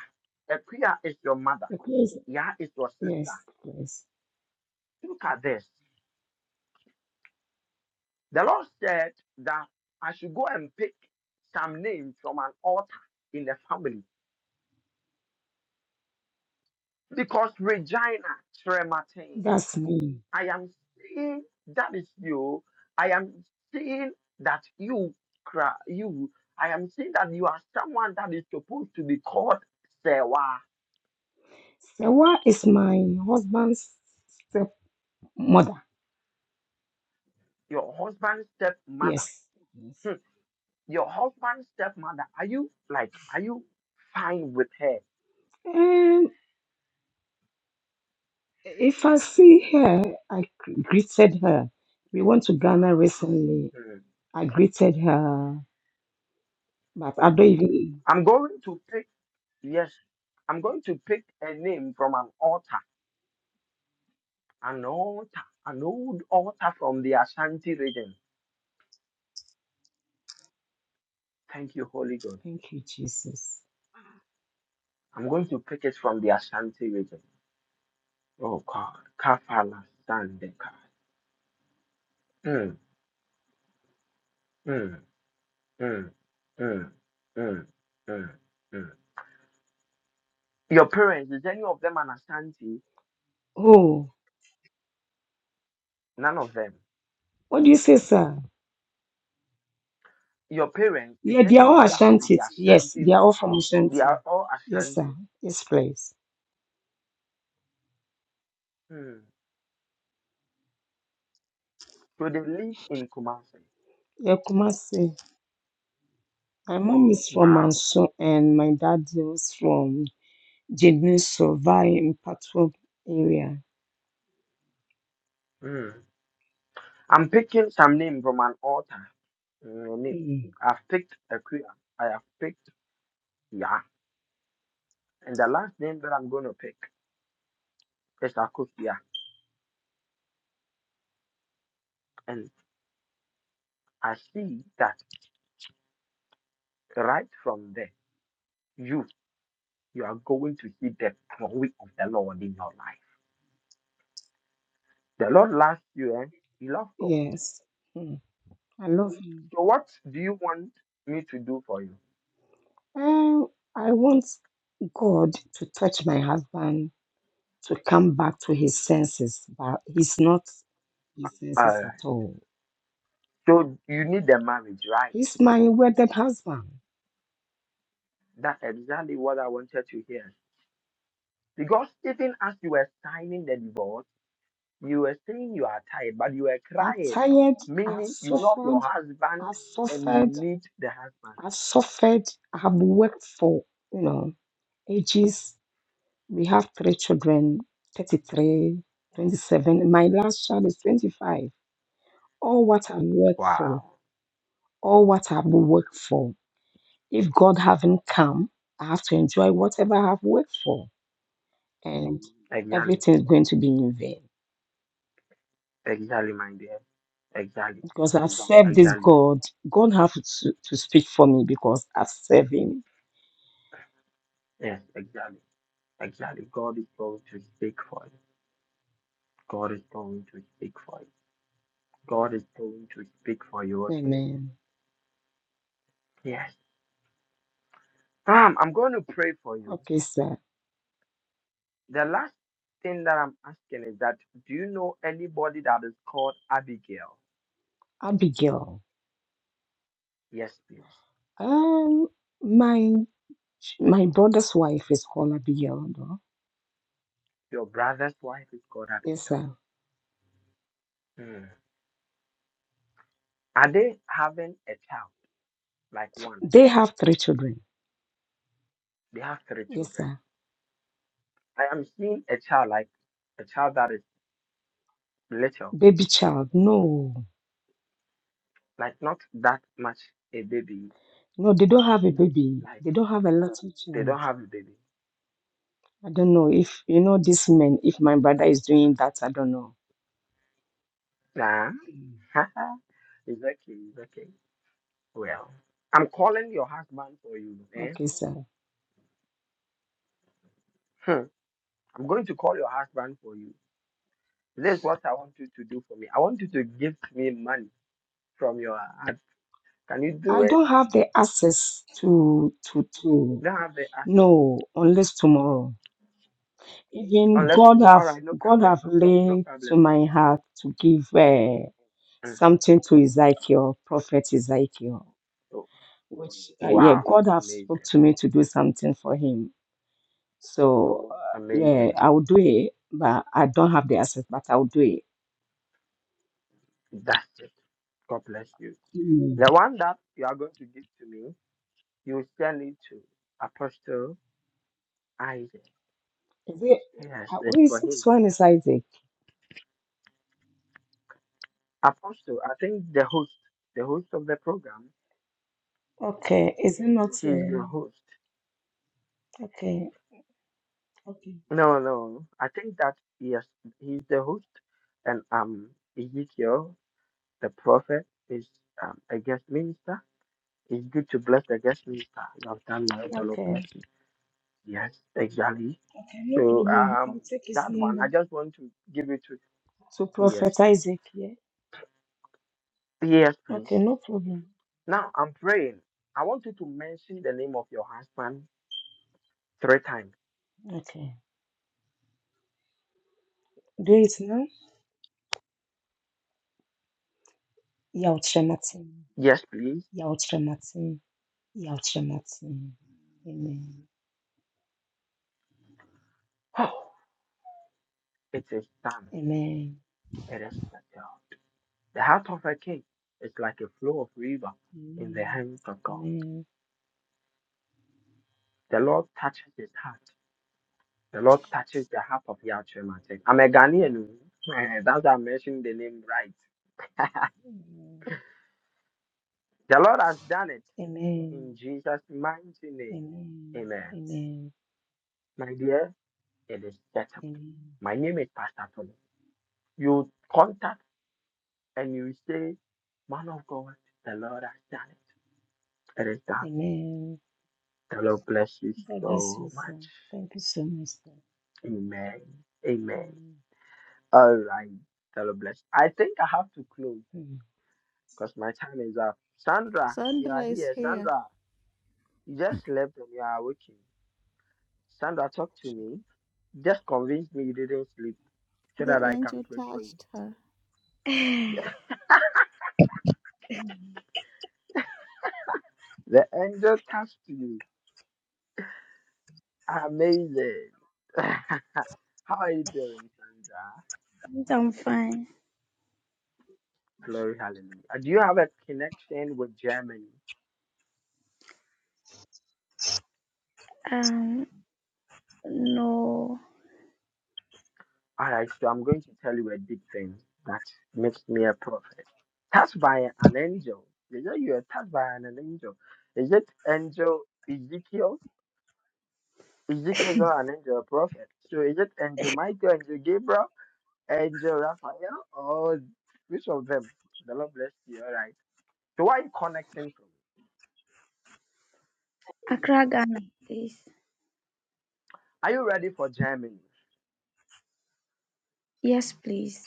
Speaker 16: a is your mother.
Speaker 12: Equia is,
Speaker 16: Yeah, is your sister.
Speaker 12: yes, please.
Speaker 16: Look at this. The Lord said that I should go and pick some names from an altar in the family because Regina Trematin,
Speaker 12: That's me.
Speaker 16: I am seeing that is you. I am seeing that you, cra- you. I am seeing that you are someone that is supposed to be called Sewa,
Speaker 12: Sewa is my husband's mother.
Speaker 16: your husband's stepmother.
Speaker 12: Yes. yes.
Speaker 16: Hmm. Your husband's stepmother. Are you like? Are you fine with her?
Speaker 12: And if I see her, I gr- greeted her. We went to Ghana recently. I greeted her, but I don't even.
Speaker 16: I'm going to pick, yes, I'm going to pick a name from an altar, an altar, an old altar from the Ashanti region. Thank you, Holy God.
Speaker 12: Thank you, Jesus.
Speaker 16: I'm going to pick it from the Ashanti region. Oh God. Kafala Sandeka. Mm, mm, mm, mm, mm, mm, mm. Your parents, is any of them an Ashanti?
Speaker 12: Oh,
Speaker 16: None of them.
Speaker 12: what do you say, sir?
Speaker 16: Your parents, is
Speaker 12: Yeah, they
Speaker 16: any
Speaker 12: are
Speaker 16: of
Speaker 12: all
Speaker 16: them from
Speaker 12: Ashanti.
Speaker 16: the
Speaker 12: Yes,
Speaker 16: Ashanti?
Speaker 12: they are all from
Speaker 16: They
Speaker 12: Ashanti.
Speaker 16: are all
Speaker 12: Yes, sir.
Speaker 16: Ashanti.
Speaker 12: Yes, please.
Speaker 16: Hmm. So they lived in Kumasi.
Speaker 12: Yeah, Kumasi. My mom is from
Speaker 16: Wow.
Speaker 12: Manso and my dad is from Jedin Sovai in Patwok area.
Speaker 16: Mm. I'm picking some name from an author. Mm, name.
Speaker 12: Mm.
Speaker 16: I've picked Akuya. I have picked Ya. And the last name that I'm going to pick is Akuya. And I see that right from there, you you are going to see the glory of the Lord in your life. The Lord loves you, and you love God.
Speaker 12: Yes. Hmm. I love him.
Speaker 16: So what do you want me to do for you?
Speaker 12: And I want God to touch my husband to come back to his senses, but he's not his senses
Speaker 16: Uh,
Speaker 12: at all.
Speaker 16: so you need a marriage, right?
Speaker 12: He's my wedded husband.
Speaker 16: That's exactly what I wanted to hear. Because even as you were signing the divorce, you were saying you are tired, but you were
Speaker 12: I'm
Speaker 16: crying,
Speaker 12: tired. I've
Speaker 16: meaning you love
Speaker 12: suffered.
Speaker 16: your husband
Speaker 12: I've
Speaker 16: and you
Speaker 12: suffered.
Speaker 16: need the husband.
Speaker 12: I've suffered. I've worked for, you know, ages. We have three children 33, 27. My last child is 25. All what I've worked for,
Speaker 16: Wow.
Speaker 12: all what I've worked for. If God haven't come, I have to enjoy whatever I have worked for, and
Speaker 16: Exactly.
Speaker 12: everything is going to be in vain
Speaker 16: Exactly, my dear. Exactly.
Speaker 12: because I've served this
Speaker 16: Exactly.
Speaker 12: God. God have to, to speak for me because I've served Him.
Speaker 16: Yes, exactly. Exactly. God is going to speak for you. God is going to speak for you. God is going to speak for you, okay?
Speaker 12: Amen.
Speaker 16: Yes. Um, I'm going to pray for you.
Speaker 12: Okay, sir.
Speaker 16: The last thing that I'm asking is that do you know anybody that is called Abigail?
Speaker 12: Abigail.
Speaker 16: Yes, please.
Speaker 12: Um, my my brother's wife is called Abigail. though.
Speaker 16: Your brother's wife is called
Speaker 12: Yes,
Speaker 16: Abigail.
Speaker 12: sir.
Speaker 16: Hmm. Are they having a child? Like one.
Speaker 12: They have three children.
Speaker 16: They have three
Speaker 12: Yes,
Speaker 16: children.
Speaker 12: sir.
Speaker 16: I am seeing a child like a child that is little,
Speaker 12: Baby child. No,
Speaker 16: like not that much a baby.
Speaker 12: no, they don't have a baby.
Speaker 16: Like
Speaker 12: They don't have a little
Speaker 16: they
Speaker 12: child.
Speaker 16: don't have a baby.
Speaker 12: I don't know if you know this man, if my brother is doing that, I don't know.
Speaker 16: Nah.
Speaker 12: Mm.
Speaker 16: it's okay, it's okay. Well, I'm calling your husband for you, eh?
Speaker 12: Okay, sir.
Speaker 16: Hmm. I'm going to call your husband for you This is what I want you to do for me. I want you to give me money from your hand. Can you do
Speaker 12: I
Speaker 16: it?
Speaker 12: don't have the access to to to
Speaker 16: Don't have the access.
Speaker 12: no unless tomorrow. Even
Speaker 16: Unless
Speaker 12: God
Speaker 16: tomorrow.
Speaker 12: have
Speaker 16: All right, no
Speaker 12: God
Speaker 16: problem.
Speaker 12: have
Speaker 16: No, no
Speaker 12: laid to
Speaker 16: problem.
Speaker 12: my heart to give uh,
Speaker 16: Mm.
Speaker 12: something to Ezekiel, prophet Ezekiel,
Speaker 16: Oh,
Speaker 12: which uh, yeah,
Speaker 16: Wow.
Speaker 12: God have spoke
Speaker 16: Amazing.
Speaker 12: to me to do something for him. So uh, yeah,
Speaker 16: Amazing.
Speaker 12: I will do it, but I don't have the access, but I will do
Speaker 16: That's it. God bless you.
Speaker 12: it.
Speaker 16: The one that you are going to give to me, you will send it to Apostle Isaac.
Speaker 12: Is it?
Speaker 16: Yes,
Speaker 12: uh,
Speaker 16: it's
Speaker 12: Wait,
Speaker 16: for him.
Speaker 12: six one is Isaac.
Speaker 16: Apostle, I think the host, the host of the program,
Speaker 12: Okay, is it not?
Speaker 16: she's the
Speaker 12: Uh,
Speaker 16: host.
Speaker 12: okay, okay,
Speaker 16: No, no. I think that yes, he's the host, and um, Ezekiel, the prophet, is um, a guest minister. It's good to bless the guest minister. You have done well, the Lord
Speaker 12: okay,
Speaker 16: bless you. Yes, exactly.
Speaker 12: okay. No
Speaker 16: So
Speaker 12: problem. I'll
Speaker 16: um,
Speaker 12: take his
Speaker 16: that one, I
Speaker 12: number
Speaker 16: just want to give it to
Speaker 12: to Prophet
Speaker 16: yes,
Speaker 12: Isaac. Yeah.
Speaker 16: yes, please.
Speaker 12: Okay, no problem.
Speaker 16: Now I'm praying. I want you to mention the name of your husband three times.
Speaker 12: Okay, do it now. Yautrematin,
Speaker 16: Yes, please.
Speaker 12: yautrematin, yautrematin. Amen.
Speaker 16: Oh, it is done.
Speaker 12: Amen.
Speaker 16: It is settled. The heart of a king is like a flow of river in the hands of God.
Speaker 12: Amen.
Speaker 16: The Lord touches his heart. The Lord touches the heart of Yahweh Mateus. I'm a Ghanaian. oh. That's why I mentioned the name right.
Speaker 12: Amen.
Speaker 16: the Lord has done it
Speaker 12: Amen.
Speaker 16: in Jesus' mighty
Speaker 12: Amen.
Speaker 16: name.
Speaker 12: Amen.
Speaker 16: Amen.
Speaker 12: Amen.
Speaker 16: My dear, it is settled.
Speaker 12: Amen.
Speaker 16: My name is Pastor Tony. You contact and you say, Man of God, the Lord has done it. It is done.
Speaker 12: Amen.
Speaker 16: The Lord bless you
Speaker 12: God bless you,
Speaker 16: so
Speaker 12: sir.
Speaker 16: much.
Speaker 12: Thank you so much, sir.
Speaker 16: Amen. Amen.
Speaker 12: Amen.
Speaker 16: All right. God bless. I think I have to close
Speaker 12: Mm.
Speaker 16: because my time is up. Sandra, you are
Speaker 3: Sunrise
Speaker 16: here.
Speaker 3: here.
Speaker 16: Sandra, you just slept and you are waking. Sandra, talk to me. Just convince me you didn't sleep so
Speaker 3: The
Speaker 16: that I can
Speaker 3: angel
Speaker 16: pray for you.
Speaker 3: touched her.
Speaker 17: I'm
Speaker 16: The angel touched you. Amazing. How are you doing, Sandra?
Speaker 17: fine.
Speaker 16: Glory, hallelujah. Do you have a connection with Germany?
Speaker 17: Um, no,
Speaker 16: All right, so I'm going to tell you a big thing that makes me a prophet. Touched by an angel. Is it you are touched by an angel? Is it angel Ezekiel? Ezekiel is not an angel, a prophet. So is it angel Michael, angel Gabriel, angel Raphael, or which of them? The Lord bless you. All right. So why are you connecting from?
Speaker 17: Accra, Ghana, please.
Speaker 16: Are you ready for Germany?
Speaker 17: Yes, please.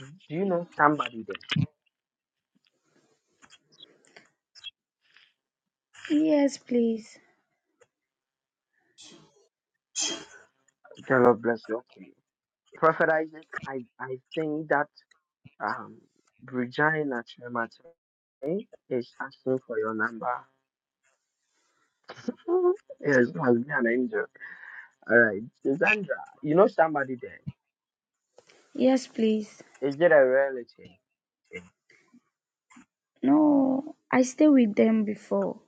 Speaker 16: Do you know somebody there?
Speaker 17: Yes, please.
Speaker 16: The Lord bless you. Okay. Prophet Isaac, I, I think that. Um, Regina Chemate is asking for your number. yes, you must be an angel. All right, Sandra, you know somebody there?
Speaker 17: Yes, please.
Speaker 16: Is it a relative?
Speaker 17: No, I stay with them before.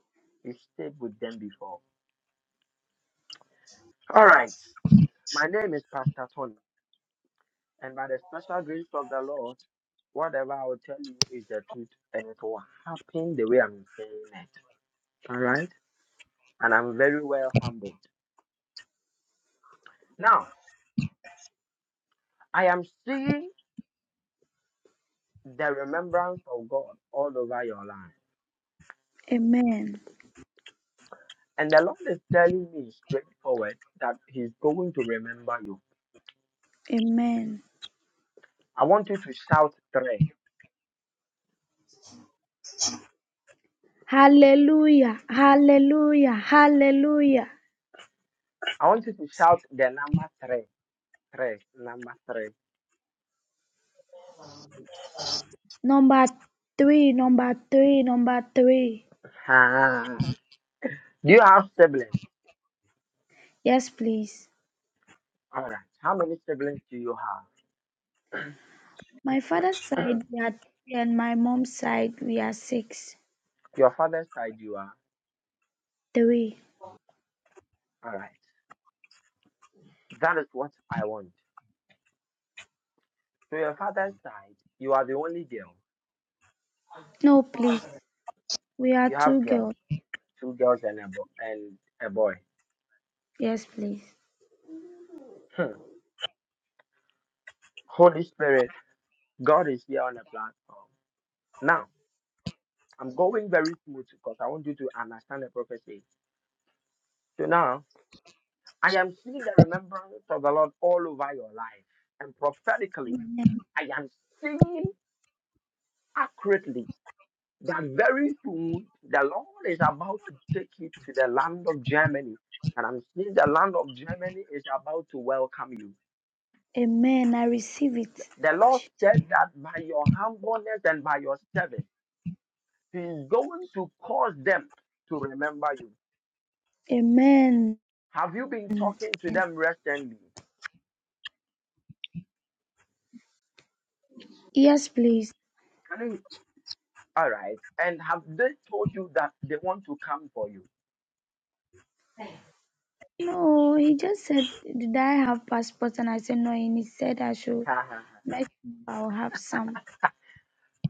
Speaker 16: You stayed with them before. All right, my name is Pastor Tony, and by the special grace of the Lord, whatever I will tell you is the truth, and it will happen the way I'm saying it. All right, and I'm very well humbled. Now, I am seeing. the remembrance of God all over your life.
Speaker 17: Amen.
Speaker 16: And the Lord is telling me straightforward that He's going to remember you.
Speaker 17: Amen.
Speaker 16: I want you to shout three.
Speaker 17: Hallelujah. Hallelujah. Hallelujah.
Speaker 16: I want you to shout the number three. Three. Number three.
Speaker 17: Number three. Number three. Number three.
Speaker 16: Ah. Do you have siblings?
Speaker 17: Yes, please.
Speaker 16: All right. How many siblings do you have?
Speaker 17: My father's side we are three, and my mom's side we are six.
Speaker 16: Your father's side, you are.
Speaker 17: Three.
Speaker 16: All right. That is what I want. So your father's side, you are the only girl.
Speaker 17: No, please. We are
Speaker 16: You have
Speaker 17: two girls.
Speaker 16: girls, two girls and a, bo- and a boy.
Speaker 17: Yes, please.
Speaker 16: Hmm. Holy Spirit. God is here on the platform. Now, I'm going very smooth because I want you to understand the prophecy. So now, I am seeing the remembrance of the Lord all over your life. And prophetically, I am seeing accurately that very soon the Lord is about to take you to the land of Germany. And I'm seeing the land of Germany is about to welcome you.
Speaker 17: Amen. I receive it.
Speaker 16: The Lord
Speaker 17: Jesus.
Speaker 16: said that by your humbleness and by your service, He is going to cause them to remember you.
Speaker 17: Amen.
Speaker 16: Have you been talking to them recently?
Speaker 17: Yes, please.
Speaker 16: Can you? All right. And have they told you that they want to come for you?
Speaker 17: No, he just said, Did I have passports? And I said, No. And he said, I should make sure I'll have some.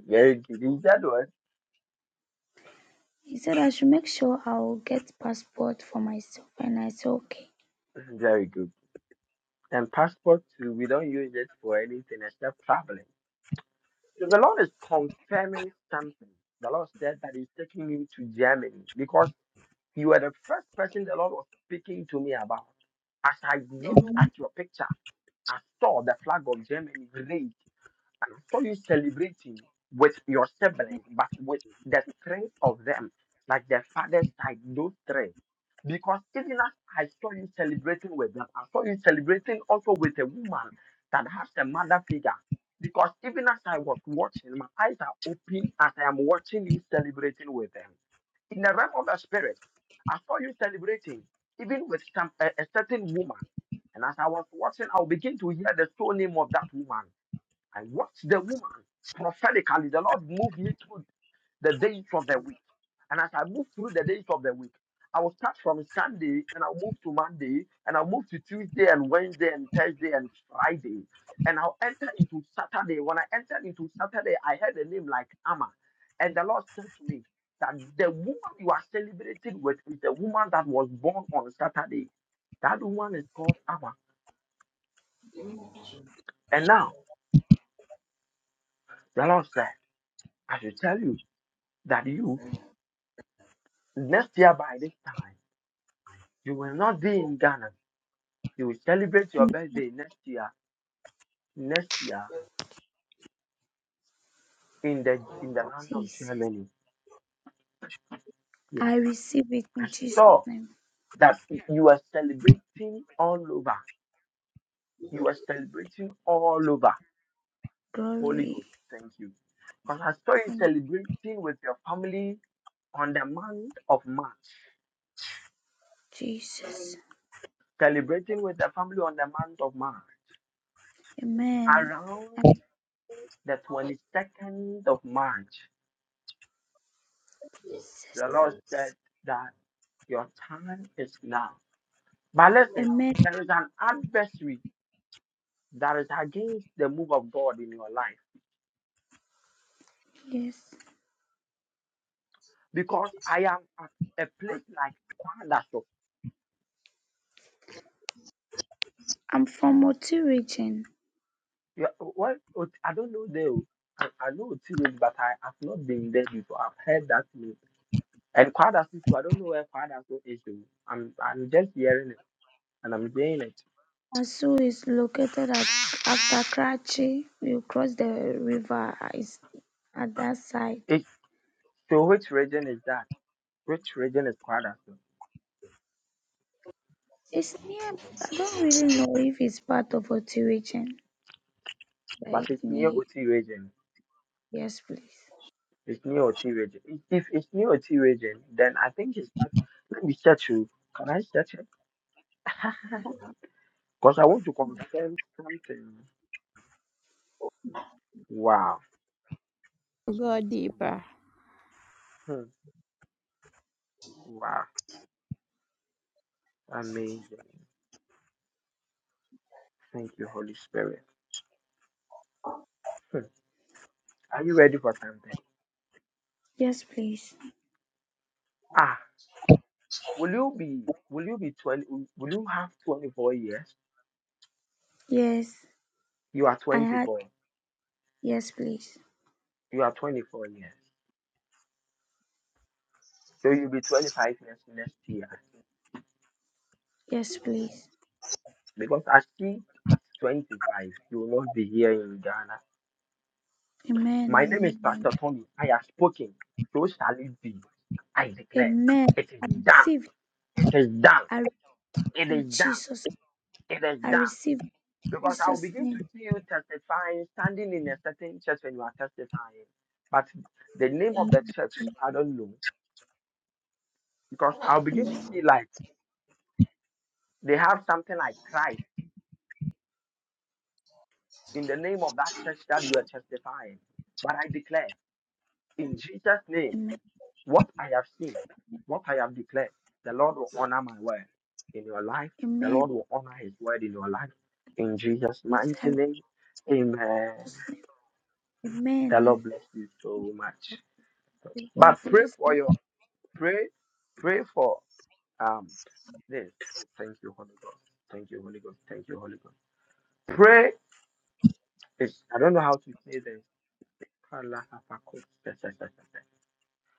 Speaker 16: Very good. Is that one?
Speaker 17: He said, I should make sure I'll get passport for myself. And I said, Okay.
Speaker 16: Very good. And passport too. We don't use it for anything except traveling. So the Lord is confirming something. The Lord said that He's taking you to Germany because you were the first person the Lord was speaking to me about. As I looked at
Speaker 17: Amen.
Speaker 16: your picture, I saw the flag of Germany raised saw you celebrating with your siblings, but with the three of them, like the father's side, those three. Because even as I saw you celebrating with them, I saw you celebrating also with a woman that has a mother figure. Because even as I was watching, my eyes are open as I am watching you celebrating with them. In the realm of the spirit, I saw you celebrating even with some, a, a certain woman. And as I was watching, I'll begin to hear the soul name of that woman. I watched the woman prophetically. The Lord moved me through the days of the week. And as I moved through the days of the week, I will start from Sunday and I'll move to Monday and I'll move to Tuesday and Wednesday and Thursday and Friday. And I'll enter into Saturday. When I entered into Saturday, I heard a name like Amma. And the Lord said to me that the woman you are celebrating with is the woman that was born on Saturday. That woman is called Amma. And now the Lord said, I should tell you that you Next year by this time, you will not be in Ghana. You will celebrate your
Speaker 17: Amen.
Speaker 16: birthday next year. Next year in the in the land of
Speaker 17: Jesus.
Speaker 16: Germany.
Speaker 17: I
Speaker 16: Yes,
Speaker 17: receive it
Speaker 16: I
Speaker 17: in Jesus'
Speaker 16: saw
Speaker 17: name.
Speaker 16: that y- you are celebrating all over. You are celebrating all over. Holy
Speaker 17: Glory
Speaker 16: Ghost, thank you. Because I saw you
Speaker 17: in
Speaker 16: celebrating with your family on the month of March.
Speaker 17: Jesus.
Speaker 16: Celebrating with the family on the month of March.
Speaker 17: Amen.
Speaker 16: Around the 22nd of March.
Speaker 17: Jesus.
Speaker 16: The Lord said that your time is now. But listen,
Speaker 17: Amen.
Speaker 16: there is an adversary that is against the move of God in your life
Speaker 17: Yes.
Speaker 16: because I am at a place like Kwadaso.
Speaker 17: I'm from Moti region.
Speaker 16: You- Well, Ot- I don't know there. oh. I, I know Otiwele, but I have not been there before. I've heard that name. And Kwadaso too. I don't know where Kwadaso is. oh. I'm I'm just hearing it and I'm hearing it.
Speaker 17: Asu is located at after Karachi. You cross the river is at that side.
Speaker 16: it. So which region is that? Which region is Kwadaso?
Speaker 17: It's near. I don't really know if it's part of Moti region, but
Speaker 16: But
Speaker 17: it's
Speaker 16: it's near
Speaker 17: near.
Speaker 16: Oti region.
Speaker 17: Yes, please.
Speaker 16: It's new Otiwage. If if it's near Otiwage, then I think it's at, let me check you. Can I check it? Because I want to confirm something. Wow.
Speaker 3: Go deeper.
Speaker 16: Hmm. Wow. Amazing. Thank you, Holy Spirit. Hmm. Are you ready for something?
Speaker 17: Yes, please.
Speaker 16: Ah, will you be will you be twenty will you have twenty four years?
Speaker 17: Yes,
Speaker 16: You are
Speaker 17: I
Speaker 16: twenty
Speaker 17: had.
Speaker 16: four.
Speaker 17: Yes, please.
Speaker 16: You are twenty four years. So you'll be twenty five years next year.
Speaker 17: Yes, please.
Speaker 16: Because I see at twenty five you will not be here in Ghana.
Speaker 17: Amen.
Speaker 16: My name
Speaker 17: Amen.
Speaker 16: is
Speaker 17: Amen.
Speaker 16: Pastor Tony. I have spoken. So shall it be. I declare.
Speaker 17: Amen.
Speaker 16: It is
Speaker 17: I
Speaker 16: done.
Speaker 17: receive.
Speaker 16: It is done.
Speaker 17: I receive
Speaker 16: It
Speaker 17: in
Speaker 16: is done.
Speaker 17: Jesus.
Speaker 16: It is
Speaker 17: I
Speaker 16: done.
Speaker 17: receive in
Speaker 16: Because I will
Speaker 17: Jesus'
Speaker 16: begin to
Speaker 17: name.
Speaker 16: see you testifying, standing in a certain church when you are testifying. But the name of the
Speaker 17: Amen.
Speaker 16: church, I don't know. Because I'll begin to
Speaker 17: Amen.
Speaker 16: see like they have something like Christ in the name of that church that you are testifying. But I declare in Jesus' name.
Speaker 17: Amen.
Speaker 16: What I have seen, what I have declared, the Lord will honor my word in your life. The
Speaker 17: Amen.
Speaker 16: Lord will honor his word in your life. In Jesus'
Speaker 17: With
Speaker 16: mighty
Speaker 17: her
Speaker 16: name, amen.
Speaker 17: precious
Speaker 16: The
Speaker 17: Amen.
Speaker 16: Lord bless you so much.
Speaker 17: May God
Speaker 16: But pray
Speaker 17: bless
Speaker 16: for
Speaker 17: you.
Speaker 16: your, pray, pray for um this. Oh, thank you, Holy Ghost. Thank you, Holy Ghost. Thank you, Holy Ghost. Pray is, I don't know how to say this.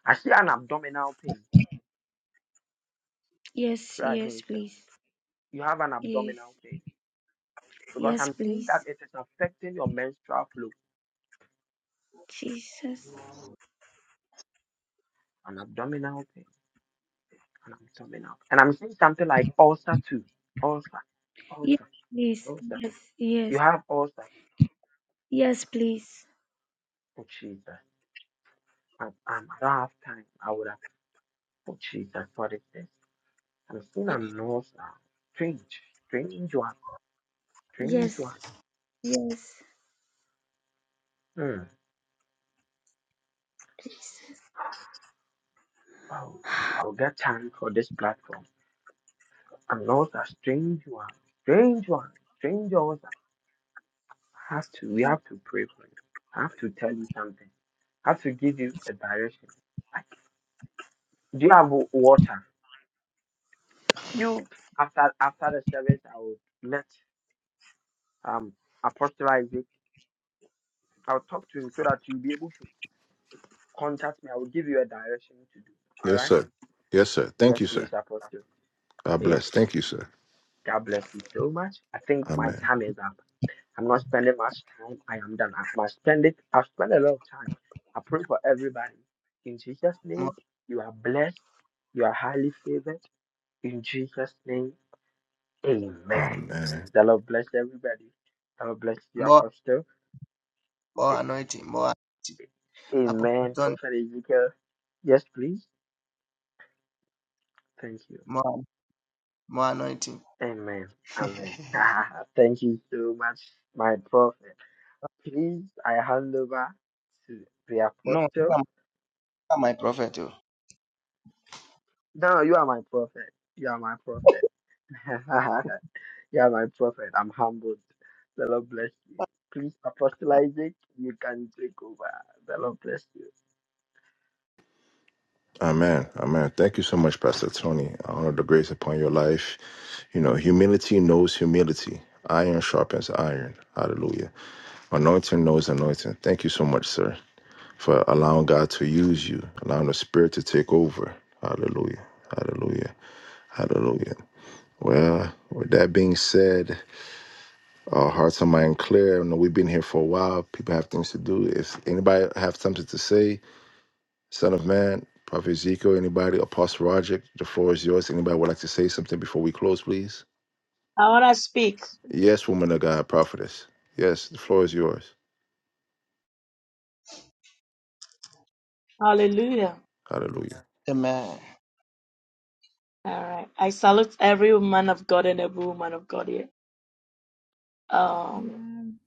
Speaker 16: I see an abdominal pain.
Speaker 17: Yes,
Speaker 16: Pray
Speaker 17: yes,
Speaker 16: against that.
Speaker 17: please.
Speaker 16: You have an
Speaker 17: Yes.
Speaker 16: abdominal pain. because
Speaker 17: Yes,
Speaker 16: I'm seeing
Speaker 17: please.
Speaker 16: that it is affecting your menstrual flow
Speaker 17: Jesus.
Speaker 16: and abdominal pain and abdominal. And I'm seeing something like ulcer too. Ulcer,
Speaker 17: Yes,
Speaker 16: ulcer,
Speaker 17: please.
Speaker 16: ulcer.
Speaker 17: Yes,
Speaker 16: You
Speaker 17: yes.
Speaker 16: have ulcer.
Speaker 17: Yes, please.
Speaker 16: Oh Jesus. I, I'm, I don't have time. I would have. Oh Jesus, what is this? I'm seeing an ulcer. Strange, strange one, strange
Speaker 17: Yes.
Speaker 16: one.
Speaker 17: Yes.
Speaker 16: Hmm.
Speaker 17: Jesus.
Speaker 16: Oh, I'll get time for this platform. An ulcer, strange one, strange one, strange ulcer. have to we have to pray for you. I have to tell you something. I have to give you a direction. Like, do you have wa- water? You after after the service, I will let um Apostle Isaac. I'll talk to him so that you'll be able to contact me. I will give you a direction to do. All
Speaker 1: Yes,
Speaker 16: right?
Speaker 1: sir. Yes, sir. Thank
Speaker 16: Yes,
Speaker 1: you,
Speaker 16: please,
Speaker 1: sir.
Speaker 16: Apostle.
Speaker 1: God
Speaker 16: Yes,
Speaker 1: bless.
Speaker 16: please.
Speaker 1: Thank you, sir.
Speaker 16: God bless you so much. I think my
Speaker 1: Amen.
Speaker 16: time is up. I'm not spending much time. I am done. I must spend it. I've spent a lot of time. I pray for everybody. In Jesus'
Speaker 5: more,
Speaker 16: name, you are blessed. You are highly favored. In Jesus' name, amen.
Speaker 1: Amen.
Speaker 16: The Lord bless everybody. The Lord bless you,
Speaker 5: more
Speaker 16: Apostle.
Speaker 5: more anointing, more anointing. Apostle
Speaker 16: Amen.
Speaker 5: Tony,
Speaker 16: Prophet Ezekiel. Yes, please. Thank you.
Speaker 5: more more anointing.
Speaker 16: Amen. Amen. Thank you so much, my prophet. Please, I hand over to the
Speaker 5: no,
Speaker 16: apostle.
Speaker 5: Cover my prophet. oh.
Speaker 16: No, you are my prophet. You are my prophet. you are my prophet. I'm humbled. The Lord bless you. Please, Apostle Isaac, you can take over. The Lord bless you.
Speaker 1: Amen. Amen. Thank you so much, Pastor Tony. I honor the grace upon your life. You know, humility knows humility. Iron sharpens iron. Hallelujah. Anointing knows anointing. Thank you so much, sir, for allowing God to use you, allowing the Spirit to take over. Hallelujah. Hallelujah. Hallelujah. Well, with that being said, our hearts and mind clear. I know we've been here for a while. People have things to do. If anybody have something to say, Son of Man, Prophet Ezekiel, anybody? Apostle Roger, the floor is yours. Anybody would like to say something before we close, please?
Speaker 6: I want to speak.
Speaker 1: Yes, woman of God, prophetess. Yes, the floor is yours.
Speaker 6: Hallelujah.
Speaker 1: Hallelujah.
Speaker 5: Amen.
Speaker 6: All right. I salute every man of God and every woman of God here. Um,
Speaker 3: Amen.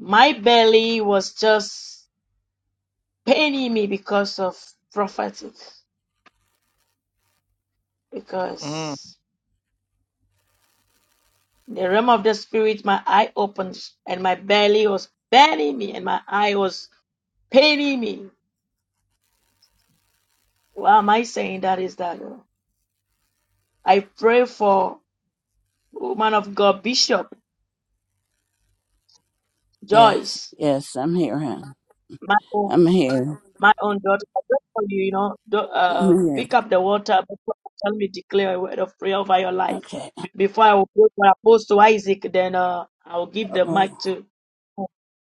Speaker 6: my belly was just paining me because of prophetic,
Speaker 5: Mm.
Speaker 6: because in the realm of the spirit, my eye opened and my belly was burning me and my eye was paining me. Why am I saying that is that? uh, I pray for woman of God, Bishop
Speaker 9: Yes,
Speaker 6: Joyce,
Speaker 9: yes, I'm here. hon.
Speaker 6: my own,
Speaker 9: I'm here.
Speaker 6: my own daughter. I pray for you, you know, do, uh,
Speaker 9: I'm here.
Speaker 6: pick up the water before you tell me declare a word of prayer over your life.
Speaker 9: Okay.
Speaker 6: Before I will go for Apostle Isaac, then uh, I will give the mic to.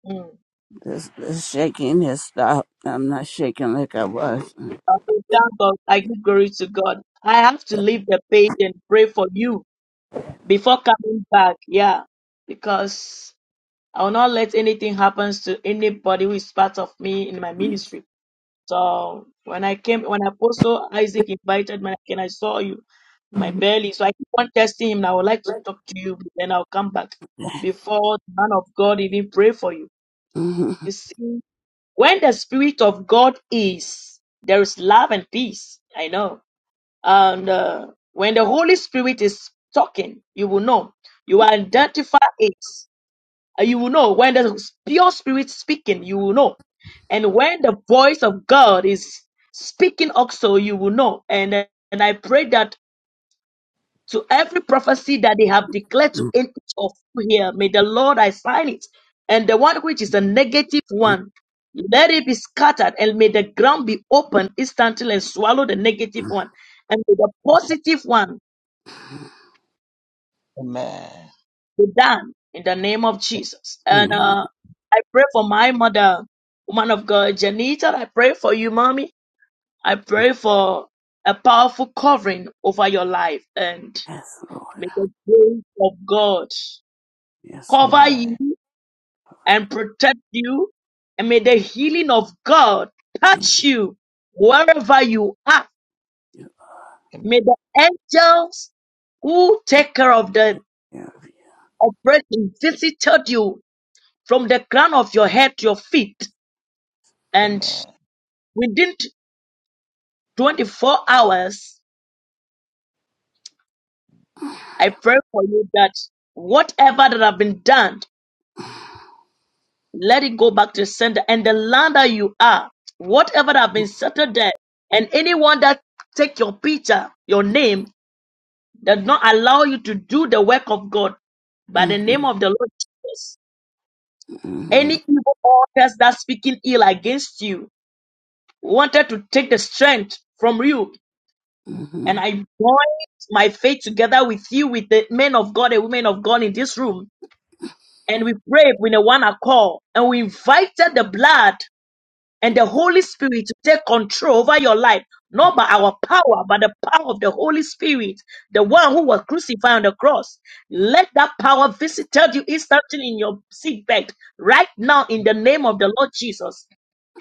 Speaker 6: Mm.
Speaker 9: This, this shaking has stopped. I'm not shaking like I was.
Speaker 6: I will thank God. I give glory to God. I have to leave the page and pray for you before coming back. Yeah, because I will not let anything happen to anybody who is part of me in my ministry. So when I came, when Apostle Isaac invited me, and I saw you, my belly. So I keep on testing him. and I would like to talk to you, but then I'll come back before the man of God even pray for you.
Speaker 9: Mhm.
Speaker 6: You see, when the Spirit of God is, there is love and peace. I know. And uh, when the Holy Spirit is talking, you will know. You will identify it. Uh, You will know when the pure spirit speaking, you will know. And when the voice of God is speaking also, you will know. And, uh, and I pray that to every prophecy that they have declared to any of you here, may the Lord assign it. And the one which is a negative one, let it be scattered and may the ground be opened instantly and swallow the negative one. And may the positive one
Speaker 5: Amen.
Speaker 6: be done in the name of Jesus. And uh, I pray for my mother, woman of God, Janita. I pray for you, mommy. I pray for a powerful covering over your life. And
Speaker 9: yes,
Speaker 6: may
Speaker 9: Lord.
Speaker 6: the grace of God
Speaker 9: Yes, Lord.
Speaker 6: cover
Speaker 5: Amen.
Speaker 6: you and protect you. And may the healing of God
Speaker 9: Thank
Speaker 6: touch you wherever you are.
Speaker 9: you.
Speaker 5: Amen.
Speaker 6: May the angels who take care of the
Speaker 9: Take care of
Speaker 6: operation visited you from the crown of your head to your feet And
Speaker 5: Amen.
Speaker 6: within 24 hours, I pray for you that whatever that have been done, let it go back to the center and the land that you are, whatever that have been settled there, and anyone that take your picture, your name, does not allow you to do the work of God by the name
Speaker 9: you.
Speaker 6: of the Lord Jesus. Any
Speaker 9: Mhm.
Speaker 6: evil altars that speaking ill against you wanted to take the strength from you And
Speaker 9: Mhm.
Speaker 6: I join my faith together with you, with the men of God and women of God in this room. And we pray with a one accord. And we invited the blood and the Holy Spirit to take control over your life, not by our power, but the power of the Holy Spirit, the one who was crucified on the cross. Let that power visit you instantly in your seat bed right now in the name of the Lord Jesus.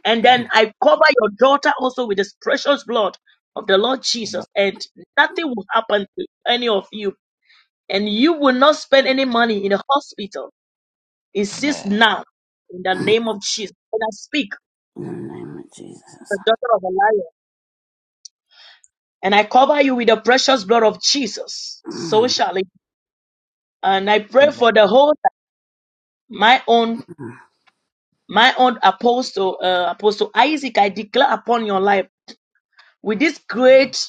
Speaker 6: And then I cover your daughter also with this precious blood of the Lord Jesus, and nothing will happen to any of you. And you will not spend any money in a hospital. Insist now in the name of Jesus. And I speak,
Speaker 9: In the name of Jesus.
Speaker 6: the daughter of a liar, and I cover you with the precious blood of Jesus. So
Speaker 9: Mhm.
Speaker 6: shall it. And I pray
Speaker 5: Amen. Amen.
Speaker 6: for the whole, my own, my own apostle, uh, apostle Isaac. I declare upon your life with this great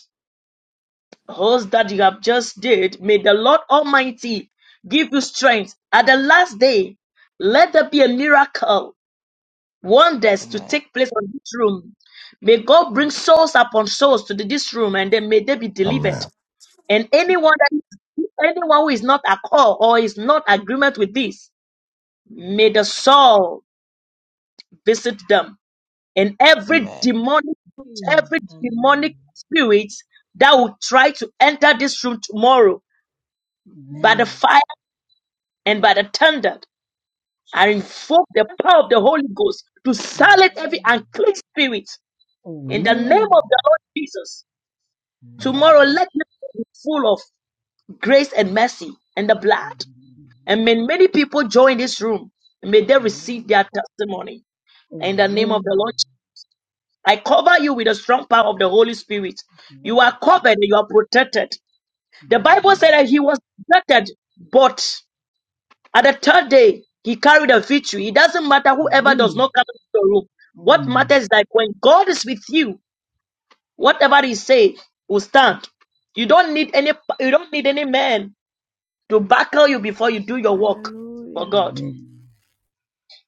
Speaker 6: host that you have just did, may the Lord Almighty give you strength. At the last day, let there be a miracle, wonders to
Speaker 5: Amen.
Speaker 6: take place on this room. May God bring souls upon souls to the- this room, and then may they be
Speaker 1: Amen.
Speaker 6: delivered. And anyone that is, anyone who is not at call or is not agreement with this, may the soul visit them. And every
Speaker 5: Amen. Amen.
Speaker 6: demonic,
Speaker 12: Amen.
Speaker 6: every demonic
Speaker 12: Amen.
Speaker 6: spirit that will try to enter this room tomorrow by the
Speaker 12: Amen.
Speaker 6: fire. and by the thunder, I
Speaker 12: Jesus.
Speaker 6: invoke the power of the Holy Ghost to silence every
Speaker 12: Amen.
Speaker 6: unclean spirit in the name of the
Speaker 12: Amen.
Speaker 6: Lord Jesus.
Speaker 12: Amen.
Speaker 6: Tomorrow,
Speaker 5: Amen.
Speaker 6: let me be full of grace and mercy and the blood.
Speaker 12: Amen.
Speaker 6: And may many people join this room. May they receive their testimony in the name of
Speaker 12: Amen.
Speaker 6: the Lord.
Speaker 12: Amen.
Speaker 6: Jesus. I cover you with the strong power of the Holy Spirit.
Speaker 12: Lord
Speaker 6: You
Speaker 12: of
Speaker 6: are covered,
Speaker 12: Jesus.
Speaker 6: and you are protected. The Bible
Speaker 12: Amen.
Speaker 6: said that he was protected, but. At the third day, he carried a victory. It doesn't matter whoever does
Speaker 12: Amen.
Speaker 6: not come into your room. What
Speaker 12: Mm.
Speaker 6: matters is like when God is with you, whatever he say will stand. You don't need any you don't need any man to buckle you before you do your work for
Speaker 3: Hallelujah.
Speaker 6: God.
Speaker 12: Amen.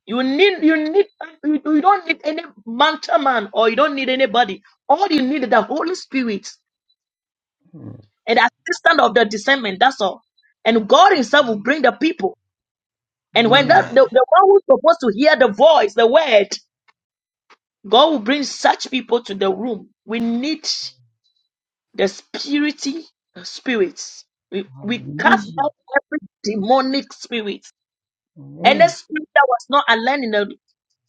Speaker 6: You need you need you you don't need any mountain man or you don't need anybody. All you need is the Holy Spirit
Speaker 12: Mm.
Speaker 6: and the assistance of the discernment. That's all. And God Himself will bring the people. And when that
Speaker 12: Amen.
Speaker 6: the,
Speaker 5: Amen.
Speaker 6: the one who's supposed to hear the voice, the word, God will bring such people to the room. We need the spirity spirits. We, we cast
Speaker 12: Hallelujah.
Speaker 6: out every demonic spirit. And the
Speaker 12: Amen.
Speaker 6: spirit that was not aligned in the,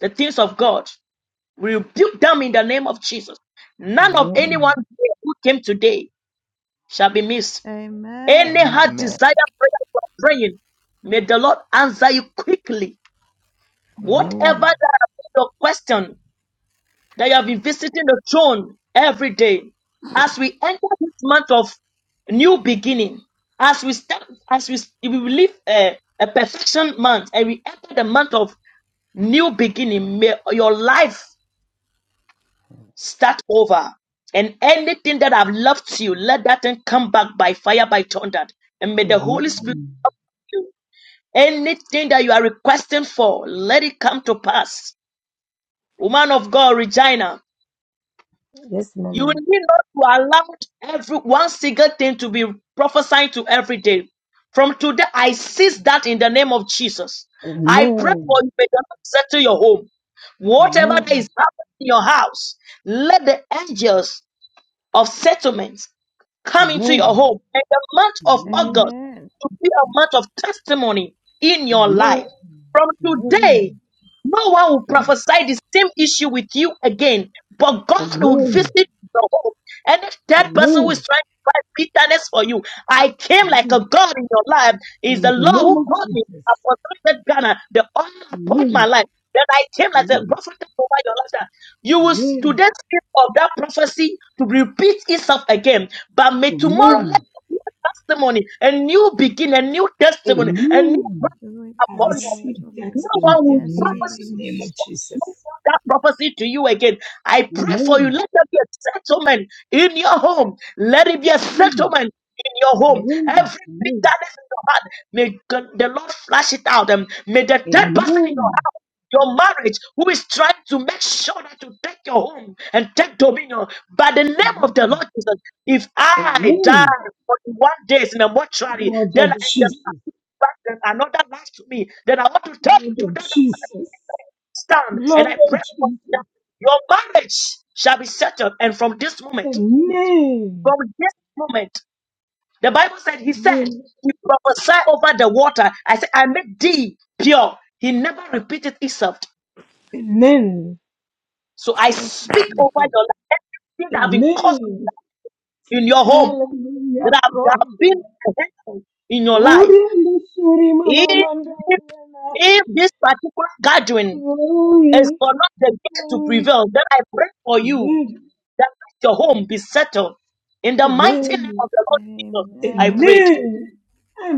Speaker 6: the things of God. We rebuke them in the name of Jesus.
Speaker 12: Amen.
Speaker 6: None of
Speaker 12: Amen.
Speaker 6: anyone here who came today shall be missed. Any
Speaker 3: Amen.
Speaker 5: Amen.
Speaker 12: Amen.
Speaker 6: heart
Speaker 5: Amen.
Speaker 6: desire prayer you are praying, may the Lord answer you quickly.
Speaker 12: Amen.
Speaker 6: Whatever that your question, that you have been visiting the throne every day. As we enter this month of new beginning, as we start, as we, we live a, a perfection month and we enter the month of new beginning, may your life start over. And anything that have left you, let that thing come back by fire, by thunder. And
Speaker 12: Amen.
Speaker 6: may the Holy Spirit
Speaker 12: Amen.
Speaker 6: help you. Anything that you are requesting for, let it come to pass. Woman of God, Regina,
Speaker 12: Yes,
Speaker 6: You will
Speaker 12: Mama.
Speaker 6: need not to allow every one single thing to be prophesying to every day. From today, I cease that in the name of Jesus. I pray for
Speaker 12: Amen.
Speaker 6: you, may the Lord settle your home. Whatever that
Speaker 12: Amen.
Speaker 6: is happening in your house, let the angels of settlements come into
Speaker 12: Amen.
Speaker 6: your
Speaker 5: Amen.
Speaker 6: home. And the month of
Speaker 12: Amen.
Speaker 6: August
Speaker 3: Amen.
Speaker 6: will be a month of testimony in your
Speaker 12: Amen.
Speaker 6: life. From
Speaker 3: Hallelujah.
Speaker 6: today,
Speaker 12: Amen.
Speaker 6: no one will prophesy the same issue with you again, but God will
Speaker 12: Amen.
Speaker 6: visit your home. And if that person who is
Speaker 12: Amen.
Speaker 6: trying to find bitterness for you, I came like
Speaker 12: Amen.
Speaker 6: a God in your life, is the
Speaker 12: In the
Speaker 6: Lord
Speaker 12: name
Speaker 6: who
Speaker 12: of
Speaker 6: called me. I
Speaker 12: Jesus.
Speaker 6: was not Ghana, the honor upon my
Speaker 12: Amen.
Speaker 6: life. Then I came like a
Speaker 12: Amen.
Speaker 6: prophet over your life. You will s-
Speaker 12: Amen.
Speaker 6: today speak of that prophecy to repeat itself again. But may tomorrow
Speaker 12: Amen.
Speaker 6: let there be a testimony, a new begin, a new testimony, a new
Speaker 12: Amen.
Speaker 3: Do
Speaker 6: blessing
Speaker 3: it
Speaker 12: I
Speaker 3: for
Speaker 6: upon
Speaker 3: your
Speaker 6: you.
Speaker 12: receive
Speaker 3: daughter,
Speaker 12: that
Speaker 6: No
Speaker 3: Lord.
Speaker 6: one
Speaker 12: in the
Speaker 6: will
Speaker 3: Yes,
Speaker 6: prophesy
Speaker 12: mighty name
Speaker 3: Jesus.
Speaker 12: of Jesus.
Speaker 6: that prophecy to you again. I pray for you.
Speaker 12: Amen.
Speaker 6: Let there be a settlement in your home. Let it be a
Speaker 12: Amen.
Speaker 6: settlement in your
Speaker 12: Amen.
Speaker 6: home. Every
Speaker 12: Amen.
Speaker 6: bitterness in your heart, may God- the Lord flash it out. And may the third person in your
Speaker 12: Amen.
Speaker 6: heart your marriage, who is trying to make sure that you take your home and take dominion. By the name of the
Speaker 12: Amen.
Speaker 6: Lord Jesus, if I die
Speaker 12: Amen.
Speaker 6: 41 days in a mortuary,
Speaker 12: Lord
Speaker 6: then I
Speaker 12: of Jesus.
Speaker 6: can back then another life to me, then I want to tell you
Speaker 12: Lord
Speaker 6: to
Speaker 12: of
Speaker 6: that I want to
Speaker 12: Jesus.
Speaker 6: stand and
Speaker 12: Lord
Speaker 6: I pray
Speaker 12: of
Speaker 6: for you
Speaker 12: Jesus.
Speaker 6: that your marriage shall be settled. And from this moment,
Speaker 12: Amen.
Speaker 6: from this moment, the Bible said, He said,
Speaker 12: Amen.
Speaker 6: He prophesied over the water. I said, I make thee pure. He never repeated himself.
Speaker 12: Amen.
Speaker 6: So I
Speaker 12: Thank you,
Speaker 6: speak over
Speaker 12: Jesus.
Speaker 6: your life. Everything that have been caused
Speaker 12: Amen.
Speaker 6: in your home,
Speaker 12: Hallelujah.
Speaker 6: that have, that have
Speaker 12: Glory.
Speaker 6: been in your
Speaker 12: Glory
Speaker 6: life.
Speaker 12: and glory, Mama
Speaker 6: If, if,
Speaker 12: Mandariana.
Speaker 6: if this particular gathering is
Speaker 12: Glory.
Speaker 6: for not the gift to
Speaker 12: Glory.
Speaker 6: prevail, then I pray for you
Speaker 12: Amen.
Speaker 6: that let your home be settled. In the mighty name
Speaker 12: Amen.
Speaker 6: of the Lord Jesus, I
Speaker 3: Amen.
Speaker 6: prayed.
Speaker 12: Amen.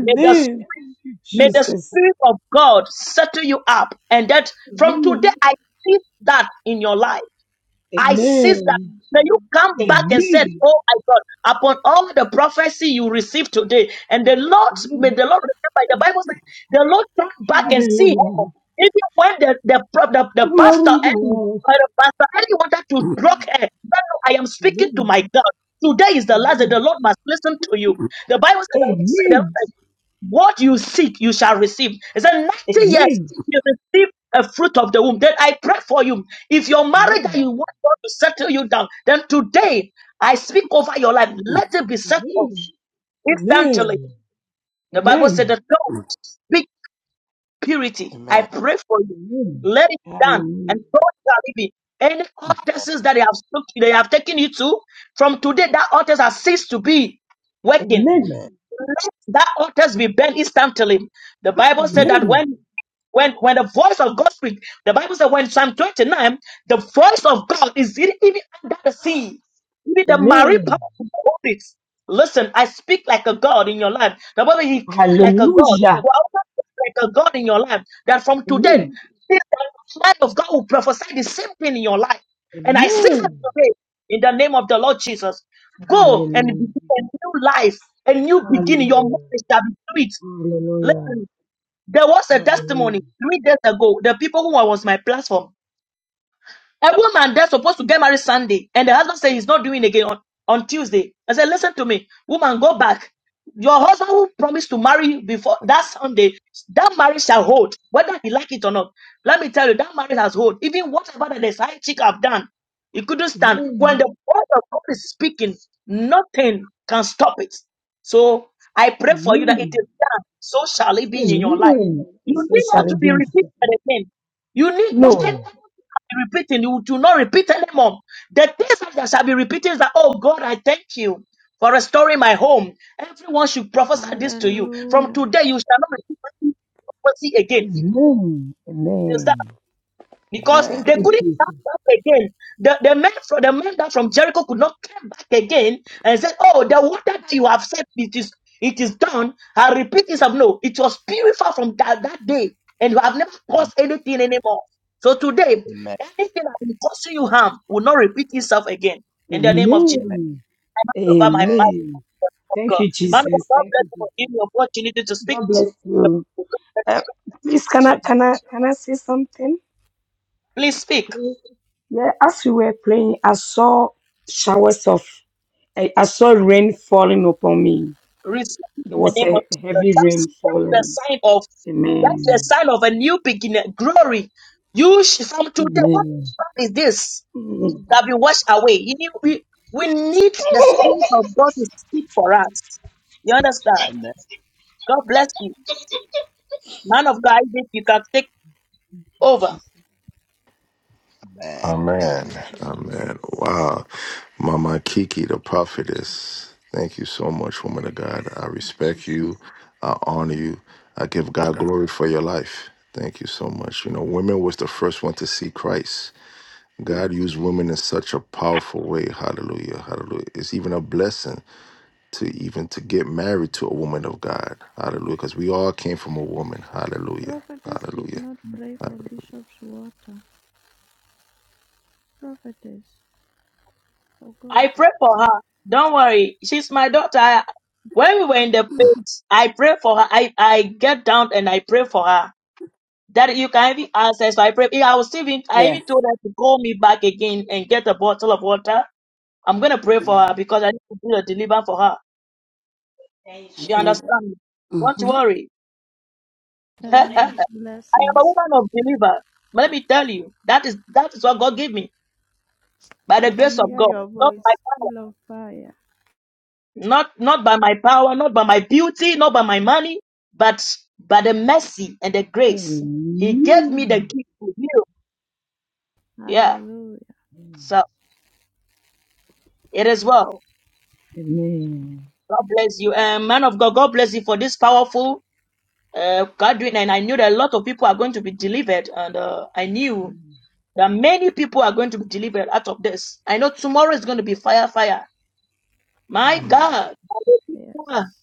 Speaker 6: May the,
Speaker 12: Thank you,
Speaker 6: may the
Speaker 12: Jesus.
Speaker 6: Spirit of God settle you up. And that from today,
Speaker 12: Amen.
Speaker 6: I see that in your life. I seized that.
Speaker 12: Amen.
Speaker 6: May you
Speaker 3: Amen.
Speaker 6: come back and said,
Speaker 12: Amen.
Speaker 6: Oh my God, upon all the prophecy you received today, and the Lord, may
Speaker 12: Amen.
Speaker 6: the Lord remember, the Bible says, the Lord come back and see her.
Speaker 12: Hallelujah.
Speaker 6: Even when the, the, pro- the, the pastor
Speaker 12: Glory,
Speaker 6: and
Speaker 12: Lord.
Speaker 6: uh, the pastor Eli wanted to block
Speaker 12: Amen.
Speaker 6: her, but no, I am speaking to
Speaker 12: Amen.
Speaker 6: my God. Today is the last day. The
Speaker 12: Amen.
Speaker 6: Lord must listen to you. The Bible says, what you seek, you shall receive. He said, 90 years,
Speaker 12: Amen.
Speaker 6: you receive a fruit of the womb. Then I pray for you. If your marriage that you want God to settle you down, then today I speak over your life. Let it be settled
Speaker 12: Amen.
Speaker 6: instantly.
Speaker 12: Amen.
Speaker 6: The Bible
Speaker 12: Amen.
Speaker 6: said, The tongue speak
Speaker 5: Amen.
Speaker 6: purity.
Speaker 5: Amen. Amen. Amen.
Speaker 6: I pray for you.
Speaker 12: Amen.
Speaker 6: Let it be done, and
Speaker 12: Hallelujah.
Speaker 6: God shall be. Any altars that they have, took- they have taken you to, from today, that altars has ceased to be working.
Speaker 12: Amen.
Speaker 5: Amen.
Speaker 6: Let That altars be burned instantly. The Bible said that
Speaker 12: Amen.
Speaker 6: when when when the voice of God speaks, the Bible said when Psalm 29, the voice of God is e- even under the sea, even the marine power
Speaker 12: Amen.
Speaker 6: of the waters. Listen, I speak like a God in your life. The Bible, He came like a God.
Speaker 12: Hallelujah.
Speaker 6: Well, I also speak like a God in your life. That from today,
Speaker 12: Amen.
Speaker 6: this man of God will prophesy the same thing in your life. And I seize it
Speaker 12: Amen.
Speaker 6: today in the name of the Lord Jesus. Go and
Speaker 12: Hallelujah.
Speaker 6: begin a new life, a new beginning. Your
Speaker 12: Hallelujah.
Speaker 6: marriage shall be sweet.
Speaker 12: Hallelujah.
Speaker 6: Listen, there was a testimony
Speaker 12: Hallelujah.
Speaker 6: three days ago. The people who was my platform. A woman that's supposed to get married Sunday, and the husband says he's not doing it again on, on Tuesday. I said, listen to me, woman, go back. Your husband who promised to marry you before that Sunday, that marriage shall hold, whether he like it or not. Let me tell you, that marriage has hold. Even whatever that the side chick have done, he couldn't stand.
Speaker 12: Amen.
Speaker 6: When the word of God is speaking, nothing can stop it. So I pray for you that it
Speaker 12: Amen.
Speaker 6: is done. So shall it be in your life.
Speaker 12: Amen.
Speaker 6: You
Speaker 12: He
Speaker 6: need
Speaker 12: says,
Speaker 6: not
Speaker 12: shall
Speaker 6: to
Speaker 12: it be
Speaker 6: be
Speaker 12: in
Speaker 6: repeated
Speaker 12: Jesus?
Speaker 6: again. You need that thing
Speaker 12: No.
Speaker 6: be repeating. You do not repeat anymore. The things that shall be repeating is that, oh God, I thank you for restoring my home. Everyone should prophesy this to you. From today, you shall not repeat prophecy again
Speaker 12: Amen. Amen.
Speaker 6: because
Speaker 12: Thank
Speaker 6: they
Speaker 12: you,
Speaker 6: couldn't
Speaker 12: Jesus.
Speaker 6: come back again. The, the men from the men that from Jericho could not come back again and said, "Oh, the water that you have said it is it is done." I repeat this: of no, it was purified from that, that day, and you have never caused anything anymore. So today, anything that will cause you harm will not repeat itself again. In the name of Jesus,
Speaker 12: Amen.
Speaker 6: I hand over my mind
Speaker 12: Amen.
Speaker 6: of God.
Speaker 12: Thank you,
Speaker 6: Man of
Speaker 12: Jesus.
Speaker 6: God,
Speaker 12: Thank
Speaker 6: bless
Speaker 12: you,
Speaker 6: you for
Speaker 12: Jesus.
Speaker 6: giving me opportunity to speak
Speaker 12: God bless
Speaker 6: to the
Speaker 12: you.
Speaker 6: people. God
Speaker 12: Uh,
Speaker 6: bless
Speaker 12: please, can
Speaker 6: you.
Speaker 12: I can I can I say something?
Speaker 6: Please speak.
Speaker 12: Please. Yeah, as we were playing, I saw showers of I, I saw rain falling upon me.
Speaker 6: receive in
Speaker 12: There
Speaker 6: the
Speaker 12: was
Speaker 6: name of
Speaker 12: a
Speaker 6: Jesus.
Speaker 12: heavy
Speaker 6: That's,
Speaker 12: rain
Speaker 6: that's the
Speaker 12: falling.
Speaker 6: sign of that's the
Speaker 12: Amen.
Speaker 6: sign of a new beginning, glory. You sh- from today,
Speaker 12: Amen.
Speaker 6: what is this
Speaker 12: Mm.
Speaker 6: that we wash away? You need, we we need the spirit of God to speak for us. You understand?
Speaker 5: Amen.
Speaker 6: God bless you, man of God. If you can take
Speaker 12: Thank you,
Speaker 6: over,
Speaker 12: Jesus. Thank
Speaker 1: Amen.
Speaker 12: you, Holy
Speaker 1: Amen.
Speaker 12: Ghost.
Speaker 1: Wow. Mama Kiki, the
Speaker 12: Thank
Speaker 1: prophetess. Thank you so much, woman of God. I
Speaker 12: you,
Speaker 1: respect you.
Speaker 12: Jesus.
Speaker 1: I honor you. I give God glory for your life. Thank you so much. You know, women was the first one to see Christ. God used women in such a powerful way. Hallelujah. Hallelujah. It's even a blessing to even to get married to a woman of God. Hallelujah. Because we all came from a woman. Hallelujah.
Speaker 3: Prophetess did
Speaker 1: Hallelujah.
Speaker 3: not pray for
Speaker 1: Hallelujah.
Speaker 3: Bishop's water. Prophetess, oh God.
Speaker 6: I pray for her. Don't worry, she's my daughter. I- when we were in the place, I pray for her. I, I get down and I pray for her. that you can even access. I pray. I was even I even
Speaker 9: Yes.
Speaker 6: told her to call me back again and get a bottle of water. I'm gonna pray for her because I need to do the deliver for her.
Speaker 9: I
Speaker 6: She
Speaker 9: got it.
Speaker 6: understands. Don't
Speaker 9: Mhm.
Speaker 6: worry. I
Speaker 3: Amen.
Speaker 6: am a
Speaker 3: Blessings.
Speaker 6: woman of deliver. But let me tell you, that is that is what God gave me by
Speaker 3: I
Speaker 6: the grace
Speaker 3: can
Speaker 6: of
Speaker 3: hear
Speaker 6: God,
Speaker 3: your
Speaker 6: not by
Speaker 3: voice full
Speaker 6: power,
Speaker 3: of fire.
Speaker 6: not not by my power, not by my beauty, not by my money, but by the mercy and the grace. He gave me the
Speaker 12: Amen.
Speaker 6: gift to you. Yeah.
Speaker 3: Hallelujah.
Speaker 6: So it is well.
Speaker 12: Amen.
Speaker 6: God bless you. Um, man of God, God bless you for this powerful uh, gathering. And I knew that a lot of people are going to be delivered. And uh, I knew that many people are going to be delivered out of this. I know tomorrow is going to be fire, fire. My
Speaker 12: Mm.
Speaker 6: God,
Speaker 3: Yes.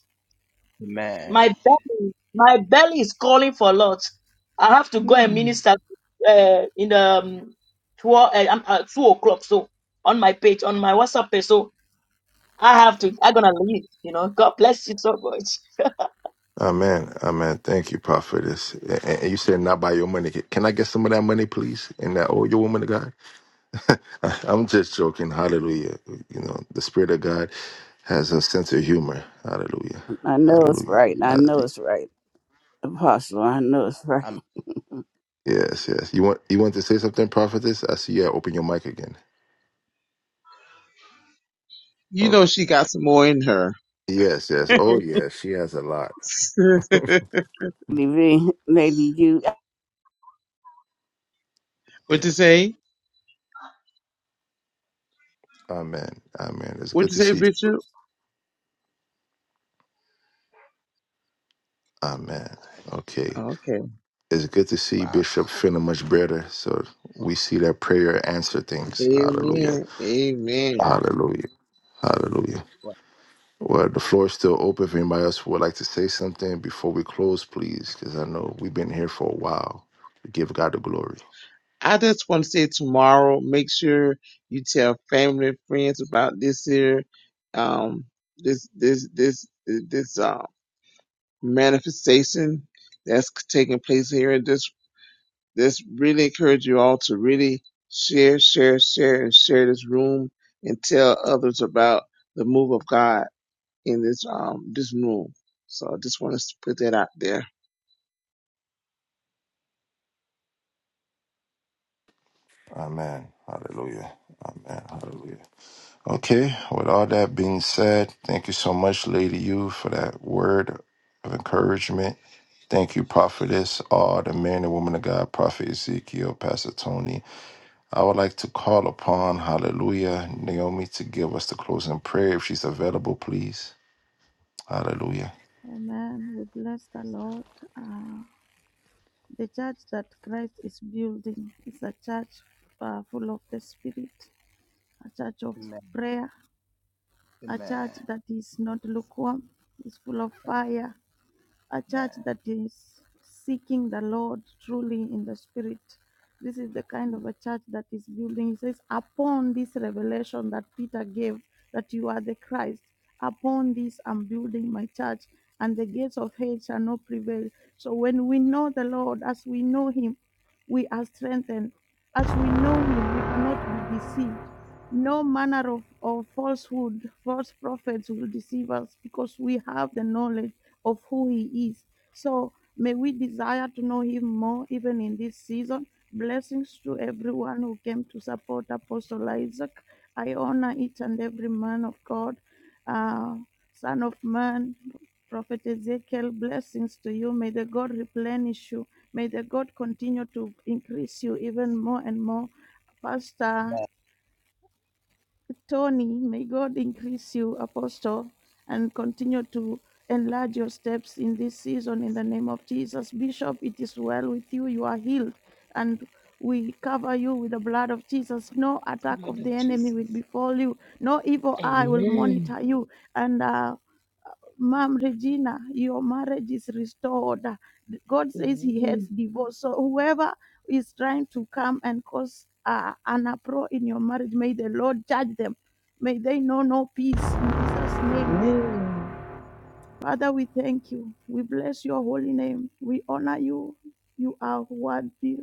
Speaker 5: Amen. Amen.
Speaker 6: my belly, my belly is calling for a lot. I have to go and
Speaker 12: Mm.
Speaker 6: minister uh, in the um, two, uh, um, uh, two o'clock. So on my page, on my WhatsApp page. So I have to. I'm gonna leave. You know. God bless you so much.
Speaker 1: Amen. Amen. Thank you, prophetess. And and you said not by your money. Can I get some of that money, please? And that oh, your woman of God? I'm just joking. Hallelujah. You know, the Spirit of God has a sense of humor. Hallelujah.
Speaker 9: I know it's
Speaker 1: Hallelujah.
Speaker 9: right. I
Speaker 1: Uh,
Speaker 9: know it's right. Apostle, I know it's right.
Speaker 5: Amen.
Speaker 1: Yes, yes. You want you want to say something, prophetess? I see you open your mic again.
Speaker 7: You
Speaker 1: Oh,
Speaker 7: know she got some more in her.
Speaker 1: yes, yes. Oh, yes. She has a lot.
Speaker 9: Lady V, Lady U.
Speaker 7: what
Speaker 1: Yeah.
Speaker 7: you say?
Speaker 1: Amen. Amen. It's
Speaker 7: What
Speaker 1: good
Speaker 7: you
Speaker 1: to
Speaker 7: say,
Speaker 1: see.
Speaker 7: Bishop?
Speaker 1: Amen. Okay.
Speaker 7: Okay.
Speaker 1: It's good to see
Speaker 5: Wow.
Speaker 1: Bishop feeling much better. So we see that prayer answer things. Hallelujah.
Speaker 7: Amen. Amen.
Speaker 1: Hallelujah. Hallelujah. Well, the floor is still open. If anybody else would like to say something before we close, please, because I know we've been here for a while. We give God the glory.
Speaker 7: I just want to say tomorrow, make sure you tell family and friends about this here, um, this, this, this, this, uh, manifestation that's taking place here. And just, just really encourage you all to really share, share, share, and share this room and tell others about the move of God in this, um, this room. So I just want to put that out there.
Speaker 1: Amen. Hallelujah. Amen. Hallelujah. Okay, with all that being said, thank you so much, Lady U, for that word of encouragement. Thank you, Prophetess, all the men and women of God, Prophet Ezekiel, Pastor Tony. I would like to call upon, hallelujah, Naomi to give us the closing prayer if she's available, please. Hallelujah.
Speaker 3: Amen. We bless the Lord. Uh, the church that Christ is building is a church uh, full of the Spirit, a church of
Speaker 5: Amen.
Speaker 3: prayer, a
Speaker 5: Amen.
Speaker 3: church that is not lukewarm, is full of fire. a church
Speaker 5: Amen.
Speaker 3: that is seeking the Lord truly in the spirit. This is the kind of a church that is building. He says, upon this revelation that Peter gave that you are the Christ, upon this I'm building my church, and the gates of hell shall not prevail. So when we know the Lord, as we know him, we are strengthened. As we know him, we cannot be deceived. No manner of, of falsehood, false prophets will deceive us because we have the knowledge of who He is. So may we desire to know Him more even in this season. Blessings to everyone who came to support Apostle Isaac. I honor each and every man of God, uh, Son of Man, Prophet Ezekiel. Blessings to you. May the God replenish you. May the God continue to increase you even more and more. Pastor Tony, may God increase you, Apostle, and continue to enlarge your steps in this season in the name of Jesus. Bishop, it is well with you. You are healed. And we cover you with the blood of Jesus. No attack
Speaker 12: Blood
Speaker 3: of the
Speaker 12: of
Speaker 3: enemy will
Speaker 12: Jesus.
Speaker 3: befall you. No evil eye will
Speaker 12: Amen.
Speaker 3: monitor you. And uh, Mom Regina, your marriage is restored. God says He hates
Speaker 12: Amen.
Speaker 3: divorce. So whoever is trying to come and cause uh, an uproar in your marriage, may the Lord judge them. May they know no peace in Jesus' name.
Speaker 12: Amen.
Speaker 3: Father, we thank you. We bless your holy name. We honor you. You are worthy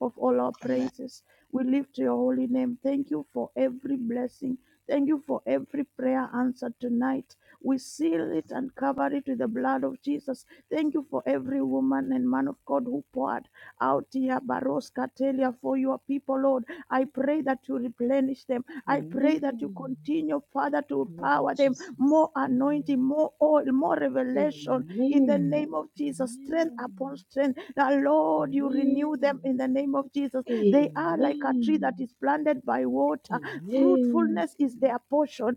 Speaker 3: of all our
Speaker 5: Amen.
Speaker 3: praises. We lift your holy name. Thank you for every blessing. Thank you for every prayer answered tonight. We seal it and cover it with the blood of Jesus. Thank you for every woman and man of God who poured out here, Baros Katelia, for your people, Lord. I pray that you replenish them. I pray that you
Speaker 12: Amen.
Speaker 3: continue, Father, to
Speaker 12: Blood of
Speaker 3: empower them
Speaker 12: Jesus.
Speaker 3: more anointing,
Speaker 12: Amen.
Speaker 3: more oil, more revelation, in the
Speaker 12: Amen.
Speaker 3: name of Jesus. Strength upon
Speaker 12: Amen.
Speaker 3: strength. Now, Lord, you renew them
Speaker 12: Amen.
Speaker 3: in the name of Jesus. They are like a tree that
Speaker 12: Amen.
Speaker 3: is planted by water.
Speaker 12: Amen.
Speaker 3: Fruitfulness is their portion.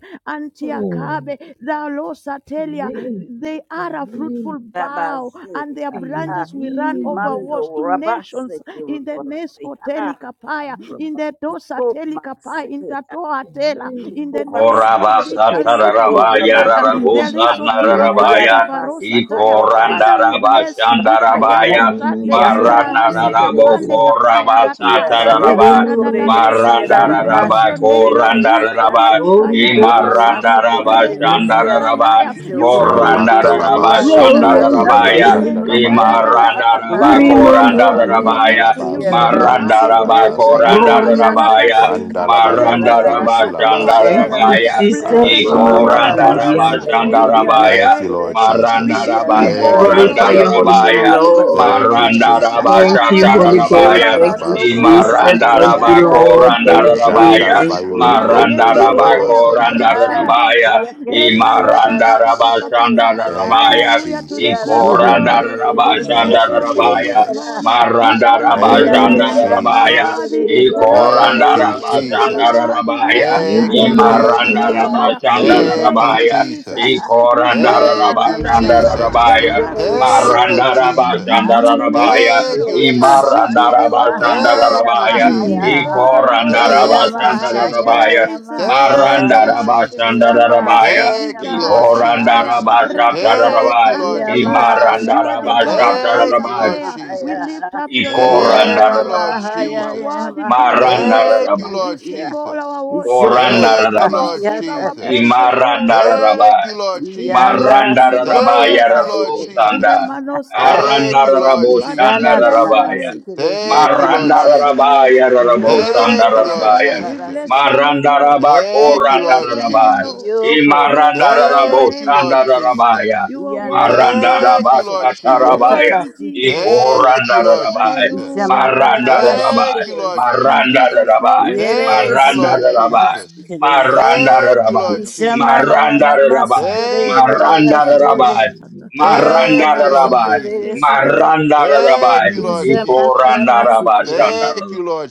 Speaker 12: Oh.
Speaker 3: Antiakabe, Dalosatelia.
Speaker 12: Amen.
Speaker 3: They are a
Speaker 12: Amen.
Speaker 3: fruitful bough,
Speaker 9: Rabazi,
Speaker 3: and their
Speaker 9: ah,
Speaker 3: branches will run
Speaker 12: Amen.
Speaker 3: over
Speaker 9: imando
Speaker 3: walls to nations
Speaker 9: rabasi,
Speaker 3: in the
Speaker 9: rabasi,
Speaker 3: Nesco
Speaker 9: ah,
Speaker 3: Telikapaya,
Speaker 12: Amen.
Speaker 3: in the
Speaker 9: rabasi,
Speaker 3: Dosa
Speaker 9: kobasi,
Speaker 3: Telikapaya, in
Speaker 9: ah,
Speaker 3: Tatoatela. In
Speaker 12: Amen.
Speaker 3: the name of
Speaker 9: kobasi,
Speaker 3: Jesus, they
Speaker 9: teke,
Speaker 3: shall not be
Speaker 9: suko
Speaker 2: Korabasatarabaya
Speaker 3: hindered. Uh,
Speaker 9: rabasi,
Speaker 3: There
Speaker 12: Glorianda,
Speaker 3: is
Speaker 9: ah,
Speaker 3: Otila
Speaker 12: glorianda,
Speaker 9: aya
Speaker 12: Rama,
Speaker 2: rarabosanarabaya
Speaker 3: Kante
Speaker 9: rabasi,
Speaker 3: Farosa
Speaker 9: ko
Speaker 12: glorianda,
Speaker 3: Taya.
Speaker 12: Kori,
Speaker 9: rabasi,
Speaker 3: Father,
Speaker 12: Baba,
Speaker 3: we
Speaker 9: tede,
Speaker 3: bless you.
Speaker 9: siba,
Speaker 3: We
Speaker 9: aya,
Speaker 2: ikorandarabashandarabaya
Speaker 3: kayato
Speaker 12: Rama, Mama,
Speaker 3: shande
Speaker 12: Mama,
Speaker 9: iyakara,
Speaker 3: rahasi
Speaker 12: glorianda,
Speaker 2: maranarabo
Speaker 12: Kori,
Speaker 3: kapande
Speaker 12: Baba.
Speaker 3: kapaya rata
Speaker 9: yeah,
Speaker 2: korabasataraba
Speaker 12: Holy mama mama
Speaker 3: Rekaradadadosha.
Speaker 12: suri
Speaker 3: We
Speaker 12: baba
Speaker 2: marandaraba
Speaker 3: bless your name,
Speaker 12: banderia.
Speaker 3: Lord. We
Speaker 2: korandaraba
Speaker 3: honor you,
Speaker 12: Glory good mama
Speaker 3: Kayarabasika.
Speaker 12: mama
Speaker 2: imarandaraba
Speaker 12: kaya da kata baba
Speaker 3: Rekadoshandaya.
Speaker 2: shandaraba
Speaker 3: You are
Speaker 12: mama.
Speaker 3: worthy,
Speaker 1: Jalata laba
Speaker 2: Korandararaba
Speaker 3: Kaya
Speaker 12: Glory
Speaker 3: Barosa
Speaker 1: sokolo
Speaker 12: anda
Speaker 3: Teria.
Speaker 1: bolila
Speaker 2: Shandarabaya
Speaker 12: suri
Speaker 1: shanda
Speaker 12: mama
Speaker 1: laba
Speaker 12: mama.
Speaker 1: kebe.
Speaker 3: Rekadadadada.
Speaker 2: Imarandaraba
Speaker 12: Suri
Speaker 3: Glory
Speaker 1: Velete
Speaker 3: and
Speaker 12: mama
Speaker 1: laba
Speaker 12: mama
Speaker 3: honor
Speaker 1: ila
Speaker 12: mama
Speaker 3: belongs
Speaker 2: Korandarabaya
Speaker 3: to
Speaker 1: kalaba
Speaker 3: you.
Speaker 12: suri
Speaker 3: You
Speaker 12: anda.
Speaker 1: sokolo
Speaker 3: are the
Speaker 2: Marandaraba
Speaker 3: great
Speaker 1: shilaba
Speaker 3: I am,
Speaker 1: sakaba.
Speaker 12: Glory anda
Speaker 2: Korandarabaya
Speaker 12: suri
Speaker 1: Vanda
Speaker 3: Mayarabasika.
Speaker 12: mama
Speaker 1: laba yolo
Speaker 12: mama.
Speaker 1: kolo
Speaker 2: Marandaraba
Speaker 1: shilaba
Speaker 12: Thank
Speaker 3: Detetekatoatela.
Speaker 12: you
Speaker 1: sekebe.
Speaker 2: Shandarabaya
Speaker 12: Jesus
Speaker 3: Blessed
Speaker 12: mama
Speaker 3: be your
Speaker 12: mama
Speaker 1: Ashalata
Speaker 3: name,
Speaker 1: laba
Speaker 12: suri
Speaker 3: Jesus.
Speaker 2: Ikorandaraba
Speaker 1: sokolo
Speaker 12: anda
Speaker 1: bo.
Speaker 3: We
Speaker 12: suri
Speaker 3: give you
Speaker 12: baba.
Speaker 2: Shandarabaya
Speaker 1: Thank you, Lord
Speaker 3: praises. We
Speaker 1: Jesus.
Speaker 3: give you
Speaker 2: Marandaraba
Speaker 12: We
Speaker 1: Thank you,
Speaker 3: glory,
Speaker 1: Lord
Speaker 12: glorify
Speaker 3: Lord.
Speaker 12: your holy
Speaker 1: Jesus.
Speaker 12: name,
Speaker 2: Korandarabaya
Speaker 3: Worthy is
Speaker 12: Lord.
Speaker 3: your
Speaker 1: Thank
Speaker 3: name
Speaker 1: you,
Speaker 3: name. You
Speaker 2: Marandaraba
Speaker 1: Jesus.
Speaker 3: are
Speaker 12: Thank you,
Speaker 9: Yabba,
Speaker 3: worthy
Speaker 12: Holy
Speaker 3: to be
Speaker 1: Ajila
Speaker 12: Ghost.
Speaker 2: Shatarabaya
Speaker 3: praised.
Speaker 12: Thank
Speaker 1: kalaba
Speaker 12: you,
Speaker 3: We
Speaker 1: sondolo
Speaker 12: Jesus.
Speaker 1: botolo
Speaker 12: Thank
Speaker 3: katande
Speaker 12: you,
Speaker 1: shekebe.
Speaker 3: debosha,
Speaker 12: Lord. Thank you,
Speaker 1: Janda
Speaker 2: Imarandarabaya,
Speaker 12: thank
Speaker 1: laba
Speaker 3: rekadadosa,
Speaker 1: yolo
Speaker 12: you,
Speaker 1: kolo
Speaker 12: thank
Speaker 1: bo
Speaker 12: you, Lord.
Speaker 1: shilaba
Speaker 3: radeshandaya,
Speaker 12: Thank you,
Speaker 1: sakaba.
Speaker 12: Jesus.
Speaker 3: rakadadosa,
Speaker 2: Marandarabaya,
Speaker 1: Thank you,
Speaker 3: reparata
Speaker 1: Jesus.
Speaker 3: kapapapapa.
Speaker 1: Thank you,
Speaker 2: Imarandarabashandarabaya,
Speaker 3: Hallelujah to the King
Speaker 1: Jesus.
Speaker 3: of
Speaker 12: Uri anda
Speaker 3: Glory.
Speaker 12: suri
Speaker 3: We
Speaker 12: baba
Speaker 1: Thank
Speaker 3: bless
Speaker 1: you,
Speaker 3: your name
Speaker 12: banderi
Speaker 2: Ikorandarabashandarabaya,
Speaker 3: this
Speaker 12: anda.
Speaker 3: morning.
Speaker 1: Jesus.
Speaker 3: We honor you,
Speaker 9: Yeah,
Speaker 1: Thank
Speaker 12: Uri
Speaker 9: na
Speaker 1: you,
Speaker 3: Lord.
Speaker 9: na
Speaker 12: mama mama
Speaker 2: Marandarabashandarabaya,
Speaker 1: Jesus.
Speaker 3: Worthy
Speaker 12: suri
Speaker 3: is the
Speaker 12: baba
Speaker 3: Lord God
Speaker 1: Thank you,
Speaker 12: banderi
Speaker 3: Almighty.
Speaker 12: anda.
Speaker 1: Jesus.
Speaker 3: Worthy is
Speaker 2: Ikorandarabashandarabaya,
Speaker 12: In
Speaker 1: Thank
Speaker 12: the
Speaker 3: Ataya
Speaker 1: you,
Speaker 12: mighty name
Speaker 1: Jesus.
Speaker 12: of
Speaker 3: Barakatuataya. We
Speaker 1: Thank
Speaker 3: thank
Speaker 1: you,
Speaker 3: you,
Speaker 12: Jesus.
Speaker 2: Imarandarabashandarabaya,
Speaker 3: Jesus.
Speaker 1: Jesus.
Speaker 3: We thank you,
Speaker 1: Thank you,
Speaker 9: na na
Speaker 3: Jesus.
Speaker 9: na na.
Speaker 1: Jesus.
Speaker 3: There is
Speaker 2: Ikorandarabashandarabaya,
Speaker 3: also
Speaker 9: Super,
Speaker 1: Thank you,
Speaker 3: salikapai.
Speaker 12: In the
Speaker 9: super.
Speaker 1: Jesus.
Speaker 3: None
Speaker 12: name
Speaker 3: compares
Speaker 12: of
Speaker 3: to
Speaker 2: Marandarabashandarabaya,
Speaker 3: you,
Speaker 1: Thank
Speaker 12: Jesus.
Speaker 1: you,
Speaker 3: Lord.
Speaker 9: Yamahaya,
Speaker 18: Shasha
Speaker 3: We
Speaker 1: Jesus.
Speaker 3: give you honor, Lord.
Speaker 1: Thank you,
Speaker 2: Imarandarabashandarabaya,
Speaker 3: We give you
Speaker 12: Mm.
Speaker 1: Jesus.
Speaker 3: all the glory,
Speaker 1: Thank you,
Speaker 3: Jesus.
Speaker 1: Jesus.
Speaker 2: Ikorandarabashandarabaya,
Speaker 3: Praises to the
Speaker 1: Thank
Speaker 3: Lord
Speaker 1: you,
Speaker 3: Almighty.
Speaker 1: Jesus.
Speaker 3: Blessed
Speaker 2: Marandarabashandarabaya,
Speaker 3: be
Speaker 1: Thank you,
Speaker 3: the
Speaker 1: Lord
Speaker 3: Rosataya.
Speaker 1: Jesus. Thank
Speaker 2: Ikorandarabashandarabaya,
Speaker 1: you, Lord
Speaker 3: Raketetetande de Bosa.
Speaker 1: Jesus.
Speaker 3: You are the God that
Speaker 1: Thank
Speaker 3: answers
Speaker 1: you,
Speaker 2: Imarandarabashandarabaya,
Speaker 1: Lord
Speaker 3: prayer. We
Speaker 1: Jesus.
Speaker 3: lift up your name, O
Speaker 1: Thank you,
Speaker 3: God.
Speaker 1: Lord
Speaker 2: Ikorandarabaya.
Speaker 3: You are
Speaker 1: Jesus.
Speaker 3: worthy to be praised.
Speaker 1: Thank
Speaker 2: Marandarabaya.
Speaker 1: you, Lord
Speaker 3: Receive all our
Speaker 1: Jesus.
Speaker 3: worship, Lord.
Speaker 1: Thank you,
Speaker 2: Korandararaba,
Speaker 1: Lord
Speaker 3: Receive our
Speaker 1: Jesus.
Speaker 3: praises, Lord.
Speaker 2: Imarandararaba,
Speaker 1: Thank you, Lord
Speaker 3: In the
Speaker 1: Jesus.
Speaker 9: Yanda
Speaker 3: mighty name of
Speaker 2: Marandararaba,
Speaker 9: Sikora
Speaker 1: Thank you,
Speaker 3: Jesus.
Speaker 1: Lord
Speaker 2: Yarabo
Speaker 9: Basi.
Speaker 3: In
Speaker 2: Sanda,
Speaker 3: the
Speaker 1: Jesus.
Speaker 3: Manos
Speaker 1: Thank
Speaker 3: Kataya.
Speaker 1: you, Lord
Speaker 2: Arandararabo
Speaker 3: Father,
Speaker 9: Ya
Speaker 3: we
Speaker 9: na na
Speaker 1: Jesus.
Speaker 3: bless
Speaker 9: na
Speaker 3: your
Speaker 9: na
Speaker 2: Shandararabaya,
Speaker 9: si
Speaker 3: name.
Speaker 9: te de ya.
Speaker 1: Thank
Speaker 3: Father,
Speaker 1: you,
Speaker 3: we
Speaker 1: Lord
Speaker 3: bless your
Speaker 2: Marandararaba,
Speaker 1: Jesus.
Speaker 3: name.
Speaker 9: Yo
Speaker 3: We
Speaker 2: Yarabo
Speaker 9: ro ro
Speaker 3: praise
Speaker 9: ro
Speaker 1: Thank you,
Speaker 9: si
Speaker 1: Lord
Speaker 9: ya ra
Speaker 2: Sandararabaya,
Speaker 3: Kotalia.
Speaker 9: ra
Speaker 3: We
Speaker 9: ra si
Speaker 3: bless your
Speaker 1: Jesus.
Speaker 3: name, Lord.
Speaker 2: Marandaraba,
Speaker 3: We
Speaker 1: Thank you,
Speaker 3: bless
Speaker 1: Lord
Speaker 3: your name,
Speaker 2: Korandararaba,
Speaker 3: Lord.
Speaker 1: Jesus.
Speaker 9: Yo pro ma.
Speaker 3: Blessed be your
Speaker 2: Imarandararabo
Speaker 1: Thank you,
Speaker 3: name,
Speaker 1: Lord
Speaker 3: Jesus.
Speaker 1: Jesus.
Speaker 2: Shandararabaya,
Speaker 3: You are
Speaker 9: Ya na na
Speaker 3: worthy,
Speaker 9: ma si
Speaker 1: Thank
Speaker 2: Marandaraba
Speaker 1: you,
Speaker 9: te
Speaker 3: Jesus.
Speaker 9: de
Speaker 1: Lord
Speaker 3: You
Speaker 9: ya
Speaker 3: are
Speaker 9: ta
Speaker 1: Jesus.
Speaker 9: ba
Speaker 2: Shatarabaya,
Speaker 3: worthy,
Speaker 9: si te de
Speaker 3: Jesus.
Speaker 9: ya.
Speaker 1: Thank you, Lord
Speaker 2: Ikorandararabaya,
Speaker 9: Ya
Speaker 1: Jesus.
Speaker 3: Hallelujah,
Speaker 9: ma na na
Speaker 3: Lord.
Speaker 9: ma si te
Speaker 2: Marandararabaya,
Speaker 1: Thank you,
Speaker 9: de
Speaker 1: Lord
Speaker 9: ya.
Speaker 3: In
Speaker 1: Jesus.
Speaker 3: Jesus' name
Speaker 2: Marandararabaya,
Speaker 3: we
Speaker 9: Ye re
Speaker 3: pray.
Speaker 9: re
Speaker 1: Thank you,
Speaker 9: si ya
Speaker 1: Lord
Speaker 9: ra ra
Speaker 2: Maranda
Speaker 9: ba si
Speaker 1: Jesus.
Speaker 9: te de ya.
Speaker 2: Maranda
Speaker 3: Yes,
Speaker 1: Thank you,
Speaker 2: Rabai,
Speaker 1: Lord
Speaker 3: Ataka
Speaker 9: Ya ma na
Speaker 3: Papa.
Speaker 1: Jesus.
Speaker 9: na
Speaker 12: Makataba
Speaker 2: Maranda
Speaker 9: na ma si
Speaker 2: Rabai,
Speaker 9: te
Speaker 12: Makuri,
Speaker 9: de
Speaker 1: Thank
Speaker 9: ya
Speaker 1: you,
Speaker 9: ra
Speaker 1: Lord
Speaker 9: ra
Speaker 2: Maranda
Speaker 3: Yes,
Speaker 9: si
Speaker 12: in
Speaker 9: ya
Speaker 12: the
Speaker 2: Rabai,
Speaker 1: Jesus.
Speaker 12: name of
Speaker 3: Lakataka
Speaker 9: Ya na
Speaker 12: Jesus.
Speaker 3: Papa.
Speaker 9: na
Speaker 1: Thank
Speaker 9: ma
Speaker 1: you,
Speaker 2: Maranda
Speaker 9: si
Speaker 1: Lord
Speaker 9: te
Speaker 2: Rabai,
Speaker 9: de re
Speaker 3: Yes,
Speaker 9: si
Speaker 1: Jesus.
Speaker 9: ya.
Speaker 3: Lord.
Speaker 2: Maranda Rabai,
Speaker 1: Thank you, Lord
Speaker 9: Ya ma na na
Speaker 1: Jesus.
Speaker 9: ma
Speaker 2: Ikoranda
Speaker 9: si te
Speaker 2: Rabai,
Speaker 3: Hallelujah.
Speaker 9: de
Speaker 2: Shanda
Speaker 9: ya.
Speaker 1: Thank
Speaker 2: Rabai.
Speaker 1: you, Lord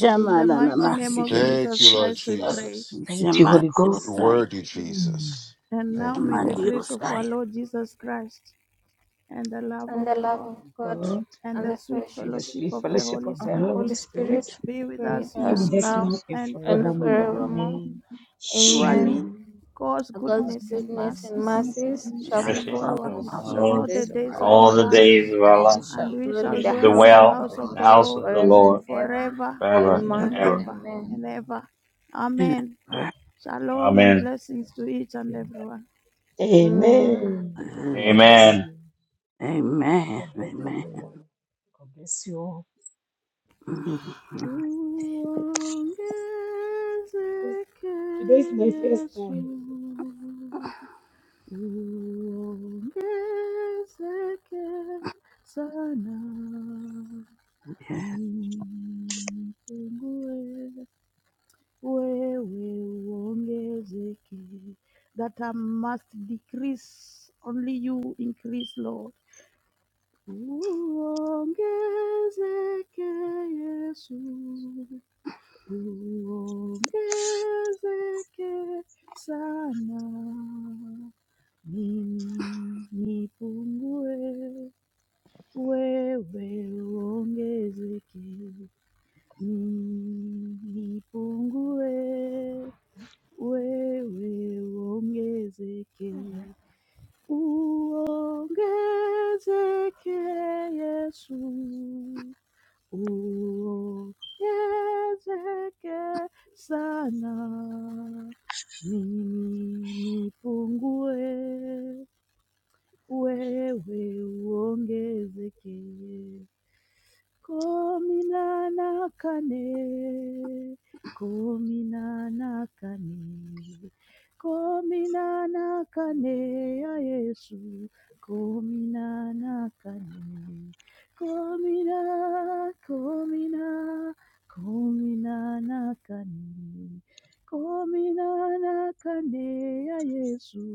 Speaker 9: Ya
Speaker 3: In
Speaker 9: ma
Speaker 3: the
Speaker 9: na na
Speaker 3: mighty
Speaker 9: ma
Speaker 3: name
Speaker 9: si
Speaker 12: Thank
Speaker 9: te
Speaker 3: of
Speaker 12: you,
Speaker 9: de ya.
Speaker 1: Thank
Speaker 3: Jesus
Speaker 1: you, Lord
Speaker 3: Christ, we pray.
Speaker 12: Jesus.
Speaker 1: Jesus.
Speaker 12: Thank you, Holy
Speaker 1: you
Speaker 12: Ghost.
Speaker 9: Shemadiosai,
Speaker 1: worthy,
Speaker 12: Mm,
Speaker 1: Jesus.
Speaker 3: And now
Speaker 1: Thank you,
Speaker 3: may the
Speaker 1: Lord.
Speaker 3: grace of
Speaker 9: Shemadiosai,
Speaker 3: our Lord Jesus Christ and the love
Speaker 13: And
Speaker 3: of
Speaker 13: the love
Speaker 3: God
Speaker 13: of God
Speaker 12: God
Speaker 3: and
Speaker 13: and
Speaker 3: the
Speaker 13: the
Speaker 3: sweet
Speaker 12: and
Speaker 13: fellowship
Speaker 12: the
Speaker 3: fellowship
Speaker 12: sweet
Speaker 3: of the
Speaker 12: fellowship
Speaker 3: Holy
Speaker 12: of
Speaker 13: of
Speaker 12: the
Speaker 13: the
Speaker 12: Holy
Speaker 13: Holy
Speaker 3: Spirit
Speaker 12: Spirit
Speaker 13: Spirit
Speaker 3: be
Speaker 13: be
Speaker 3: with
Speaker 13: with
Speaker 3: us
Speaker 12: be
Speaker 13: us
Speaker 3: now
Speaker 12: with us
Speaker 13: now
Speaker 12: now and
Speaker 3: and
Speaker 13: and
Speaker 12: forevermore.
Speaker 8: Amen.
Speaker 3: forevermore.
Speaker 13: forevermore.
Speaker 12: Amen.
Speaker 8: Amen.
Speaker 13: Amen.
Speaker 8: Amen.
Speaker 3: Surely
Speaker 12: Surely.
Speaker 3: God's
Speaker 12: all
Speaker 13: God's
Speaker 3: goodness
Speaker 12: these
Speaker 3: and
Speaker 13: goodness
Speaker 12: remain
Speaker 13: and
Speaker 3: mercies
Speaker 8: Yes, sir.
Speaker 12: special to
Speaker 13: mercies
Speaker 12: us.
Speaker 2: And
Speaker 13: shall
Speaker 9: is a
Speaker 3: shall
Speaker 2: mercy
Speaker 13: follow
Speaker 3: follow
Speaker 9: Father,
Speaker 12: All
Speaker 2: shall
Speaker 12: the
Speaker 9: all
Speaker 13: us
Speaker 3: us
Speaker 13: all
Speaker 12: days
Speaker 13: the
Speaker 2: follow
Speaker 12: of
Speaker 3: all
Speaker 2: us
Speaker 3: the
Speaker 13: days
Speaker 12: our
Speaker 13: of our
Speaker 3: days of
Speaker 12: life,
Speaker 13: lives,
Speaker 2: all
Speaker 3: our
Speaker 12: and
Speaker 2: the
Speaker 8: Yes,
Speaker 12: we
Speaker 8: sir.
Speaker 12: shall
Speaker 2: days
Speaker 3: lives,
Speaker 2: of our
Speaker 12: dwell
Speaker 13: and we
Speaker 2: life,
Speaker 12: in the
Speaker 3: and
Speaker 13: shall
Speaker 12: house
Speaker 3: we
Speaker 12: of the
Speaker 2: and
Speaker 13: dwell in
Speaker 3: shall
Speaker 2: we
Speaker 13: the
Speaker 8: Yes,
Speaker 2: shall
Speaker 12: Lord
Speaker 3: dwell
Speaker 9: and
Speaker 3: in the
Speaker 13: house of the
Speaker 2: dwell
Speaker 12: forever
Speaker 3: house of
Speaker 2: in
Speaker 13: Lord
Speaker 2: the
Speaker 12: and
Speaker 3: the
Speaker 2: house
Speaker 3: Lord
Speaker 2: of
Speaker 12: ever
Speaker 2: the
Speaker 13: forever
Speaker 12: in
Speaker 13: and
Speaker 12: Jesus.
Speaker 2: Lord
Speaker 13: ever.
Speaker 3: forever
Speaker 2: forever
Speaker 8: sir.
Speaker 2: and
Speaker 3: and
Speaker 13: Amen.
Speaker 12: Amen.
Speaker 2: ever.
Speaker 3: ever
Speaker 13: Amen.
Speaker 3: and ever. Amen.
Speaker 9: ever.
Speaker 3: Shalom and
Speaker 2: Amen.
Speaker 3: blessings to each and everyone.
Speaker 13: Man.
Speaker 12: Amen.
Speaker 9: Hallelujah.
Speaker 12: God
Speaker 5: Amen.
Speaker 12: bless
Speaker 2: Amen.
Speaker 12: you.
Speaker 9: Amen.
Speaker 12: God bless everyone. God bless you all.
Speaker 9: Amen.
Speaker 3: Uongezeke
Speaker 12: Because today is my first
Speaker 3: Yesu. Uongezeke sana. Nipungue, wewe uongezeke. That I must decrease, only you increase, Lord. Uongezeke Yesu, uongezeke sana. Mimi nipungue, wewe uongezeke. Mimi nipungue, wewe uongezeke. Uongezeke Yesu. uwezekesana mimi nipungue wewe uongezeke Komi nana kane, komi nana kane, komi nana kane ya Yesu, komi nana kane, komi na, komi na, komi nana kane, komi nana kane ya Yesu,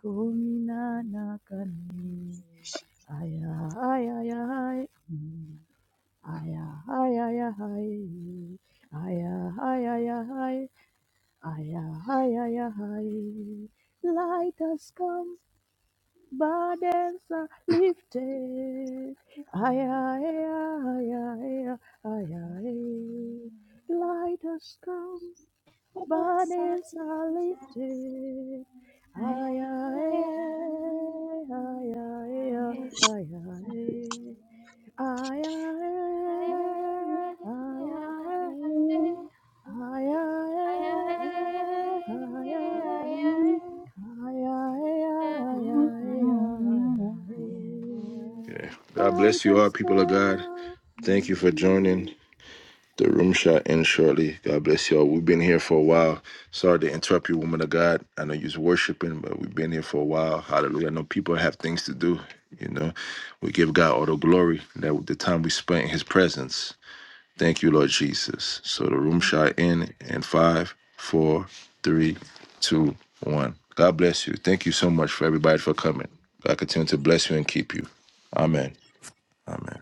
Speaker 3: komi nana ay ay ay aya. Mm. Aya, aya, aya, hi. Aya, aya, aya, hi. Aya, aya, aya, hi. Light has come, burdens are lifted. Aya,
Speaker 12: time.
Speaker 3: aya, aya, aya, aya, aya. Light has come, burdens are lifted. Aya, aya, aya, aya, aya, aya. I
Speaker 1: Okay. God bless you all,
Speaker 3: just
Speaker 1: people of God.
Speaker 3: go.
Speaker 1: Thank you for joining the room shot in shortly. God bless you all. We've been here for a while. Sorry to interrupt you, woman of God. I know you're worshiping, but we've been here for a while. Hallelujah. I know people have things to do. You know, we give God all the glory that the time we spent in his presence. Thank you, Lord Jesus. So the room shot in in five, four, three, two, one. God bless you. Thank you so much for everybody for coming. God continue to bless you and keep you. Amen. Amen.